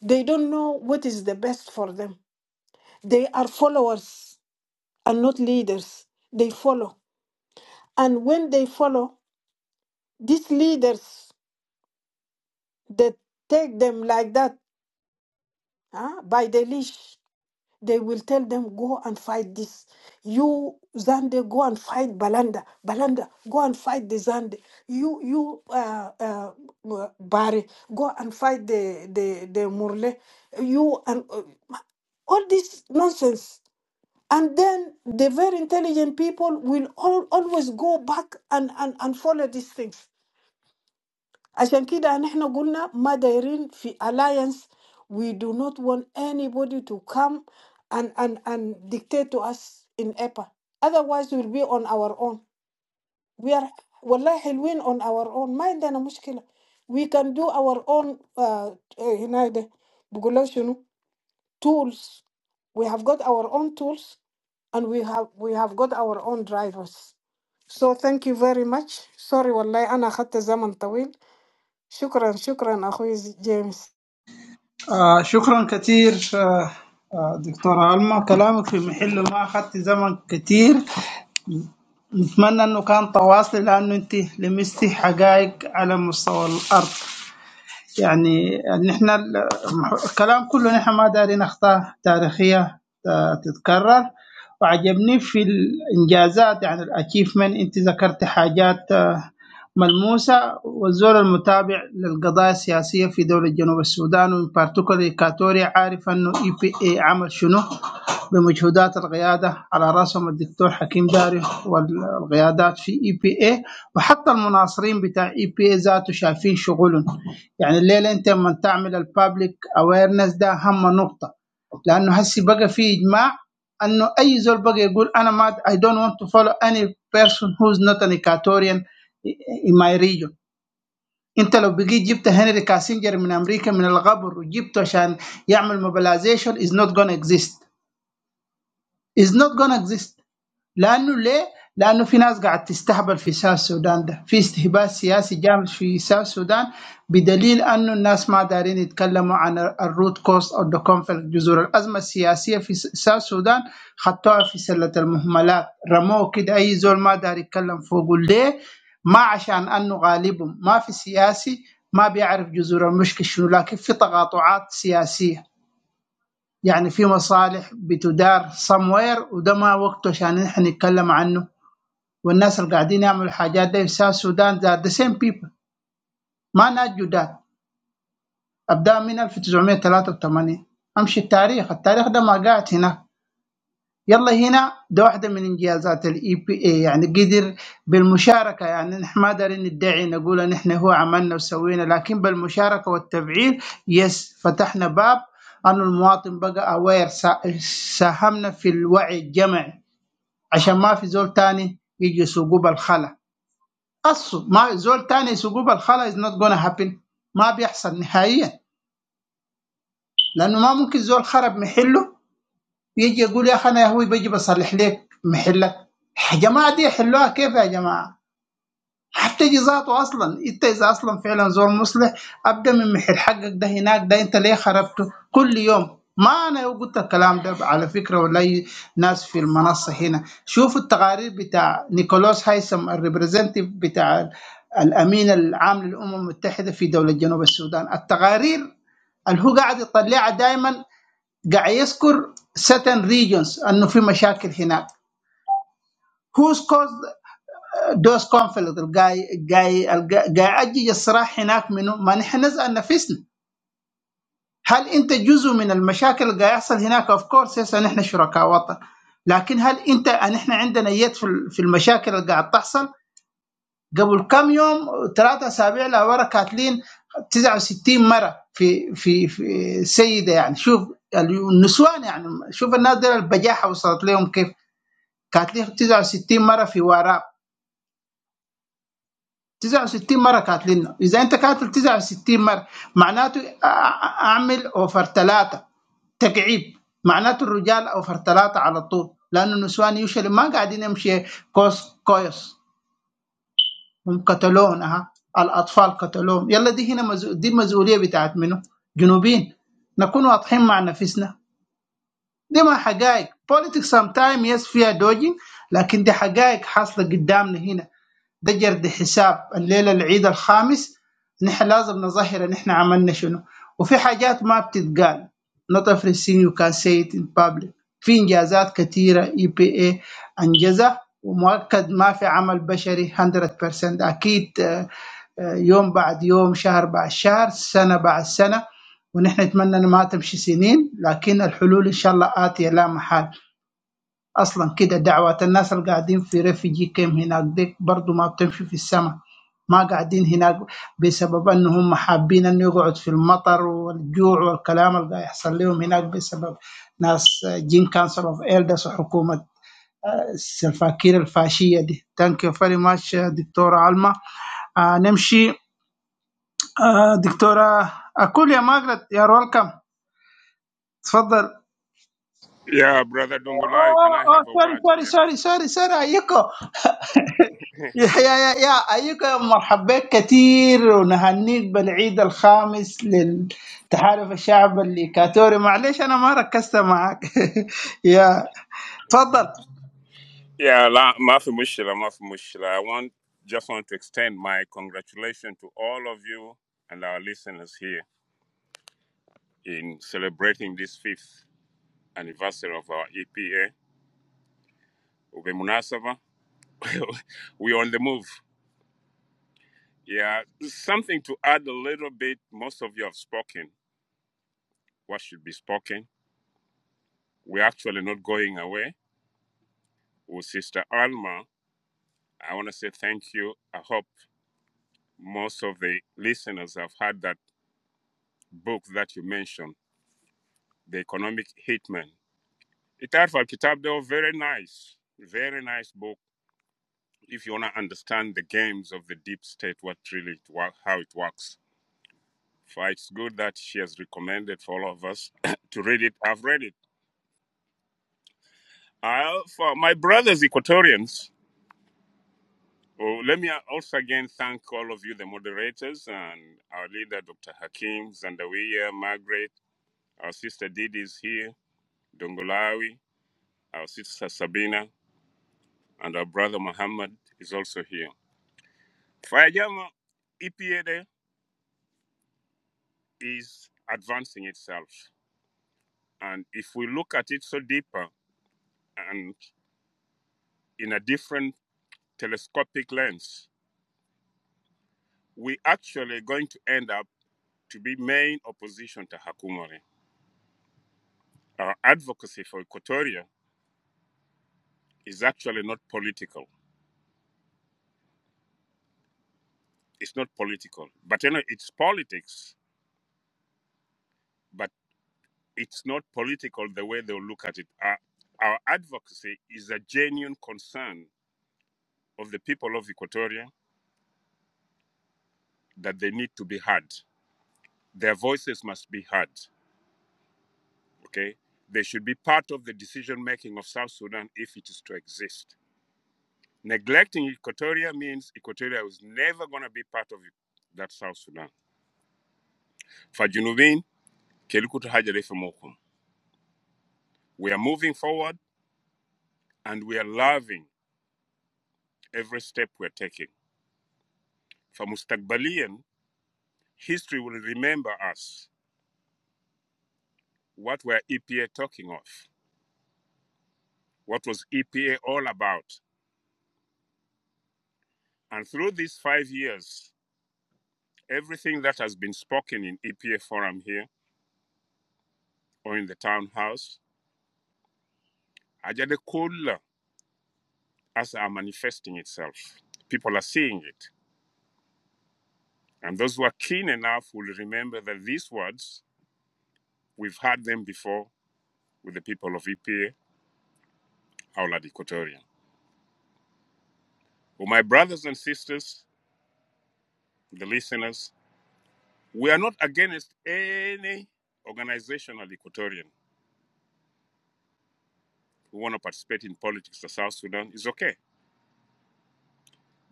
they don't know what is the best for them. They are followers and not leaders. They follow. And when they follow, these leaders that take them like that huh, by the leash, they will tell them go and fight this you zande go and fight balanda balanda go and fight the zande you you uh, uh, uh, bari go and fight the the the murle you and uh, all this nonsense and then the very intelligent people will all, always go back and, and and follow these things عشان كده نحن قلنا ما دايرين في alliance we do not want anybody to come and, and, and dictate to us in EPA otherwise we'll be on our own we are والله حلوين on our own ما عندنا مشكلة we can do our own uh, هنا ده بقول شنو tools we have got our own tools and we have we have got our own drivers so thank you very much sorry والله أنا أخذت زمن طويل Shukran, shukran, akhuiz James.
آه شكرا كثير آه آه، دكتورة ألما كلامك في محله ما أخذت زمن كثير نتمنى انه كان تواصلي لانه انت لمستي حقائق على مستوى الارض يعني نحن ال- الكلام كله نحن ما دارين اخطاء تاريخيه آه، تتكرر وعجبني في الانجازات يعني الاتشيفمنت انت ذكرت حاجات آه، ملموسة والزول المتابع للقضايا السياسية في دولة جنوب السودان وبارتيكولي كاتوريا عارف أنه اي بي اي عمل شنو بمجهودات القيادة على رأسهم الدكتور حكيم داري والقيادات في اي بي اي وحتى المناصرين بتاع اي بي اي ذاته شايفين شغلهم يعني الليلة أنت لما تعمل البابليك اويرنس ده أهم نقطة لأنه هسي بقى في إجماع انه اي زول بقى يقول انا ما I don't want to follow any person who's not an Equatorian in my region انت لو بقيت جبت هنري كاسنجر من امريكا من الغبر وجبته عشان يعمل mobilization is not gonna exist is not gonna exist لانه ليه؟ لانه في ناس قاعد تستهبل في ساوث السودان ده، في استهبال سياسي جامد في ساوث السودان بدليل انه الناس ما دارين يتكلموا عن الروت كوست او ذا كونفليكت جذور الازمه السياسيه في س- ساوث السودان خطوها في سله المهملات، رموه كده اي زول ما دار يتكلم فوقه ليه؟ ما عشان انه غالبهم ما في سياسي ما بيعرف جذور المشكله شنو لكن في تقاطعات سياسيه يعني في مصالح بتدار somewhere وده ما وقته عشان نحن نتكلم عنه والناس اللي قاعدين يعملوا الحاجات دي في ساوث السودان ذا ذا سيم بيبل ما ناس جداد ابدا من 1983 امشي التاريخ التاريخ ده ما قاعد هناك يلا هنا ده واحده من انجازات الاي بي اي يعني قدر بالمشاركه يعني نحن ما دارين ندعي نقول ان احنا هو عملنا وسوينا لكن بالمشاركه والتفعيل يس فتحنا باب أن المواطن بقى اوير ساهمنا في الوعي الجمعي عشان ما في زول تاني يجي يسوقوا بالخلا قصه ما زول تاني يسوقه بالخلا از نوت جونا هابن ما بيحصل نهائيا لانه ما ممكن زول خرب محله يجي يقول يا اخي انا يا هوي بجي بصلح لك محلك يا جماعه دي حلوها كيف يا جماعه هتجي ذاته اصلا انت اذا اصلا فعلا زور مصلح ابدا من محل حقك ده هناك ده انت ليه خربته كل يوم ما انا قلت الكلام ده على فكره ولا أي ناس في المنصه هنا شوفوا التقارير بتاع نيكولاس هايسم الريبريزنتيف بتاع ال- الامين العام للامم المتحده في دوله جنوب السودان التقارير اللي هو قاعد يطلعها دائما قاعد يذكر certain regions انه في مشاكل هناك who's caused دوز كونفليكت الجاي جاي الجاي اجج الصراع هناك منه ما نحن نزعل نفسنا هل انت جزء من المشاكل اللي قاعد يحصل هناك اوف كورس يس نحن شركاء وطن لكن هل انت نحن عندنا يد في ال- في المشاكل اللي قاعد تحصل قبل كم يوم ثلاثة اسابيع لورا كاتلين 69 مره في في في سيده يعني شوف النسوان يعني شوف الناس دي البجاحه وصلت لهم كيف كاتلين 69 مره في وراب 69 مره كاتلنا اذا انت كاتل 69 مره معناته أ- أ- اعمل اوفر ثلاثه تكعيب معناته الرجال اوفر ثلاثه على طول لانه النسوان يشل ما قاعدين يمشي كوس كويس هم قتلوهم ها الاطفال قتلوهم يلا دي هنا مزو... دي المسؤوليه بتاعت منه جنوبين نكون واضحين مع نفسنا دي ما حقائق politics sometimes yes فيها دوجين لكن دي حقائق حاصله قدامنا هنا ده جرد حساب الليله العيد الخامس نحن لازم نظهر نحن عملنا شنو وفي حاجات ما بتتقال not everything you can say it in public في انجازات كثيره اي بي اي انجزها ومؤكد ما في عمل بشري 100% اكيد آه، آه، يوم بعد يوم شهر بعد شهر سنه بعد سنه ونحن نتمنى انه ما تمشي سنين لكن الحلول ان شاء الله اتيه لا محال أصلا كده دعوات الناس اللي قاعدين في ريفيجي كيم هناك ديك برضو ما بتمشي في السماء ما قاعدين هناك بسبب أنهم حابين أن يقعد في المطر والجوع والكلام اللي قاعد يحصل لهم هناك بسبب ناس آه، جين كانسل أوف إلدرز وحكومة آه، الفاكير الفاشية دي ثانك يو فيري ماتش دكتورة علمة آه نمشي آه دكتورة أكول يا ماجرت يا ويلكم تفضل
Yeah, brother Dungulai, can
اوه
I
اوه
have a
سوري
word
سوري
here?
سوري سوري سوري ايكو *laughs* يا يا يا أيك مرحب بك كثير ونهنيك بالعيد الخامس للتحالف الشعب الإيكاتوري معلش أنا ما ركزت معك *laughs* يا تفضل
Yeah, la, mafi mushila, mafi mushila. I want just want to extend my congratulations to all of you and our listeners here in celebrating this fifth anniversary of our EPA. Ube munasaba. *laughs* We're on the move. Yeah, something to add a little bit. Most of you have spoken what should be spoken. We're actually not going away. With Sister Alma, I want to say thank you. I hope. most of the listeners have heard that book that you mentioned, The Economic Hitman. Itarf al Kitab, though, very nice, very nice book if you want to understand the games of the deep state, what really, it, how it works. For it's good that she has recommended for all of us *coughs* to read it. I've read it. Uh, for my brothers, Equatorians, oh, let me uh, also again thank all of you, the moderators, and our leader, Dr. Hakim, Zandawiya, Margaret, our sister Didi is here, Dongolawi, Our sister Sabina and our brother Muhammad is also here. Fayajama EPA is advancing itself. And if we look at it so deeper and in a different telescopic lens, we actually are going to end up to be main opposition to Hakumari. Our advocacy for Equatoria is actually not political. It's not political, but you know, it's politics But it's not political the way they'll look at it. Our, our advocacy is a genuine concern of the people of Equatoria that they need to be heard. Their voices must be heard. Okay, they should be part of the decision making of South Sudan if it is to exist. Neglecting Equatoria means Equatoria is never going to be part of that South Sudan. For Junubin, Kelikutu Hajarefe Mokum. We are moving forward and we are loving every step we're taking. For Mustakbalian, history will remember us what were EPA talking of, what was EPA all about. And through these five years, everything that has been spoken in EPA forum here or in the townhouse, Ajade as are manifesting itself. People are seeing it. And those who are keen enough will remember that these words, we've heard them before with the people of EPA, Aulad Equatorian. Well, my brothers and sisters, the listeners, We are not against any organizational Equatorian who want to participate in politics of South Sudan is okay.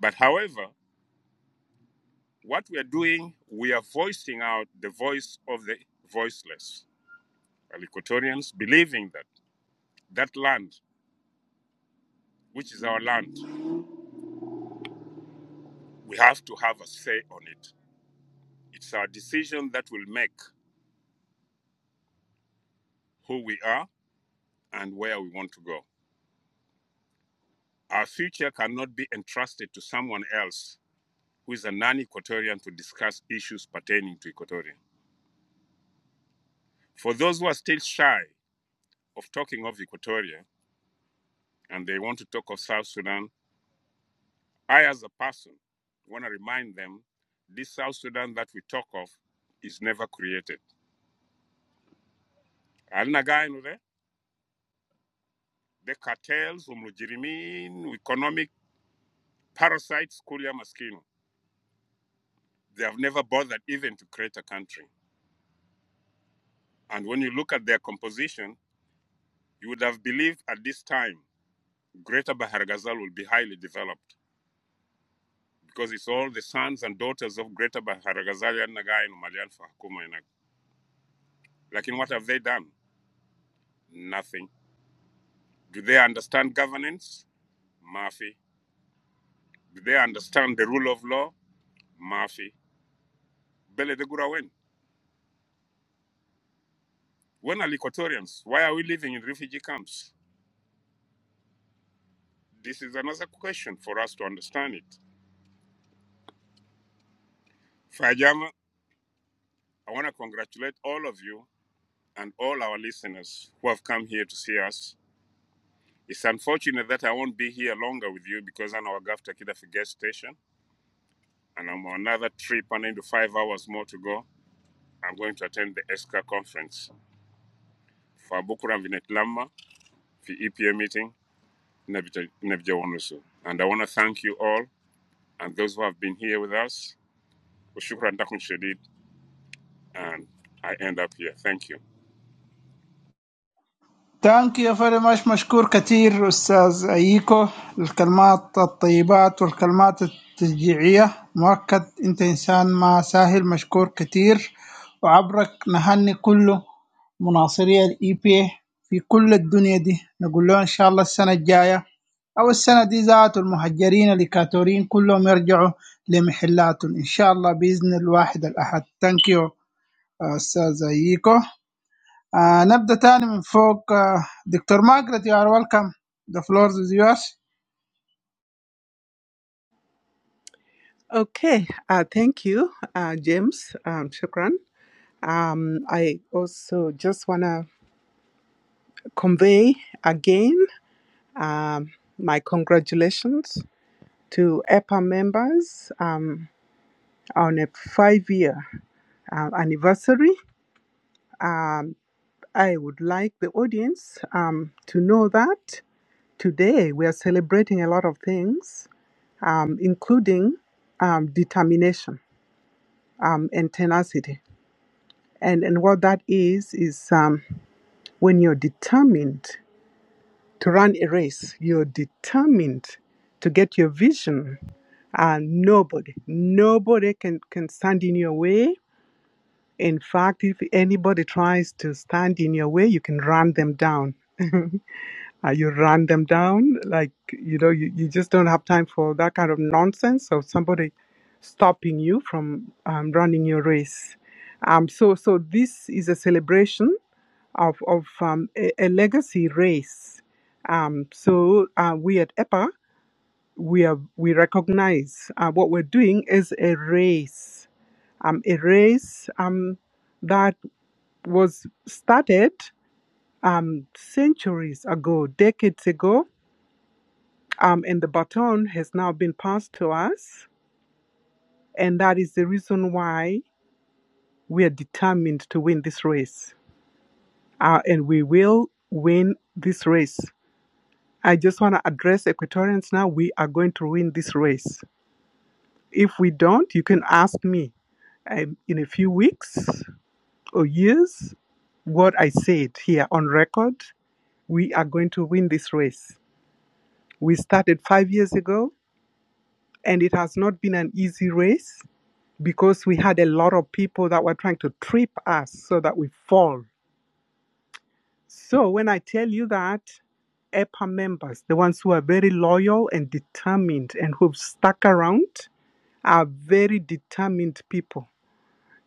But however, what we are doing, we are voicing out the voice of the voiceless. Well, Equatorians believing that that land, which is our land, we have to have a say on it. It's our decision that will make who we are and where we want to go. Our future cannot be entrusted to someone else who is a non Equatorian to discuss issues pertaining to Equatoria. For those who are still shy of talking of Equatoria and they want to talk of South Sudan, I, as a person, want to remind them this South Sudan that we talk of is never created. Alnagainu there, the cartels, umlujirimin, economic parasites, kuria maskino, they have never bothered even to create a country. And when you look at their composition, you would have believed at this time Greater Bahar Baharagazal will be highly developed. because it's all the sons and daughters of Greater Baharazalia and Nagai and Malian for Hakuma. and Ag- Like, in what have they done? Nothing. Do they understand governance? Mafi. Do they understand the rule of law? Mafi. Bele de Gurawen. When are Likotorians? Why are we living in refugee camps? This is another question for us to understand it. Fajama, I want to congratulate all of you and all our listeners who have come here to see us. It's unfortunate that I won't be here longer with you because I'm our Gafta Kidafi guest station and I'm on another trip, and in the five hours more to go, I'm going to attend the ESCA conference for Bukura Vinetlama, for EPA meeting, Nebija Nebija Wanusu. And I want to thank you all and those who have been here with us. Ushukran Dakun Shadid, and I end up here. Thank you.
ثانك يو فيري ماتش مشكور كثير استاذ ايكو الكلمات الطيبات والكلمات التشجيعيه مؤكد انت انسان ما سهل مشكور كثير وعبرك نهني كل مناصري الاي بي في كل الدنيا دي نقول له ان شاء الله السنه الجايه او السنه دي ذات المهجرين الكاتورين كلهم يرجعوا لمحلاتهم ان شاء الله باذن الواحد الاحد ثانك يو استاذ ايكو آه نبدا تاني من فوق آه دكتور ماجرت يو ار ويلكم ذا فلور از يورس
Okay, uh, thank you, uh, James. Um, shukran. Um, I also just want to convey again um, my congratulations to EPA members um, on a five year uh, anniversary. Um, I would like the audience um, to know that today we are celebrating a lot of things, um, including um, determination um, and tenacity. And, and what that is, is um, when you're determined to run a race, you're determined to get your vision, and uh, nobody, nobody can, can stand in your way. In fact, if anybody tries to stand in your way, you can run them down. *laughs* Uh, you run them down. Like, you know, you, you just don't have time for that kind of nonsense of somebody stopping you from um, running your race. Um, so, so this is a celebration of, of um, a, a legacy race. Um, so uh, we at EPA, we, are, we recognize uh, what we're doing is a race, um, a race um, that was started um, centuries ago, decades ago, Um, and the baton has now been passed to us. And that is the reason why we are determined to win this race. Uh, and we will win this race. I just want to address Equatorians now. We are going to win this race. If we don't, you can ask me um, in a few weeks or years what I said here on record. We are going to win this race. We started five years ago, and it has not been an easy race because we had a lot of people that were trying to trip us so that we fall. So when I tell you that EPA members, the ones who are very loyal and determined and who've stuck around, are very determined people.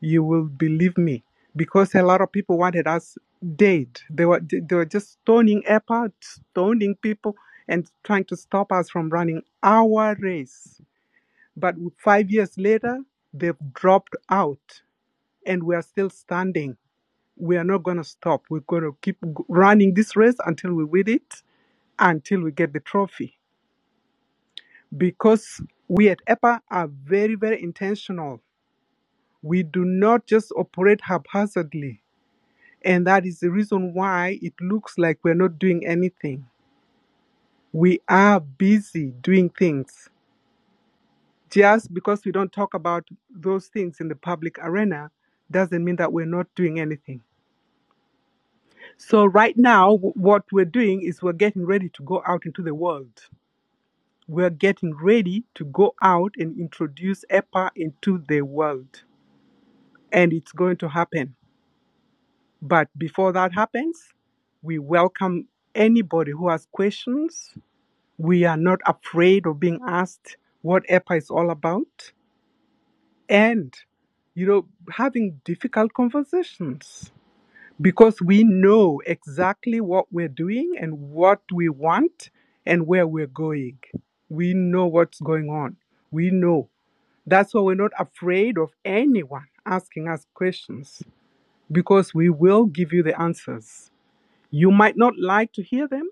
You will believe me because a lot of people wanted us dead. They were they were just stoning EPA, stoning people, and trying to stop us from running our race. But five years later, they've dropped out and we are still standing. We are not going to stop. We're going to keep running this race until we win it, until we get the trophy. Because we at EPA are very, very intentional. We do not just operate haphazardly. And that is the reason why it looks like we're not doing anything. We are busy doing things. Just because we don't talk about those things in the public arena doesn't mean that we're not doing anything So right now, wh- what we're doing is we're getting ready to go out into the world. We're getting ready to go out and introduce EPA into the world, and it's going to happen. But before that happens, we welcome anybody who has questions. We are not afraid of being asked what EPA is all about, and you know, having difficult conversations because we know exactly what we're doing and what we want and where we're going. We know what's going on. We know. That's why we're not afraid of anyone asking us questions because we will give you the answers. You might not like to hear them,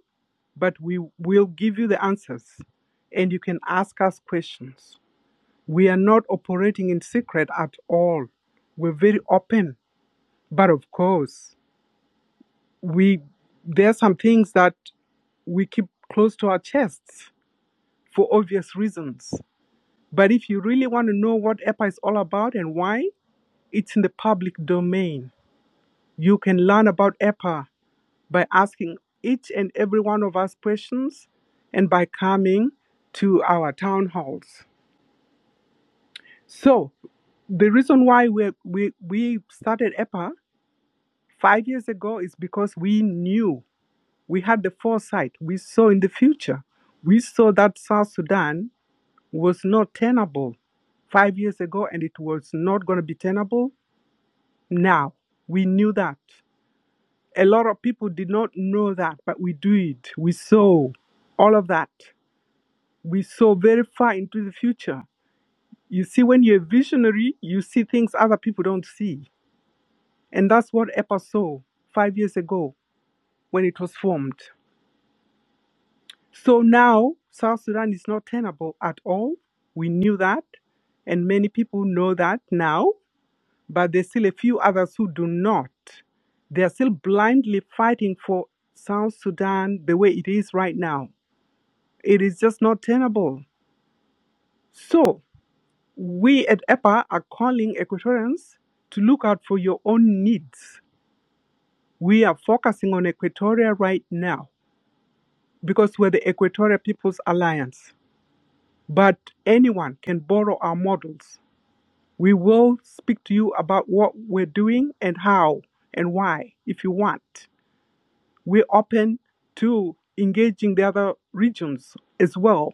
but we will give you the answers and you can ask us questions. We are not operating in secret at all. We're very open, but of course. we there are some things that we keep close to our chests for obvious reasons. But if you really want to know what EPA is all about and why, it's in the public domain. You can learn about EPA by asking each and every one of us questions and by coming to our town halls. So, the reason why we, we, we started EPA five years ago is because we knew We had the foresight. We saw in the future. We saw that South Sudan was not tenable five years ago and it was not going to be tenable now. We knew that. A lot of people did not know that, but we do it. We saw all of that. We saw very far into the future. You see, when you're a visionary, you see things other people don't see. And that's what EPA saw five years ago when it was formed. So now South Sudan is not tenable at all. We knew that, and many people know that now, but there's still a few others who do not. They are still blindly fighting for South Sudan the way it is right now. It is just not tenable. So we at EPA are calling Equatorians to look out for your own needs. We are focusing on Equatoria right now because we're the Equatorial People's Alliance. But anyone can borrow our models. We will speak to you about what we're doing and how and why if you want. We're open to engaging the other regions as well.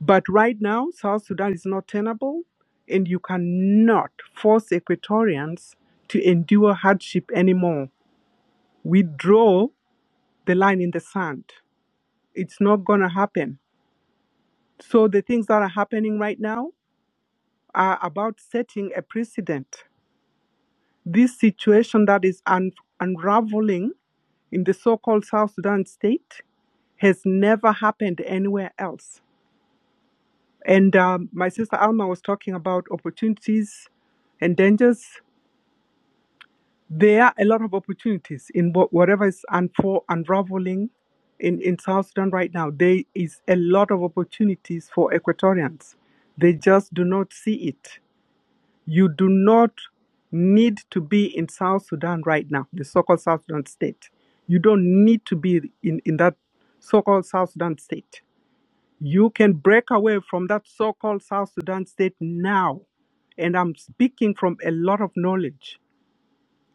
But right now, South Sudan is not tenable, and you cannot force Equatorians to endure hardship anymore. We draw the line in the sand. It's not going to happen. So, the things that are happening right now are about setting a precedent This situation that is un- unraveling in the so called South Sudan state has never happened anywhere else. And um, my sister Alma was talking about opportunities and dangers. There are a lot of opportunities in what, whatever is unfo- unraveling in, in South Sudan right now. There is a lot of opportunities for Equatorians. They just do not see it. You do not need to be in South Sudan right now, the so called South Sudan state. You don't need to be in, in that so called South Sudan state. You can break away from that so called South Sudan state now. And I'm speaking from a lot of knowledge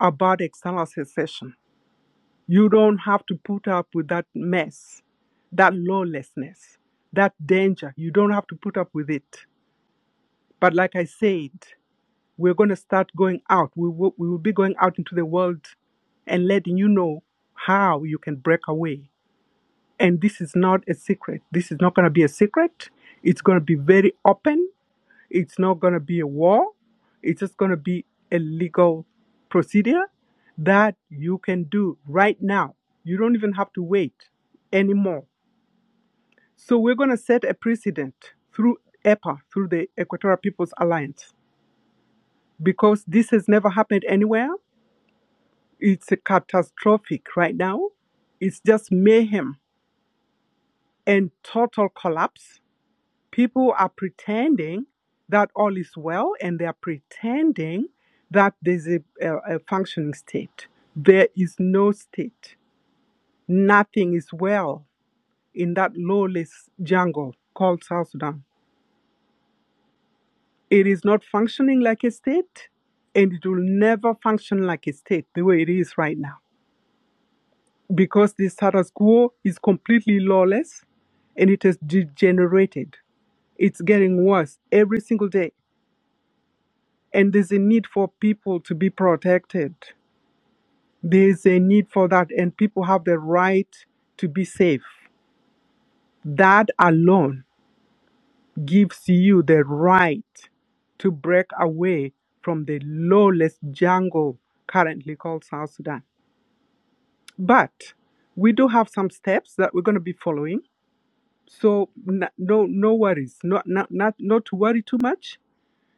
about external secession. You don't have to put up with that mess, that lawlessness, that danger. You don't have to put up with it. But like I said, We're going to start going out. We will, we will be going out into the world and letting you know how you can break away. And this is not a secret. This is not going to be a secret. It's going to be very open. It's not going to be a war. It's just going to be a legal procedure that you can do right now. You don't even have to wait anymore. So we're going to set a precedent through EPA, through the Equatorial People's Alliance, because this has never happened anywhere. It's catastrophic right now. It's just mayhem and total collapse. People are pretending that all is well, and they are pretending that there's a, a, a functioning state. There is no state. Nothing is well in that lawless jungle called South Sudan. It is not functioning like a state, and it will never function like a state the way it is right now because the status quo is completely lawless and it has degenerated. It's getting worse every single day. And there's a need for people to be protected. There's a need for that, and people have the right to be safe. That alone gives you the right to break away from the lawless jungle currently called South Sudan. But we do have some steps that we're going to be following So n- no no worries, not not not not to worry too much.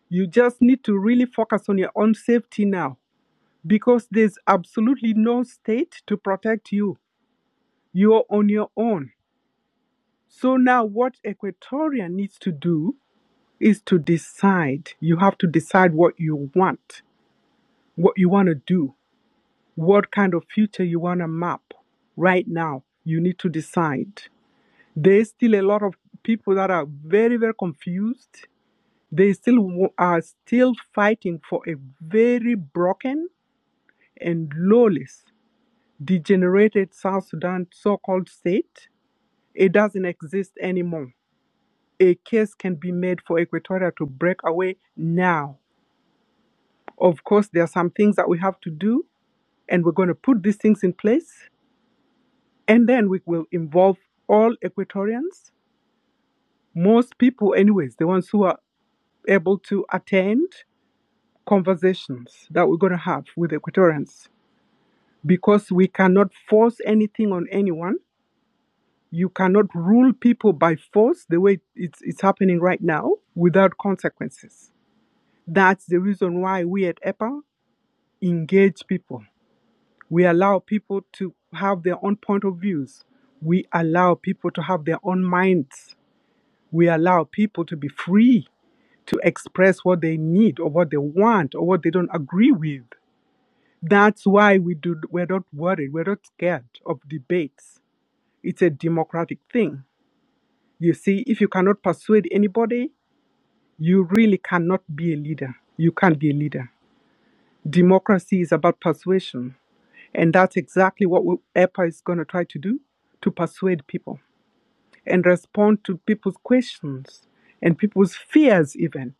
You just need to really focus on your own safety now because there's absolutely no state to protect you. You're on your own. So now what Equatoria needs to do is to decide. You have to decide what you want, what you want to do, what kind of future you want to map. Right now, you need to decide. There's still a lot of people that are very, very confused They still wa- are still fighting for a very broken and lawless, degenerated South Sudan so-called state. It doesn't exist anymore. A case can be made for Equatoria to break away now. Of course, there are some things that we have to do, and we're going to put these things in place, and then we will involve all Equatorians, most people, anyways, the ones who are able to attend conversations that we're going to have with Equatorians because we cannot force anything on anyone. You cannot rule people by force the way it's, it's happening right now without consequences. That's the reason why we at EPA engage people. We allow people to have their own point of views. We allow people to have their own minds. We allow people to be free to express what they need or what they want or what they don't agree with. That's why we do, we're not worried, we're not scared of debates It's a democratic thing. You see, if you cannot persuade anybody, you really cannot be a leader. You can't be a leader. Democracy is about persuasion. And that's exactly what EPA is going to try to do to persuade people and respond to people's questions and people's fears, even.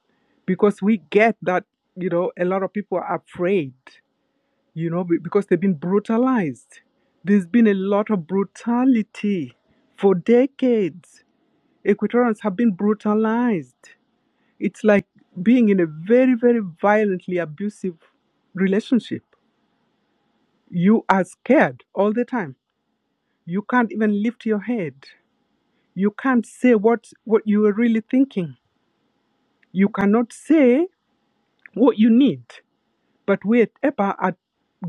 Because we get that, you know, a lot of people are afraid, you know, because they've been brutalized. There's been a lot of brutality for decades Equatorians have been brutalized. It's like being in a very, very violently abusive relationship. You are scared all the time. You can't even lift your head. You can't say what, what you are really thinking. You cannot say what you need. But we EPA are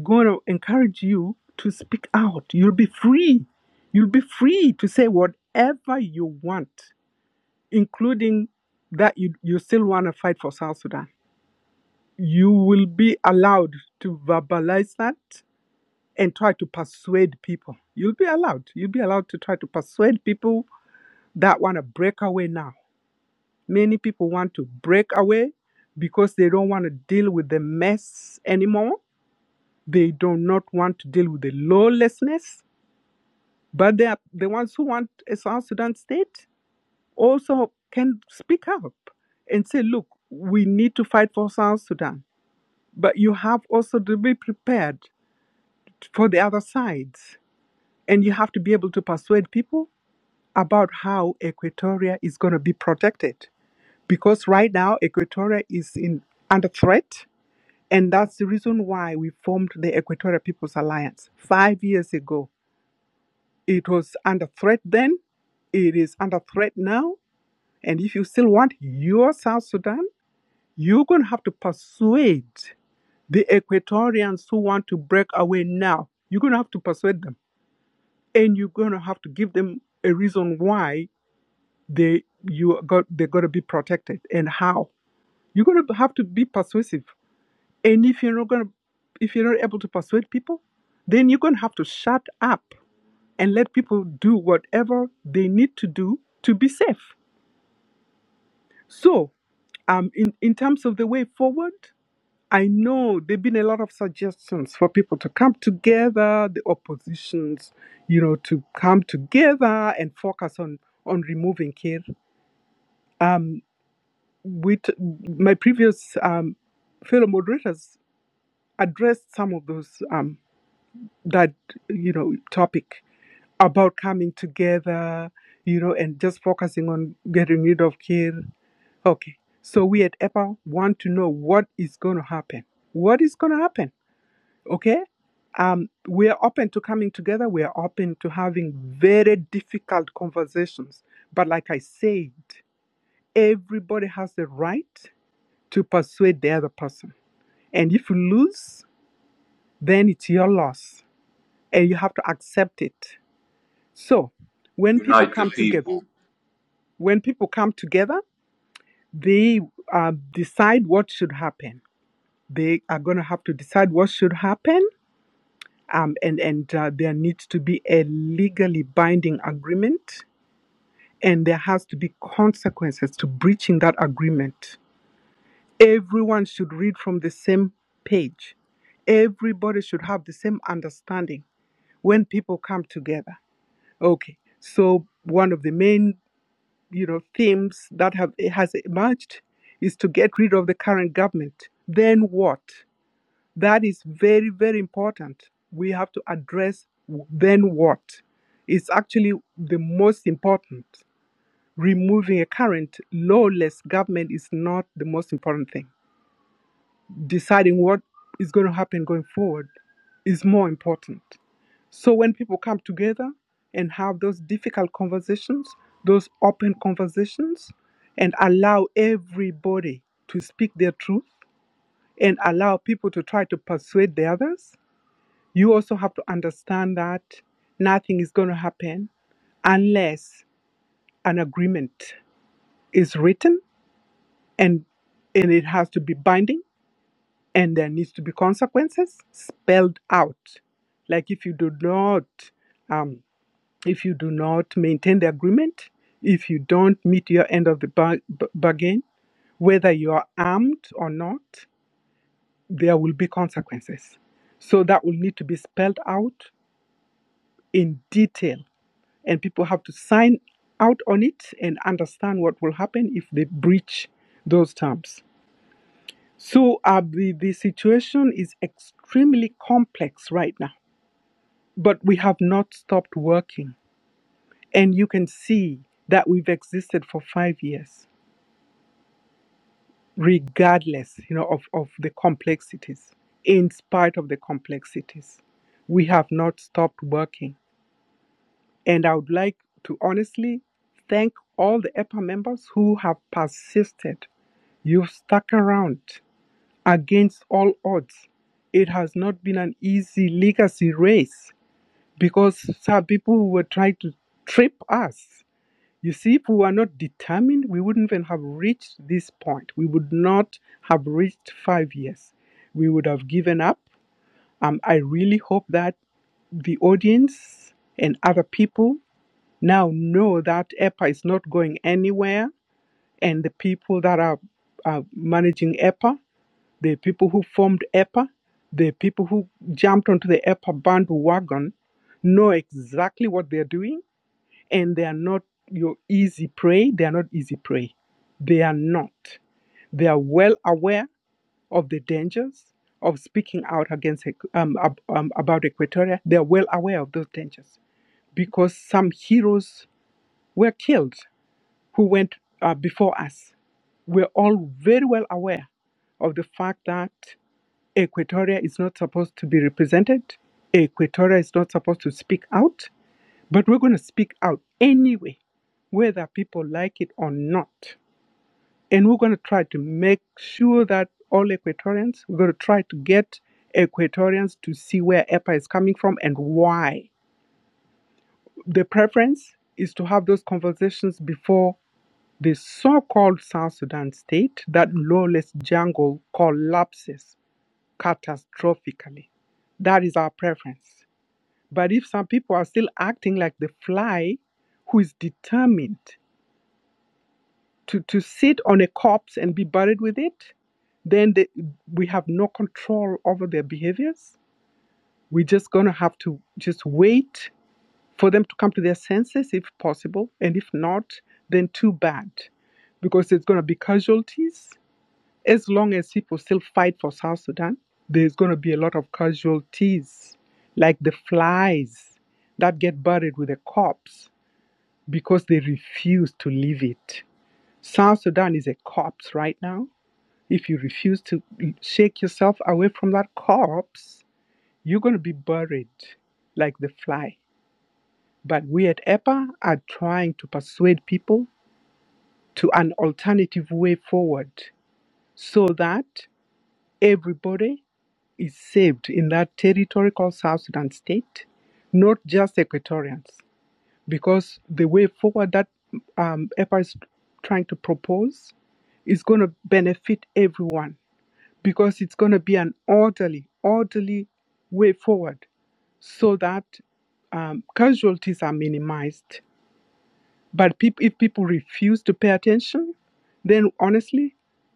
going to encourage you to speak out. You'll be free. You'll be free to say whatever you want, including that you, you still want to fight for South Sudan you will be allowed to verbalize that and try to persuade people. You'll be allowed. You'll be allowed to try to persuade people that want to break away now. Many people want to break away because they don't want to deal with the mess anymore. They do not want to deal with the lawlessness. But they are the ones who want a South Sudan state also can speak up and say, look, we need to fight for South Sudan. But you have also to be prepared for the other sides. And you have to be able to persuade people about how Equatoria is going to be protected. Because right now, Equatoria is in under threat. And that's the reason why we formed the Equatorial People's Alliance five years ago. It was under threat then, it is under threat now. And if you still want your South Sudan, you're going to have to persuade the Equatorians who want to break away now. You're going to have to persuade them and you're gonna have to give them a reason why they you got they gotta be protected and how. You're gonna have to be persuasive. And if you're not gonna if you're not able to persuade people, then you're gonna have to shut up and let people do whatever they need to do to be safe. So um in, in terms of the way forward, I know there've been a lot of suggestions for people to come together, the oppositions, you know, to come together and focus on on removing care. Um, with my previous um, fellow moderators addressed some of those um, that you know topic about coming together, you know, and just focusing on getting rid of care. Okay, so we at EPA want to know what is going to happen. What is going to happen? okay um, we are open to coming together we are open to having very difficult conversations but like i said everybody has the right to persuade the other person and if you lose then it's your loss and you have to accept it so when people
Unite the
come together
people.
when people come together they uh, decide what should happen they are going to have to decide what should happen um, and and uh, there needs to be a legally binding agreement, and there has to be consequences to breaching that agreement. Everyone should read from the same page. Everybody should have the same understanding when people come together. Okay, so one of the main you know themes that have has emerged is to get rid of the current government. Then what? That is very, very important. We have to address w- then what is actually the most important. Removing a current lawless government is not the most important thing. Deciding what is going to happen going forward is more important. So when people come together and have those difficult conversations, those open conversations, and allow everybody to speak their truth and allow people to try to persuade the others you also have to understand that nothing is going to happen unless an agreement is written and and it has to be binding and there needs to be consequences spelled out like if you do not um, if you do not maintain the agreement if you don't meet your end of the bar- b- bargain whether you are armed or not there will be consequences so that will need to be spelled out in detail and people have to sign out on it and understand what will happen if they breach those terms. So uh, the, the situation is extremely complex right now, but we have not stopped working. And you can see that we've existed for five years, regardless you know, of, of the complexities. In spite of the complexities, we have not stopped working And I would like to honestly thank all the EPA members who have persisted. You've stuck around against all odds. It has not been an easy legacy race because some people were trying to trip us. You see, if we were not determined, we wouldn't even have reached this point. We would not have reached five years. We would have given up. Um, I really hope that the audience and other people now know that EPA is not going anywhere, and the people that are, are managing EPA, the people who formed EPA, the people who jumped onto the EPA bandwagon, know exactly what they're doing, and they are not your easy prey. They are not easy prey. They are not. They are well aware of the dangers of speaking out against um, um, about Equatoria. They are well aware of those dangers because some heroes were killed who went uh, before us were all very well aware of the fact that Equatoria is not supposed to be represented. Equatoria is not supposed to speak out, but we're going to speak out anyway, whether people like it or not. And we're going to try to make sure that all Equatorians, we're going to try to get Equatorians to see where EPA is coming from and why. The preference is to have those conversations before The so-called South Sudan state, that lawless jungle collapses catastrophically. That is our preference. But if some people are still acting like the fly who is determined to, to sit on a corpse and be buried with it, then they, we have no control over their behaviors. We're just going to have to just wait for them to come to their senses if possible. And if not, then too bad because there's going to be casualties As long as people still fight for South Sudan, there's going to be a lot of casualties, like the flies that get buried with a corpse because they refuse to leave it. South Sudan is a corpse right now. If you refuse to shake yourself away from that corpse, you're going to be buried like the fly. But we at EPA are trying to persuade people to an alternative way forward so that everybody is saved in that territory called South Sudan state, not just Equatorians, because the way forward that um, EPA is trying to propose is going to benefit everyone because it's going to be an orderly, orderly way forward so that um, casualties are minimized but peop- if people refuse to pay attention, then honestly,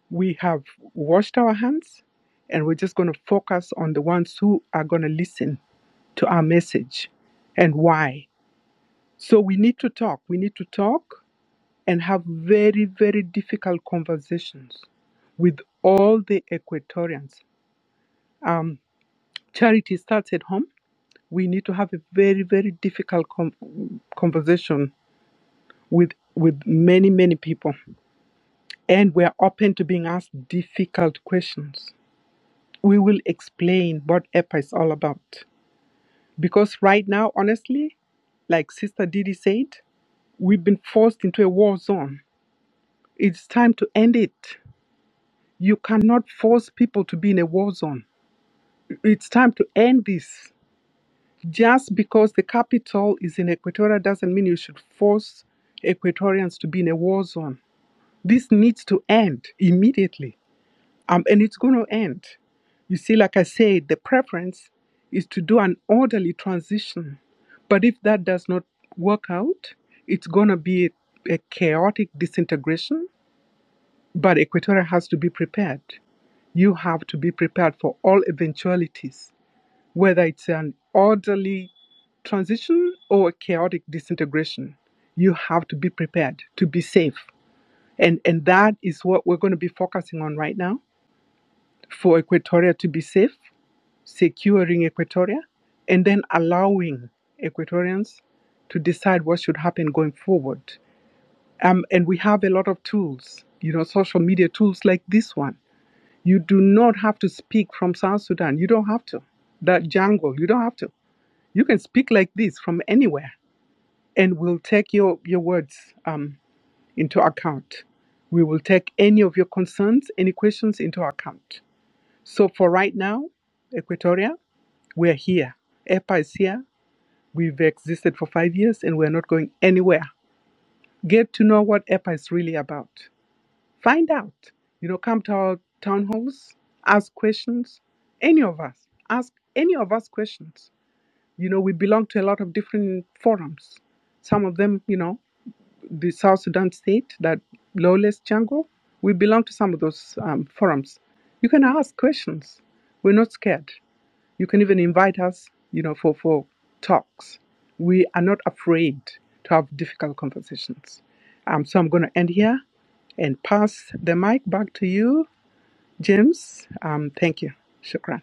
we have washed our hands and we're just going to focus on the ones who are going to listen to our message and why. So we need to talk. We need to talk and have very, very difficult conversations with all the Equatorians. Um, charity starts at home. We need to have a very, very difficult com- conversation with with many, many people. and we are open to being asked difficult questions. We will explain what EPA is all about. Because right now, honestly, like Sister Didi said, we've been forced into a war zone. It's time to end it. You cannot force people to be in a war zone. It's time to end this. Just because the capital is in Equatoria doesn't mean you should force Equatorians to be in a war zone. This needs to end immediately um, and it's going to end. You see, like I said, the preference is to do an orderly transition. But if that does not work out, it's going to be a a chaotic disintegration. But Equatorial has to be prepared. You have to be prepared for all eventualities, whether it's an orderly transition or a chaotic disintegration. You have to be prepared to be safe. And, and that is what we're going to be focusing on right now for Equatoria to be safe, securing Equatoria, and then allowing Equatorians to decide what should happen going forward. Um, and we have a lot of tools, you know, social media tools like this one. You do not have to speak from South Sudan. You don't have to. That jungle, you don't have to. You can speak like this from anywhere, and we'll take your, your words um, into account. We will take any of your concerns, any questions into account. So for right now, Equatoria, we're here. EPA is here. We've existed for five years and we're not going anywhere. Get to know what EPA is really about. Find out. You know, come to our town halls, ask questions. Any of us, ask any of us questions. You know, we belong to a lot of different forums. Some of them, you know, the South Sudan state, that lawless jungle, we belong to some of those um, forums. You can ask questions. We're not scared. You can even invite us, you know, for, for talks. We are not afraid to have difficult conversations. Um, so I'm going to end here and pass the mic back to you, James. Um, thank you. Shukran.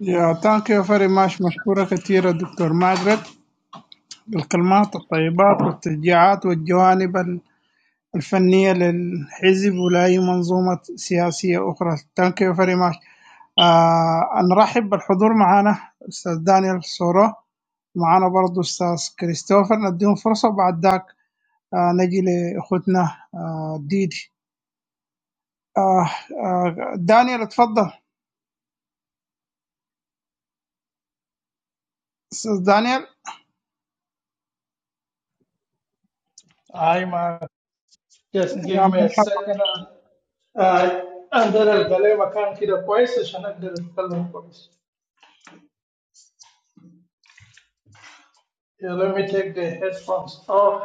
يا ثانك يو فيري ماتش مشكوره كثيره دكتور ماجرت بالكلمات الطيبات والتشجيعات والجوانب ال- الفنيه للحزب ولاي منظومه سياسيه اخرى ثانك يو فيري ماتش نرحب بالحضور معنا استاذ دانيال سورو معنا برضو استاذ كريستوفر نديهم فرصه بعد ذاك آه نجي لاخوتنا آه ديدي آه آه دانيال اتفضل استاذ دانيال
I must just
يا
give me a
مرحبا
second. Uh, and then I'll believe I can't hear the voices and then I'll tell voice. Yeah, let me take the headphones off.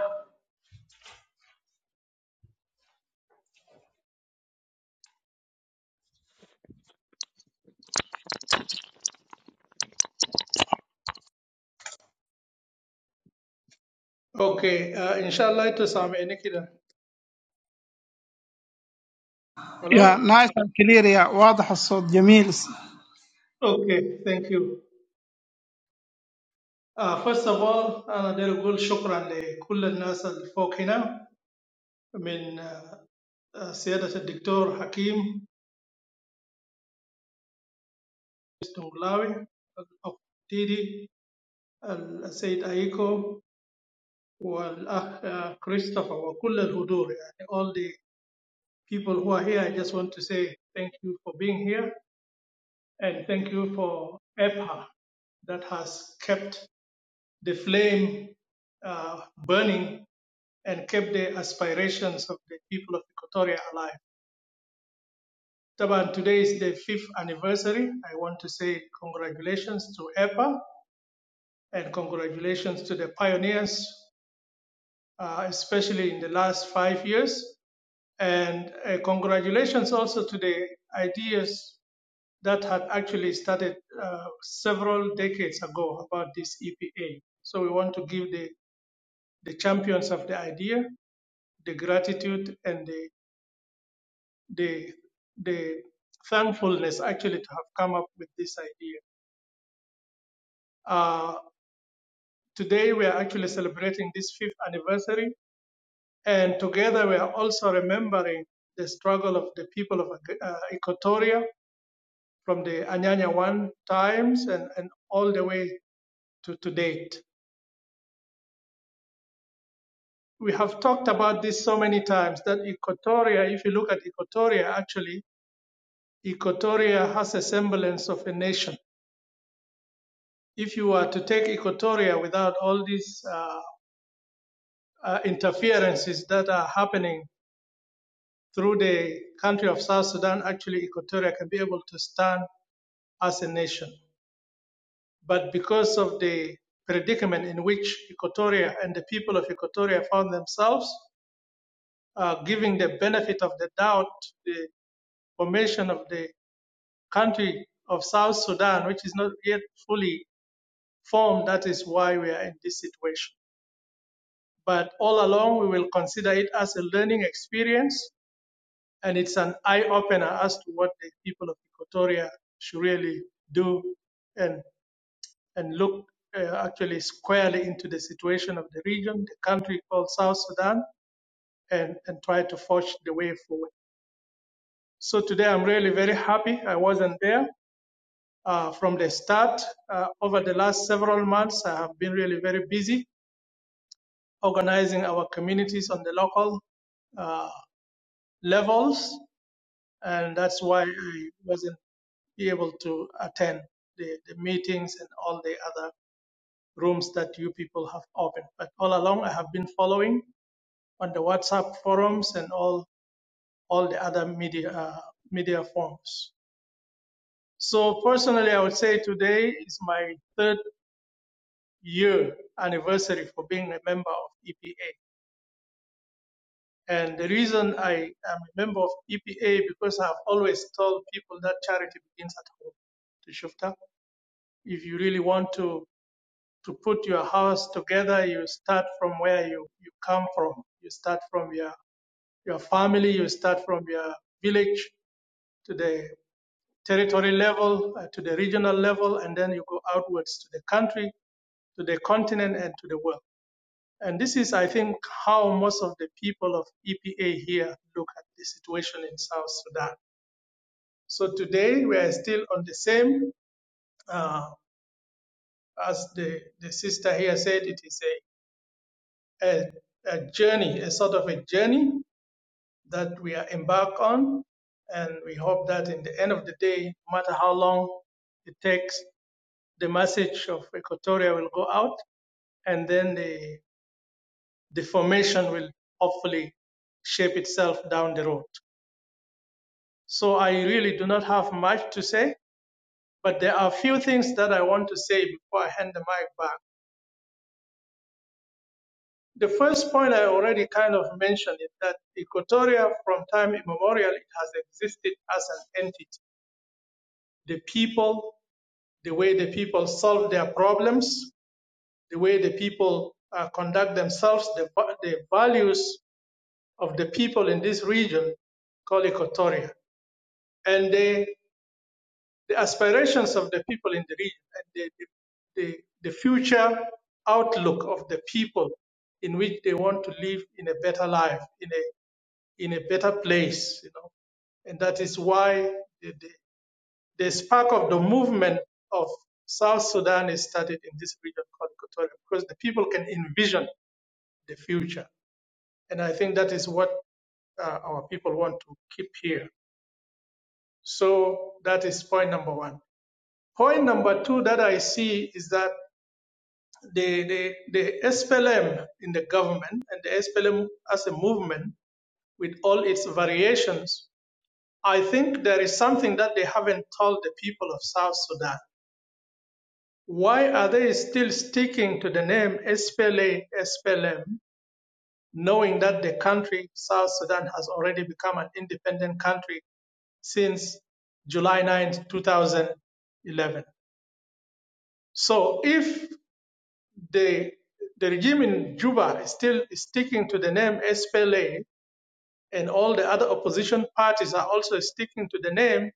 Okay, uh, inshallah it is Sami Nikida. Hello?
يا نايس اند كلير يا واضح الصوت جميل
Okay, thank you. Uh, first of all, أنا داير أقول شكرا لكل الناس اللي فوق هنا من آه، آه، سيادة الدكتور حكيم الدنقلاوي الأخ ديدي السيد أيكو والأخ uh, Christopher وكل الحضور يعني all the people who are here I just want to say thank you for being here and thank you for EPA that has kept the flame uh, burning and kept the aspirations of the people of Equatoria alive. Taban, today is the fifth anniversary. I want to say congratulations to EPA and congratulations to the pioneers, uh, especially in the last five years. And uh, congratulations also to the ideas that had actually started uh, several decades ago about this EPA. So we want to give the, the champions of the idea the gratitude and the, the, the thankfulness actually to have come up with this idea. Uh, today we are actually celebrating this fifth anniversary, and together we are also remembering the struggle of the people of uh, Equatoria from the Anyanya 1 times and, and all the way to, to date. We have talked about this so many times that Equatoria, if you look at Equatoria, actually, Equatoria has a semblance of a nation. If you were to take Equatoria without all these uh, uh, interferences that are happening through the country of South Sudan, actually, Equatoria can be able to stand as a nation. But because of the predicament in which Equatoria and the people of Equatoria found themselves, uh, giving the benefit of the doubt to the formation of the country of South Sudan, which is not yet fully formed. That is why we are in this situation. But all along, we will consider it as a learning experience, and it's an eye opener as to what the people of Equatoria should really do and and look uh, actually squarely into the situation of the region, the country called South Sudan, and, and try to forge the way forward. So today I'm really very happy. I wasn't there uh, from the start. Uh, over the last several months, I have been really very busy organizing our communities on the local uh, levels, and that's why I wasn't able to attend the, the meetings and all the other rooms that you people have opened. But all along, I have been following on the WhatsApp forums and all all the other media uh, media forms. So personally, I would say today is my third year anniversary for being a member of EPA. And the reason I am a member of EPA because I've always told people that charity begins at home. To Shufta, if you really want to to put your house together, you start from where you, you come from. You start from your your family. You start from your village to the territory level, uh, to the regional level, and then you go outwards to the country, to the continent, and to the world. And this is, I think, how most of the people of EPA here look at the situation in South Sudan. So today we are still on the same, uh, as the, the sister here said, it is a, a, a journey, a sort of a journey that we are embarked on. And we hope that in the end of the day, no matter how long it takes, the message of Equatoria will go out and then the, the formation will hopefully shape itself down the road. So I really do not have much to say, but there are a few things that I want to say before I hand the mic back. The first point I already kind of mentioned is that Equatoria from time immemorial it has existed as an entity. The people, the way the people solve their problems, the way the people uh, conduct themselves, the, the values of the people in this region called Equatoria. And they the aspirations of the people in the region and the, the, the, future outlook of the people in which they want to live in a better life, in a, in a better place, you know. And that is why the, the, the spark of the movement of South Sudan is started in this region called Equatoria because the people can envision the future. And I think that is what uh, our people want to keep here. So that is point number one. Point number two that I see is that the, the, the SPLM in the government and the SPLM as a movement with all its variations, I think there is something that they haven't told the people of South Sudan. Why are they still sticking to the name SPLA, SPLM, knowing that the country, South Sudan, has already become an independent country since July 9, 2011? So if the the regime in Juba is still sticking to the name SPLA, and all the other opposition parties are also sticking to the name.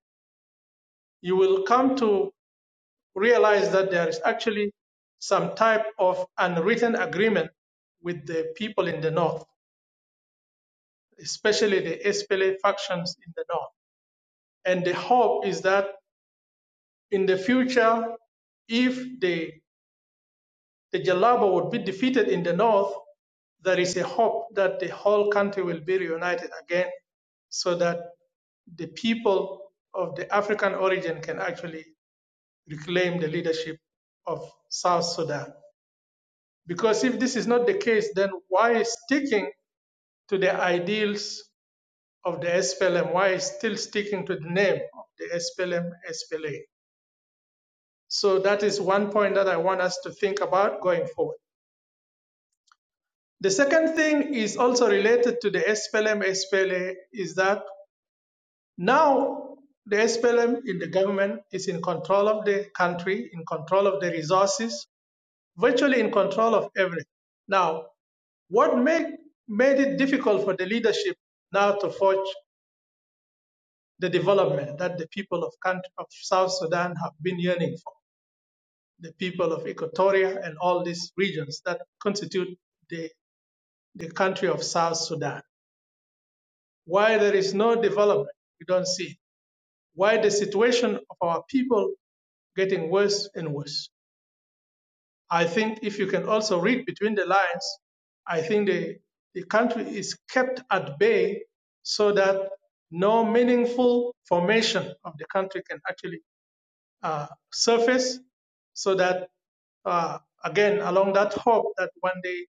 You will come to realize that there is actually some type of unwritten agreement with the people in the north, especially the SPLA factions in the north. And the hope is that in the future, if the the Jalaba would be defeated in the north, there is a hope that the whole country will be reunited again so that the people of the African origin can actually reclaim the leadership of South Sudan. Because if this is not the case, then why sticking to the ideals of the SPLM? Why still sticking to the name of the SPLM, SPLA? So that is one point that I want us to think about going forward. The second thing is also related to the SPLM SPLA is that now the SPLM in the government is in control of the country, in control of the resources, virtually in control of everything. Now, what make, made it difficult for the leadership now to forge the development that the people of, country, of South Sudan have been yearning for, the people of Equatoria and all these regions that constitute the, the country of South Sudan? why there is no development we don't see why the situation of our people getting worse and worse i think if you can also read between the lines i think the, the country is kept at bay so that no meaningful formation of the country can actually uh, surface so that uh, again along that hope that one day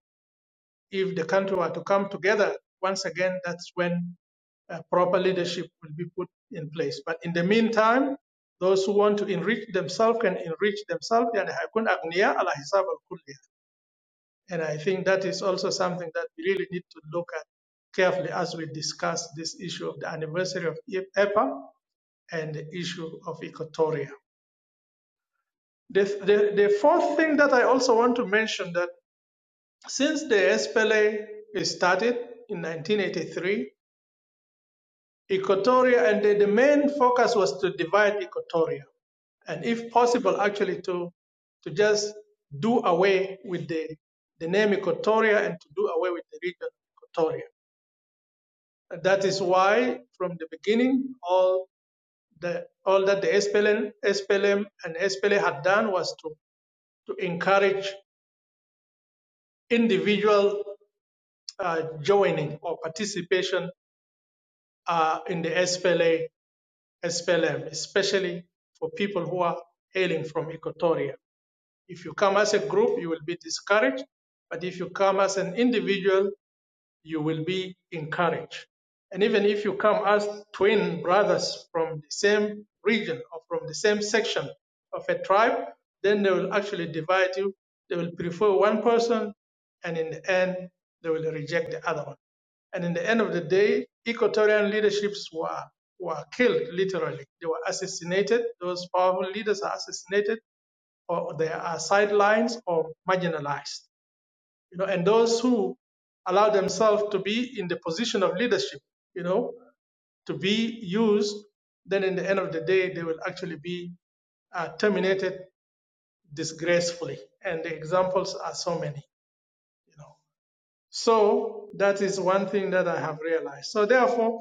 if the country were to come together once again, that's when uh, proper leadership will be put in place. But in the meantime, those who want to enrich themselves can enrich themselves. And I think that is also something that we really need to look at carefully as we discuss this issue of the anniversary of EPA and the issue of Equatoria. The, the, the fourth thing that I also want to mention that since the SPLA started in 1983, Equatoria, and the, the main focus was to divide Equatoria, and if possible, actually to to just do away with the the name Equatoria and to do away with the region Equatoria. And that is why, from the beginning, all the all that the SPLM, and SPLA had done was to to encourage individual uh, joining or participation uh, in the SPLA SPLM, especially for people who are hailing from Equatoria. If you come as a group, you will be discouraged. But if you come as an individual, you will be encouraged. And even if you come as twin brothers from the same region or from the same section of a tribe, then they will actually divide you. They will prefer one person, and in the end, they will reject the other one. And in the end of the day, equatorial leaderships were, were killed literally. They were assassinated. Those powerful leaders are assassinated, or they are sidelined or marginalized you know, and those who allow themselves to be in the position of leadership, you know, to be used, then in the end of the day, they will actually be uh, terminated disgracefully. And the examples are so many, you know. So that is one thing that I have realized. So therefore,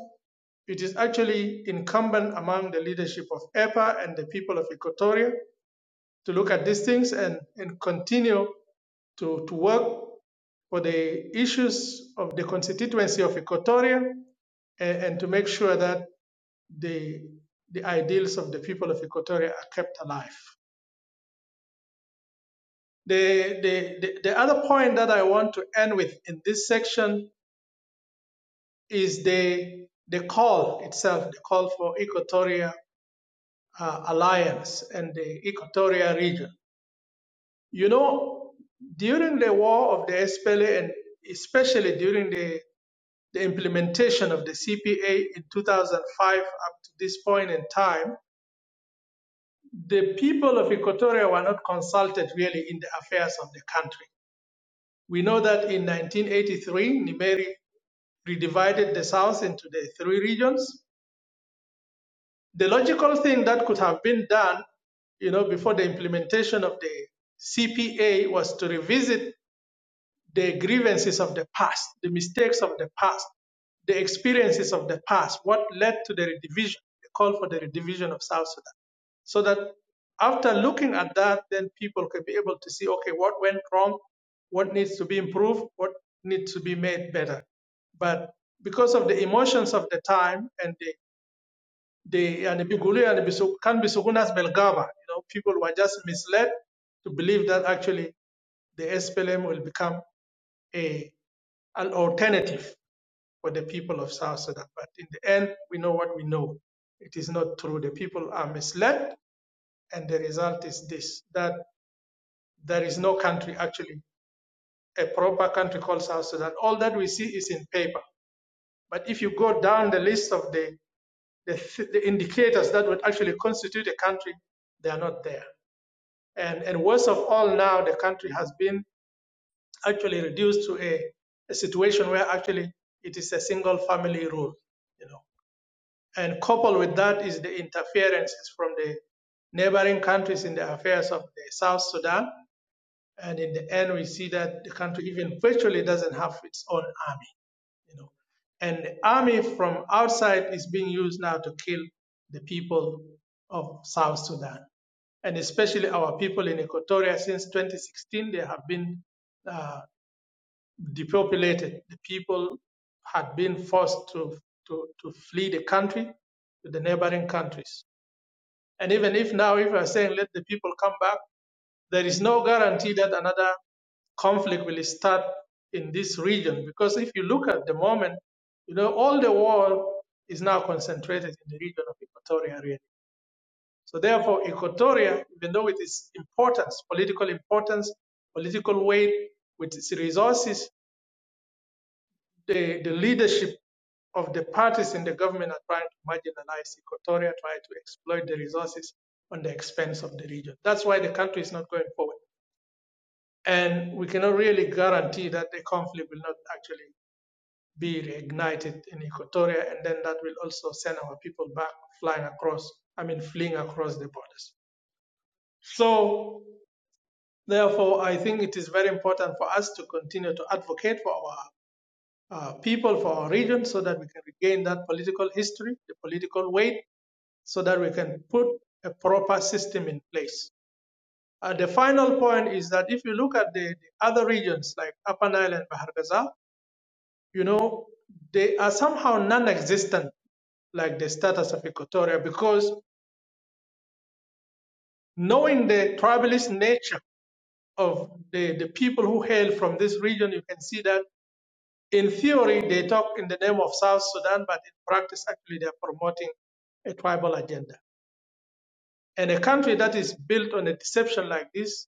it is actually incumbent among the leadership of EPA and the people of Equatoria to look at these things and, and continue to, to work for the issues of the constituency of Equatoria and, and to make sure that the, the ideals of the people of Equatoria are kept alive. The, the, the, the other point that I want to end with in this section is the, the call itself, the call for Equatoria uh, Alliance and the Equatoria region. You know, during the war of the SPLA and especially during the the implementation of the CPA in 2005 up to this point in time, the people of Equatoria were not consulted really in the affairs of the country. We know that in 1983, Nimeri redivided the South into the three regions. The logical thing that could have been done, you know, before the implementation of the CPA was to revisit the grievances of the past, the mistakes of the past, the experiences of the past, what led to the redivision, the call for the redivision of South Sudan. So that after looking at that, then people can be able to see, okay, what went wrong, what needs to be improved, what needs to be made better. But because of the emotions of the time and the the and the bigulu and the bisu- can be sugunas belgava, you know, people were just misled to believe that actually the SPLM will become a, an alternative for the people of South Sudan. But in the end, we know what we know. It is not true. The people are misled, and the result is this that there is no country, actually, a proper country called South Sudan. All that we see is in paper. But if you go down the list of the, the, the indicators that would actually constitute a country, they are not there. And, and worst of all, now the country has been actually reduced to a, a situation where actually it is a single family rule You know. And coupled with that is the interferences from the neighboring countries in the affairs of the South Sudan. And in the end, we see that the country even virtually doesn't have its own army, you know. And the army from outside is being used now to kill the people of South Sudan. And especially our people in Equatoria since 2016, they have been uh, depopulated. The people had been forced to, to, to flee the country to the neighboring countries. And even if now, if we are saying let the people come back, there is no guarantee that another conflict will start in this region. Because if you look at the moment, you know, all the war is now concentrated in the region of Equatoria, really. So therefore, Equatoria, even though with its importance, political importance, political weight, with its resources, the, the leadership of the parties in the government are trying to marginalize Equatoria, trying to exploit the resources on the expense of the region. That's why the country is not going forward. And we cannot really guarantee that the conflict will not actually be reignited in Equatoria, and then that will also send our people back flying across, I mean, fleeing across the borders. So, therefore, I think it is very important for us to continue to advocate for our uh, people for our region so that we can regain that political history, the political weight, so that we can put a proper system in place. Uh, the final point is that if you look at the, the other regions like Upper Nile and Bahar Gaza, you know, they are somehow non existent, like the status of Equatoria, because knowing the tribalist nature of the, the people who hail from this region, you can see that In theory, they talk in the name of South Sudan, but in practice, actually, they're promoting a tribal agenda. And a country that is built on a deception like this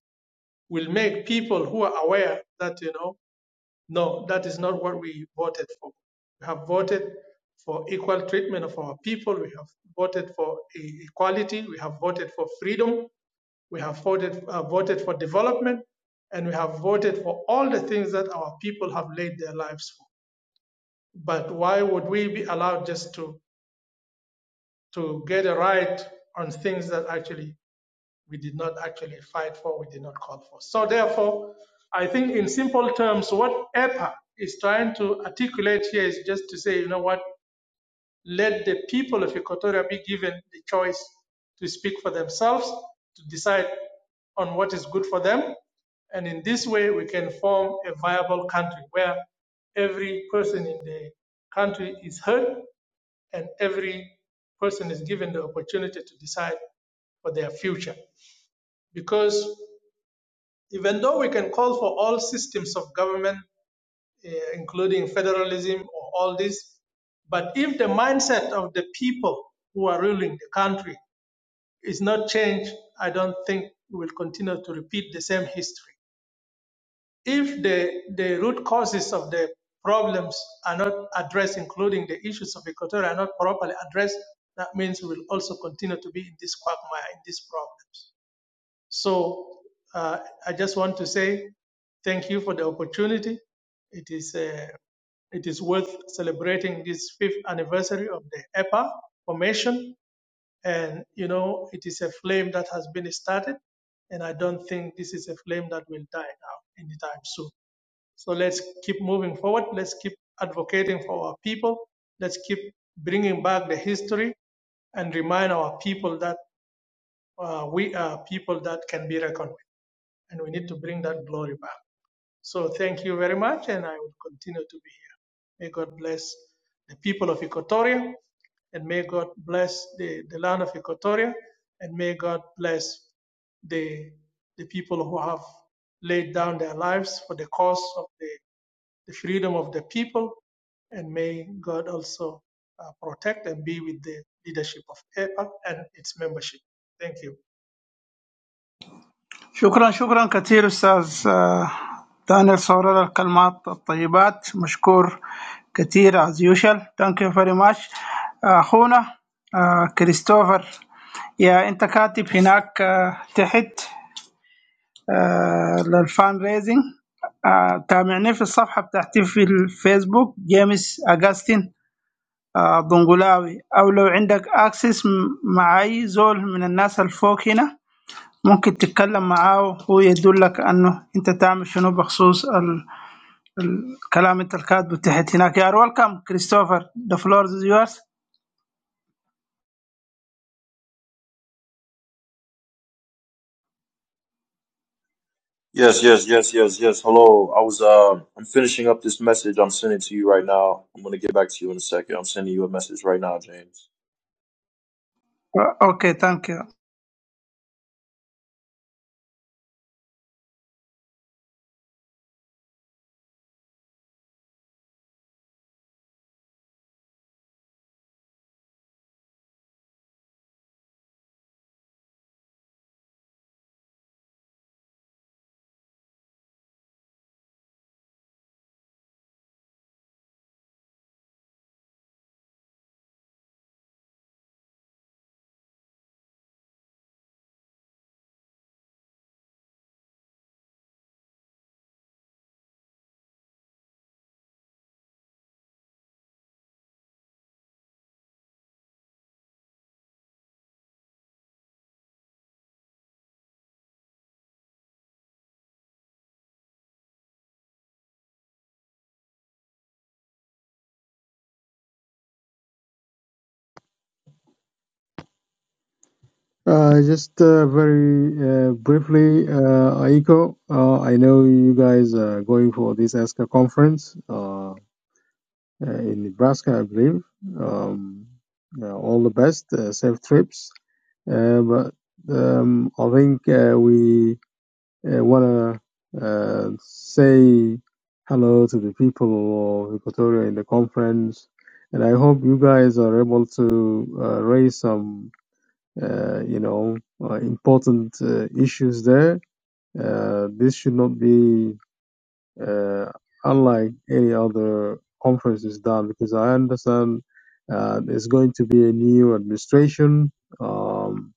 will make people who are aware that, you know, no, that is not what we voted for. We have voted for equal treatment of our people. We have voted for e- equality. We have voted for freedom. We have voted, uh, voted for development. And we have voted for all the things that our people have laid their lives for. But why would we be allowed just to, to get a right on things that actually we did not actually fight for, we did not call for? So therefore, I think in simple terms, what EPA is trying to articulate here is just to say, you know what, let the people of Equatoria be given the choice to speak for themselves, to decide on what is good for them. And in this way, we can form a viable country where every person in the country is heard and every person is given the opportunity to decide for their future. Because even though we can call for all systems of government, eh, including federalism or all this, but if the mindset of the people who are ruling the country is not changed, I don't think we will continue to repeat the same history. If the, the root causes of the problems are not addressed, including the issues of Equatorial are not properly addressed, that means we will also continue to be in this quagmire, in these problems. So uh, I just want to say thank you for the opportunity. It is uh, it is worth celebrating this fifth anniversary of the EPA formation. And, you know, it is a flame that has been started. And I don't think this is a flame that will die now anytime soon. So let's keep moving forward. Let's keep advocating for our people. Let's keep bringing back the history and remind our people that uh, we are people that can be reckoned with, and we need to bring that glory back. So thank you very much, and I will continue to be here. May God bless the people of Equatoria, and may God bless the, the land of Equatoria, and may God bless the the people who have laid down their lives for the cause of the the freedom of the people, and may God also uh, protect and be with the leadership of EPA and its membership. Thank you.
شكرا شكرا كثير استاذ آه دانيال صورر الكلمات الطيبات مشكور كثير از يوشل ثانك يو فيري ماتش اخونا آه كريستوفر يا انت كاتب هناك آه تحت آه للفان ريزنج آه تابعني في الصفحه بتاعتي في الفيسبوك جيمس اجاستين آه بنغلاوي او لو عندك اكسس مع اي زول من الناس الفوق هنا ممكن تتكلم معاه هو يدلك انه انت تعمل شنو بخصوص ال... الكلام انت الكاتبه تحت هناك يا ويلكم كريستوفر ذا فلور از يورز
Yes, yes, yes, yes, yes. Hello. I was um I'm finishing up this message I'm sending to you right now. I'm gonna get back to you in a second. I'm sending you a message right now, James.
اوكي ثانك يو
Uh, just uh, very uh, briefly, uh, Aiko, uh, I know you guys are going for this ASCA conference uh, uh, in Nebraska, I believe. Um, uh, all the best, uh, safe trips. Uh, but um, I think uh, we I want to uh, say hello to the people of Equatoria in the conference, and I hope you guys are able to uh, raise some, uh, you know, uh, important uh, issues there. Uh, this should not be uh, unlike any other conference is done because I understand uh, there's going to be a new administration, um,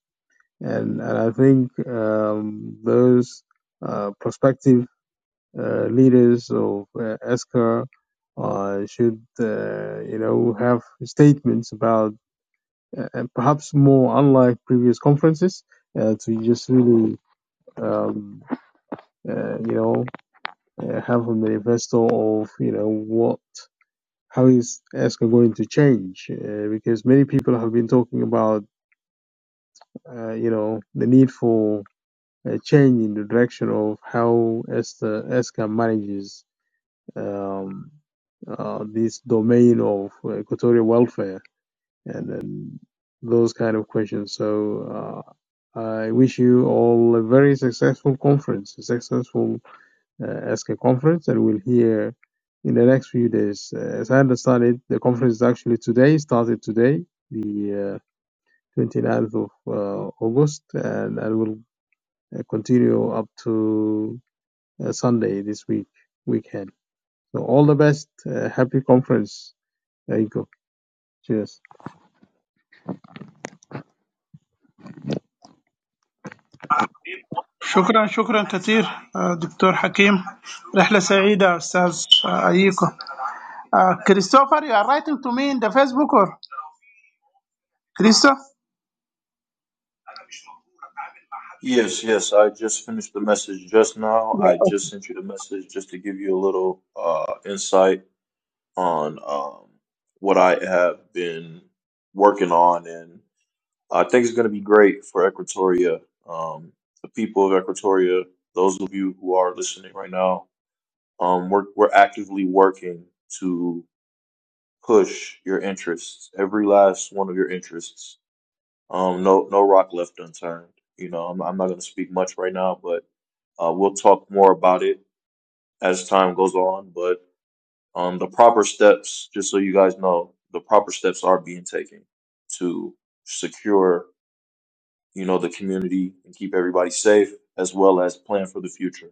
and and I think um, those uh, prospective uh, leaders of uh, ESCA uh, should, uh, you know, have statements about, uh, and perhaps more unlike previous conferences, uh, to just really, um, uh, you know, uh, have a manifesto of, you know, what, how is ESCA going to change? Uh, because many people have been talking about, uh, you know, the need for a change in the direction of how ESCA, ESCA manages um, uh, this domain of equatorial welfare and, and those kind of questions. So uh, I wish you all a very successful conference, a successful uh, ESCA conference, and we'll hear in the next few days. Uh, as I understand it, the conference is actually today, started today, the uh, 29th of uh, August, and, and will uh, continue up to uh, Sunday this week, weekend. So all the best. Uh, happy conference. There you go. Cheers.
شكرا شكرا كثير آه، دكتور حكيم رحله سعيده استاذ آه، ايكو آه، كريستوفر يو ار رايتنج تو مي ان ذا فيسبوك اور كريستو
Yes, yes, I just finished the message just now. I just sent you the message just to give you a little uh insight on um what I have been working on and I think it's gonna be great for Equatoria. Um the people of Equatoria, those of you who are listening right now, Um, we're we're actively working to push your interests, every last one of your interests. Um, no no rock left unturned. You know, I'm I'm not going to speak much right now, but uh, we'll talk more about it as time goes on. But um, the proper steps, just so you guys know, the proper steps are being taken to secure, you know, the community and keep everybody safe, as well as plan for the future.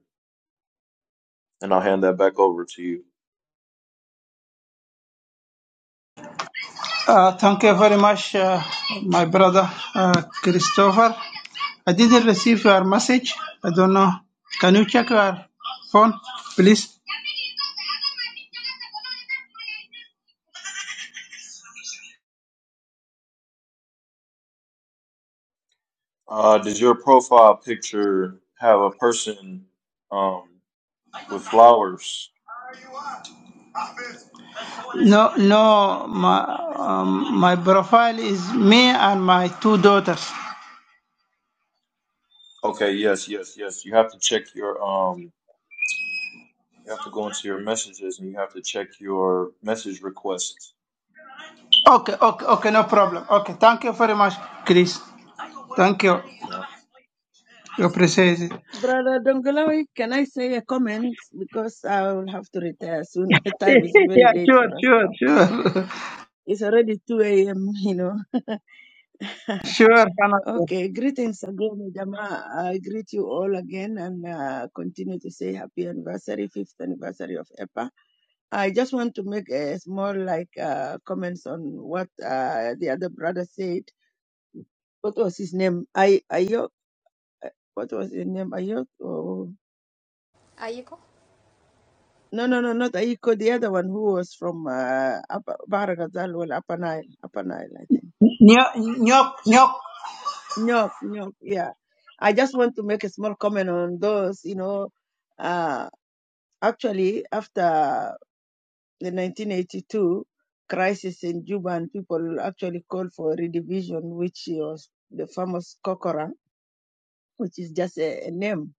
And I'll hand that back over to you.
Uh, thank you very much, uh, my brother uh, Christopher. I didn't receive your message. I don't know. Can you check your phone, please?
Uh, does your profile picture have a person um, with flowers?
No, no. My um, my profile is me and my two daughters.
Okay, yes, yes, yes. You have to check your um. You have to go into your messages and you have to check your message requests.
Okay, okay, okay. No problem. Okay, thank you very much, Chris. Thank you.
Yeah.
You appreciate it.
Brother Dongolawi, can I say a comment? Because I will have to retire soon. *laughs* The time is
*laughs*
very
yeah,
late
sure,
for us now.
sure, sure,
It's already 2 a.m., *laughs* you know.
*laughs* sure. Canada.
Okay, greetings again, Jama. I greet you all again and uh, continue to say happy anniversary, fifth anniversary of EPA. I just want to make a small like uh, comments on what uh, the other brother said. What was his name? I Ayok. What was his name? Ayok? Oh.
Ayiko?
No, no, no, not Ayiko. The other one who was from uh, Upper Baragazal, well, Upper Nile, Upper Nile, I think
Nyok, nyok, nyok.
No, no, yeah. I just want to make a small comment on those, you know. Uh, actually, after the 1982 crisis in Juba, and people actually called for redivision, which was the famous Kokora, which is just a, a name.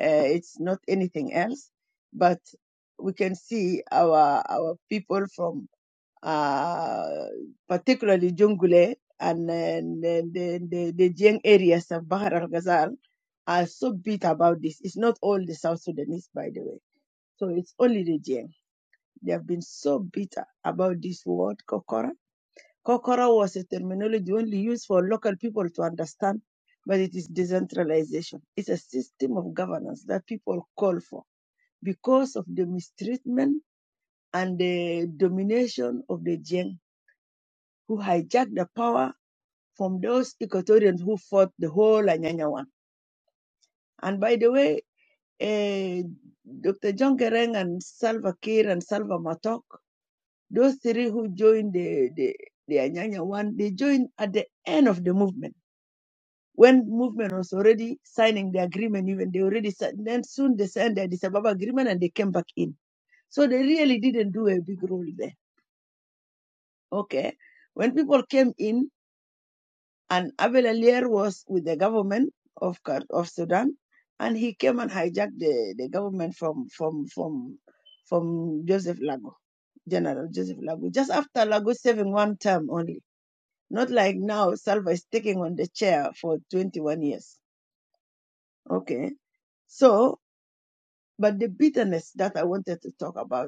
Uh, it's not anything else. But we can see our our people from uh, particularly Jungule and uh, the, the, the, the Jiang areas of Bahar al Ghazal, are so bitter about this. It's not all the South Sudanese, by the way. So it's only the Jiang. They have been so bitter about this word, Kokora. Kokora was a terminology only used for local people to understand, but it is decentralization. It's a system of governance that people call for because of the mistreatment and the domination of the Jiang who hijacked the power from those Equatorians who fought the whole Anyanya one. And by the way, eh, Dr. John Kereng and Salva Kiir and Salva Matok, those three who joined the, the, the Anyanya one, they joined at the end of the movement. When movement was already signing the agreement, even they already si- then soon they signed the Addis Ababa agreement and they came back in. So they really didn't do a big role there. Okay. When people came in, And Abel Alier was with the government of of Sudan, and he came and hijacked the, the government from from from from Joseph Lago, General Joseph Lago, just after Lago serving one term only. Not like now, Salva is taking on the chair for 21 years. Okay, so but the bitterness that I wanted to talk about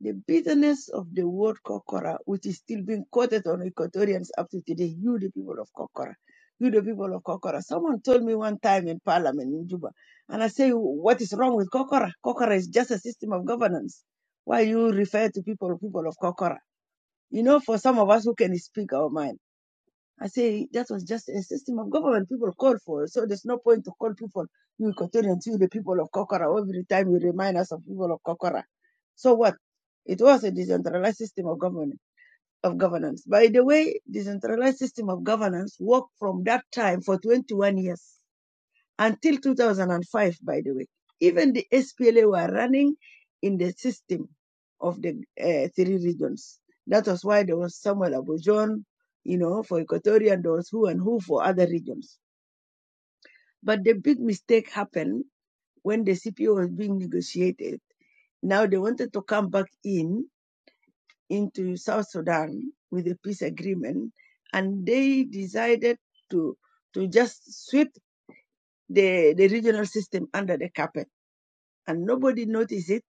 The bitterness of the word Kokora, which is still being quoted on Equatorians up to today, you the people of Kokora, you the people of Kokora. Someone told me one time in Parliament in Juba, and I say, what is wrong with Kokora? Kokora is just a system of governance. Why you refer to people, people of Kokora? You know, for some of us who can speak our mind. I say that was just a system of government people call for. So there's no point to call people, you Equatorians, you the people of Kokora, every time you remind us of people of Kokora. So what? It was a decentralized system of government of governance. By the way, decentralized system of governance worked from that time for 21 years until 2005, by the way. Even the SPLA were running in the system of the uh, three regions. That was why there was Samuel Abujon, you know, for Equatoria, and there was who and who for other regions. But the big mistake happened when the CPO was being negotiated. Now they wanted to come back in into South Sudan with a peace agreement, and they decided to to just sweep the, the regional system under the carpet and nobody noticed it.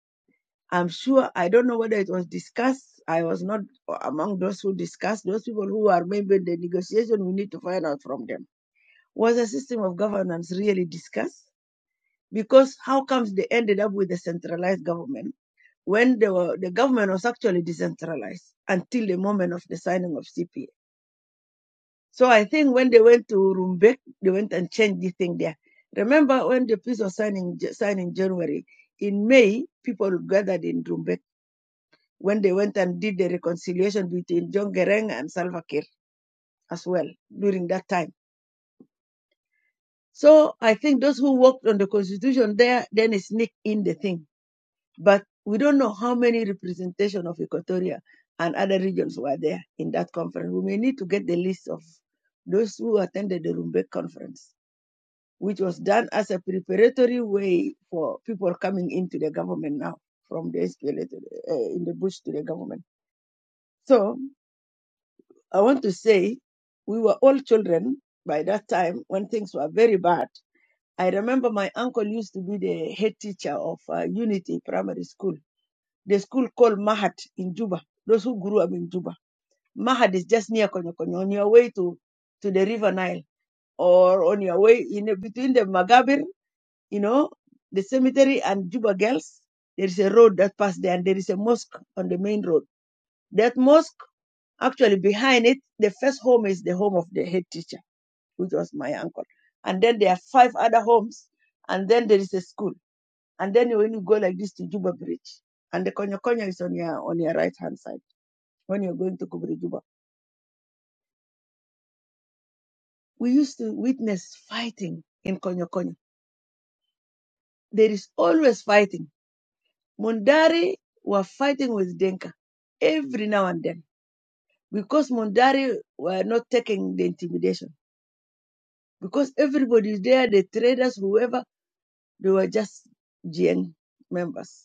I'm sure, I don't know whether it was discussed. I was not among those who discussed, those people who are maybe in the negotiation, we need to find out from them. Was the system of governance really discussed? Because how comes they ended up with a centralized government when they were, the government was actually decentralized until the moment of the signing of CPA? So I think when they went to Rumbek, they went and changed the thing there. Remember when the peace was signed in, signed in January, in May, people gathered in Rumbek when they went and did the reconciliation between John Gereng and Salva Kiir as well during that time. So I think those who worked on the constitution there then sneak in the thing. But we don't know how many representation of Equatoria and other regions were there in that conference. We may need to get the list of those who attended the Rumbek conference, which was done as a preparatory way for people coming into the government now from the SPLA to the, uh, in the bush to the government. So I want to say we were all children by that time when things were very bad. I remember my uncle used to be the head teacher of uh, Unity Primary School, the school called Mahat in Juba, those who grew up in Juba. Mahat is just near Konyokonyo, on your way to, to the River Nile or on your way in between the Magabir, you know, the cemetery and Juba Girls. There is a road that passed there and there is a mosque on the main road. That mosque, actually behind it, the first home is the home of the head teacher which was my uncle. And then there are five other homes, and then there is a school. And then when you go like this to Juba Bridge, and the Konya Konya is on your on your right hand side when you're going to Kubri Juba. We used to witness fighting in Konya Konya. There is always fighting. Mundari were fighting with Denka every now and then because Mundari were not taking the intimidation. Because everybody is there, the traders, whoever, they were just GN members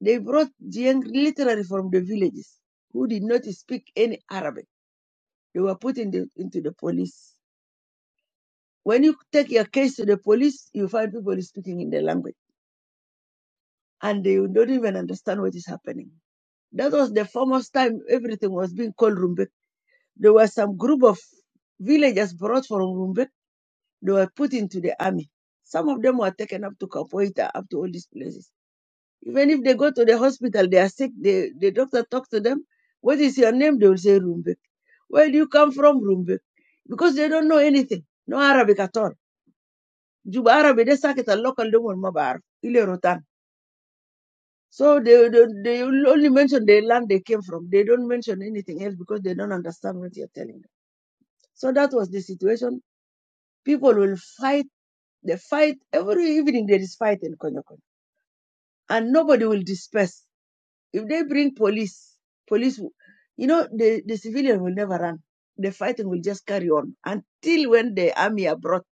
They brought the young literally from the villages who did not speak any Arabic. They were put in the, into the police. When you take your case to the police, you find people speaking in the language and they don't even understand what is happening. That was the famous time everything was being called Rumbek. There were some group of villagers brought from Rumbek. They were put into the army. Some of them were taken up to Capoeira, up to all these places Even if they go to the hospital, they are sick, they, the doctor talks to them, what is your name? They will say Rumbek. Where do you come from, Rumbek? Because they don't know anything, no Arabic at all. Juba Arabic, they suck it a local demon mabar, ile rotan. So they, they, they only mention the land they came from. They don't mention anything else because they don't understand what you're telling them. So that was the situation. People will fight. They fight every evening. There is fight in Konyokon, and nobody will disperse If they bring police, police, you know, the, the civilian will never run. The fighting will just carry on until when the army are brought.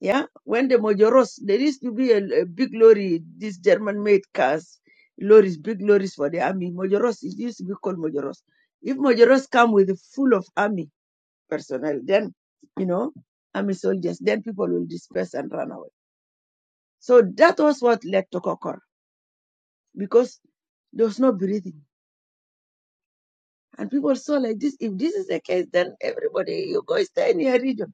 Yeah, when the Mojoros, there used to be a, a big lorry, these German-made cars, lorries, big lorries for the army. Mojoros, it used to be called Mojoros. If Mojoros come with full of army personnel, then you know, army soldiers, then people will disperse and run away. So that was what led to Kokor because there was no breathing And people saw like this. If this is the case, then everybody, you go stay in your region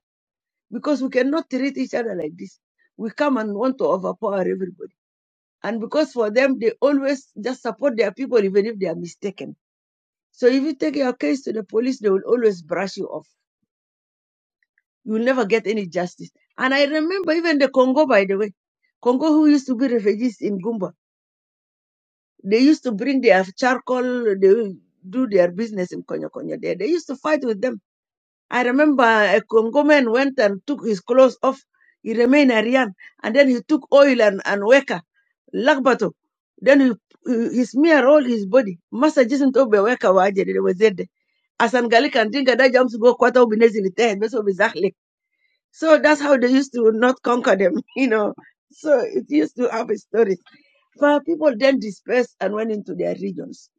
because we cannot treat each other like this. We come and want to overpower everybody. And because for them, they always just support their people even if they are mistaken. So if you take your case to the police, they will always brush you off. You will never get any justice. And I remember even the Congo, by the way, Congo who used to be refugees in Gumba, they used to bring their charcoal, they do their business in Konya Konya there. They used to fight with them I remember uh, a Congo man went and took his clothes off. He remained Aryan. And then he took oil and, and weka, lakbato. Then he, he, he smeared all his body. Master Jason Tobe weka waje, they were zede. Asangali can think that jumps go quarter ubinezili ten, that's So that's how they used to not conquer them, *laughs* you know. So it used to have a story. Fa- People then dispersed and went into their regions.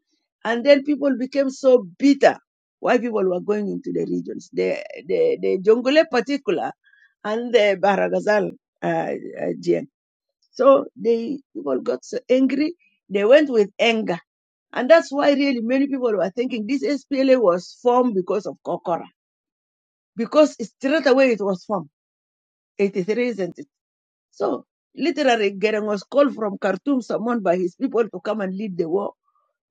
And then people became so bitter why people were going into the regions. The, the, the Jongole particular and the Baragazal uh, uh, Jain. So they people got so angry. They went with anger. And that's why really many people were thinking this SPLA was formed because of Kokora. Because straight away it was formed. 83, isn't it? So literally Gereng was called from Khartoum, summoned by his people to come and lead the war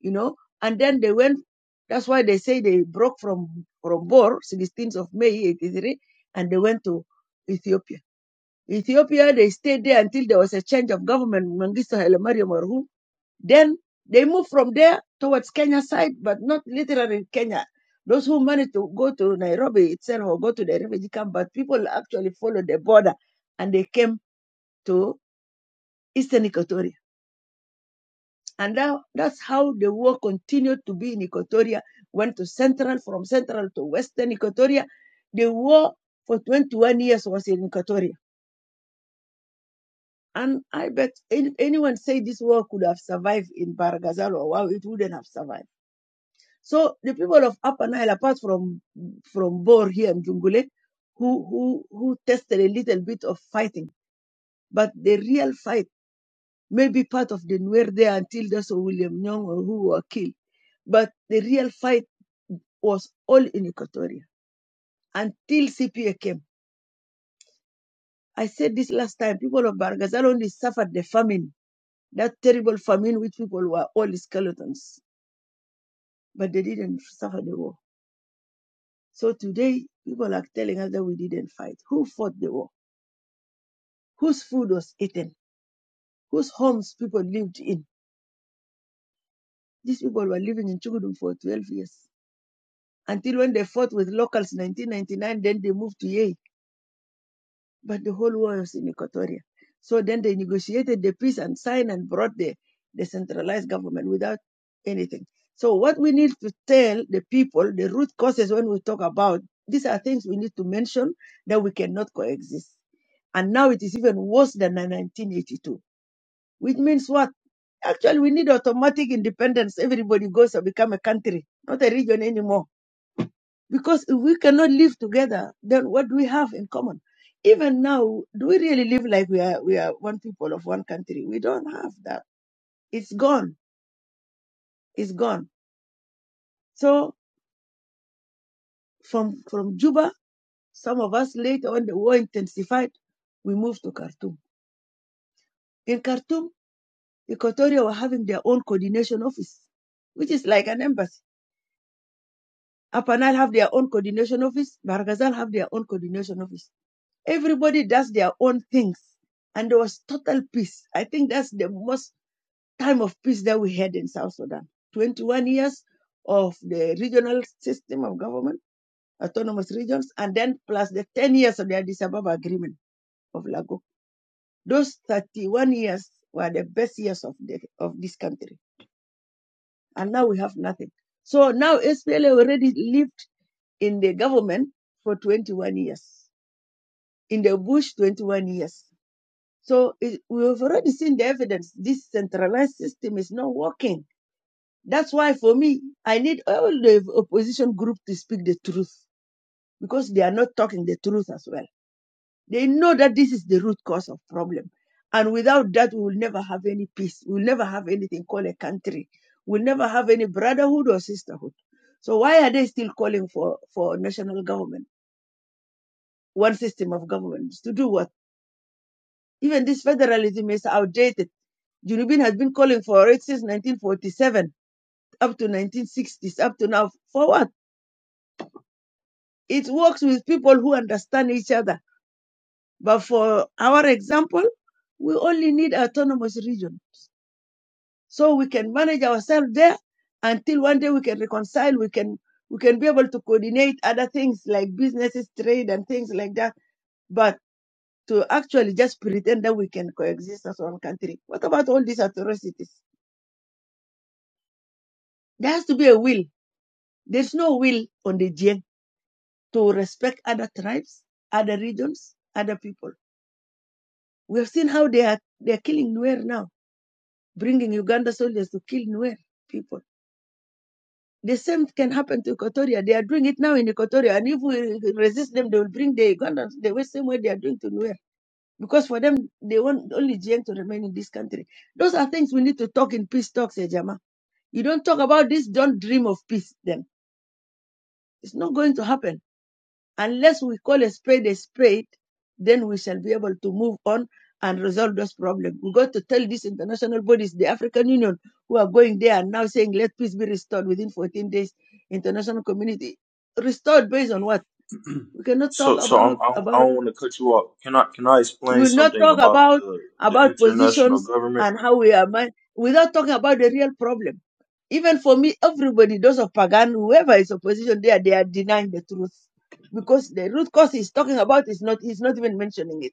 you know. And then they went. That's why they say they broke from from Bor, 16th of May 83, and they went to Ethiopia. Ethiopia, they stayed there until there was a change of government. Mengistu Haile Mariam Marhum. Then they moved from there towards Kenya side, but not literally Kenya. Those who managed to go to Nairobi itself or go to the refugee camp, but people actually followed the border and they came to Eastern Equatoria And that, that's how the war continued to be in Equatoria, went to central, from central to western Equatoria. The war for 21 years was in Equatoria. And I bet anyone say this war could have survived in Baragazal or wow, it wouldn't have survived. So the people of Upper Nile, apart from from Bor here in Jungule, who, who, who tested a little bit of fighting, but the real fight may be part of the Nuer there until those William Nyong who were killed. But the real fight was all in Equatoria until CPA came. I said this last time, people of Bargazal only suffered the famine, that terrible famine which people were all skeletons, but they didn't suffer the war. So today, people are telling us that we didn't fight. Who fought the war? Whose food was eaten? Whose homes people lived in? These people were living in Chukudum for 12 years. Until when they fought with locals in 1999, then they moved to Yei but the whole war was in Equatoria. So then they negotiated the peace and signed and brought the decentralized government without anything. So what we need to tell the people, the root causes when we talk about these are things we need to mention that we cannot coexist. And now it is even worse than 1982, which means what? Actually, we need automatic independence. Everybody goes and become a country, not a region anymore. Because if we cannot live together, then what do we have in common? Even now, do we really live like we are we are one people of one country? We don't have that. It's gone. It's gone. So from from Juba, some of us later on the war intensified, we moved to Khartoum. In Khartoum, Equatoria were having their own coordination office, which is like an embassy. Apanal have their own coordination office, Barghazal have their own coordination office Everybody does their own things. And there was total peace. I think that's the most time of peace that we had in South Sudan. 21 years of the regional system of government, autonomous regions, and then plus the 10 years of the Addis Ababa Agreement of Lago. Those 31 years were the best years of, the, of this country. And now we have nothing. So now SPLA already lived in the government for 21 years, in the bush 21 years. So it, we've already seen the evidence. This centralized system is not working. That's why, for me, I need all the opposition group to speak the truth because they are not talking the truth as well. They know that this is the root cause of problem, and without that, we will never have any peace. We will never have anything called a country. We'll never have any brotherhood or sisterhood. So why are they still calling for for national government, one system of government to do what? Even this federalism is outdated Junubin has been calling for it since 1947 up to 1960s, up to now. For what? It works with people who understand each other. But for our example, we only need autonomous region. So we can manage ourselves there until one day we can reconcile, we can we can be able to coordinate other things like businesses, trade and things like that. But to actually just pretend that we can coexist as one country. What about all these atrocities? There has to be a will. There's no will on the Jiang to respect other tribes, other regions, other people. We have seen how they are they are killing Nuer now, bringing Uganda soldiers to kill Nuer people. The same can happen to Equatoria. They are doing it now in Equatoria, and if we resist them, they will bring the Ugandans the way- same way they are doing to Nuer. Because for them, they want only GM to remain in this country. Those are things we need to talk in peace talks, Ejama. You don't talk about this. Don't dream of peace. Then it's not going to happen Unless we call a spade a spade, then we shall be able to move on and resolve those problems. We got to tell these international bodies, the African Union, who are going there and now saying, let peace be restored within 14 days, international community. Restored based on what?
*clears throat*
We cannot talk
So, so
about,
I'm, I don't, I
about,
don't want to cut you off. Can I can I
we
explain
will not
something
talk
about
about,
the the
about
international
positions
government?
and how we are, man- without talking about the real problem even for me, everybody, those of Pagan, whoever is opposition there, they are denying the truth. Because the root cause he's talking about is not he's not even mentioning it.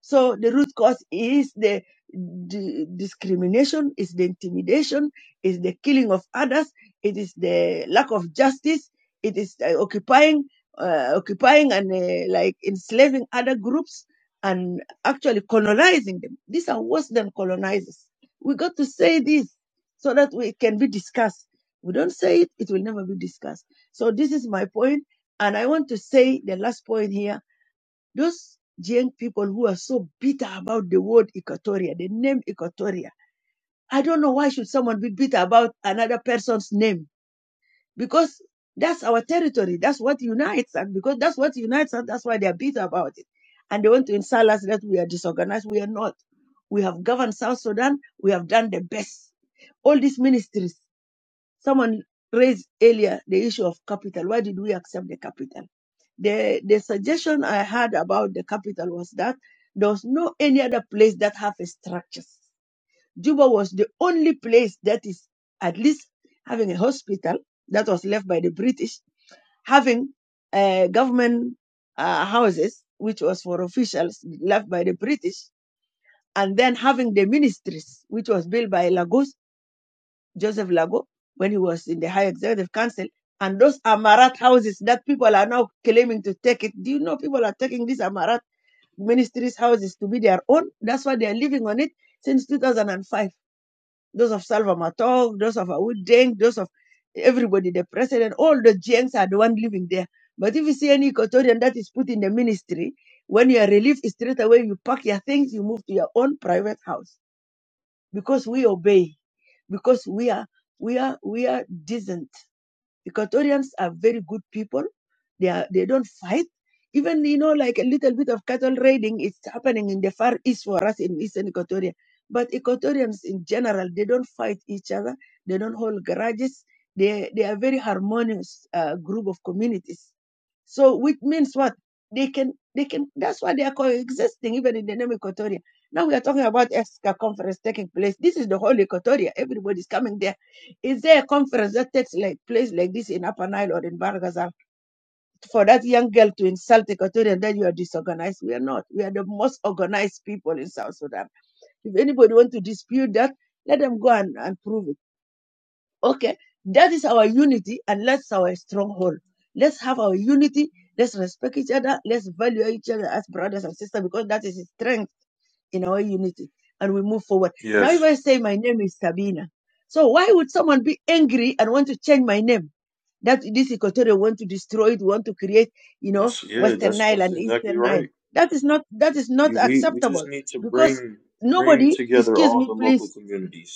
So the root cause is the d- discrimination, is the intimidation, is the killing of others, it is the lack of justice, it is uh, occupying, uh, occupying and uh, like enslaving other groups and actually colonizing them. These are worse than colonizers. We got to say this so that we can be discussed. We don't say it, it will never be discussed. So this is my point, and I want to say the last point here those young people who are so bitter about the word Equatoria, the name Equatoria. I don't know why should someone be bitter about another person's name because that's our territory. That's what unites us. Because that's what unites us. That's why they are bitter about it. And they want to insult us that we are disorganized. We are not. We have governed South Sudan. We have done the best. All these ministries. Someone raised earlier the issue of capital. Why did we accept the capital? The, the suggestion I had about the capital was that there was no any other place that have a structures. Juba was the only place that is at least having a hospital that was left by the British, having uh, government uh, houses, which was for officials left by the British, and then having the ministries, which was built by Lagos Joseph Lago when he was in the High Executive Council. And those Amarat houses that people are now claiming to take it. Do you know people are taking these Amarat ministries' houses to be their own? That's why they are living on it since 2005. Those of Salva Matog, those of Awud Deng, those of everybody, the president, all the GNs are the one living there. But if you see any Equatorian that is put in the ministry, when you are relieved, straight away you pack your things, you move to your own private house because we obey because we are we are we are decent the Equatorians are very good people. They are, they don't fight. Even you know, like a little bit of cattle raiding is happening in the far east for us in eastern Equatoria. But Equatorians in general, they don't fight each other. They don't hold grudges. They they are very harmonious uh, group of communities. So which means what they can they can. That's why they are coexisting even in the name Equatoria. Now we are talking about ESCA conference taking place. This is the whole Equatoria. Everybody's coming there is there a conference that takes like place like this in Upper Nile or in Bargazal for that young girl to insult Equatorial and then you are disorganized? We are not. We are the most organized people in South Sudan. If anybody wants to dispute that, let them go and, and prove it. Okay, that is our unity, and that's our stronghold. Let's have our unity. Let's respect each other. Let's value each other as brothers and sisters because that is strength in our unity. And we move forward. Now, if
Yes,
I say my name is Sabina, so why would someone be angry and want to change my name? That this Equatorial want to destroy it, want to create, you know,
that's yeah,
Western
that's
Nile
that's
and
exactly
Eastern Nile.
right.
That is not that is not
You, we we
acceptable
just need to
because
bring bring
nobody.
together
Excuse
all
me,
the local
please.
communities.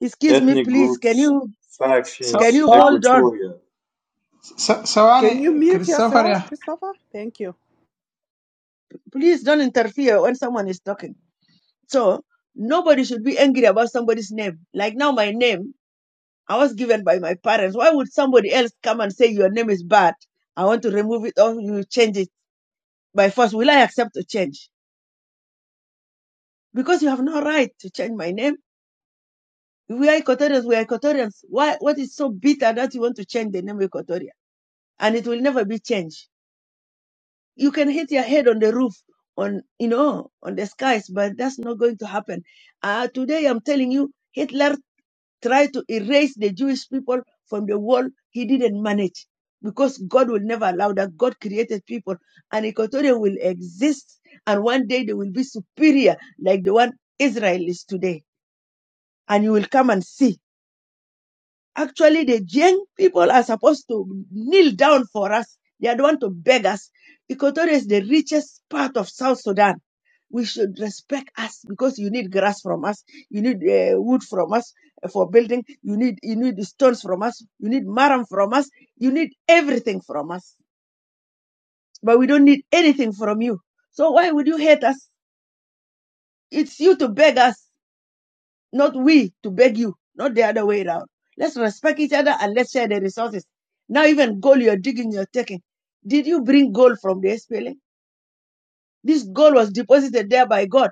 Excuse me,
ethnic
please. Can
groups,
you
So,
can
factions,
you
so
hold on?
equatoria.
س-
Can you
ثواني
mute
كريستوفر
yourself,
يا
Christopher? Thank you.
Please don't interfere when someone is talking. So nobody should be angry about somebody's name. Like now, my name, I was given by my parents. Why would somebody else come and say your name is bad? I want to remove it or you change it by force. Will I accept to change? Because you have no right to change my name. If we are Equatorians, we are Equatorians. Why, what is so bitter that you want to change the name Equatoria? And it will never be changed. You can hit your head on the roof, on, you know, on the skies, but that's not going to happen. Uh, today I'm telling you, Hitler tried to erase the Jewish people from the world, he didn't manage because God will never allow that. God created people and Equatorial will exist and one day they will be superior like the one Israel is today. And you will come and see. Actually, the young people are supposed to kneel down for us. They are the one to beg us. Equatorial is the richest part of South Sudan we should respect us because you need grass from us, you need uh, wood from us eh, for building, you need you need stones from us, you need maram from us, you need everything from us. But we don't need anything from you. So why would you hate us? It's you to beg us, not we to beg you, not the other way around. Let's respect each other and let's share the resources. Now even gold you're digging, you're taking. Did you bring gold from the SPLA? This gold was deposited there by God.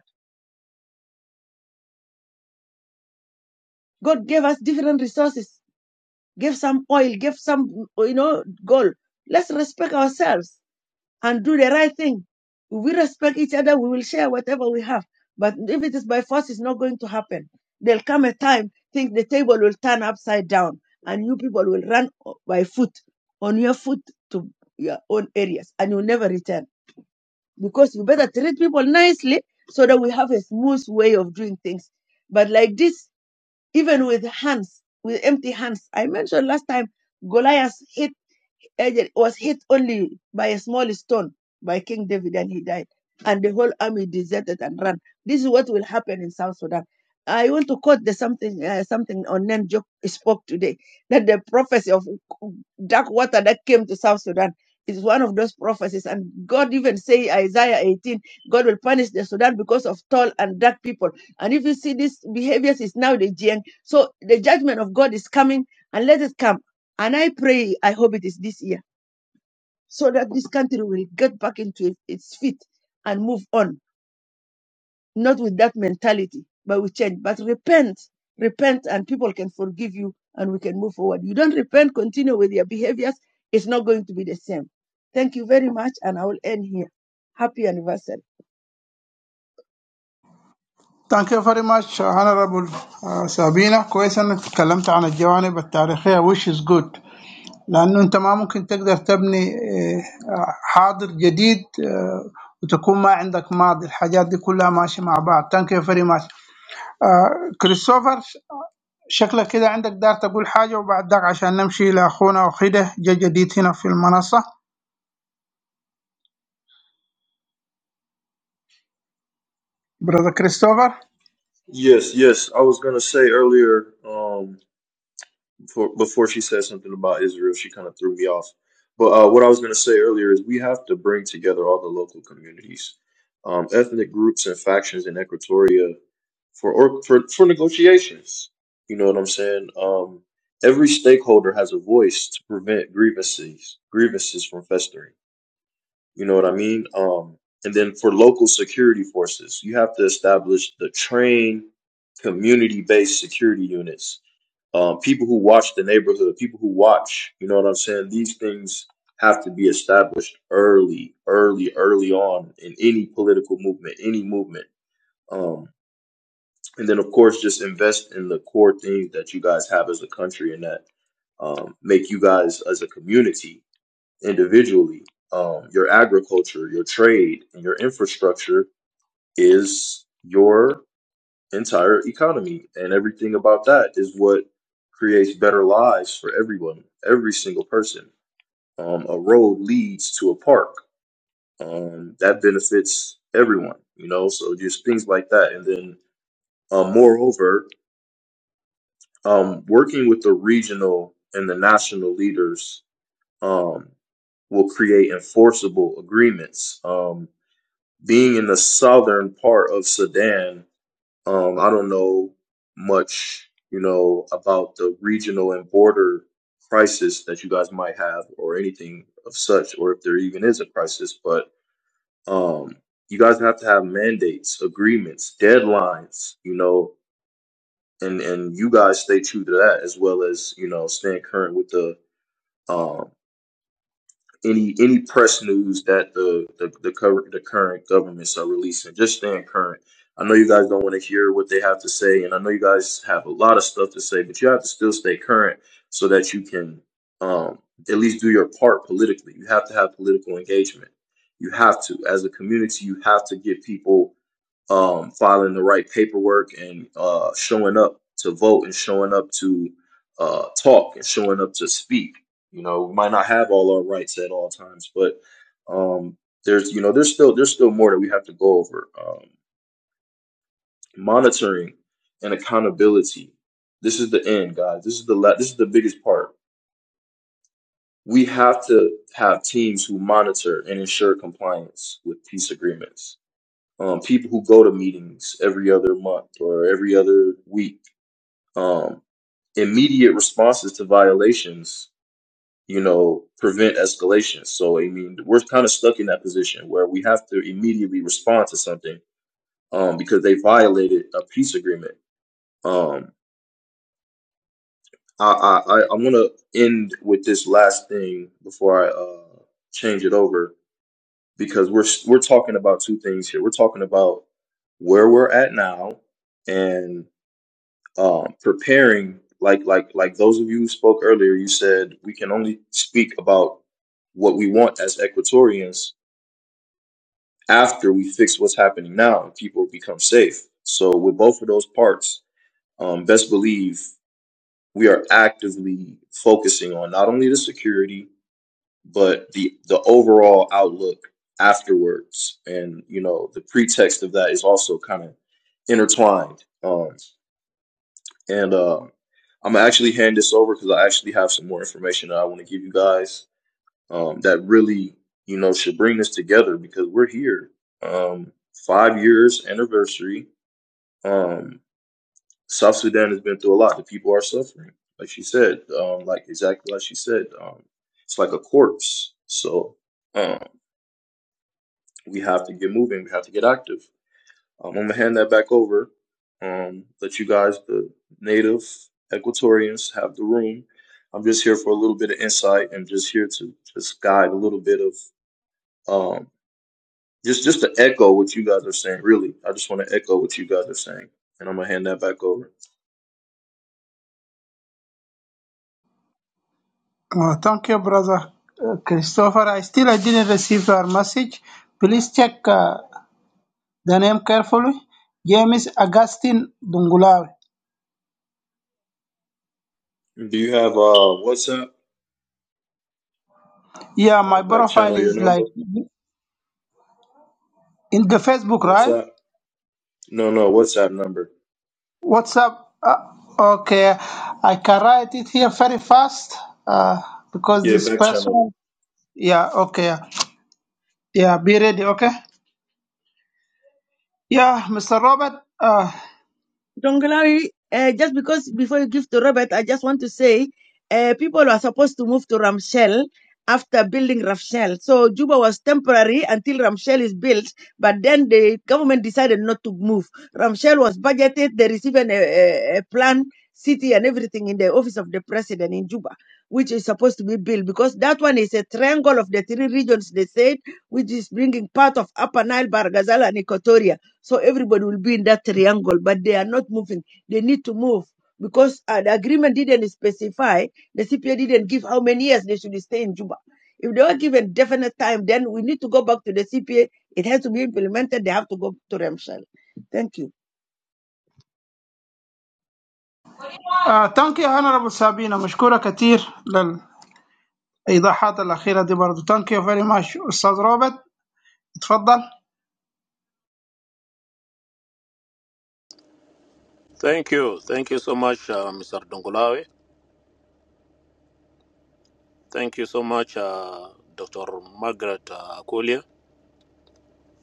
God gave us different resources give some oil, give some, you know, gold. Let's respect ourselves and do the right thing. If we respect each other, we will share whatever we have. But if it is by force, it's not going to happen. There'll come a time, think the table will turn upside down and you people will run by foot, on your foot to your own areas and you'll never return. Because you better treat people nicely so that we have a smooth way of doing things. But like this, even with hands, with empty hands. I mentioned last time Goliath hit Aged was hit only by a small stone by King David and he died. And the whole army deserted and ran. This is what will happen in South Sudan. I want to quote the something uh, something Onen Jok spoke today that the prophecy of dark water that came to South Sudan is one of those prophecies. And God even say Isaiah 18, God will punish the Sudan because of tall and dark people. And if you see these behaviors, is now the GN. So the judgment of God is coming and let it come. And I pray, I hope it is this year so that this country will get back into its feet and move on, not with that mentality, but with change. But repent, repent, and people can forgive you and we can move forward. You don't repent, continue with your behaviors, it's not going to be the same. Thank you very much, and I will end here. Happy anniversary.
ثانك يو فيري ماتش هانربل سابينا كويس انك تكلمت عن الجوانب التاريخيه وش از جود لانه انت ما ممكن تقدر تبني آه، حاضر جديد آه، وتكون ما عندك ماضي الحاجات دي كلها ماشيه مع بعض ثانك يو فيري ماتش كريستوفر شكلك كده عندك دار تقول حاجه وبعد ذاك عشان نمشي لاخونا وخيده جا جديد هنا في المنصه برادر كريستوفر
Yes, yes. I was gonna say earlier, um, before, before she said something about Israel, she kind of threw me off. But uh, what I was gonna say earlier is we have to bring together all the local communities, um, ethnic groups, and factions in Equatoria for or for for negotiations. You know what I'm saying? Um, every stakeholder has a voice to prevent grievances grievances from festering. You know what I mean? Um, and then for local security forces, you have to establish the trained community based security units. Um, people who watch the neighborhood, people who watch, you know what I'm saying? These things have to be established early, early, early on in any political movement, any movement. Um, and then, of course, just invest in the core things that you guys have as a country and that um, make you guys as a community individually. Um, your agriculture, your trade, and your infrastructure is your entire economy, and everything about that is what creates better lives for everyone, every single person. Um, a road leads to a park um, that benefits everyone, you know. So just things like that, and then um, moreover, um, working with the regional and the national leaders um, will create enforceable agreements. Um, being in the southern part of Sudan, um, I don't know much, you know, about the regional and border crisis that you guys might have, or anything of such, or if there even is a crisis. But um, you guys have to have mandates, agreements, deadlines, you know, and and you guys stay true to that as well as you know staying current with the um, any any press news that the the the, current the current governments are releasing. Just staying current. I know you guys don't want to hear what they have to say, and I know you guys have a lot of stuff to say, but you have to still stay current so that you can um, at least do your part politically. You have to have political engagement. You have to, as a community, you have to get people um, filing the right paperwork and uh, showing up to vote and showing up to uh, talk and showing up to speak. You know, we might not have all our rights at all times, but um, there's you know there's still there's still more that we have to go over. Um, monitoring and accountability. This is the end, guys. This is the la- this is the biggest part. We have to have teams who monitor and ensure compliance with peace agreements um, people who go to meetings every other month or every other week. Um, immediate responses to violations, you know, prevent escalation. So, I mean, we're kind of stuck in that position where we have to immediately respond to something um, because they violated a peace agreement. Um, I, I, I I want to end with this last thing before I uh, change it over because we're we're talking about two things here. We're talking about where we're at now and um, preparing like like like those of you who spoke earlier you said we can only speak about what we want as equatorians after we fix what's happening now and people become safe so with both of those parts um, best believe we are actively focusing on not only the security but the the overall outlook afterwards and you know the pretext of that is also kind of intertwined Um, And um, I'm gonna actually hand this over because I actually have some more information that I want to give you guys um, that really, you know, should bring this together because we're here. Um, five years anniversary. Um, South Sudan has been through a lot. The people are suffering, like she said, um, like exactly like she said. Um, it's like a corpse. So um, we have to get moving. We have to get active. Um, I'm gonna hand that back over. Um, let you guys, the native Equatorians, have the room. I'm just here for a little bit of insight and just here to just guide a little bit of um, just just to echo what you guys are saying. Really, I just want to echo what you guys are saying, and I'm gonna hand that back over.
Oh, thank you, brother uh, Christopher. I still I didn't receive your message. Please check uh, the name carefully. James Augustine Dungulawe.
Do you have uh WhatsApp?
Yeah,
Uh,
my
back
profile
channel your
is
number.
like in the Facebook, right?
WhatsApp? No, no WhatsApp number.
What's up? Uh, okay, I can write it here very fast uh, because
Yeah,
this
back channel.
person. Yeah, okay. Yeah, be ready, okay? Yeah, Mr. Robert. Uh,
Dongalari, uh, just because before you give to Robert, I just want to say uh, people are supposed to move to Ramshell after building Ramshell. So Juba was temporary until Ramshell is built, but then the government decided not to move. Ramshell was budgeted, they received an, a, a a plan, city, and everything in the office of the president in Juba, which is supposed to be built because that one is a triangle of the three regions they said, which is bringing part of Upper Nile, Bargazal, and Equatoria. So everybody will be in that triangle, but they are not moving. They need to move because uh, the agreement didn't specify, the CPA didn't give how many years they should stay in Juba. If they were given definite time, then we need to go back to the CPA. It has to be implemented. They have to go to Ramshal. Thank you.
uh, thank you, Honorable Sabina. مشكورة كتير لل ايضاحات الاخيره دي برضه ثانك يو فيري ماتش استاذ روبرت اتفضل
Thank you. Thank you so much, uh, Mr. Dongolawe. Thank you so much, uh, Dr. Margaret uh, Akulia.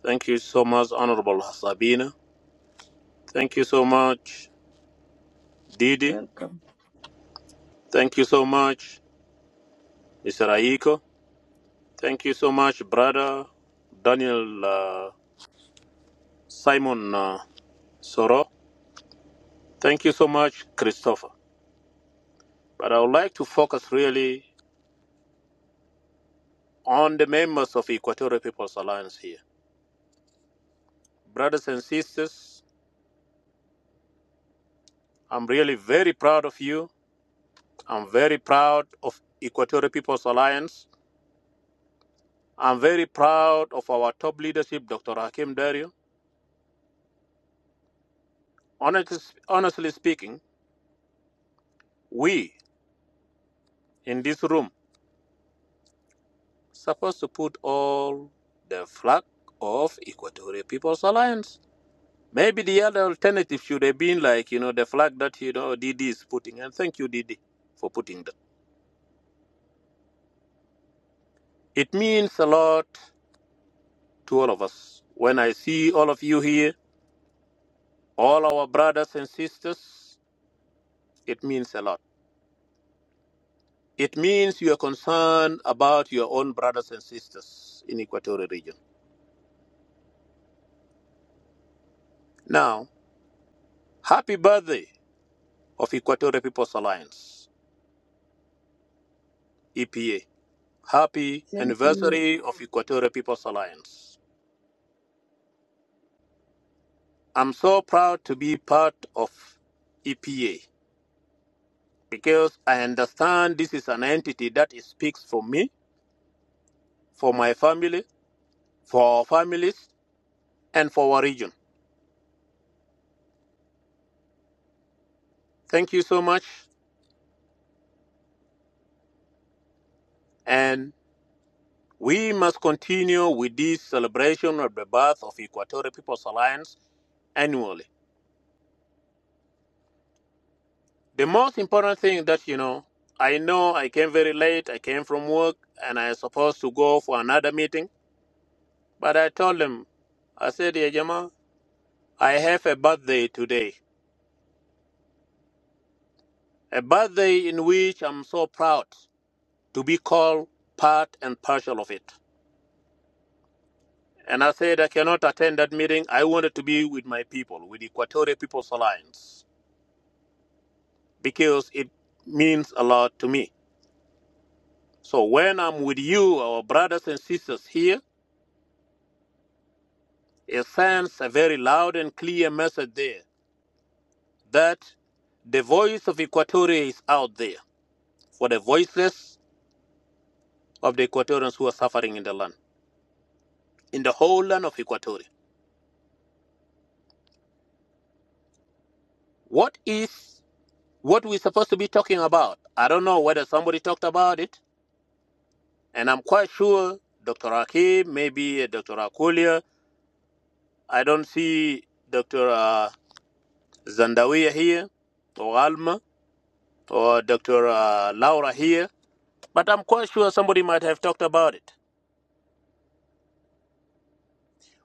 Thank you so much, Honorable Sabina. Thank you so much, Didi.
Welcome.
Thank you so much, Mr. Aiko. Thank you so much, Brother Daniel uh, Simon uh, Soro. Thank you so much, Christopher. But I would like to focus really on the members of Equatorial People's Alliance here. Brothers and sisters, I'm really very proud of you I'm very proud of Equatorial People's Alliance. I'm very proud of our top leadership, Dr. Hakim Dario. Honestly, honestly speaking, we in this room supposed to put all the flag of Equatorial People's Alliance. Maybe the other alternative should have been like, you know, the flag that, you know, DD is putting. And thank you, DD, for putting that. It means a lot to all of us. When I see all of you here, all our brothers and sisters, it means a lot. It means you are concerned about your own brothers and sisters in Equatorial Region. Now, happy birthday of Equatorial People's Alliance, EPA. Happy
Same to you.
anniversary of Equatorial People's Alliance. I'm so proud to be part of EPA because I understand this is an entity that speaks for me, for my family, for our families, and for our region. Thank you so much, and We must continue with this celebration of the birth of Equatorial People's Alliance annually. The most important thing that you know, I know I came very late, I came from work and I was supposed to go for another meeting, but I told them, I said, "Yeah, Jama, I have a birthday today. A birthday in which I'm so proud to be called part and partial of it. And I said I cannot attend that meeting. I wanted to be with my people, with Equatorial People's Alliance. because it means a lot to me. So when I'm with you, our brothers and sisters here, it sends a very loud and clear message there that the voice of Equatoria is out there for the voiceless of the Equatorians who are suffering in the land, in the whole land of Equatoria. What is what we're supposed to be talking about? I don't know whether somebody talked about it, and I'm quite sure Dr. Akib, maybe uh, Dr. Akulia. I don't see Dr. Zandawiya here, or Alma, or Dr. Uh, Laura here, but I'm quite sure somebody might have talked about it.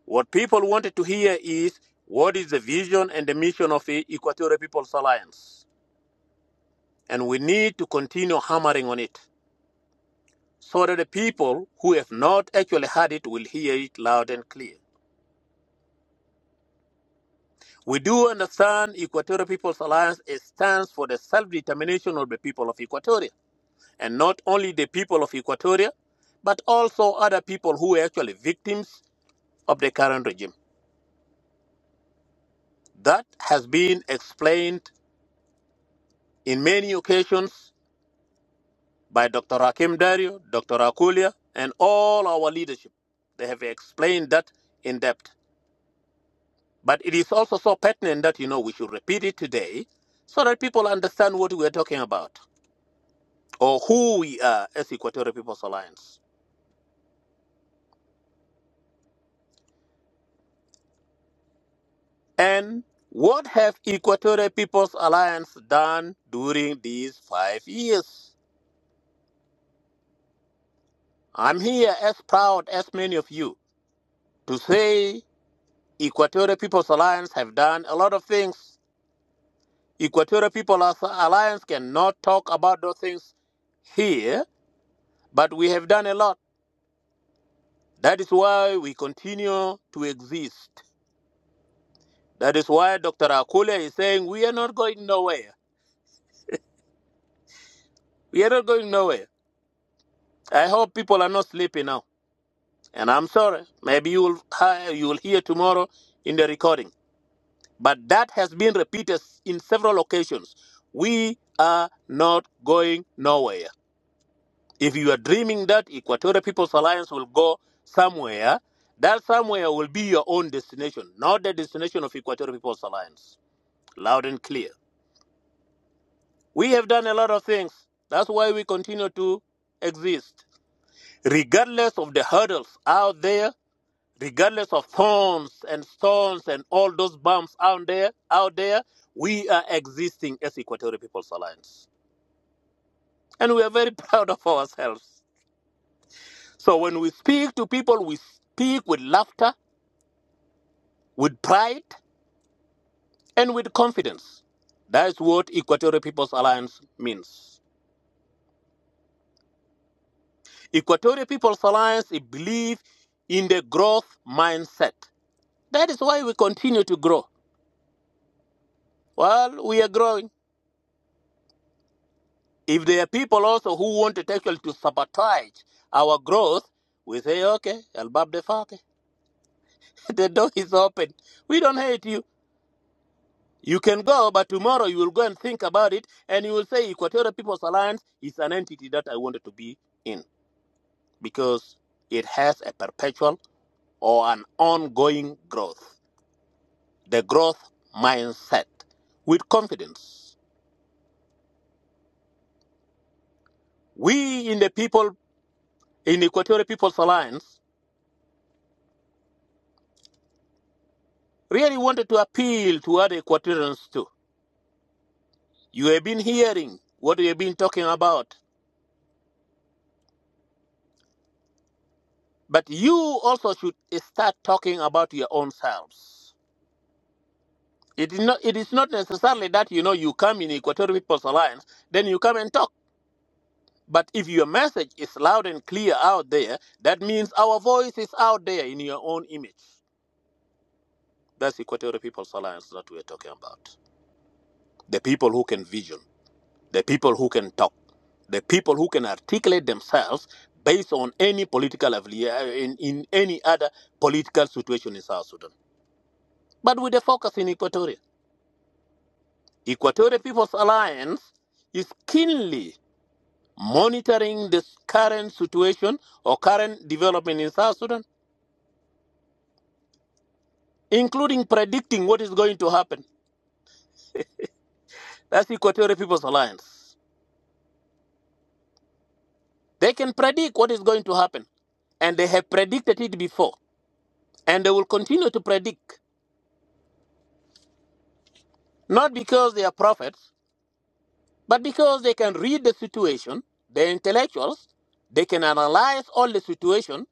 What people wanted to hear is what is the vision and the mission of the Equatorial People's Alliance? And we need to continue hammering on it so that the people who have not actually heard it will hear it loud and clear. We do understand Equatorial People's Alliance stands for the self determination of the people of Equatoria. and not only the people of Equatoria, but also other people who are actually victims of the current regime. That has been explained in many occasions by Dr. Hakim Dario, Dr. Akulia, and all our leadership. They have explained that in depth. But it is also so pertinent that you know we should repeat it today so that people understand what we are talking about or who we are as Equatorial People's Alliance. And what have Equatorial People's Alliance done during these five years? I'm here as proud as many of you to say Equatorial People's Alliance have done a lot of things. Equatorial People's Alliance cannot talk about those things here, but we have done a lot. That is why we continue to exist. That is why Dr. Akule is saying we are not going nowhere. We are not going nowhere. I hope people are not sleeping now. And I'm sorry, maybe you will uh, you will hear tomorrow in the recording. But that has been repeated in several occasions. We are not going nowhere. If you are dreaming that Equatorial People's Alliance will go somewhere, that somewhere will be your own destination, not the destination of Equatorial People's Alliance. Loud and clear. We have done a lot of things. That's why we continue to exist. Regardless of the hurdles out there, regardless of thorns and stones and all those bumps out there, out there, we are existing as Equatorial People's Alliance, and we are very *laughs* proud of ourselves. So when we speak to people, we speak with laughter, with pride, and with confidence. That's what Equatorial People's Alliance means. Equatorial People's Alliance it believe in the growth mindset. That is why we continue to grow. Well, we are growing If there are people also who want to actually to sabotage our growth, we say, okay, El Bab de Fatih, *laughs* the door is open. We don't hate you. You can go, but tomorrow you will go and think about it, and you will say Equatorial People's Alliance is an entity that I wanted to be in because it has a perpetual or an ongoing growth, the growth mindset with confidence. We in the people in Equatorial People's Alliance really wanted to appeal to other Equatorians too. You have been hearing what we have been talking about, but you also should start talking about your own selves. It is not, it is not necessarily that you know you come in Equatorial People's Alliance, then you come and talk. But if your message is loud and clear out there, that means our voice is out there in your own image. That's Equatorial People's Alliance that we're talking about. The people who can vision. the people who can talk, the people who can articulate themselves based on any political affili- uh, in, in any other political situation in South Sudan. But with a focus in Equatoria. Equatorial People's Alliance is keenly monitoring this current situation or current development in South Sudan, including predicting what is going to happen. That's Equatorial People's Alliance. They can predict what is going to happen, and they have predicted it before, and they will continue to predict. Not because they are prophets, but because they can read the situation, they're intellectuals, they can analyze all the situation,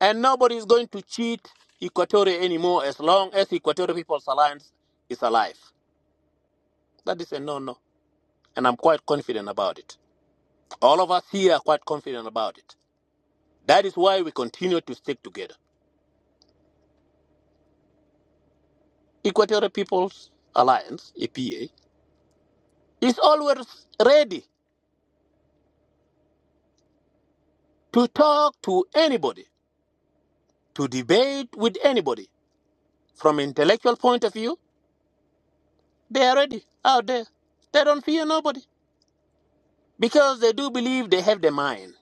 and nobody is going to cheat Equatorial anymore as long as Equatorial People's Alliance is alive. That is a no no. And I'm quite confident about it. All of us here are quite confident about it. That is why we continue to stick together. Equatorial People's Alliance, EPA, is always ready to talk to anybody, to debate with anybody From intellectual point of view, they are ready out there. They don't fear nobody because they do believe they have the mind.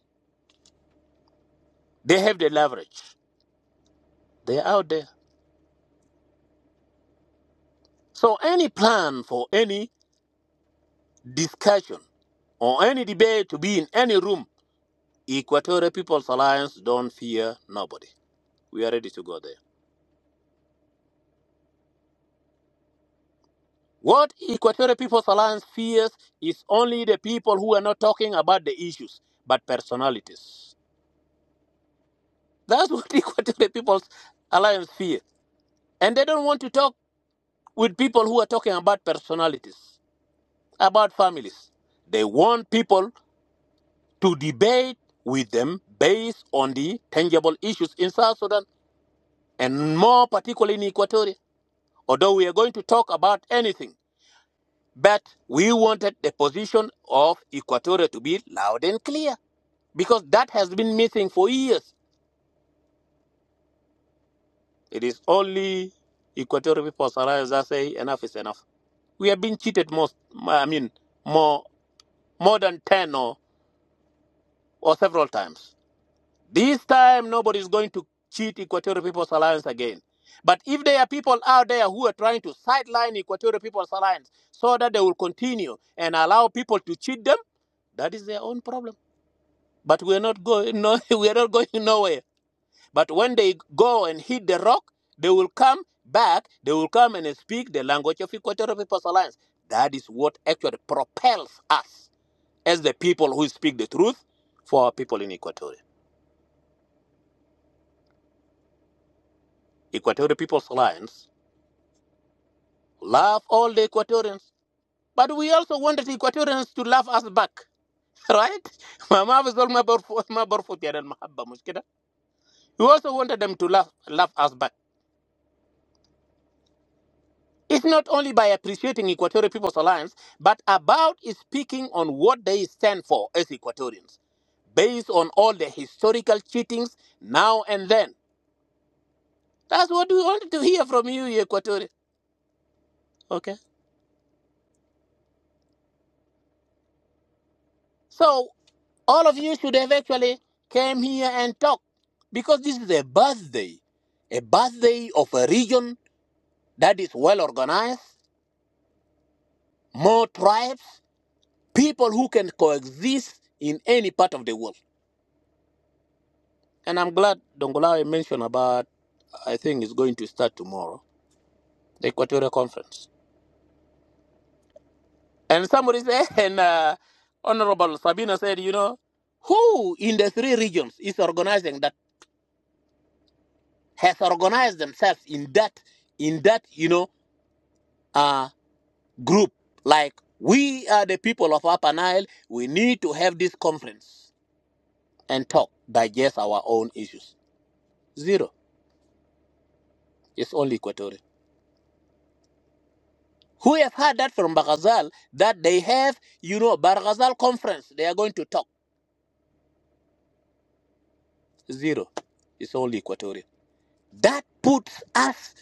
They have the leverage. They're out there. So any plan for any discussion or any debate to be in any room, Equatorial People's Alliance don't fear nobody. We are ready to go there. What Equatorial People's Alliance fears is only the people who are not talking about the issues, but personalities. That's what *laughs* Equatorial People's Alliance fears. And they don't want to talk with people who are talking about personalities, about families. They want people to debate with them based on the tangible issues in South Sudan and more particularly in Equatoria. Although we are going to talk about anything, but we wanted the position of Equatoria to be loud and clear because that has been missing for years. It is only Equatorial people, Sarah, that say enough is enough. We have been cheated most, I mean, more more than 10 or or several times. This time, nobody is going to cheat Equatorial People's Alliance again. But if there are people out there who are trying to sideline Equatorial People's Alliance so that they will continue and allow people to cheat them, that is their own problem. But we are not going no, *laughs* we are not going nowhere. But when they go and hit the rock, they will come back. They will come and speak the language of Equatorial People's Alliance. That is what actually propels us as the people who speak the truth for our people in Equatorial. Equatorial People's Alliance, love all the Equatorians, but we also wanted Equatorians to love us back, *laughs* right? ما ما في زول ما برفض ما برفض يعني المحبة مش كده؟ *laughs* We also wanted them to love love us back. It's not only by appreciating Equatorial People's Alliance, but about speaking on what they stand for as Equatorians, based on all the historical cheatings now and then. That's what we wanted to hear from you, you Equatorians. Okay. So all of you should have actually came here and talked because this is a birthday, a birthday of a region that is well organized, more tribes, people who can coexist in any part of the world. And I'm glad Dongolawe mentioned about, I think it's going to start tomorrow, the Equatorial Conference. And somebody *laughs* said, and uh, Honorable Sabina said, you know, who in the three regions is organizing that, has organized themselves in that, in that, you know, uh, group like we are the people of Upper Nile. We need to have this conference and talk, digest our own issues. Zero. It's only Equatorial. Who have heard that from Barghazal that they have, you know, Barghazal conference. They are going to talk. Zero. It's only Equatorial. That puts us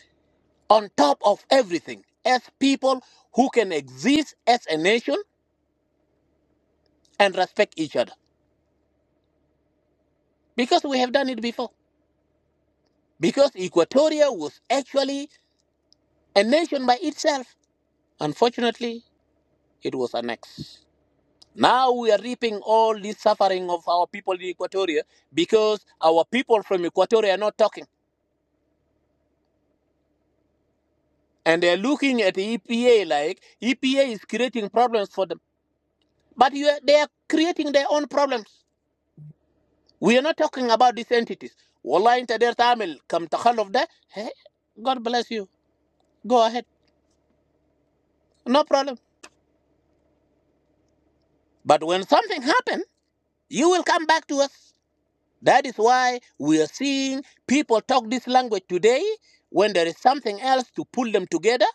on top of everything as people who can exist as a nation and respect each other because we have done it before. Because Equatoria was actually A nation by itself, unfortunately, it was annexed. Now we are reaping all this suffering of our people in Equatoria because our people from Equatoria are not talking. And they're looking at the EPA like EPA is creating problems for them. But you are, they are creating their own problems. We are not talking about these entities. Wallah inta der tamil kam of that. Hey, God bless you. Go ahead. No problem. But when something happens, you will come back to us. That is why we are seeing people talk this language today when there is something else to pull them together,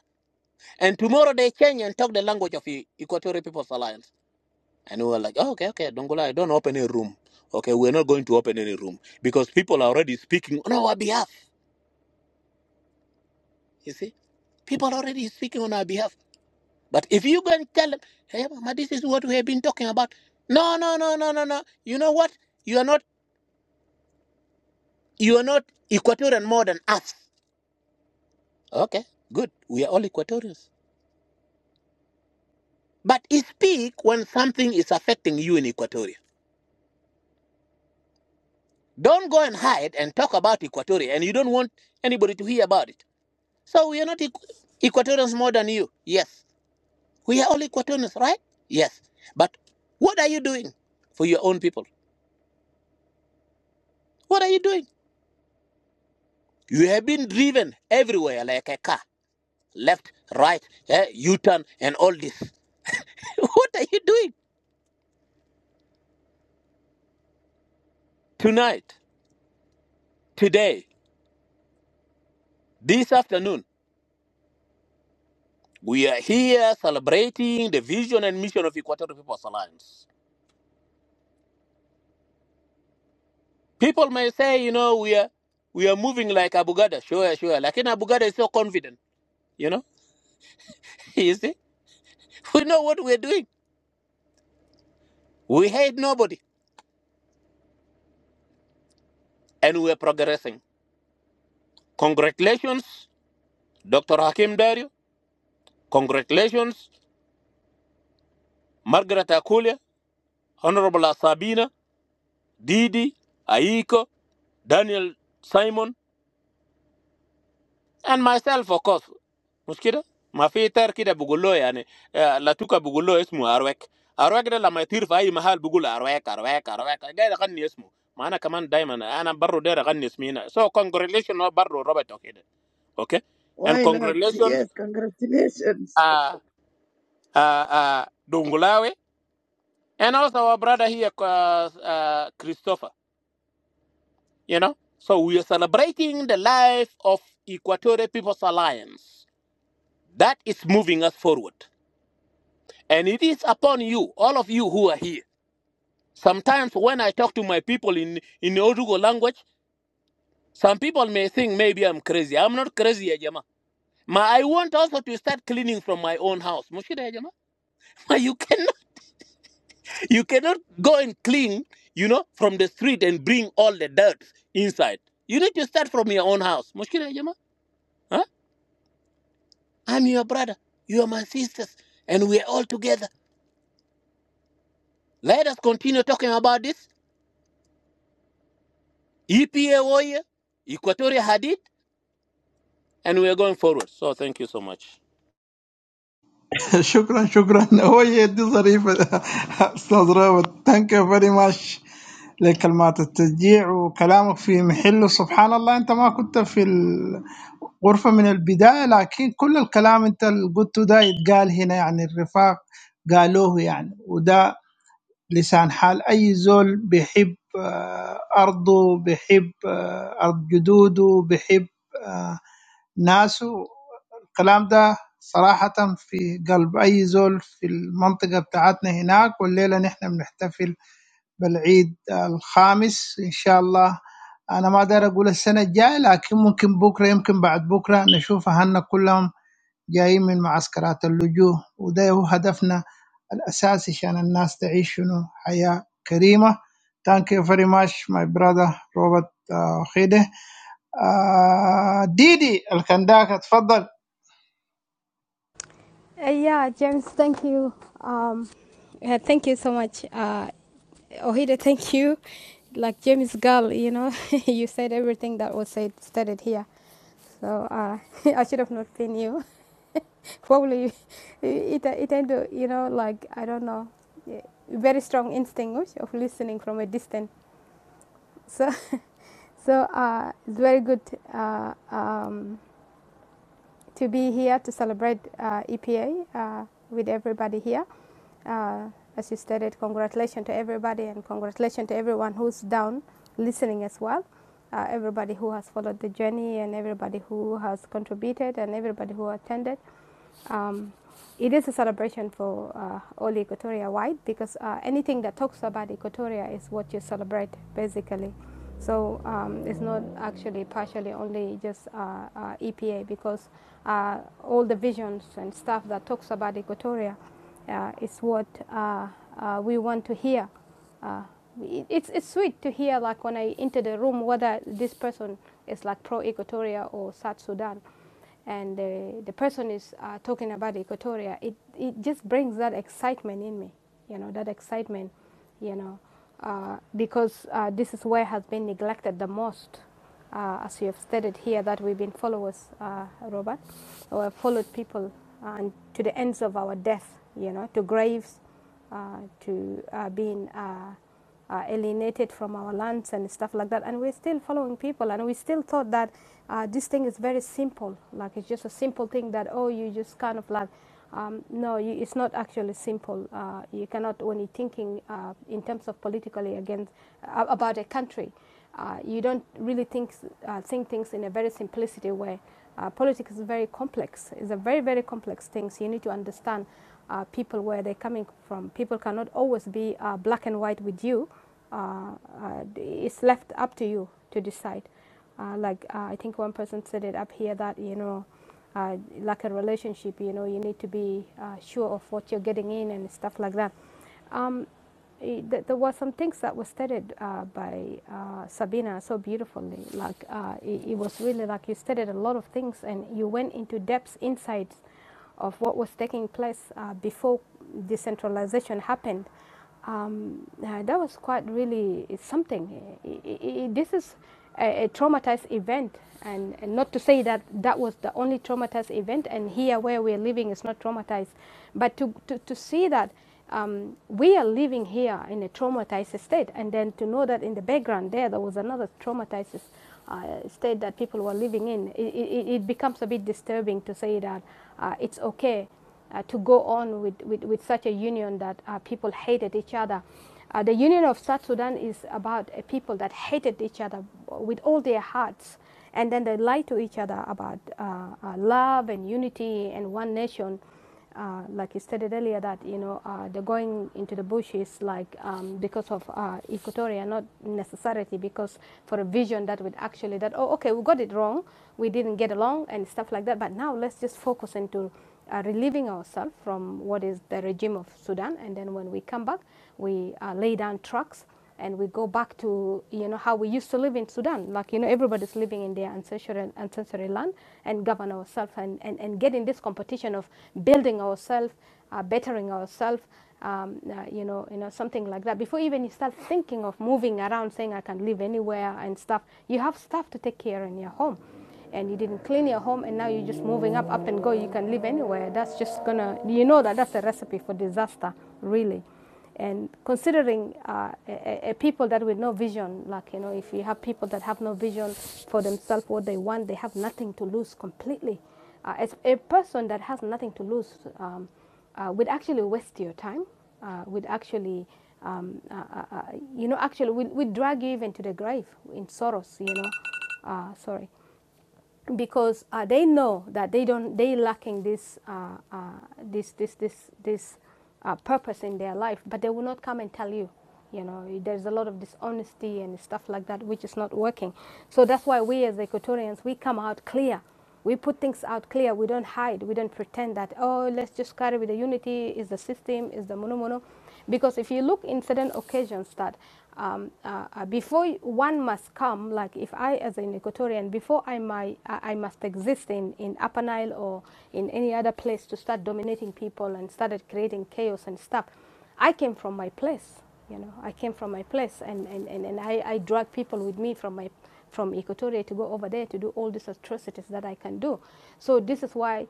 and tomorrow they change and talk the language of the Equatorial People's Alliance. And we were like, oh, okay, okay, don't go lie, don't open a room. Okay, we're not going to open any room because people are already speaking on our behalf. You see, people are already speaking on our behalf. But if you go and tell them, hey, mama, this is what we have been talking about. No, no, no, no, no, no. You know what? You are not, you are not Equatorian more than us. Okay, good. We are all Equatorians. But speak when something is affecting you in Equatoria. Don't go and hide and talk about Equatoria and you don't want anybody to hear about it. So we are not equ- Equatorians more than you. Yes. We are all Equatorians, right? Yes. But what are you doing for your own people? What are you doing? You have been driven everywhere like a car, left, right, eh, U turn, and all this. *laughs* what are you doing? Tonight, today, this afternoon, We are here celebrating the vision and mission of Equatorial People's Alliance. People may say, you know, we are we are moving like Abugada. Sure, sure. Like in Abugada is so confident, you know. *laughs* you see? We know what we're doing. We hate nobody. And we're progressing. Congratulations, Dr. Hakim Dario. Congratulations, Margaret Akulia, Honorable Sabina, Didi, Aiko, Daniel Simon, and myself of course Muskida, كده ما في تار كده بقول له يعني آه، لاتوكا Arwek, له اسمه ارويك ارويك ده لما يطير في arwek, arwek. بقول ارويك ارويك ارويك قاعد اغني اسمه ما انا كمان دايما انا برو داير اغني so congratulations no barro Robert كده okay and
Why not?
congratulations
Yes, congratulations.
uh, uh, uh, Dongolawe and also our brother here uh, uh, Christopher you know so we are celebrating the life of Equatorial People's Alliance that is moving us forward And it is upon you, all of you who are here. Sometimes when I talk to my people in, in Odugo language, some people may think maybe I'm crazy. I'm not crazy, Ajama. Ma, I want also to start cleaning from my own house. Mushida Ajama. *laughs* Ma, you cannot you cannot go and clean, you know, from the street and bring all the dirt inside. You need to start from your own house. Mushida Ajama. Huh? I'm your brother. You are my sisters. And we are all together. Let us continue talking about this. EPA warrior, Equatorial Hadid. and we are going forward. So thank you so much.
*laughs* *applause* شكرا شكرا هو يدي ظريفة *laughs* أستاذ روبرت ثانك يو فيري ماتش لكلمات التشجيع وكلامك في محله سبحان الله أنت ما كنت في الغرفة من البداية لكن كل الكلام أنت اللي قلته ده يتقال هنا يعني الرفاق قالوه يعني وده لسان حال أي زول بيحب آه، أرضه بيحب آه، أرض جدوده بيحب آه، ناس والكلام ده صراحة في قلب أي زول في المنطقة بتاعتنا هناك والليلة نحن بنحتفل بالعيد الخامس إن شاء الله أنا ما داير أقول السنة الجاية لكن ممكن بكرة يمكن بعد بكرة نشوف أهلنا كلهم جايين من معسكرات اللجوء وده هو هدفنا الأساسي عشان الناس تعيش شنو حياة كريمة Thank you very much my brother Robert uh, Khide آه ديدي الكنداك اتفضل
Uh, yeah, James, thank you. Um, uh, thank you so much. Uh, Ohida, thank you. Like James Gull, you know, *laughs* you said everything that was said started here. So uh, *laughs* I should have not been you. *laughs* Probably it, it ended, you know, like, I don't know, yeah, very strong instinct of listening from a distance. *laughs* So, so uh, it's very good. Uh, um, to be here to celebrate uh, EPA uh, with everybody here. Uh, as you stated, congratulations to everybody and congratulations to everyone who's down listening as well. Uh, everybody who has followed the journey and everybody who has contributed and everybody who attended. Um, it is a celebration for uh, all Equatoria wide because uh, anything that talks about Equatoria is what you celebrate basically. So um, it's not actually partially only just uh, uh, EPA because uh, all the visions and stuff that talks about Equatoria uh, is what uh, uh, we want to hear uh, it's, it's sweet to hear like when I enter the room whether this person is like pro Equatoria or South Sudan and uh, the person is uh, talking about Equatoria, it, it just brings that excitement in me, you know, that excitement, you know, uh, because uh, this is where has been neglected the most. Uh, as you have stated here, that we've been followers, uh, Robert, or followed people uh, and to the ends of our death, you know, to graves, uh, to uh, being uh, uh, alienated from our lands and stuff like that. And we're still following people, and we still thought that uh, this thing is very simple. Like it's just a simple thing that oh, you just kind of like. Um, no, you, it's not actually simple. Uh, you cannot, when you're thinking uh, in terms of politically against uh, about a country, uh, you don't really think uh, think things in a very simplicity way. Uh, politics is very complex. It's a very very complex thing. So you need to understand uh, people where they're coming from. People cannot always be uh, black and white with you. Uh, uh, it's left up to you to decide. Uh, like uh, I think one person said it up here that you know, uh, like a relationship, you know, you need to be uh, sure of what you're getting in and stuff like that. Um, Eh, there were some things that were stated uh, by uh, Sabina so beautifully. Like uh, it, it was really like you stated a lot of things, and you went into depths, insights of what was taking place uh, before decentralization happened. Um, uh, that was quite really something. I- I- I- this is a, a traumatized event, and, and not to say that that was the only traumatized event, and here where we're living is not traumatized, but to, to, to see that um, we are living here in a traumatized state. And then to know that in the background there, there was another traumatized uh, state that people were living in, it, it, it becomes a bit disturbing to say that uh, it's okay uh, to go on with, with, with such a union that uh, people hated each other. Uh, the Union of South Sudan is about a people that hated each other with all their hearts, and then they lied to each other about uh, uh, love and unity and one nation uh, like you stated earlier, that you know uh, the going into the bush is like um, because of uh, equatoria, not necessarily because for a vision that would actually that oh okay we got it wrong, we didn't get along and stuff like that. But now let's just focus into uh, relieving ourselves from what is the regime of Sudan, and then when we come back, we uh, lay down tracks and we go back to you know how we used to live in Sudan. Like you know, everybody's living in their ancestral ancestral land and govern ourselves and, and, and get in this competition of building ourselves, uh, bettering ourselves. Um, uh, you know, you know something like that. Before even you start thinking of moving around, saying I can live anywhere and stuff, you have stuff to take care in your home, and you didn't clean your home, and now you're just moving up, up and go. You can live anywhere. That's just gonna, you know, that that's a recipe for disaster, really and considering uh, a, a people that with no vision, like you know, if you have people that have no vision for themselves, what they want, they have nothing to lose completely. Uh, as a person that has nothing to lose um, uh, would actually waste your time, uh, would actually, um, uh, uh, uh, you know, actually would, would drag you even to the grave in sorrows, you know. Uh, sorry because uh, they know that they don't they lacking this uh, uh, this this this this uh, purpose in their life, but they will not come and tell you. You know, there's a lot of dishonesty and stuff like that, which is not working. So that's why we as Equatorians we come out clear. We put things out clear. We don't hide. We don't pretend that oh, let's just carry with the unity. Is the system? Is the mono mono? Because if you look in certain occasions that um, uh, uh, before one must come, like if I as an Equatorian, before I, my, I must exist in, in Upper Nile or in any other place to start dominating people and started creating chaos and stuff, I came from my place. You know, I came from my place and, and, and, and I, I drag people with me from my from Equatoria to go over there to do all these atrocities that I can do. So this is why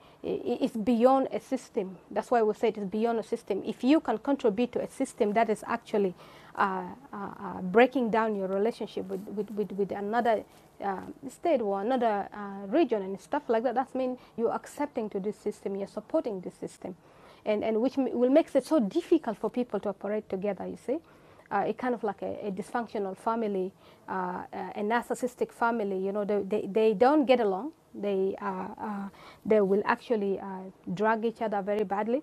it's beyond a system. That's why we say it's beyond a system. If you can contribute to a system that is actually uh, uh, uh, breaking down your relationship with, with, with, with another uh, state or another uh, region and stuff like that, that means you're accepting to this system, you're supporting this system. And, and which will makes it so difficult for people to operate together, you see uh, a kind of like a, a dysfunctional family, uh, uh, a narcissistic family. You know, they, they, they don't get along. They uh, uh, they will actually uh, drag each other very badly,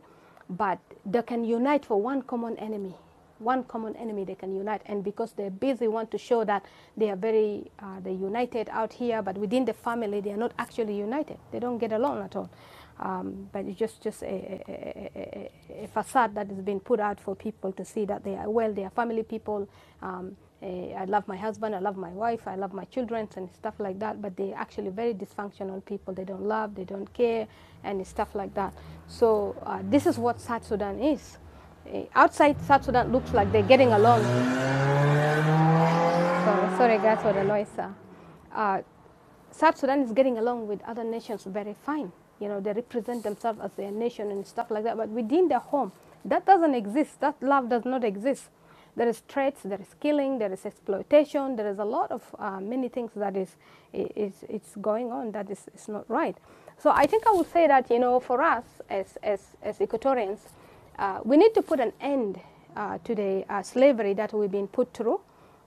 but they can unite for one common enemy. One common enemy they can unite, and because they're busy, want to show that they are very uh, they united out here, but within the family they are not actually united. They don't get along at all. Um, but it's just just a, a, a, a- facade that has been put out for people to see that they are well, they are family people. Um, eh, I love my husband, I love my wife, I love my children, and stuff like that. But they're actually very dysfunctional people. They don't love, they don't care, and stuff like that. So uh, this is what South Sudan is. Eh, Outside South Sudan looks like they're getting along. So, sorry guys for the noise, sir. Uh, South Sudan is getting along with other nations very fine. You know, they represent themselves as their nation and stuff like that. But within their home, that doesn't exist. That love does not exist. There is threats, there is killing, there is exploitation, there is a lot of uh, many things that is, i- is going on that is, is not right. So I think I would say that, you know, for us as, as, as Equatorians, uh, we need to put an end uh, to the uh, slavery that we've been put through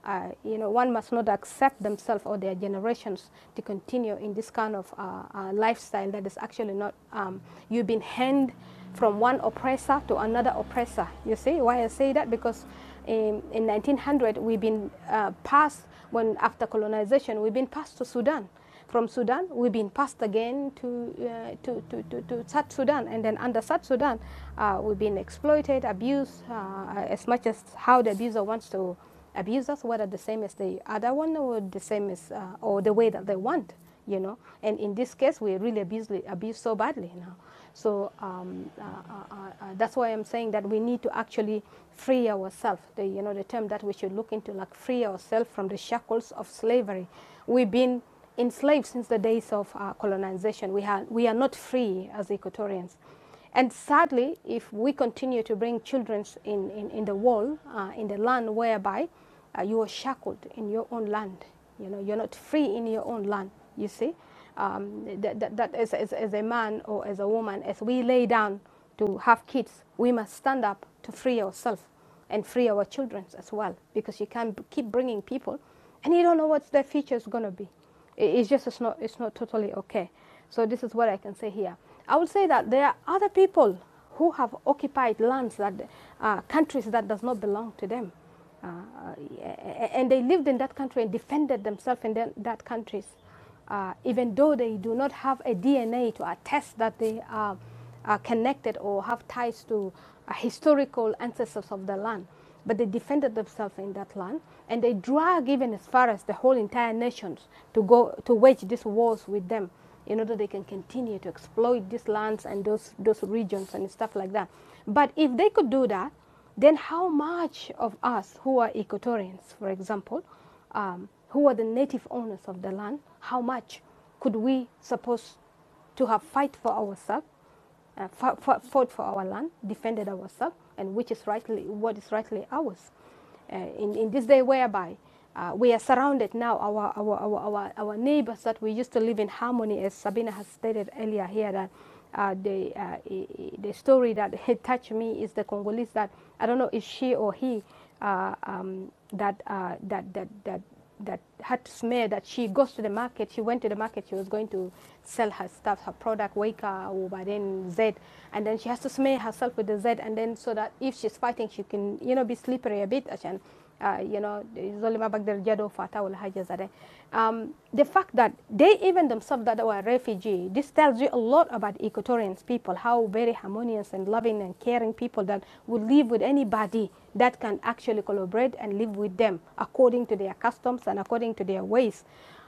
uh, you know, one must not accept themselves or their generations to continue in this kind of uh, uh, lifestyle that is actually not, um, you've been hand from one oppressor to another oppressor. You see why I say that? Because in, in 1900, we've been uh, passed, when after colonization, we've been passed to Sudan. From Sudan, we've been passed again to, uh, to, to, to, to South Sudan. And then under South Sudan, uh, we've been exploited, abused, uh, as much as how the abuser wants to abuse us, whether the same as the other one or the same as, uh, or the way that they want, you know. And in this case, we really abused, abused so badly now. So um, uh, uh, uh, uh, that's why I'm saying that we need to actually free ourselves. The, you know, the term that we should look into, like free ourselves from the shackles of slavery. We've been enslaved since the days of uh, colonization. We, ha- we are not free as Equatorians. And sadly, if we continue to bring children in, in, in the wall, uh, in the land whereby uh, you are shackled in your own land, you know, you're not free in your own land, you see, um, that, that, that as, as, as a man or as a woman, as we lay down to have kids, we must stand up to free ourselves and free our children as well, because you can't keep bringing people and you don't know what their future is going to be. It's just it's not it's not totally okay. So this is what I can say here. I would say that there are other people who have occupied lands that uh, countries that does not belong to them, uh, and they lived in that country and defended themselves in that countries uh, even though they do not have a DNA to attest that they are, are connected or have ties to uh, historical ancestors of the land. But they defended themselves in that land, and they drag even as far as the whole entire nations to go to wage these wars with them, in order they can continue to exploit these lands and those those regions and stuff like that. But if they could do that, then how much of us who are Equatorians, for example, um, who are the native owners of the land, how much could we suppose to have fight for ourselves, uh, fought for our land, defended ourselves, and which is rightly what is rightly ours? uh, in, in this day whereby uh, we are surrounded now, our, our, our, our, our neighbors that we used to live in harmony, as Sabina has stated earlier here, that uh, the, uh, the story that *laughs* touched me is the Congolese that, I don't know if she or he, uh, um, that, uh, that, that, that that had to smear that she goes to the market. She went to the market. She was going to sell her stuff, her product, Weka or by then Z, and then she has to smear herself with the Z, and then so that if she's fighting, she can you know be slippery a bit. عشان uh, you know زول ما بقدر جدو فاتا Um, the fact that they even themselves that were refugee, this tells you a lot about Equatorians people, how very harmonious and loving and caring people that would live with anybody that can actually collaborate and live with them according to their customs and according to their ways.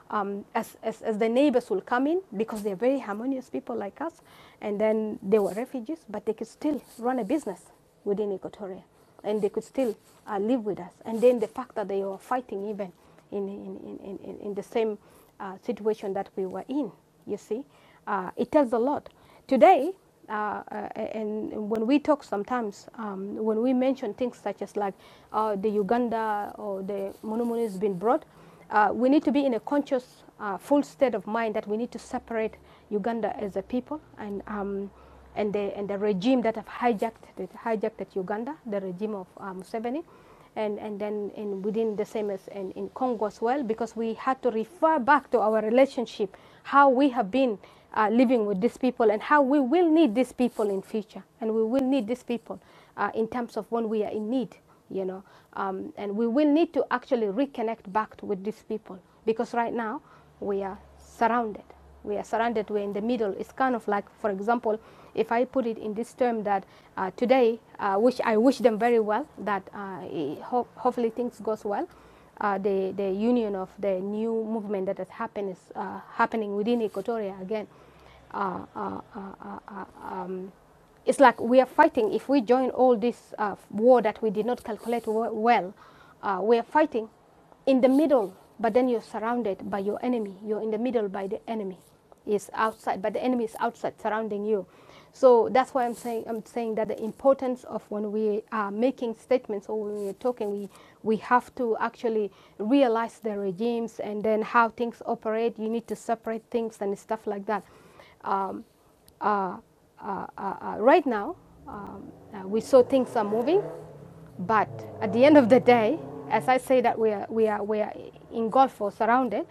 Um, as, as, as the neighbors will come in because they're very harmonious people like us, and then they were refugees, but they could still run a business within Equatoria and they could still uh, live with us. And then the fact that they were fighting even in, in, in, in, in the same uh, situation that we were in, you see, uh, it tells a lot. Today, uh, uh, and when we talk sometimes, um, when we mention things such as like uh, the Uganda or the Monumunu has been brought, uh, we need to be in a conscious, uh, full state of mind that we need to separate Uganda as a people and um, and the and the regime that have hijacked that hijacked Uganda, the regime of um, Museveni and, and then in within the same as in, in Congo as well, because we had to refer back to our relationship, how we have been uh, living with these people and how we will need these people in future, and we will need these people uh, in terms of when we are in need, you know, um, and we will need to actually reconnect back to, with these people because right now we are surrounded. We are surrounded, we're in the middle. It's kind of like, for example, if I put it in this term that uh, today, uh, which I wish them very well, that uh, eh, ho- hopefully things goes well. Uh, the, the union of the new movement that has happened is uh, happening within Equatoria again uh, uh, uh, uh, uh, um, it's like we are fighting. If we join all this uh, war that we did not calculate well, uh, we are fighting in the middle, but then you're surrounded by your enemy. You're in the middle by the enemy is outside, but the enemy is outside surrounding you. So that's why I'm saying I'm saying that the importance of when we are making statements or when we're talking, we we have to actually realize the regimes and then how things operate. You need to separate things and stuff like that. Um, uh, uh, uh, uh, right now, um, uh, we saw things are moving, but at the end of the day, as I say that we are, we are, we are engulfed or surrounded,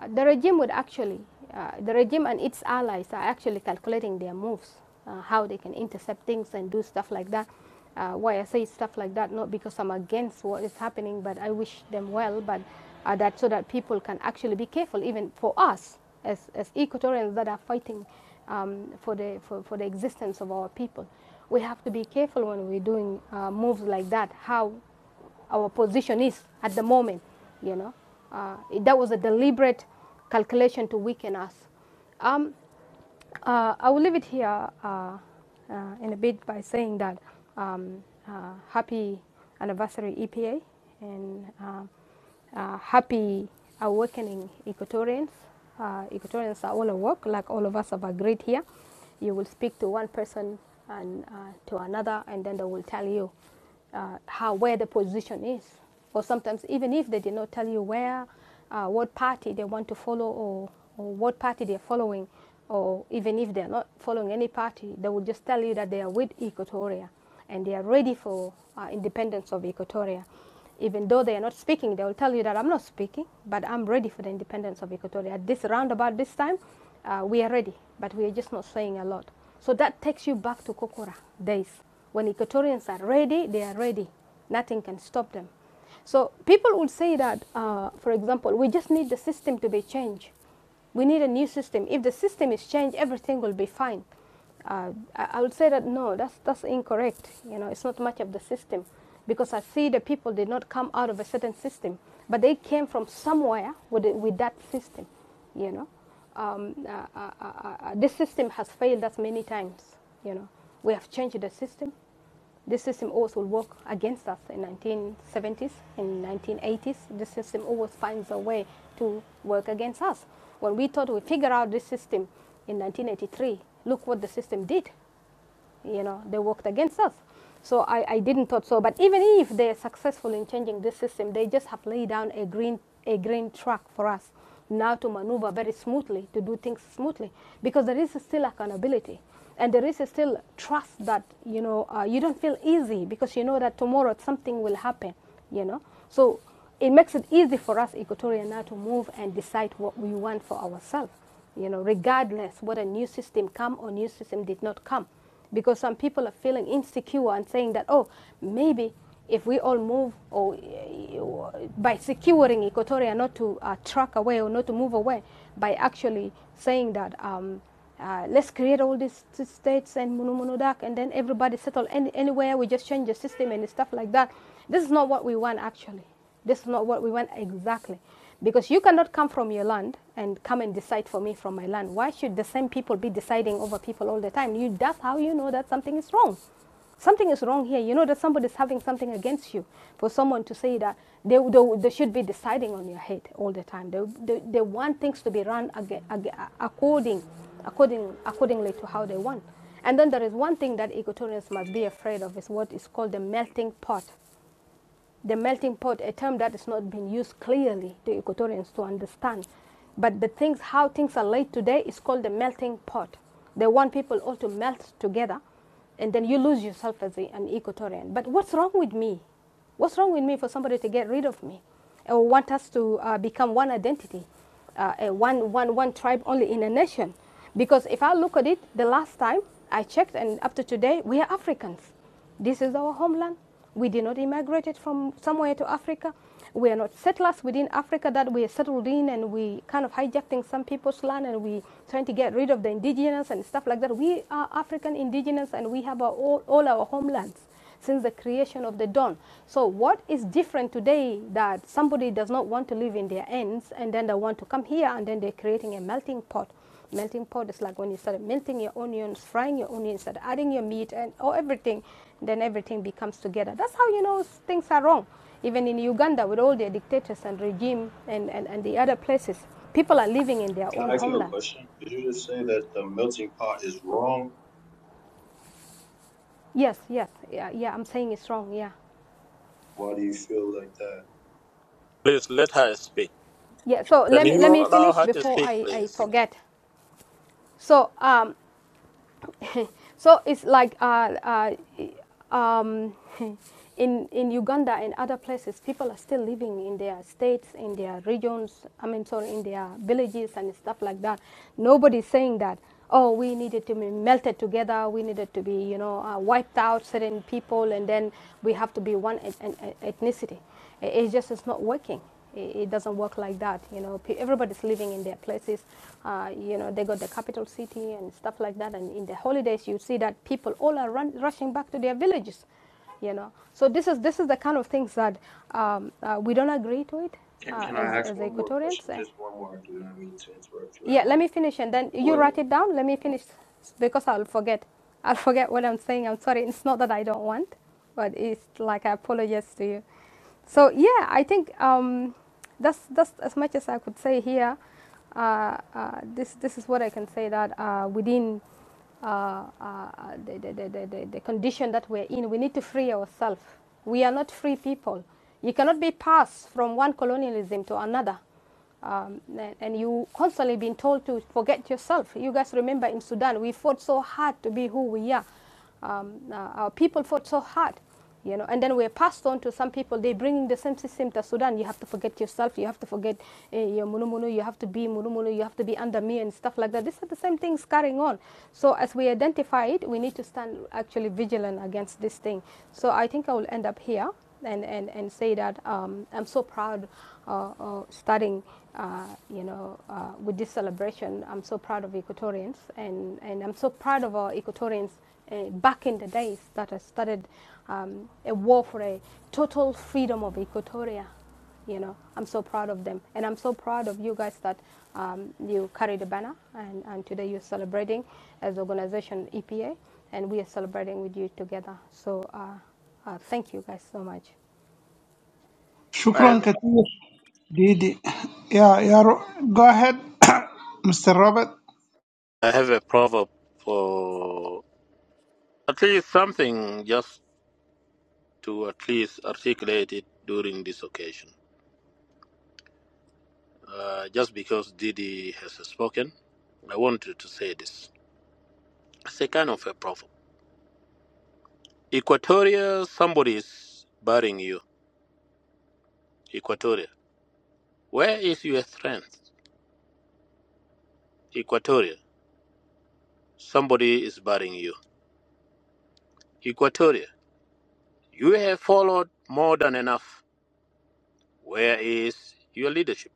uh, the regime would actually, uh, the regime and its allies are actually calculating their moves, uh, how they can intercept things and do stuff like that. Uh, why I say stuff like that, not because I'm against what is happening, but I wish them well, but uh, that so that people can actually be careful, even for us as, as Equatorians that are fighting um, for, the, for, for the existence of our people. We have to be careful when we're doing uh, moves like that, how our position is at the moment, you know. Uh, that was a deliberate calculation to weaken us. Um, uh, I will leave it here uh, uh, in a bit by saying that um, uh, happy anniversary EPA and um uh, happy awakening Equatorians. Uh, Equatorians are all awake, like all of us have agreed here. You will speak to one person and uh, to another, and then they will tell you uh, how where the position is, or sometimes even if they did not tell you where, uh, what party they want to follow, or, or what party they're following, or even if they're not following any party, they will just tell you that they are with Equatoria and they are ready for uh, independence of Equatoria. Even though they are not speaking, they will tell you that I'm not speaking, but I'm ready for the independence of Equatoria. At this roundabout, this time, uh, we are ready, but we are just not saying a lot. So that takes you back to Kokora days. When Equatorians are ready, they are ready. Nothing can stop them. So people would say that, uh, for example, we just need the system to be changed. We need a new system. If the system is changed, everything will be fine. Uh, I, I would say that no, that's that's incorrect. You know, it's not much of the system, because I see the people did not come out of a certain system, but they came from somewhere with it, with that system you know. Um, uh, uh, uh, uh, uh, this system has failed us many times, you know. We have changed the system. This system always will work against us in 1970s, in 1980s. This system always finds a way to work against us. When we thought we figured out this system in 1983, look what the system did you know, they worked against us. So I, I didn't thought so. But even if they're successful in changing this system, they just have laid down a green a green track for us now to maneuver very smoothly, to do things smoothly, because there is still accountability. And there is still trust that you know uh, you don't feel easy because you know that tomorrow something will happen, you know. So it makes it easy for us Equatorian now to move and decide what we want for ourselves, you know, regardless whether a new system come or new system did not come because some people are feeling insecure and saying that oh maybe if we all move or eh, by securing equatoria not to uh, truck away or not to move away by actually saying that um, uh, let's create all these states and munumunudak and then everybody settle any, anywhere we just change the system and stuff like that this is not what we want actually this is not what we want exactly. Because you cannot come from your land and come and decide for me from my land. Why should the same people be deciding over people all the time? You, that's how you know that something is wrong. Something is wrong here. You know that somebody is having something against you. For someone to say that they, they, they should be deciding on your head all the time. They, they, they want things to be run aga aga- according, according, accordingly to how they want. And then there is one thing that Equatorians must be afraid of is what is called the melting pot the melting pot, a term that is not being used clearly to Equatorians to understand. But the things, how things are laid today is called the melting pot. They want people all to melt together, and then you lose yourself as a, an Equatorian. But what's wrong with me? What's wrong with me for somebody to get rid of me or want us to uh, become one identity? uh, a one, one, one tribe only in a nation. Because if I look at it, the last time I checked and up to today, we are Africans. This is our homeland. We did not immigrate from somewhere to Africa. We are not settlers within Africa that we are settled in and we kind of hijacking some people's land and we trying to get rid of the indigenous and stuff like that. We are African indigenous and we have our, all, all our homelands since the creation of the dawn. So what is different today that somebody does not want to live in their ends and then they want to come here and then they're creating a melting pot. Melting pot is like when you start melting your onions, frying your onions, start adding your meat and or everything, then everything becomes together. That's how you know things are wrong. Even in Uganda with all their dictators and regime and, and, and the other places, people are living in their
Can
own
I ask you a
homeland.
question? Did you just say that the melting pot is wrong?
Yes, yes, yeah, yeah. I'm saying it's wrong. Yeah,
Why do you feel like that?
Please let her speak.
yeah. So let
Can
me let
you
me
allow
finish
her to
before
speak,
I, I
please?
forget. So, um, so it's like uh, uh, um, *laughs* in in Uganda and other places, people are still living in their states, in their regions. I mean, sorry, in their villages and stuff like that. Nobody's saying that. Oh, we needed to be melted together. We needed to be, you know, uh, wiped out certain people, and then we have to be one et- et- ethnicity. It, it just is not working. It, doesn't work like that. You know, everybody's living in their places. Uh, you know, they got the capital city and stuff like that. And in the holidays, you see that people all are run, rushing back to their villages. You know, so this is this is the kind of things that um, uh, we don't agree to it
Can,
uh,
can I
as
ask
as
one more
Equatorians.
question?
eh.
Just one more. I do not mean to interrupt you at
Yeah, let me
all.
finish and then you
What
write it down. Let me finish because I'll forget. I'll forget what I'm saying. I'm sorry. It's not that I don't want, but it's like I apologize to you. So yeah, I think um, that's that's as much as I could say here. Uh, uh, this this is what I can say that uh, within uh, uh, the, the, the, the, the the condition that we're in, we need to free ourselves. We are not free people. You cannot be passed from one colonialism to another um, and- you constantly been told to forget yourself. You guys remember in Sudan, we fought so hard to be who we are. Um, uh, our people fought so hard, you know, and then we're passed on to some people. They bring the same system to Sudan. You have to forget yourself. You have to forget uh, your munumunu. You have to be munumunu. You have to be under me and stuff like that. These are the same things carrying on. So as we identify it, we need to stand actually vigilant against this thing. So I think I will end up here and, and, and say that um, I'm so proud uh, uh, starting, uh, you know, uh, with this celebration. I'm so proud of Equatorians, and, and I'm so proud of our Equatorians uh, back in the days that I started um, a war for a total freedom of Equatoria. You know, I'm so proud of them, and I'm so proud of you guys that um, you carry the banner, and, and today you're celebrating as organization EPA, and we are celebrating with you together. So. Uh, uh, thank you guys so much.
I
شكرا
have,
كثير ديدي يا يا جاهد *coughs* مستر روبرت
I have a proverb for at least something just to at least articulate it during this occasion. Uh, just because Didi has spoken, I wanted to say this. It's a kind of a proverb. Equatoria, somebody is burying you. Equatoria. Where is your strength? Equatoria. Somebody is burying you. Equatoria. You have followed more than enough. Where is your leadership,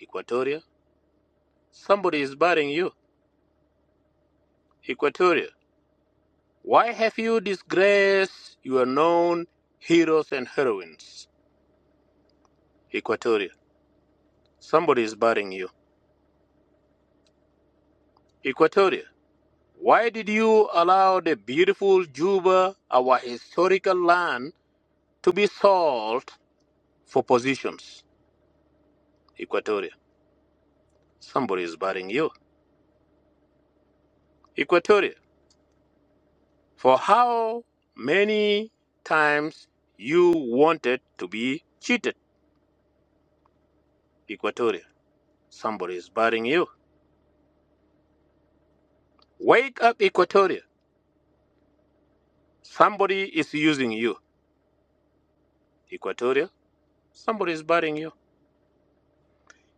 Equatoria? Somebody is burying you, Equatoria. Why have you disgraced your known heroes and heroines, Equatoria? Somebody is burying you, Equatoria. Why did you allow the beautiful Juba, our historical land, to be sold for positions, Equatoria? Somebody is burying you, Equatoria. For how many times you wanted to be cheated, Equatoria? Somebody is barring you. Wake up, Equatoria. Somebody is using you, Equatoria. Somebody is barring you.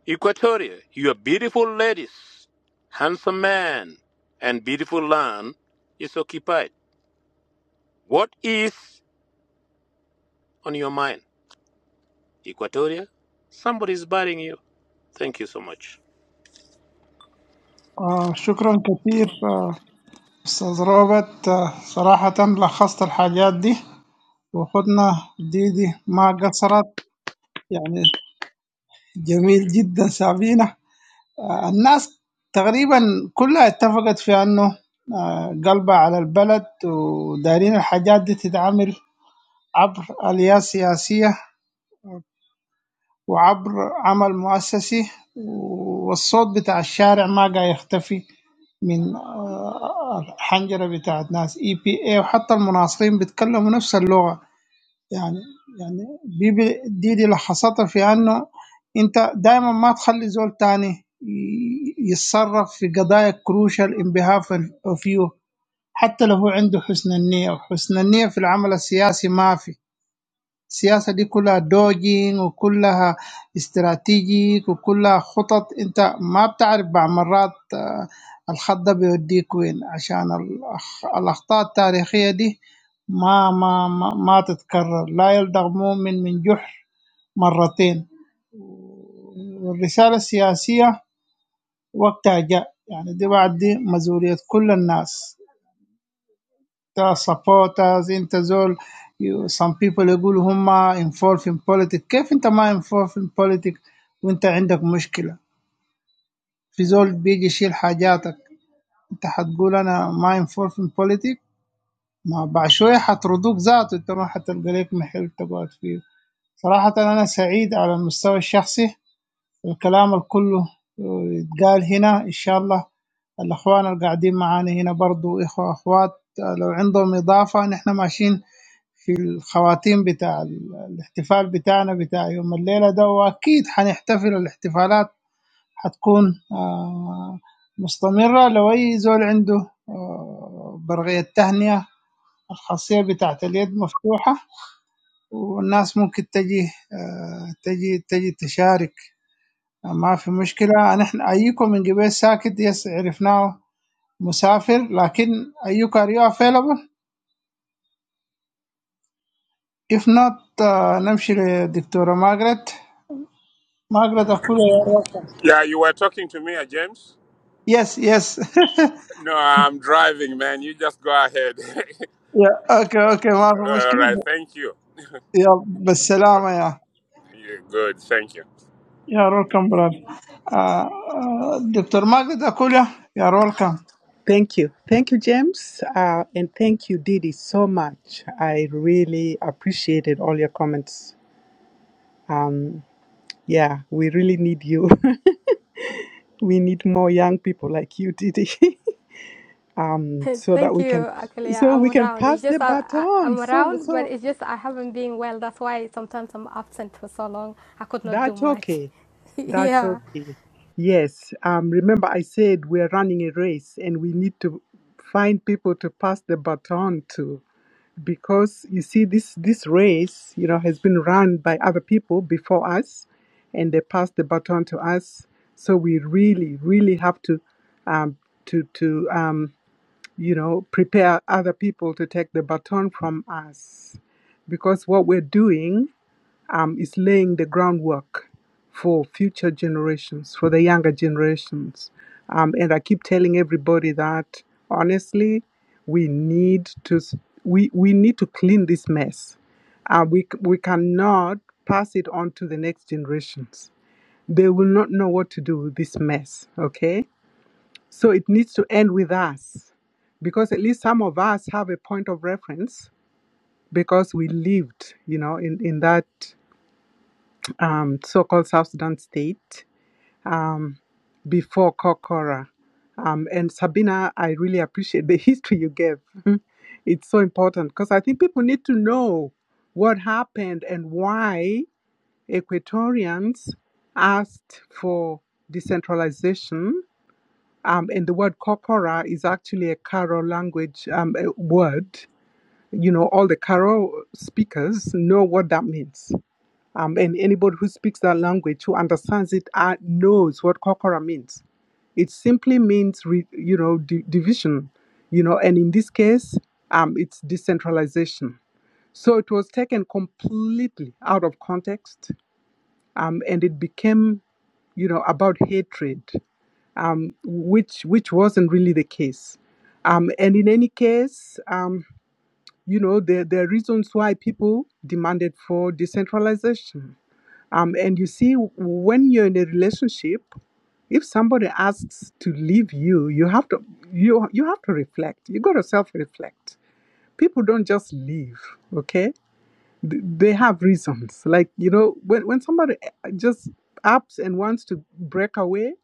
Equatoria, Your beautiful ladies, handsome man, and beautiful land is occupied. What is on your mind, Equatoria? Somebody is barring you. Thank you so much.
آه شكرا كثير آه، استاذ روبرت آه صراحة لخصت الحاجات دي واخدنا ديدي ما قصرت يعني جميل جدا سابينا آه الناس تقريبا كلها اتفقت في انه آه قلبها على البلد ودارين الحاجات دي تتعامل عبر اليات سياسية وعبر عمل مؤسسي والصوت بتاع الشارع ما قاعد يختفي من آه، الحنجرة بتاعت ناس اي بي اي وحتى المناصرين بيتكلموا نفس اللغة يعني يعني بيبي دي دي لخصتها في انه انت دائما ما تخلي زول تاني ي- يتصرف في قضايا كروشال انبهاف فيو حتى لو هو عنده حسن النية وحسن النية في العمل السياسي ما في السياسة دي كلها دوجين وكلها استراتيجيك وكلها خطط انت ما بتعرف بعض مرات آه، الخط ده بيوديك وين عشان الأخ- الأخطاء التاريخية دي ما ما ما, ما تتكرر لا يلدغ مؤمن من جحر مرتين والرسالة السياسية وقتها جاء يعني دي بعد دي مسؤولية كل الناس uh, supporters انت زول you, some people يقولوا هم involved in politics كيف انت ما involved in politics وانت عندك مشكلة في زول بيجي يشيل حاجاتك انت حتقول انا ما involved in politics ما بعد شوية حطردوك ذاته انت ما حتلقى لك محل تقعد فيه صراحة انا سعيد على المستوى الشخصي الكلام الكله يتقال هنا ان شاء الله الاخوان اللي قاعدين معانا هنا برضو اخوة اخوات لو عندهم اضافة نحن ماشيين في الخواتيم بتاع ال- الاحتفال بتاعنا بتاع يوم الليلة ده وأكيد حنحتفل الاحتفالات حتكون آه، مستمرة لو أي زول عنده آه، برغية تهنئة الخاصية بتاعت اليد مفتوحة والناس ممكن تجي آه، تجي تجي تشارك ما في مشكلة نحن أيكم من قبل ساكت يس عرفناه مسافر لكن أيك أريوه فيلبل if not آه، نمشي لدكتورة ماجرت ما اقدر اقول
Yeah, you were talking to me, uh, James?
يس يس
No, I'm driving, man. You just go ahead. *laughs*
*laughs* يا اوكي اوكي *laughs* ما في
all
مشكله
right, thank you.
يا بالسلامه يا
you good, thank you.
يا ويلكم براد دكتور ماجد اقول يا يا ويلكم
Thank you. Thank you, James. Uh, and thank you, Didi, so much. I really appreciated all your comments. Um, yeah, we really need you. *laughs* we need more young people like you, Didi. *laughs* um so that
Thank
we
you.
can
Actually, yeah,
so
I'm
we can
around. It's
pass the
just I, I,
baton
I'm
so
around, but
so
it's just I haven't been well. That's why sometimes I'm absent for so long. I could not do
that's
much.
okay
*laughs*
that's
yeah.
okay yes um remember i said we're running a race and we need to find people to pass the baton to because you see this this race you know has been run by other people before us and they passed the baton to us so we really really have to um to to um you know, prepare other people to take the baton from us. Because what we're doing um, is laying the groundwork for future generations, for the younger generations. Um, and I keep telling everybody that honestly, we need to s- we, we need to clean this mess. Uh, we c- we cannot pass it on to the next generations. They will not know what to do with this mess. Okay so it needs to end with us because at least some of us have a point of reference because we lived, you know, in, in that um, so called South Sudan state um, before Kokora. Um, and Sabina, I really appreciate the *laughs* history you gave. *laughs* it's so important because I think people need to know what happened and why Equatorians asked for decentralization um, and the word corpora is actually a Karo language um, a word. You know, all the Karo speakers know what that means. Um, and anybody who speaks that language, who understands it, uh, knows what corpora means. It simply means, re, you know, di- division. You know, and in this case, um, it's decentralization. So it was taken completely out of context, um, and it became, you know, about hatred um, which which wasn't really the case. Um, and in any case, um, you know, there, there are reasons why people demanded for decentralization. Um, and you see, when you're in a relationship, if somebody asks to leave you, you have to you you have to reflect. You got to self reflect. People don't just leave, okay? Th- They have reasons. Like you know, when when somebody uh, just ups and wants to break away,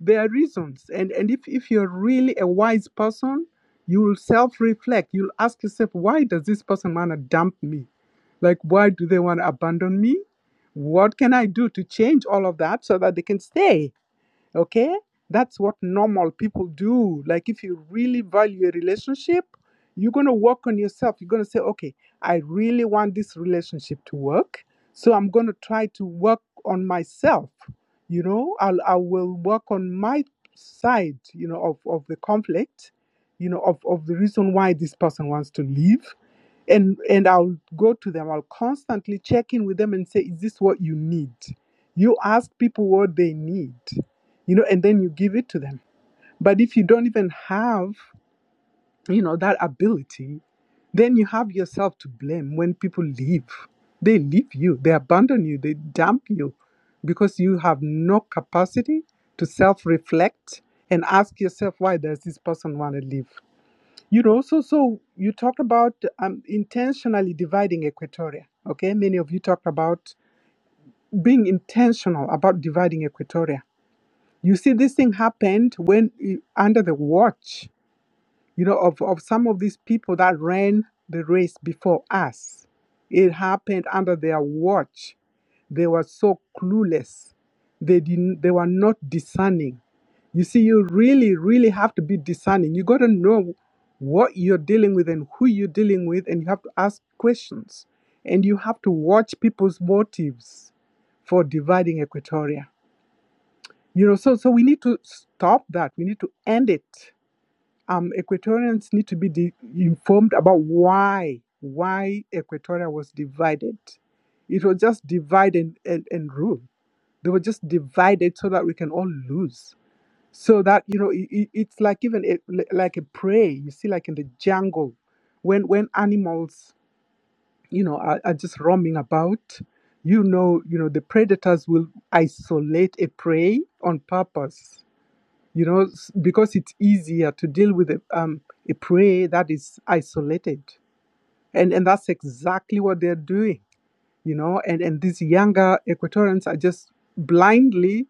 there are reasons and and if, if you're really a wise person you'll self-reflect you'll ask yourself why does this person want to dump me like why do they want to abandon me what can i do to change all of that so that they can stay Okay? That's what normal people do. Like, if you really value a relationship, you're going to work on yourself. You're going to say, okay, I really want this relationship to work. So I'm going to try to work on myself. You know, I'll, I will work on my side, you know, of, of the conflict, you know, of, of the reason why this person wants to leave. And, and I'll go to them. I'll constantly check in with them and say, is this what you need? You ask people what they need you know, and then you give it to them. But if you don't even have, you know, that ability, then you have yourself to blame when people leave. They leave you, they abandon you, they dump you because you have no capacity to self reflect and ask yourself, why does this person want to leave? You know, so, so you talked about um, intentionally dividing Equatoria, okay? Many of you talked about being intentional about dividing Equatoria you see, this thing happened when eh, under the watch, you know, of, of some of these people that ran the race before us. It happened under their watch. They were so clueless. They didn't they were not discerning. You see, you really, really have to be discerning. You gotta know what you're dealing with and who you're dealing with, and you have to ask questions. And you have to watch people's motives for dividing Equatoria you know so so we need to stop that we need to end it um equatorians need to be de- informed about why why equatoria was divided it was just divide and, and, and rule they were just divided so that we can all lose so that you know it, it- it's like even a, like a prey you see like in the jungle when when animals you know are, are just roaming about you know you know the predators will isolate a prey on purpose you know, s- because it's easier to deal with a, um, a prey that is isolated. And, and that's exactly what they're doing, you know. And, and these younger Equatorians are just blindly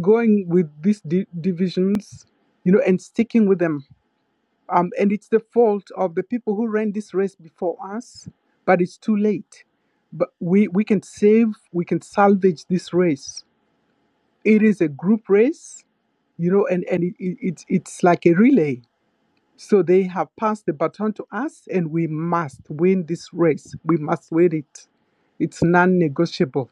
going with these di- divisions, you know, and sticking with them. Um, and it's the fault of the people who ran this race before us, but it's too late. But we, we can save, we can salvage this race. It is a group race, you know, and, and it, it, it's it's like a relay So they have passed the baton to us, and we must win this race. We must win it. It's non negotiable.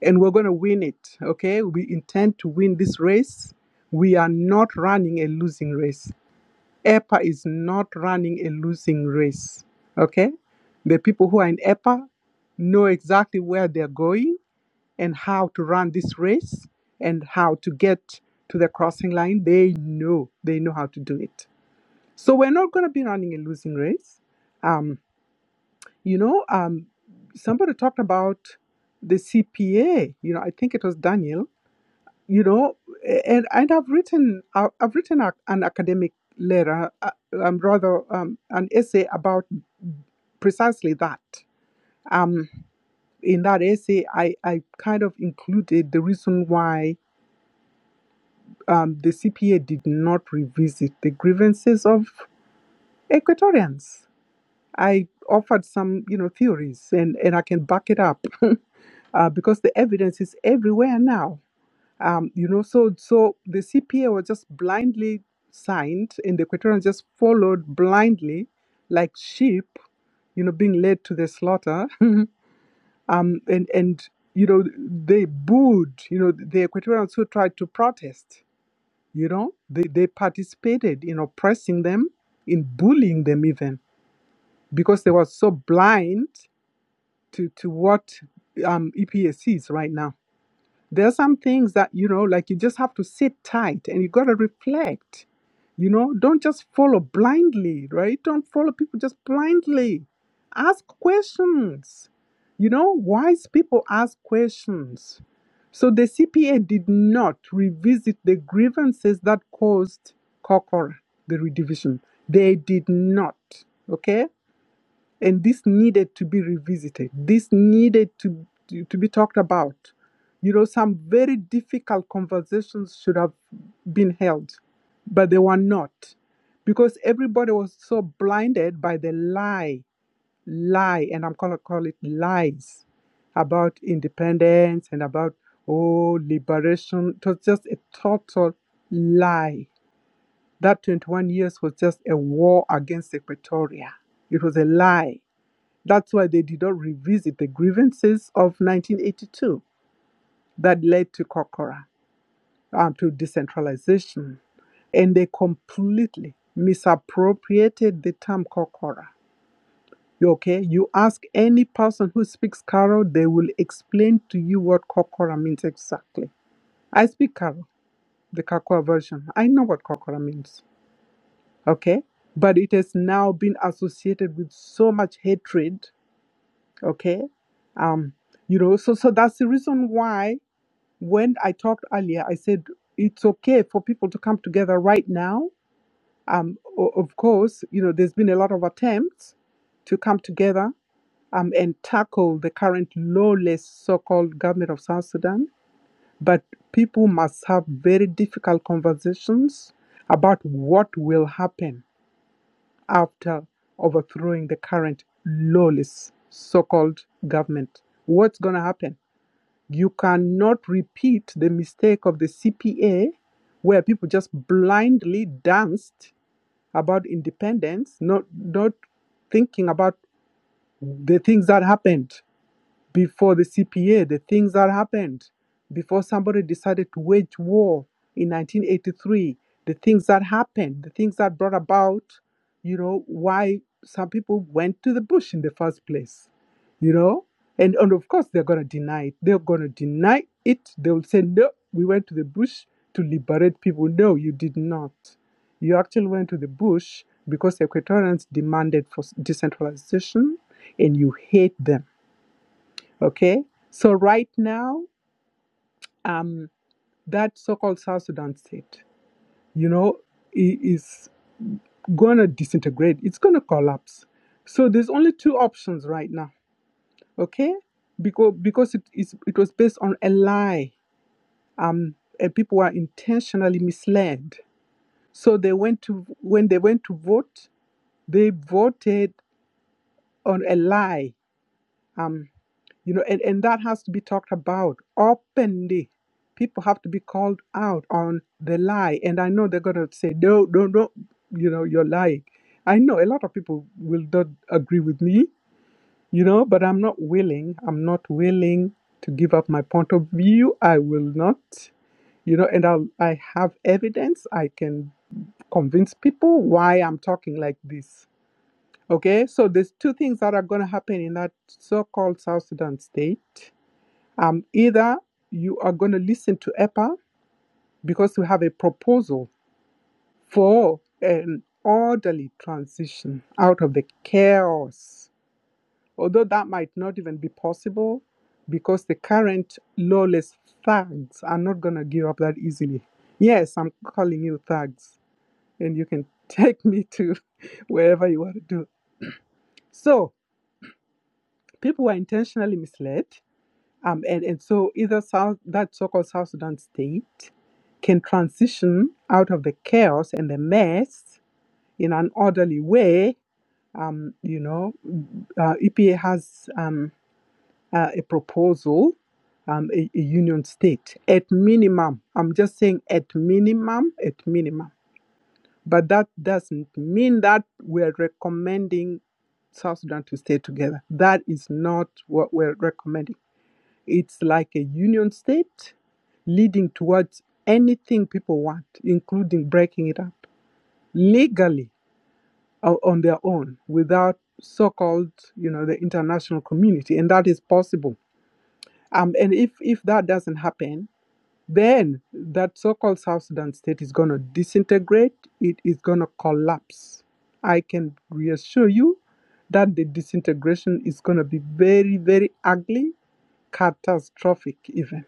And we're going to win it, okay? We intend to win this race. We are not running a losing race. EPA is not running a losing race, okay? The people who are in EPA know exactly where they're going and how to run this race and how to get to the crossing line. They know, they know how to do it. So we're not going to be running a losing race. Um, you know, um, somebody talked about the CPA. You know, I think it was Daniel. You know, and and I've written I've I've written a, an academic letter, uh, um, rather um, an essay about precisely that. Um, in that essay, I I kind of included the reason why um, the CPA did not revisit the grievances of Equatorians I offered some, you know, theories, and and I can back it up *laughs* uh, because the evidence is everywhere now. Um, you know, so so the CPA was just blindly signed, and the Equatorians just followed blindly, like sheep, you know, being led to the slaughter. *laughs* um, and and you know, they booed, you know, the Equatorians who tried to protest. You know, they they participated in oppressing them, in bullying them even because they were so blind to to what um, EPA sees right now. There are some things that you know, like you just have to sit tight and you got to reflect. You know, don't just follow blindly, right? Don't follow people just blindly. Ask questions. You know, wise people ask questions. So the CPA did not revisit the grievances that caused Kokora, the redivision. They did not. Okay and this needed to be revisited this needed to to, to be talked about you know some very difficult conversations should have been held but they were not because everybody was so blinded by the lie lie and i'm going to call it lies about independence and about oh liberation it was just a total lie that 21 years was just a war against equatoria it was a lie that's why they did not revisit the grievances of 1982 that led to Kokora, um, to decentralization. And they completely misappropriated the term Kokora. Okay, you ask any person who speaks Karo, they will explain to you what Kokora means exactly. I speak Karo, the Kakwa version. I know what Kokora means. Okay, but it has now been associated with so much hatred okay um you know so so that's the reason why when i talked earlier i said it's okay for people to come together right now um o- of course you know there's been a lot of attempts to come together um and tackle the current lawless so-called government of south sudan but people must have very difficult conversations about what will happen after overthrowing the current lawless so called government. What's going to happen? You cannot repeat the mistake of the CPA where people just blindly danced about independence, not, not thinking about the things that happened before the CPA, the things that happened, before somebody decided to wage war in 1983, the things that happened, the things that brought about, you know, why some people went to the bush in the first place, you know? And, and of course, they're going to deny it. They're going to deny it. They'll say, no, we went to the bush to liberate people. No, you did not. You actually went to the bush because Equatorians demanded for decentralization and you hate them Okay. So right now, um, that so-called South Sudan state, you know, i- is gonna disintegrate. It's gonna collapse. So there's only two options right now. Okay, because because it is it was based on a lie. Um, and people were intentionally misled. So they went to when they went to vote, they voted on a lie. Um, you know and, and that has to be talked about openly people have to be called out on the lie and i know they're going to say no no no you know you're lying i know a lot of people will not agree with me you know but i'm not willing i'm not willing to give up my point of view i will not you know and i'll i have evidence i can convince people why I'm talking like this. Okay, so there's two things that are going to happen in that so called South Sudan state. Um, either you are going to listen to EPA because we have a proposal for an orderly transition out of the chaos, although that might not even be possible because the current lawless thugs are not going to give up that easily. Yes, I'm calling you thugs, and you can *laughs* take me to *laughs* wherever you want to do. So, people were intentionally misled Um, and, and so either South, that so-called South Sudan state can transition out of the chaos and the mess in an orderly way. Um, you know, uh, EPA has um, uh, a proposal, um, a, a union state at minimum. I'm just saying at minimum, at minimum. But that doesn't mean that we're recommending South Sudan to stay together. That is not what we're recommending it's like a union state leading towards anything people want, including breaking it up legally o- on their own without so-called, you know, the international community, and that is possible. Um, and if if that doesn't happen, then that so-called South Sudan state is going to disintegrate. It is going to collapse. I can reassure you that the disintegration is going to be very, very ugly catastrophic even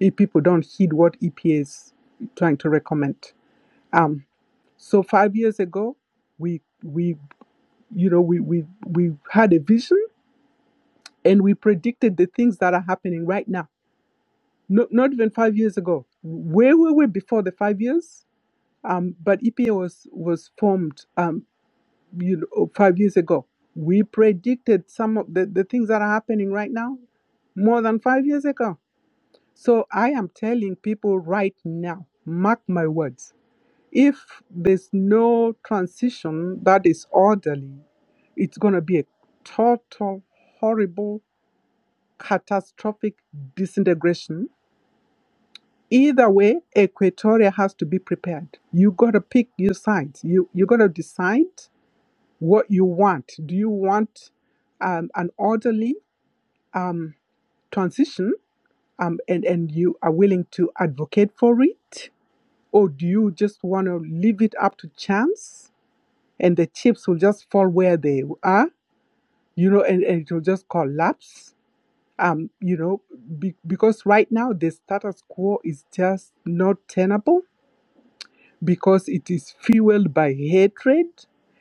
if people don't heed what EPA is trying to recommend. Um, so five years ago, we we you know we we we had a vision and we predicted the things that are happening right now. No, not even five years ago. Where were we before the five years? Um, but EPA was was formed um, you know five years ago. We predicted some of the, the things that are happening right now more than five years ago So I am telling people right now, mark my words, if there's no transition that is orderly, it's going to be a total, horrible, catastrophic disintegration. Either way, Equatoria has to be prepared. You got to pick your sides. You you got to decide what you want. Do you want um, an orderly um, transition, um, and and you are willing to advocate for it? Or do you just want to leave it up to chance and the chips will just fall where they are, you know, and, and it will just collapse? Um, you know, be, because right now the status quo is just not tenable because it is fueled by hatred,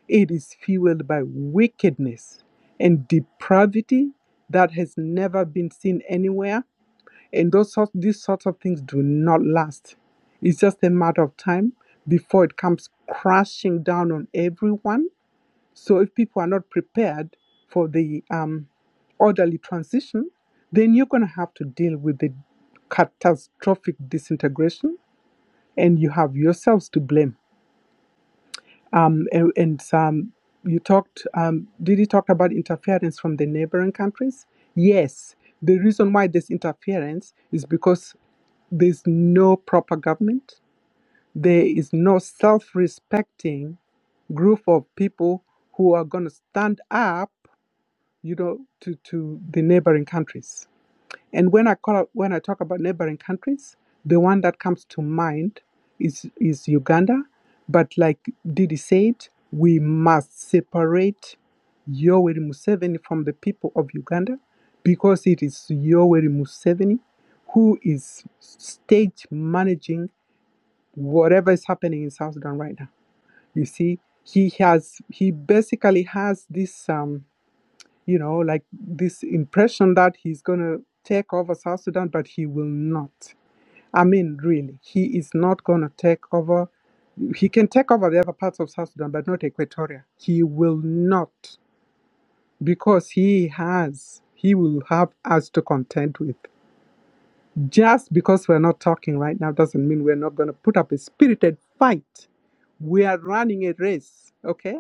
it is fueled by wickedness and depravity that has never been seen anywhere and those sort, these sorts of things do not last. It's just a matter of time before it comes crashing down on everyone. So if people are not prepared for the um, orderly transition, then you're going to have to deal with the catastrophic disintegration, and you have yourselves to blame. Um, and, and um, you talked, um, did you talk about interference from the neighboring countries? Yes. The reason why there's interference is because there's no proper government. There is no self respecting group of people who are going to stand up, you know, to, to the neighboring countries. And when I call when I talk about neighboring countries, the one that comes to mind is is Uganda. But like Didi said, we must separate Yoweri Museveni from the people of Uganda because it is Yoweri Museveni who is stage managing whatever is happening in South Sudan right now. You see, he has he basically has this um, you know, like this impression that he's going to take over South Sudan, but he will not. I mean, really, he is not going to take over. He can take over the other parts of South Sudan, but not Equatoria. He will not, because he has, he will have us to contend with. Just because we're not talking right now doesn't mean we're not going to put up a spirited fight. We are running a race, okay?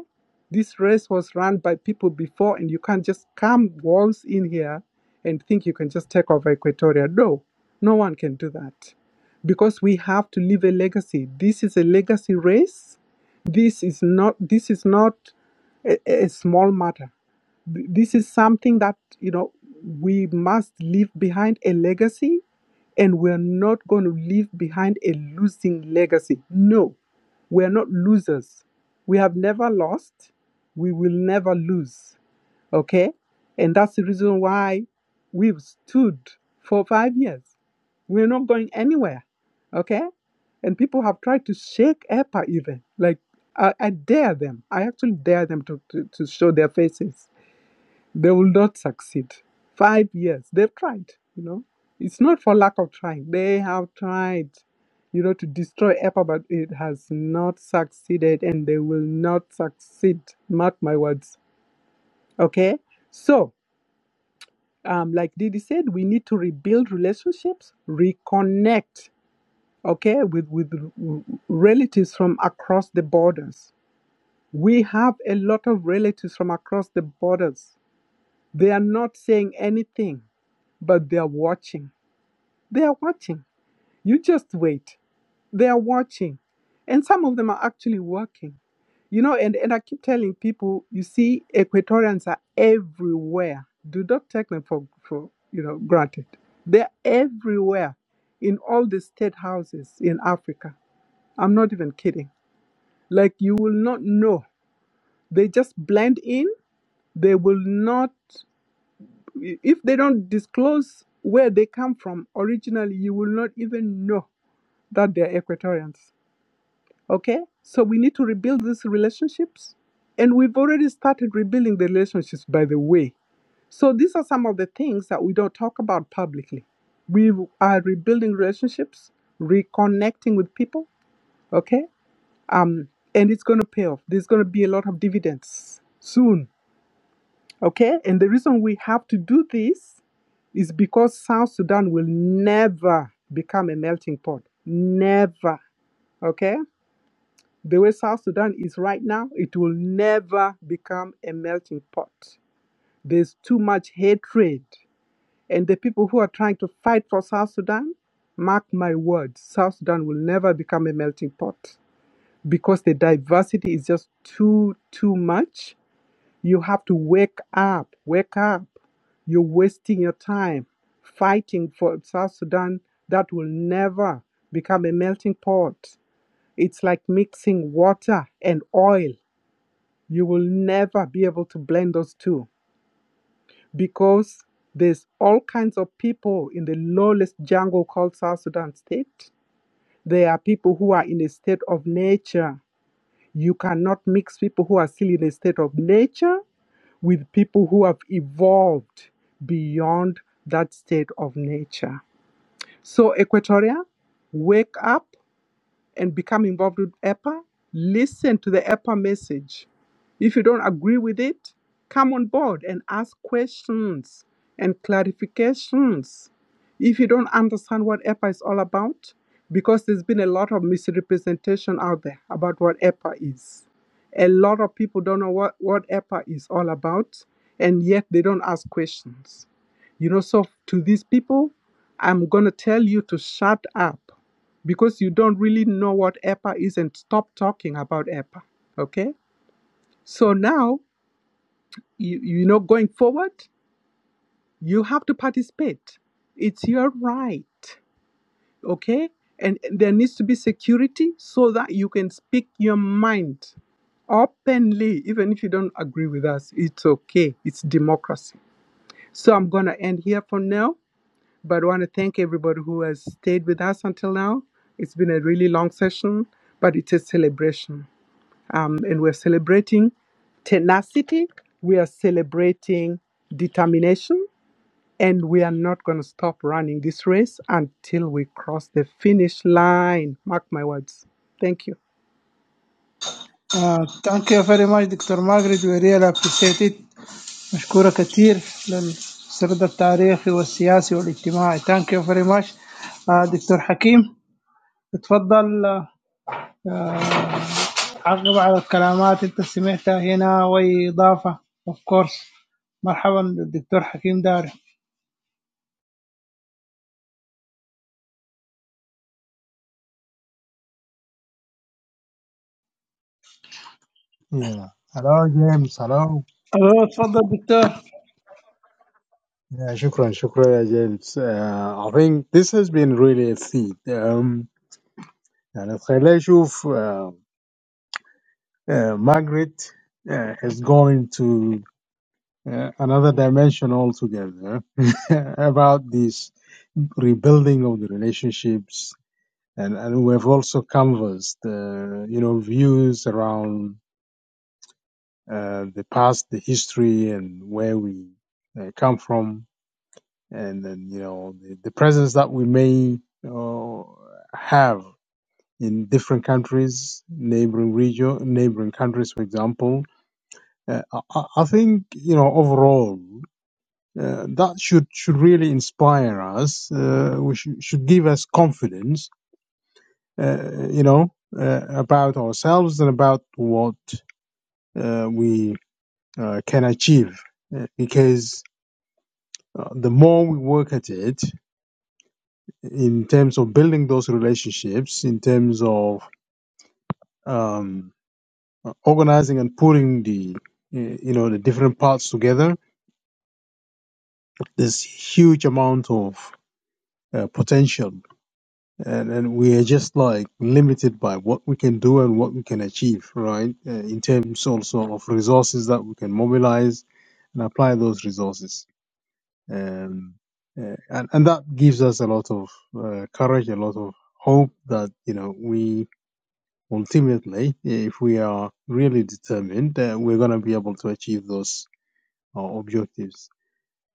This race was run by people before, and you can't just come walls in here and think you can just take over Equatoria. No, no one can do that because we have to leave a legacy. This is a legacy race. This is not. This is not a, a small matter. Th- This is something that, you know, we must leave behind a legacy and we're not going to leave behind a losing legacy. No, we're not losers. We have never lost. We will never lose. Okay? And that's the reason why we've stood for five years. We're not going anywhere. Okay? And people have tried to shake EPA even. Like, I, I dare them. I actually dare them to, to, to show their faces they will not succeed. Five years. They've tried, you know. It's not for lack of trying. They have tried, you know, to destroy EPA, but it has not succeeded and they will not succeed. Mark my words. Okay? So, um, like Didi said, we need to rebuild relationships, reconnect, okay, with, with r- relatives from across the borders. We have a lot of relatives from across the borders They are not saying anything, but they are watching. They are watching. You just wait. They are watching. And some of them are actually working. You know, and, and I keep telling people, you see, Equatorians are everywhere. Do not take them for, for you know granted. They're everywhere in all the state houses in Africa. I'm not even kidding. Like you will not know. They just blend in. They will not if they don't disclose where they come from originally, you will not even know that they're Equatorians. Okay? So we need to rebuild these relationships. And we've already started rebuilding the relationships, by the way. So these are some of the things that we don't talk about publicly. We are rebuilding relationships, reconnecting with people. Okay? Um, and it's going to pay off. There's going to be a lot of dividends soon. Okay? And the reason we have to do this is because South Sudan will never become a melting pot. Never. Okay? The way South Sudan is right now, it will never become a melting pot. There's too much hatred. And the people who are trying to fight for South Sudan, mark my words, South Sudan will never become a melting pot because the diversity is just too, too much you have to wake up, wake up. You're wasting your time fighting for South Sudan that will never become a melting pot. It's like mixing water and oil. You will never be able to blend those two because there's all kinds of people in the lawless jungle called South Sudan state. There are people who are in a state of nature. You cannot mix people who are still in a state of nature with people who have evolved beyond that state of nature. So, Equatoria, wake up and become involved with EPA, listen to the EPA message. If you don't agree with it, come on board and ask questions and clarifications. If you don't understand what EPA is all about, because there's been a lot of misrepresentation out there about what EPA is. A lot of people don't know what, what EPA is all about, and yet they don't ask questions. You know, so to these people, I'm going to tell you to shut up because you don't really know what EPA is and stop talking about EPA. Okay? So now, you, you know, going forward, you have to participate. It's your right. Okay? And there needs to be security so that you can speak your mind openly, even if you don't agree with us. It's okay. It's democracy. So I'm going to end here for now, but I want to thank everybody who has stayed with us until now. It's been a really long session, but it's a celebration. um, and we're celebrating tenacity, we are celebrating determination, and we are not going to stop running this race until we cross the finish line. Mark my words. Thank you.
ثانك يو فيري ماتش دكتور ماجد وريال ابريسيتد مشكوره كثير للسرد التاريخي والسياسي والاجتماعي ثانك يو فيري ماتش دكتور حكيم اتفضل uh, عقب على الكلمات أنت سمعتها هنا وإضافة أوف كورس مرحبا للدكتور حكيم داري
Yeah. Hello, James. Hello.
أيوة، تفضل دكتور
Yeah, shukran, shukran, يا James. Uh, I think this has been really a feat. Um, يعني خلينا نشوف uh, uh, Margaret uh, is going to uh, another dimension altogether *laughs* about this rebuilding of the relationships. And, and we've also canvassed, uh, you know, views around uh, the past, the history, and where we uh, come from, and then you know the, the presence that we may uh, have in different countries, neighboring region, neighboring countries, for example. Uh, I, I think you know overall. Uh, that should should really inspire us. Uh, we should, should give us confidence, uh, you know, uh, about ourselves and about what uh, we uh, can achieve. Uh, because Uh, the more we work at it in terms of building those relationships, in terms of um, uh, organizing and putting the uh, you know the different parts together, there's huge amount of uh, potential, and, and we are just like limited by what we can do and what we can achieve, right? Uh, in terms also of resources that we can mobilize and apply those resources um, uh, and and that gives us a lot of uh, courage, a lot of hope that you know we ultimately, if we are really determined, uh, we're going to be able to achieve those uh, objectives.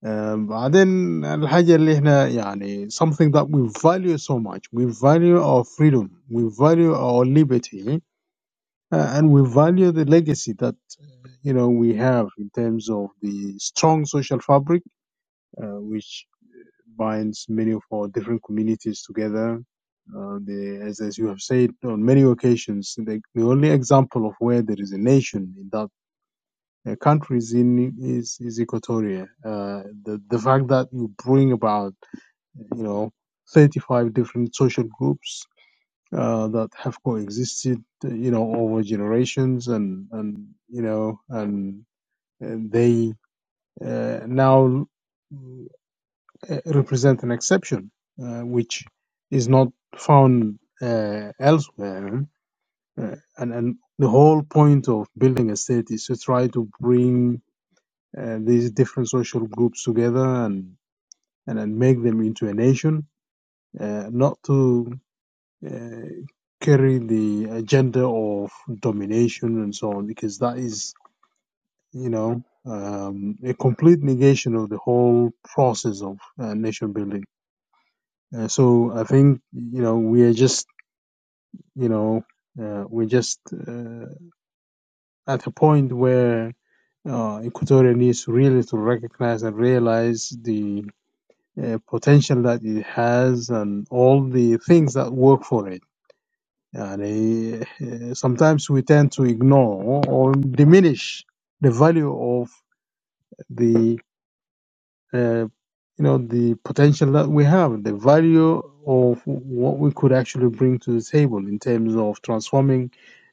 Um, بعدين الحاجة اللي احنا يعني something that we value so much, we value our freedom, we value our liberty, uh, and we value the legacy that you know we have in terms of the strong social fabric, uh, which binds many of our different communities together. Uh, the, as, as you have said on many occasions, the, the only example of where there is a nation in that uh, country is in is, is Equatoria. Uh, the the fact that you bring about you know 35 different social groups uh, that have coexisted you know over generations and and you know and, and they uh, now uh, represent an exception, uh, which is not found uh, elsewhere. Uh, and, and the whole point of building a state is to try to bring uh, these different social groups together and, and, and make them into a nation, uh, not to uh, carry the agenda of domination and so on, because that is, you know, um, a complete negation of the whole process of uh, nation building. Uh, so I think you know we are just you know uh, we're just uh, at a point where uh, Equatorial needs really to recognize and realize the uh, potential that it has and all the things that work for it. And uh, sometimes we tend to ignore or diminish the value of the uh, you know the potential that we have, the value of what we could actually bring to the table in terms of transforming.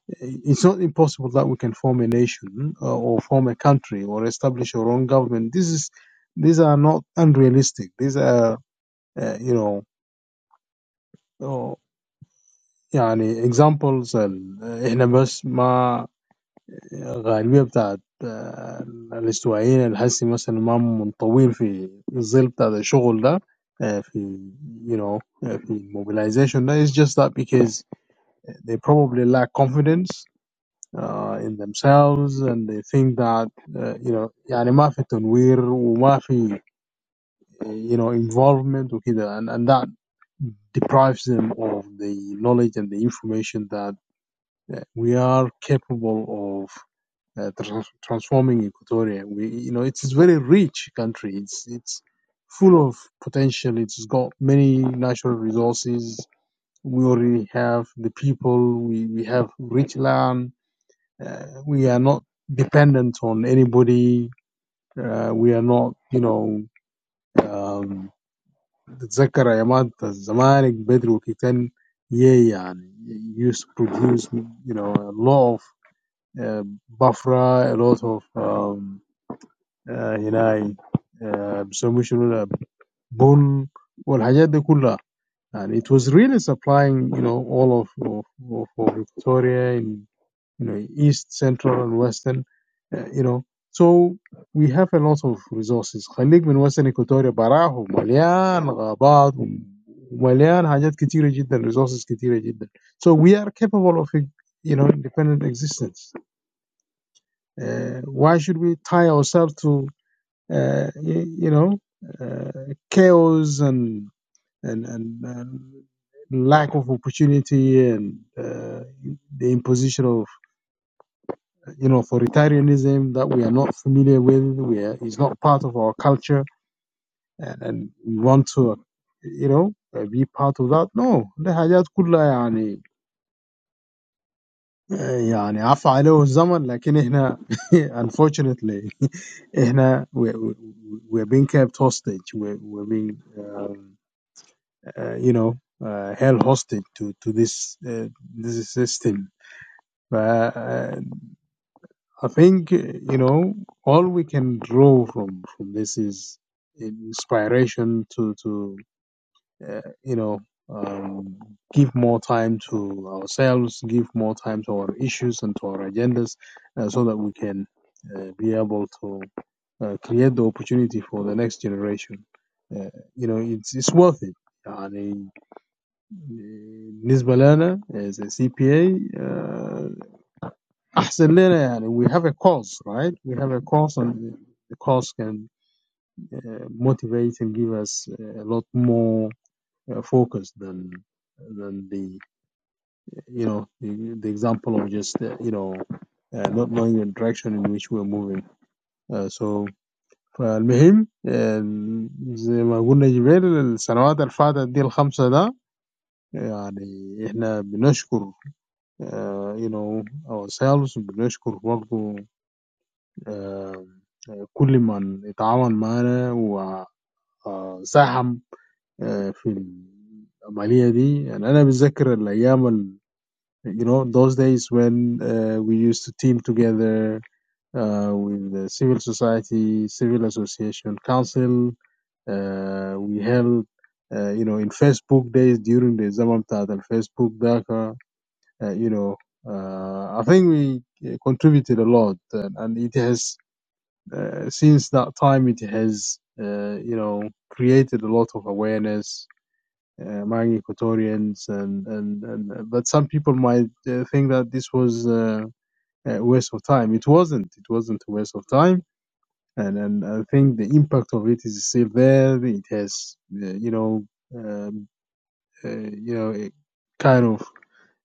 It's not impossible that we can form a nation uh, or form a country or establish our own government. This is these are not unrealistic. These are uh, you know. Uh, يعني examples ال- احنا بس ما الغالبية بتاعت آه، الاستوائيين الحسي مثلا ما منطوين في الظل بتاع الشغل ده آه، في you know آه، في mobilization ده is just that because they probably lack confidence uh, in themselves and they think that uh, you know يعني ما في تنوير وما في uh, you know involvement وكده and, and that deprives them of the knowledge and the information that uh, we are capable of uh, trans- transforming Equatoria. We, you know, it's a very rich country. It's it's full of potential. It's got many natural resources. We already have the people. We we have rich land. Uh, we are not dependent on anybody. Uh, we are not, you know. Um, تتذكر أيامات الزمالك بدري وكيتن yeah, يعني used to produce, you know, a lot of uh, buffra, a lot of um, آه، هناي آه، بيسموه شنو ده، بن والحاجات دي كلها يعني it was really supplying you know all of of, of, of Victoria in you know east central and western uh, you know so we have a lot of resources خليك من western Equatoria براه مليان غابات ومليان حاجات كتيرة جدا resources كتيرة جدا so we are capable of you know independent existence uh, why should we tie ourselves to uh, you, you know, uh, chaos and and and, and lack of opportunity and uh, the imposition of you know authoritarianism that we are not familiar with, we are, is not part of our culture, and, and we want to, you know, uh, be part of that. No, ده حاجات كلها يعني يعني عفى عليه الزمن لكن احنا *laughs* unfortunately *laughs* احنا we, we, we're being kept hostage we're, we're being um, uh, you know, uh, held hostage to to this uh, this system. But uh, I think uh, you know all we can draw from from this is inspiration to to uh, you know um, give more time to ourselves, give more time to our issues and to our agendas, uh, so that we can uh, be able to uh, create the opportunity for the next generation. Uh, you know, it's it's worth it. and. بالنسبة لنا as a CPA uh, أحسن لنا يعني we have a cause right we have a cause and the cause can uh, motivate and give us a lot more uh, focus than than the you know the, the example of just uh, you know uh, not knowing the direction in which we're moving uh, so فالمهم آه، زي ما قلنا جبال السنوات اللي دي الخمسة ده يعني احنا بنشكر آه you know ourselves بنشكر برضه آه كل من اتعاون معانا وساهم آه في العملية دي يعني أنا بتذكر الأيام ال you know those days when uh, we used to team together uh, with the civil society, civil association, council. Uh, we held uh, you know in Facebook days during the zaman بتاعت الفيسبوك ده Uh, you know, uh, I think we uh, contributed a lot, and, and it has uh, since that time it has uh, you know created a lot of awareness uh, among Equatorians, and, and and uh, but some people might uh, think that this was uh, a waste of time. It wasn't. It wasn't a waste of time. And, and I think the impact of it is still there. It has, uh, you know, Uh, uh, you know, it kind of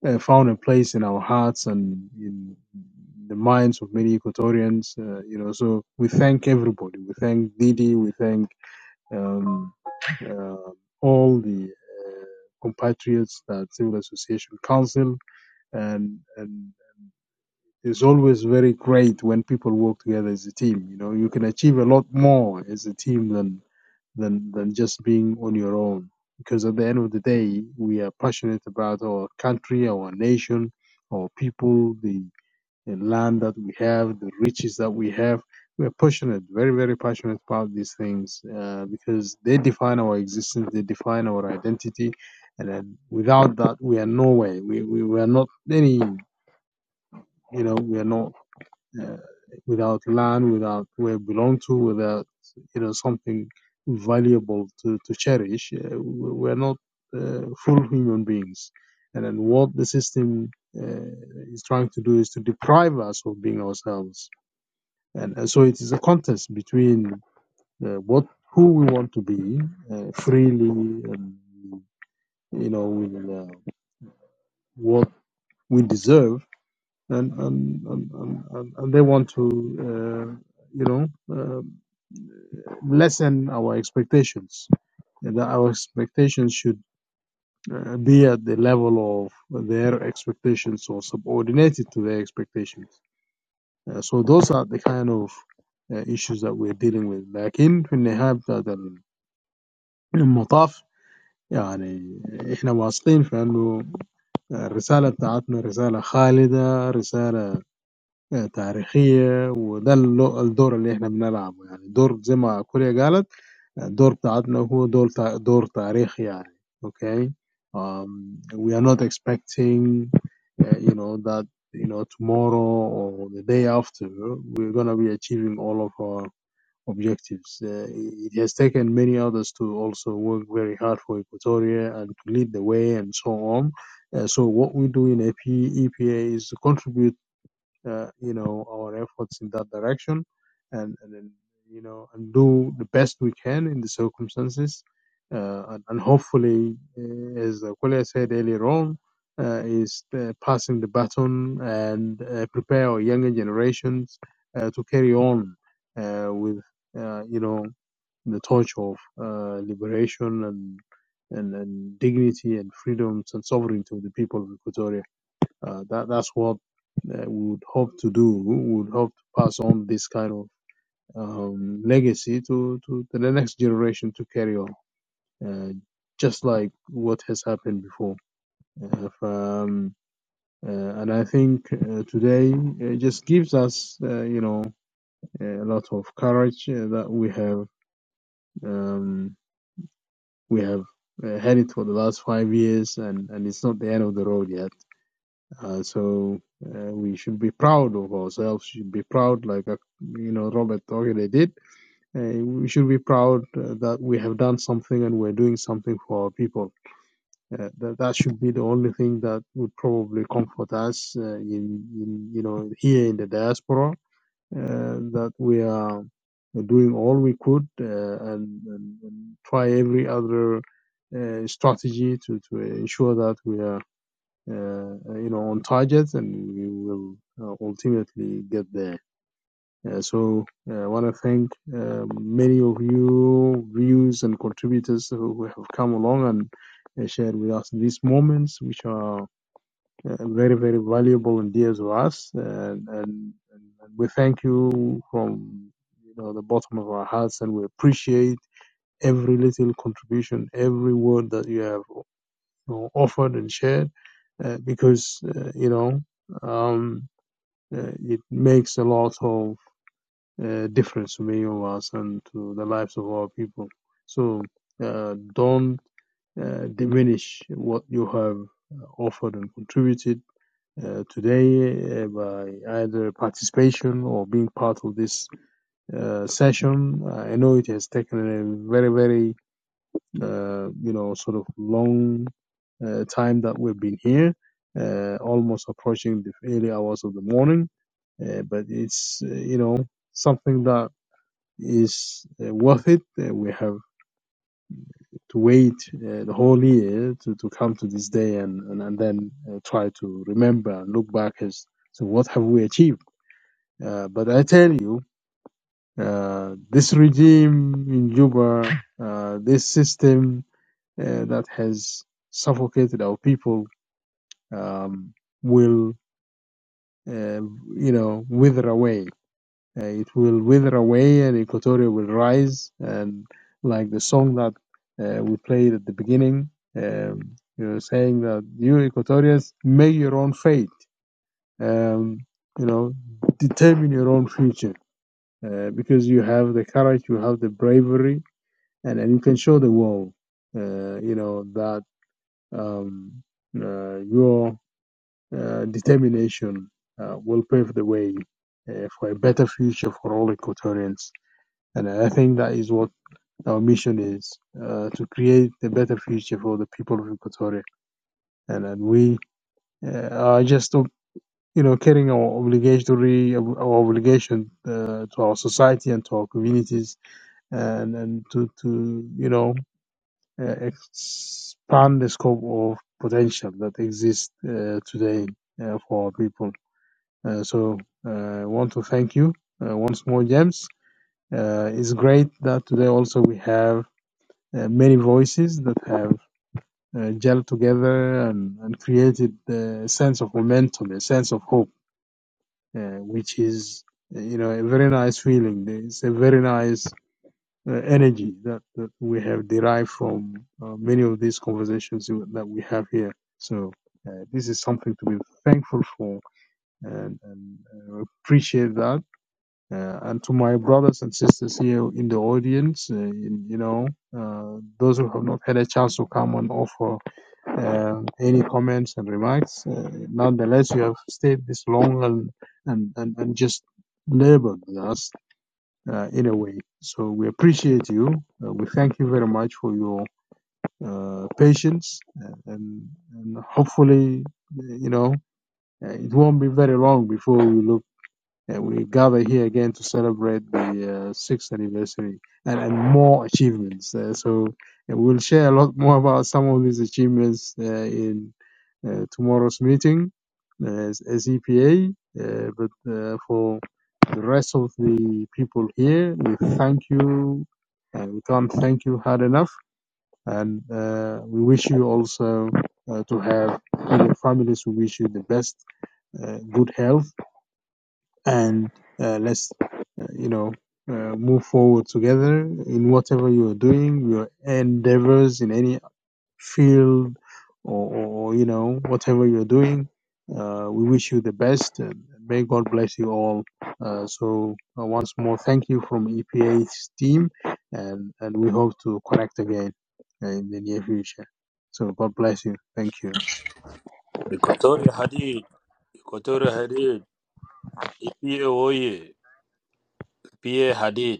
uh, found a place in our hearts and in the minds of many Equatorians. Uh, you know, so we thank everybody. We thank Didi. We thank um, uh, all the uh, compatriots that Civil Association Council and and. It's always very great when people work together as a team. You know, you can achieve a lot more as a team than than than just being on your own. Because at the end of the day, we are passionate about our country, our nation, our people, the, the land that we have, the riches that we have. We are passionate, very very passionate about these things uh, because they define our existence, they define our identity, and then without that, we are nowhere. We we, we are not any. You know, we are not uh, without land, without where we belong to, without you know something valuable to, to cherish, uh, we- are not uh, full human beings. And then what the system uh, is trying to do is to deprive us of being ourselves. And, and so it is a contest between uh, what who we want to be uh, freely, and you know, with uh, what we deserve, and and and, and, and they want to uh, you know. uh, lessen our expectations. And our expectations should uh, be at the level of their expectations or subordinated to their expectations. Uh, so those are the kind of uh, issues that we're dealing with. لكن في النهاية بتاعت المطاف يعني احنا واثقين في انه الرسالة بتاعتنا رسالة خالدة رسالة تاريخية وده اللو- الدور اللي احنا بنلعبه يعني دور زي ما كوريا قالت دور بتاعتنا هو دور دور تاريخي يعني okay um, we are not expecting uh, you know that you know tomorrow or the day after we're going to be achieving all of our objectives uh, it has taken many others to also work very hard for equatoria and to lead the way and so on Uh, so what we do in AP, is to contribute uh, you know, our efforts in that direction and, and then, you know, and do the best we can in the circumstances. Uh, and, and hopefully, uh, as Aquila said earlier on, uh, is uh, passing the baton and uh, prepare our younger generations uh, to carry on uh, with, uh, you know, the torch of uh, liberation and, and and dignity and freedoms and sovereignty of the people of Equatoria uh, that that's what uh, we would hope to do. We would hope to pass on this kind of um, legacy to, to to the next generation to carry on, uh, just like what has happened before. Uh, if, um, uh, and I think uh, today it just gives us, uh, you know, a lot of courage uh, that we have um, we have uh, had it for the last five years, and, and it's not the end of the road yet Uh, so uh, we should be proud of ourselves. Should be proud, like uh, you know Robert Ogilvy did. Uh, we should be proud uh, that we have done something and we're doing something for our people. Uh, that that should be the only thing that would probably comfort us uh, in, in you know here in the diaspora uh, that we are doing all we could uh, and, and, and try every other uh, strategy to, to ensure that we are uh, you know, on targets, and we will uh, ultimately get there. Uh, so uh, I want to thank uh, many of you viewers and contributors who who have come along and uh, shared with us these moments, which are uh, very, very valuable and dear to us. And, and, and we thank you from you know the bottom of our hearts, and we appreciate every little contribution, every word that you have you offered and shared uh, because uh, you know um, uh, it makes a lot of uh, difference to many of us and to the lives of our people. So uh, don't uh, diminish what you have uh, offered and contributed uh, today uh, by either participation or being part of this uh, session. I know it has taken a very, very uh, you know, sort of long uh, time that we've been here, uh, almost approaching the early hours of the morning. Uh, but it's, uh, you know, something that is uh, worth it. Uh, we have to wait uh, the whole year to, to come to this day and, and, and then uh, try to remember and look back as to what have we achieved. Uh, but I tell you, uh, this regime in Juba, uh, this system, uh, that has suffocated our people um, will, uh, you know, wither away. Uh, it will wither away, and Equatoria will rise. And like the song that uh, we played at the beginning, um, you know, saying that you Equatorians make your own fate. Um, you know, determine your own future uh, because you have the courage, you have the bravery, and, and you can show the world. Uh, you know that Um, uh, your uh, determination uh, will pave the way uh, for a better future for all Equatorians. And I think that is what our mission is uh, to create a better future for the people of Equatoria. And, and we uh, are just, uh, you know, carrying our obligatory, our obligation uh, to our society and to our communities and, and to, to, you know, uh, expand the scope of potential that exists uh, today uh, for people. Uh, so I uh, want to thank you uh, once more, James. Uh, it's great that today also we have uh, many voices that have uh, gelled together and, and created a sense of momentum, a sense of hope, uh, which is, uh, you know, a very nice feeling. It's a very nice uh, energy that, that we have derived from uh, many of these conversations that we have here. So uh, this is something to be thankful for and, and uh, appreciate that. Uh, and to my brothers and sisters here in the audience, uh, in, you know, uh, those who have not had a chance to come and offer uh, any comments and remarks, uh, nonetheless, you have stayed this long and and, and, and just labored with us uh, in a way. So we appreciate you. Uh, we thank you very much for your uh, patience, uh, and, and hopefully, you know, uh, it won't be very long before we look uh, we gather here again to celebrate the uh, sixth anniversary and, and more achievements. Uh, so uh, we'll share a lot more about some of these achievements uh, in uh, tomorrow's meeting uh, as, as EPA. Uh, but uh, for the rest of the people here, we thank you. Uh, we can't thank you hard enough. And uh, we wish you also uh, to have, in your families, we wish you the best, uh, good health and uh, let's uh, you know uh, move forward together in whatever you are doing your endeavors in any field or, or you know whatever you're doing uh, we wish you the best and may god bless you all uh, so uh, once more thank you from epa's team and and we hope to connect again uh, in the near future so god bless you thank you
Equatorial Hadid. Equatorial Hadid. Ikiye oye, pie hadid.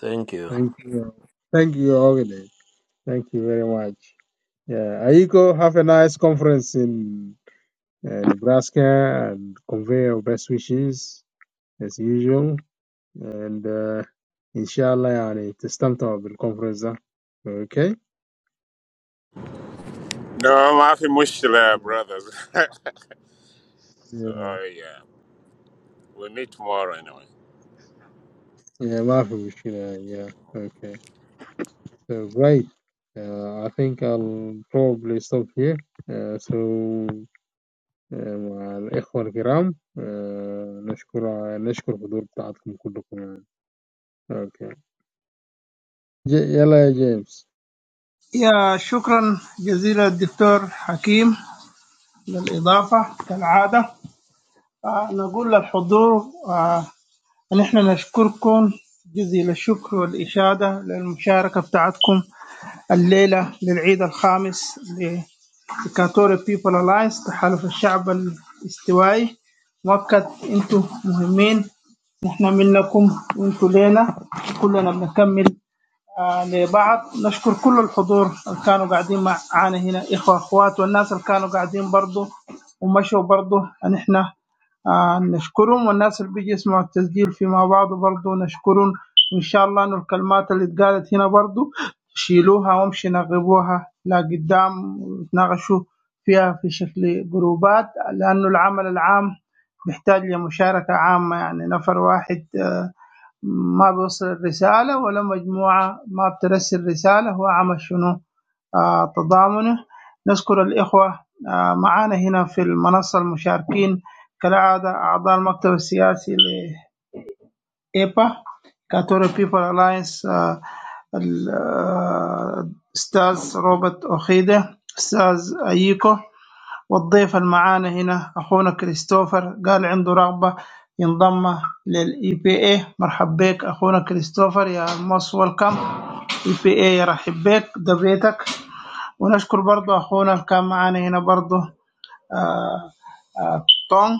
Thank you.
thank you thank you all Thank you very much. Yeah, Aiko, have a nice conference in uh, Nebraska and convey our best wishes as usual. And uh, inshallah, يعني تستمتعوا بالconference ده. Okay?
No, Mafi Mushila,
Yeah.
brothers. *laughs* oh,
Yeah.
yeah. We meet tomorrow anyway.
Yeah, ما في مشكلة. Yeah. Okay. So great. Uh, I think I'll probably stop here. Uh, so uh, مع الإخوة الكرام uh, نشكر نشكر حضور بتاعتكم كلكم يعني. Okay. J- L.A. James.
يا شكرا جزيلا الدكتور حكيم للإضافة كالعادة آه، نقول للحضور آه، أن إحنا نشكركم جزيل الشكر والإشادة للمشاركة بتاعتكم الليلة للعيد الخامس لديكاتور بيبل ألاينس تحالف الشعب الاستوائي مؤكد انتوا مهمين نحن منكم وانتوا لينا كلنا بنكمل آه، لبعض نشكر كل الحضور اللي كانوا قاعدين معانا هنا إخوة أخوات والناس اللي كانوا قاعدين برضو ومشوا برضو نحن آه، نشكرهم والناس اللي بيجي يسمعوا التسجيل فيما بعض برضو نشكرهم وإن شاء الله إنه الكلمات اللي اتقالت هنا برضو شيلوها وامشي نغبوها لقدام وتناقشوا فيها في شكل جروبات لأنه العمل العام بيحتاج لمشاركة عامة يعني نفر واحد آه، ما بيوصل الرسالة ولا مجموعة ما بترسل رسالة هو عمل شنو آه تضامنه نشكر الإخوة آه معانا هنا في المنصة المشاركين كالعادة أعضاء المكتب السياسي لإيبا كاتوري بيبل ألاينس الأستاذ روبرت أوخيدة أستاذ أيكو والضيف المعانا هنا أخونا كريستوفر قال عنده رغبة ينضم للإي بي اي مرحب بك أخونا كريستوفر يا موست ويلكم اي بي اي يرحب بك ده بيتك ونشكر برضه أخونا اللي كان معانا هنا برضه آه، آه، تونغ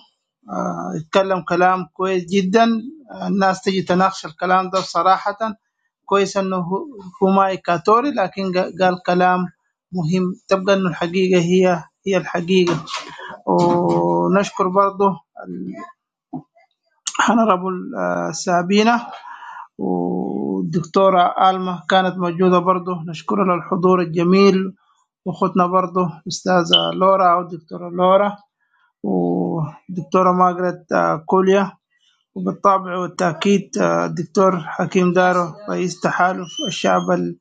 آه، اتكلم كلام كويس جدا الناس تجي تناقش الكلام ده صراحة كويس انه هو هو ما يكاتوري لكن قا- قال كلام مهم تبقى انه الحقيقة هي هي الحقيقة ونشكر برضه هنربل سابينة والدكتورة آلمة كانت موجودة برضه نشكرها للحضور الجميل وأختنا برضه أستاذة لورا أو دكتورة لورا والدكتورة ماجرت آه، كوليا وبالطبع والتأكيد آه، الدكتور حكيم دارو رئيس تحالف الشعب ال-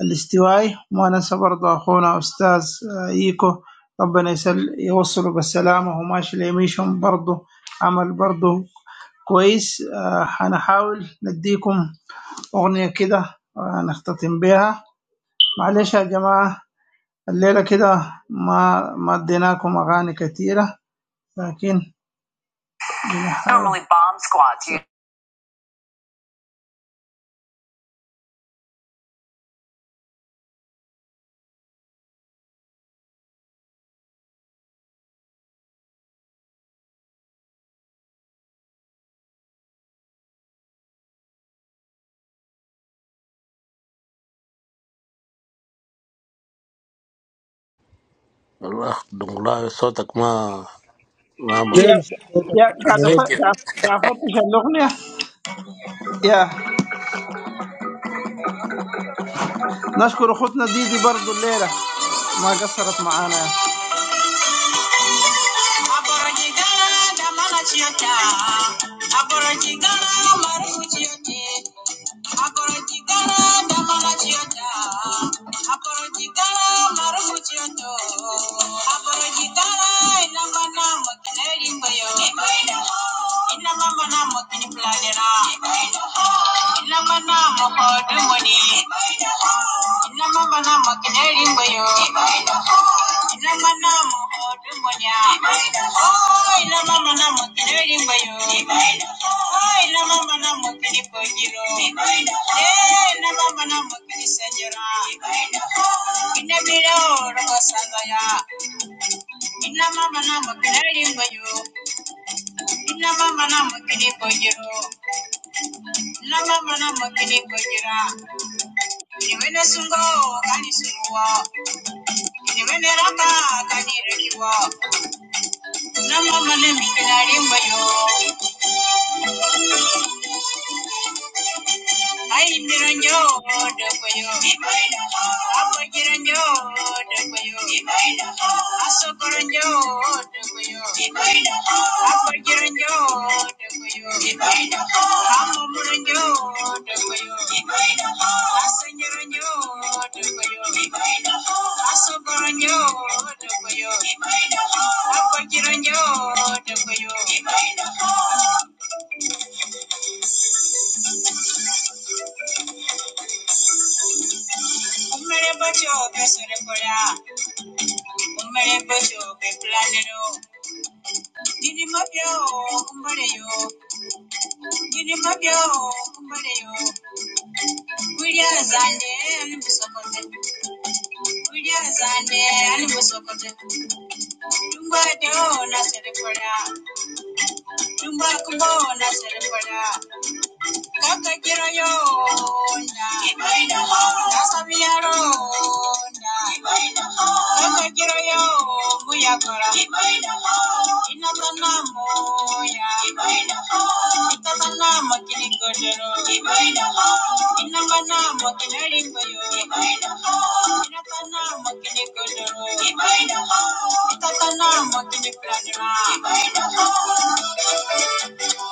الاستوائي وأنسى برضه أخونا أستاذ آه، إيكو ربنا يسل يوصله بالسلامة وماشي ليميشهم برضه عمل برضه كويس آه، هنحاول نديكم أغنية كده آه، نختتم بيها معلش يا جماعة الليلة كده ما ما اديناكم أغاني كتيرة لكن بنحاول
Allah, dungulayo sotak ma, ma
يا
James, welcome,
يا قاعد
welcome,
Thank
أف-
you.
قاعد قاعد افتش الاغنيه يا نشكر اخوتنا ديدي برضو الليله ما قصرت معانا Aborojigara mala chiota. Aborojigara maru chioti. Aborojigara mala chiota. Aborojigara maru chioto. Aborojigara ina mana mokineri mbayo. Ina mama na mokini planera. Ina mana mokodu moni. Ina mama na mokineri mbayo. Ina Ay, mama na mo teneri mayo. mama na mo teni Eh, mama na mo teni mama na mo teneri mayo. mama na mo teni mama na mo teni mama na mi teneri Ayimiranyo dabayo. Abagiranyo dabayo. Asokoranyo dabayo. Abagiranyo dabayo. Amuranyo dabayo. Asanyaranyo dabayo. Asokoranyo dabayo. Abagiranyo dabayo. Umere bacho besore kola. Umereposho que planero. Nini mapyo, kumbare yo. Nini mapyo, kumbare yo. Kuria zande, animusokote. Kuria zande, animusokote. Tumba deo, naserekora. Tumba kumbo, naserekora. Akagirayonya, kini Akagirayo, Muyakora, Inazanamoya, Itasanamo Kilikodero, Inamanamo Kilerikoyo, Inasanamo Kilikodero, Itasanamo Kilikladra.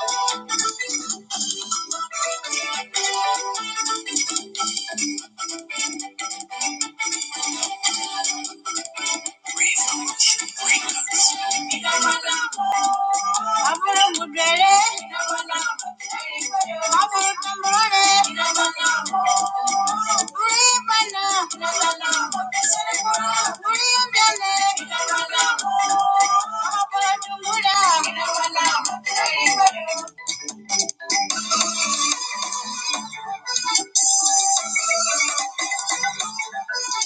Thank you.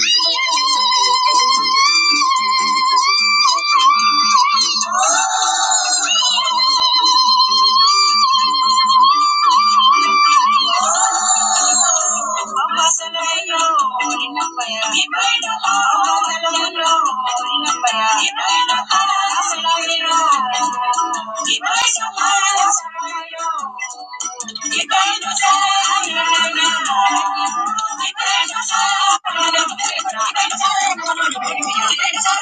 Thank you. Thank you.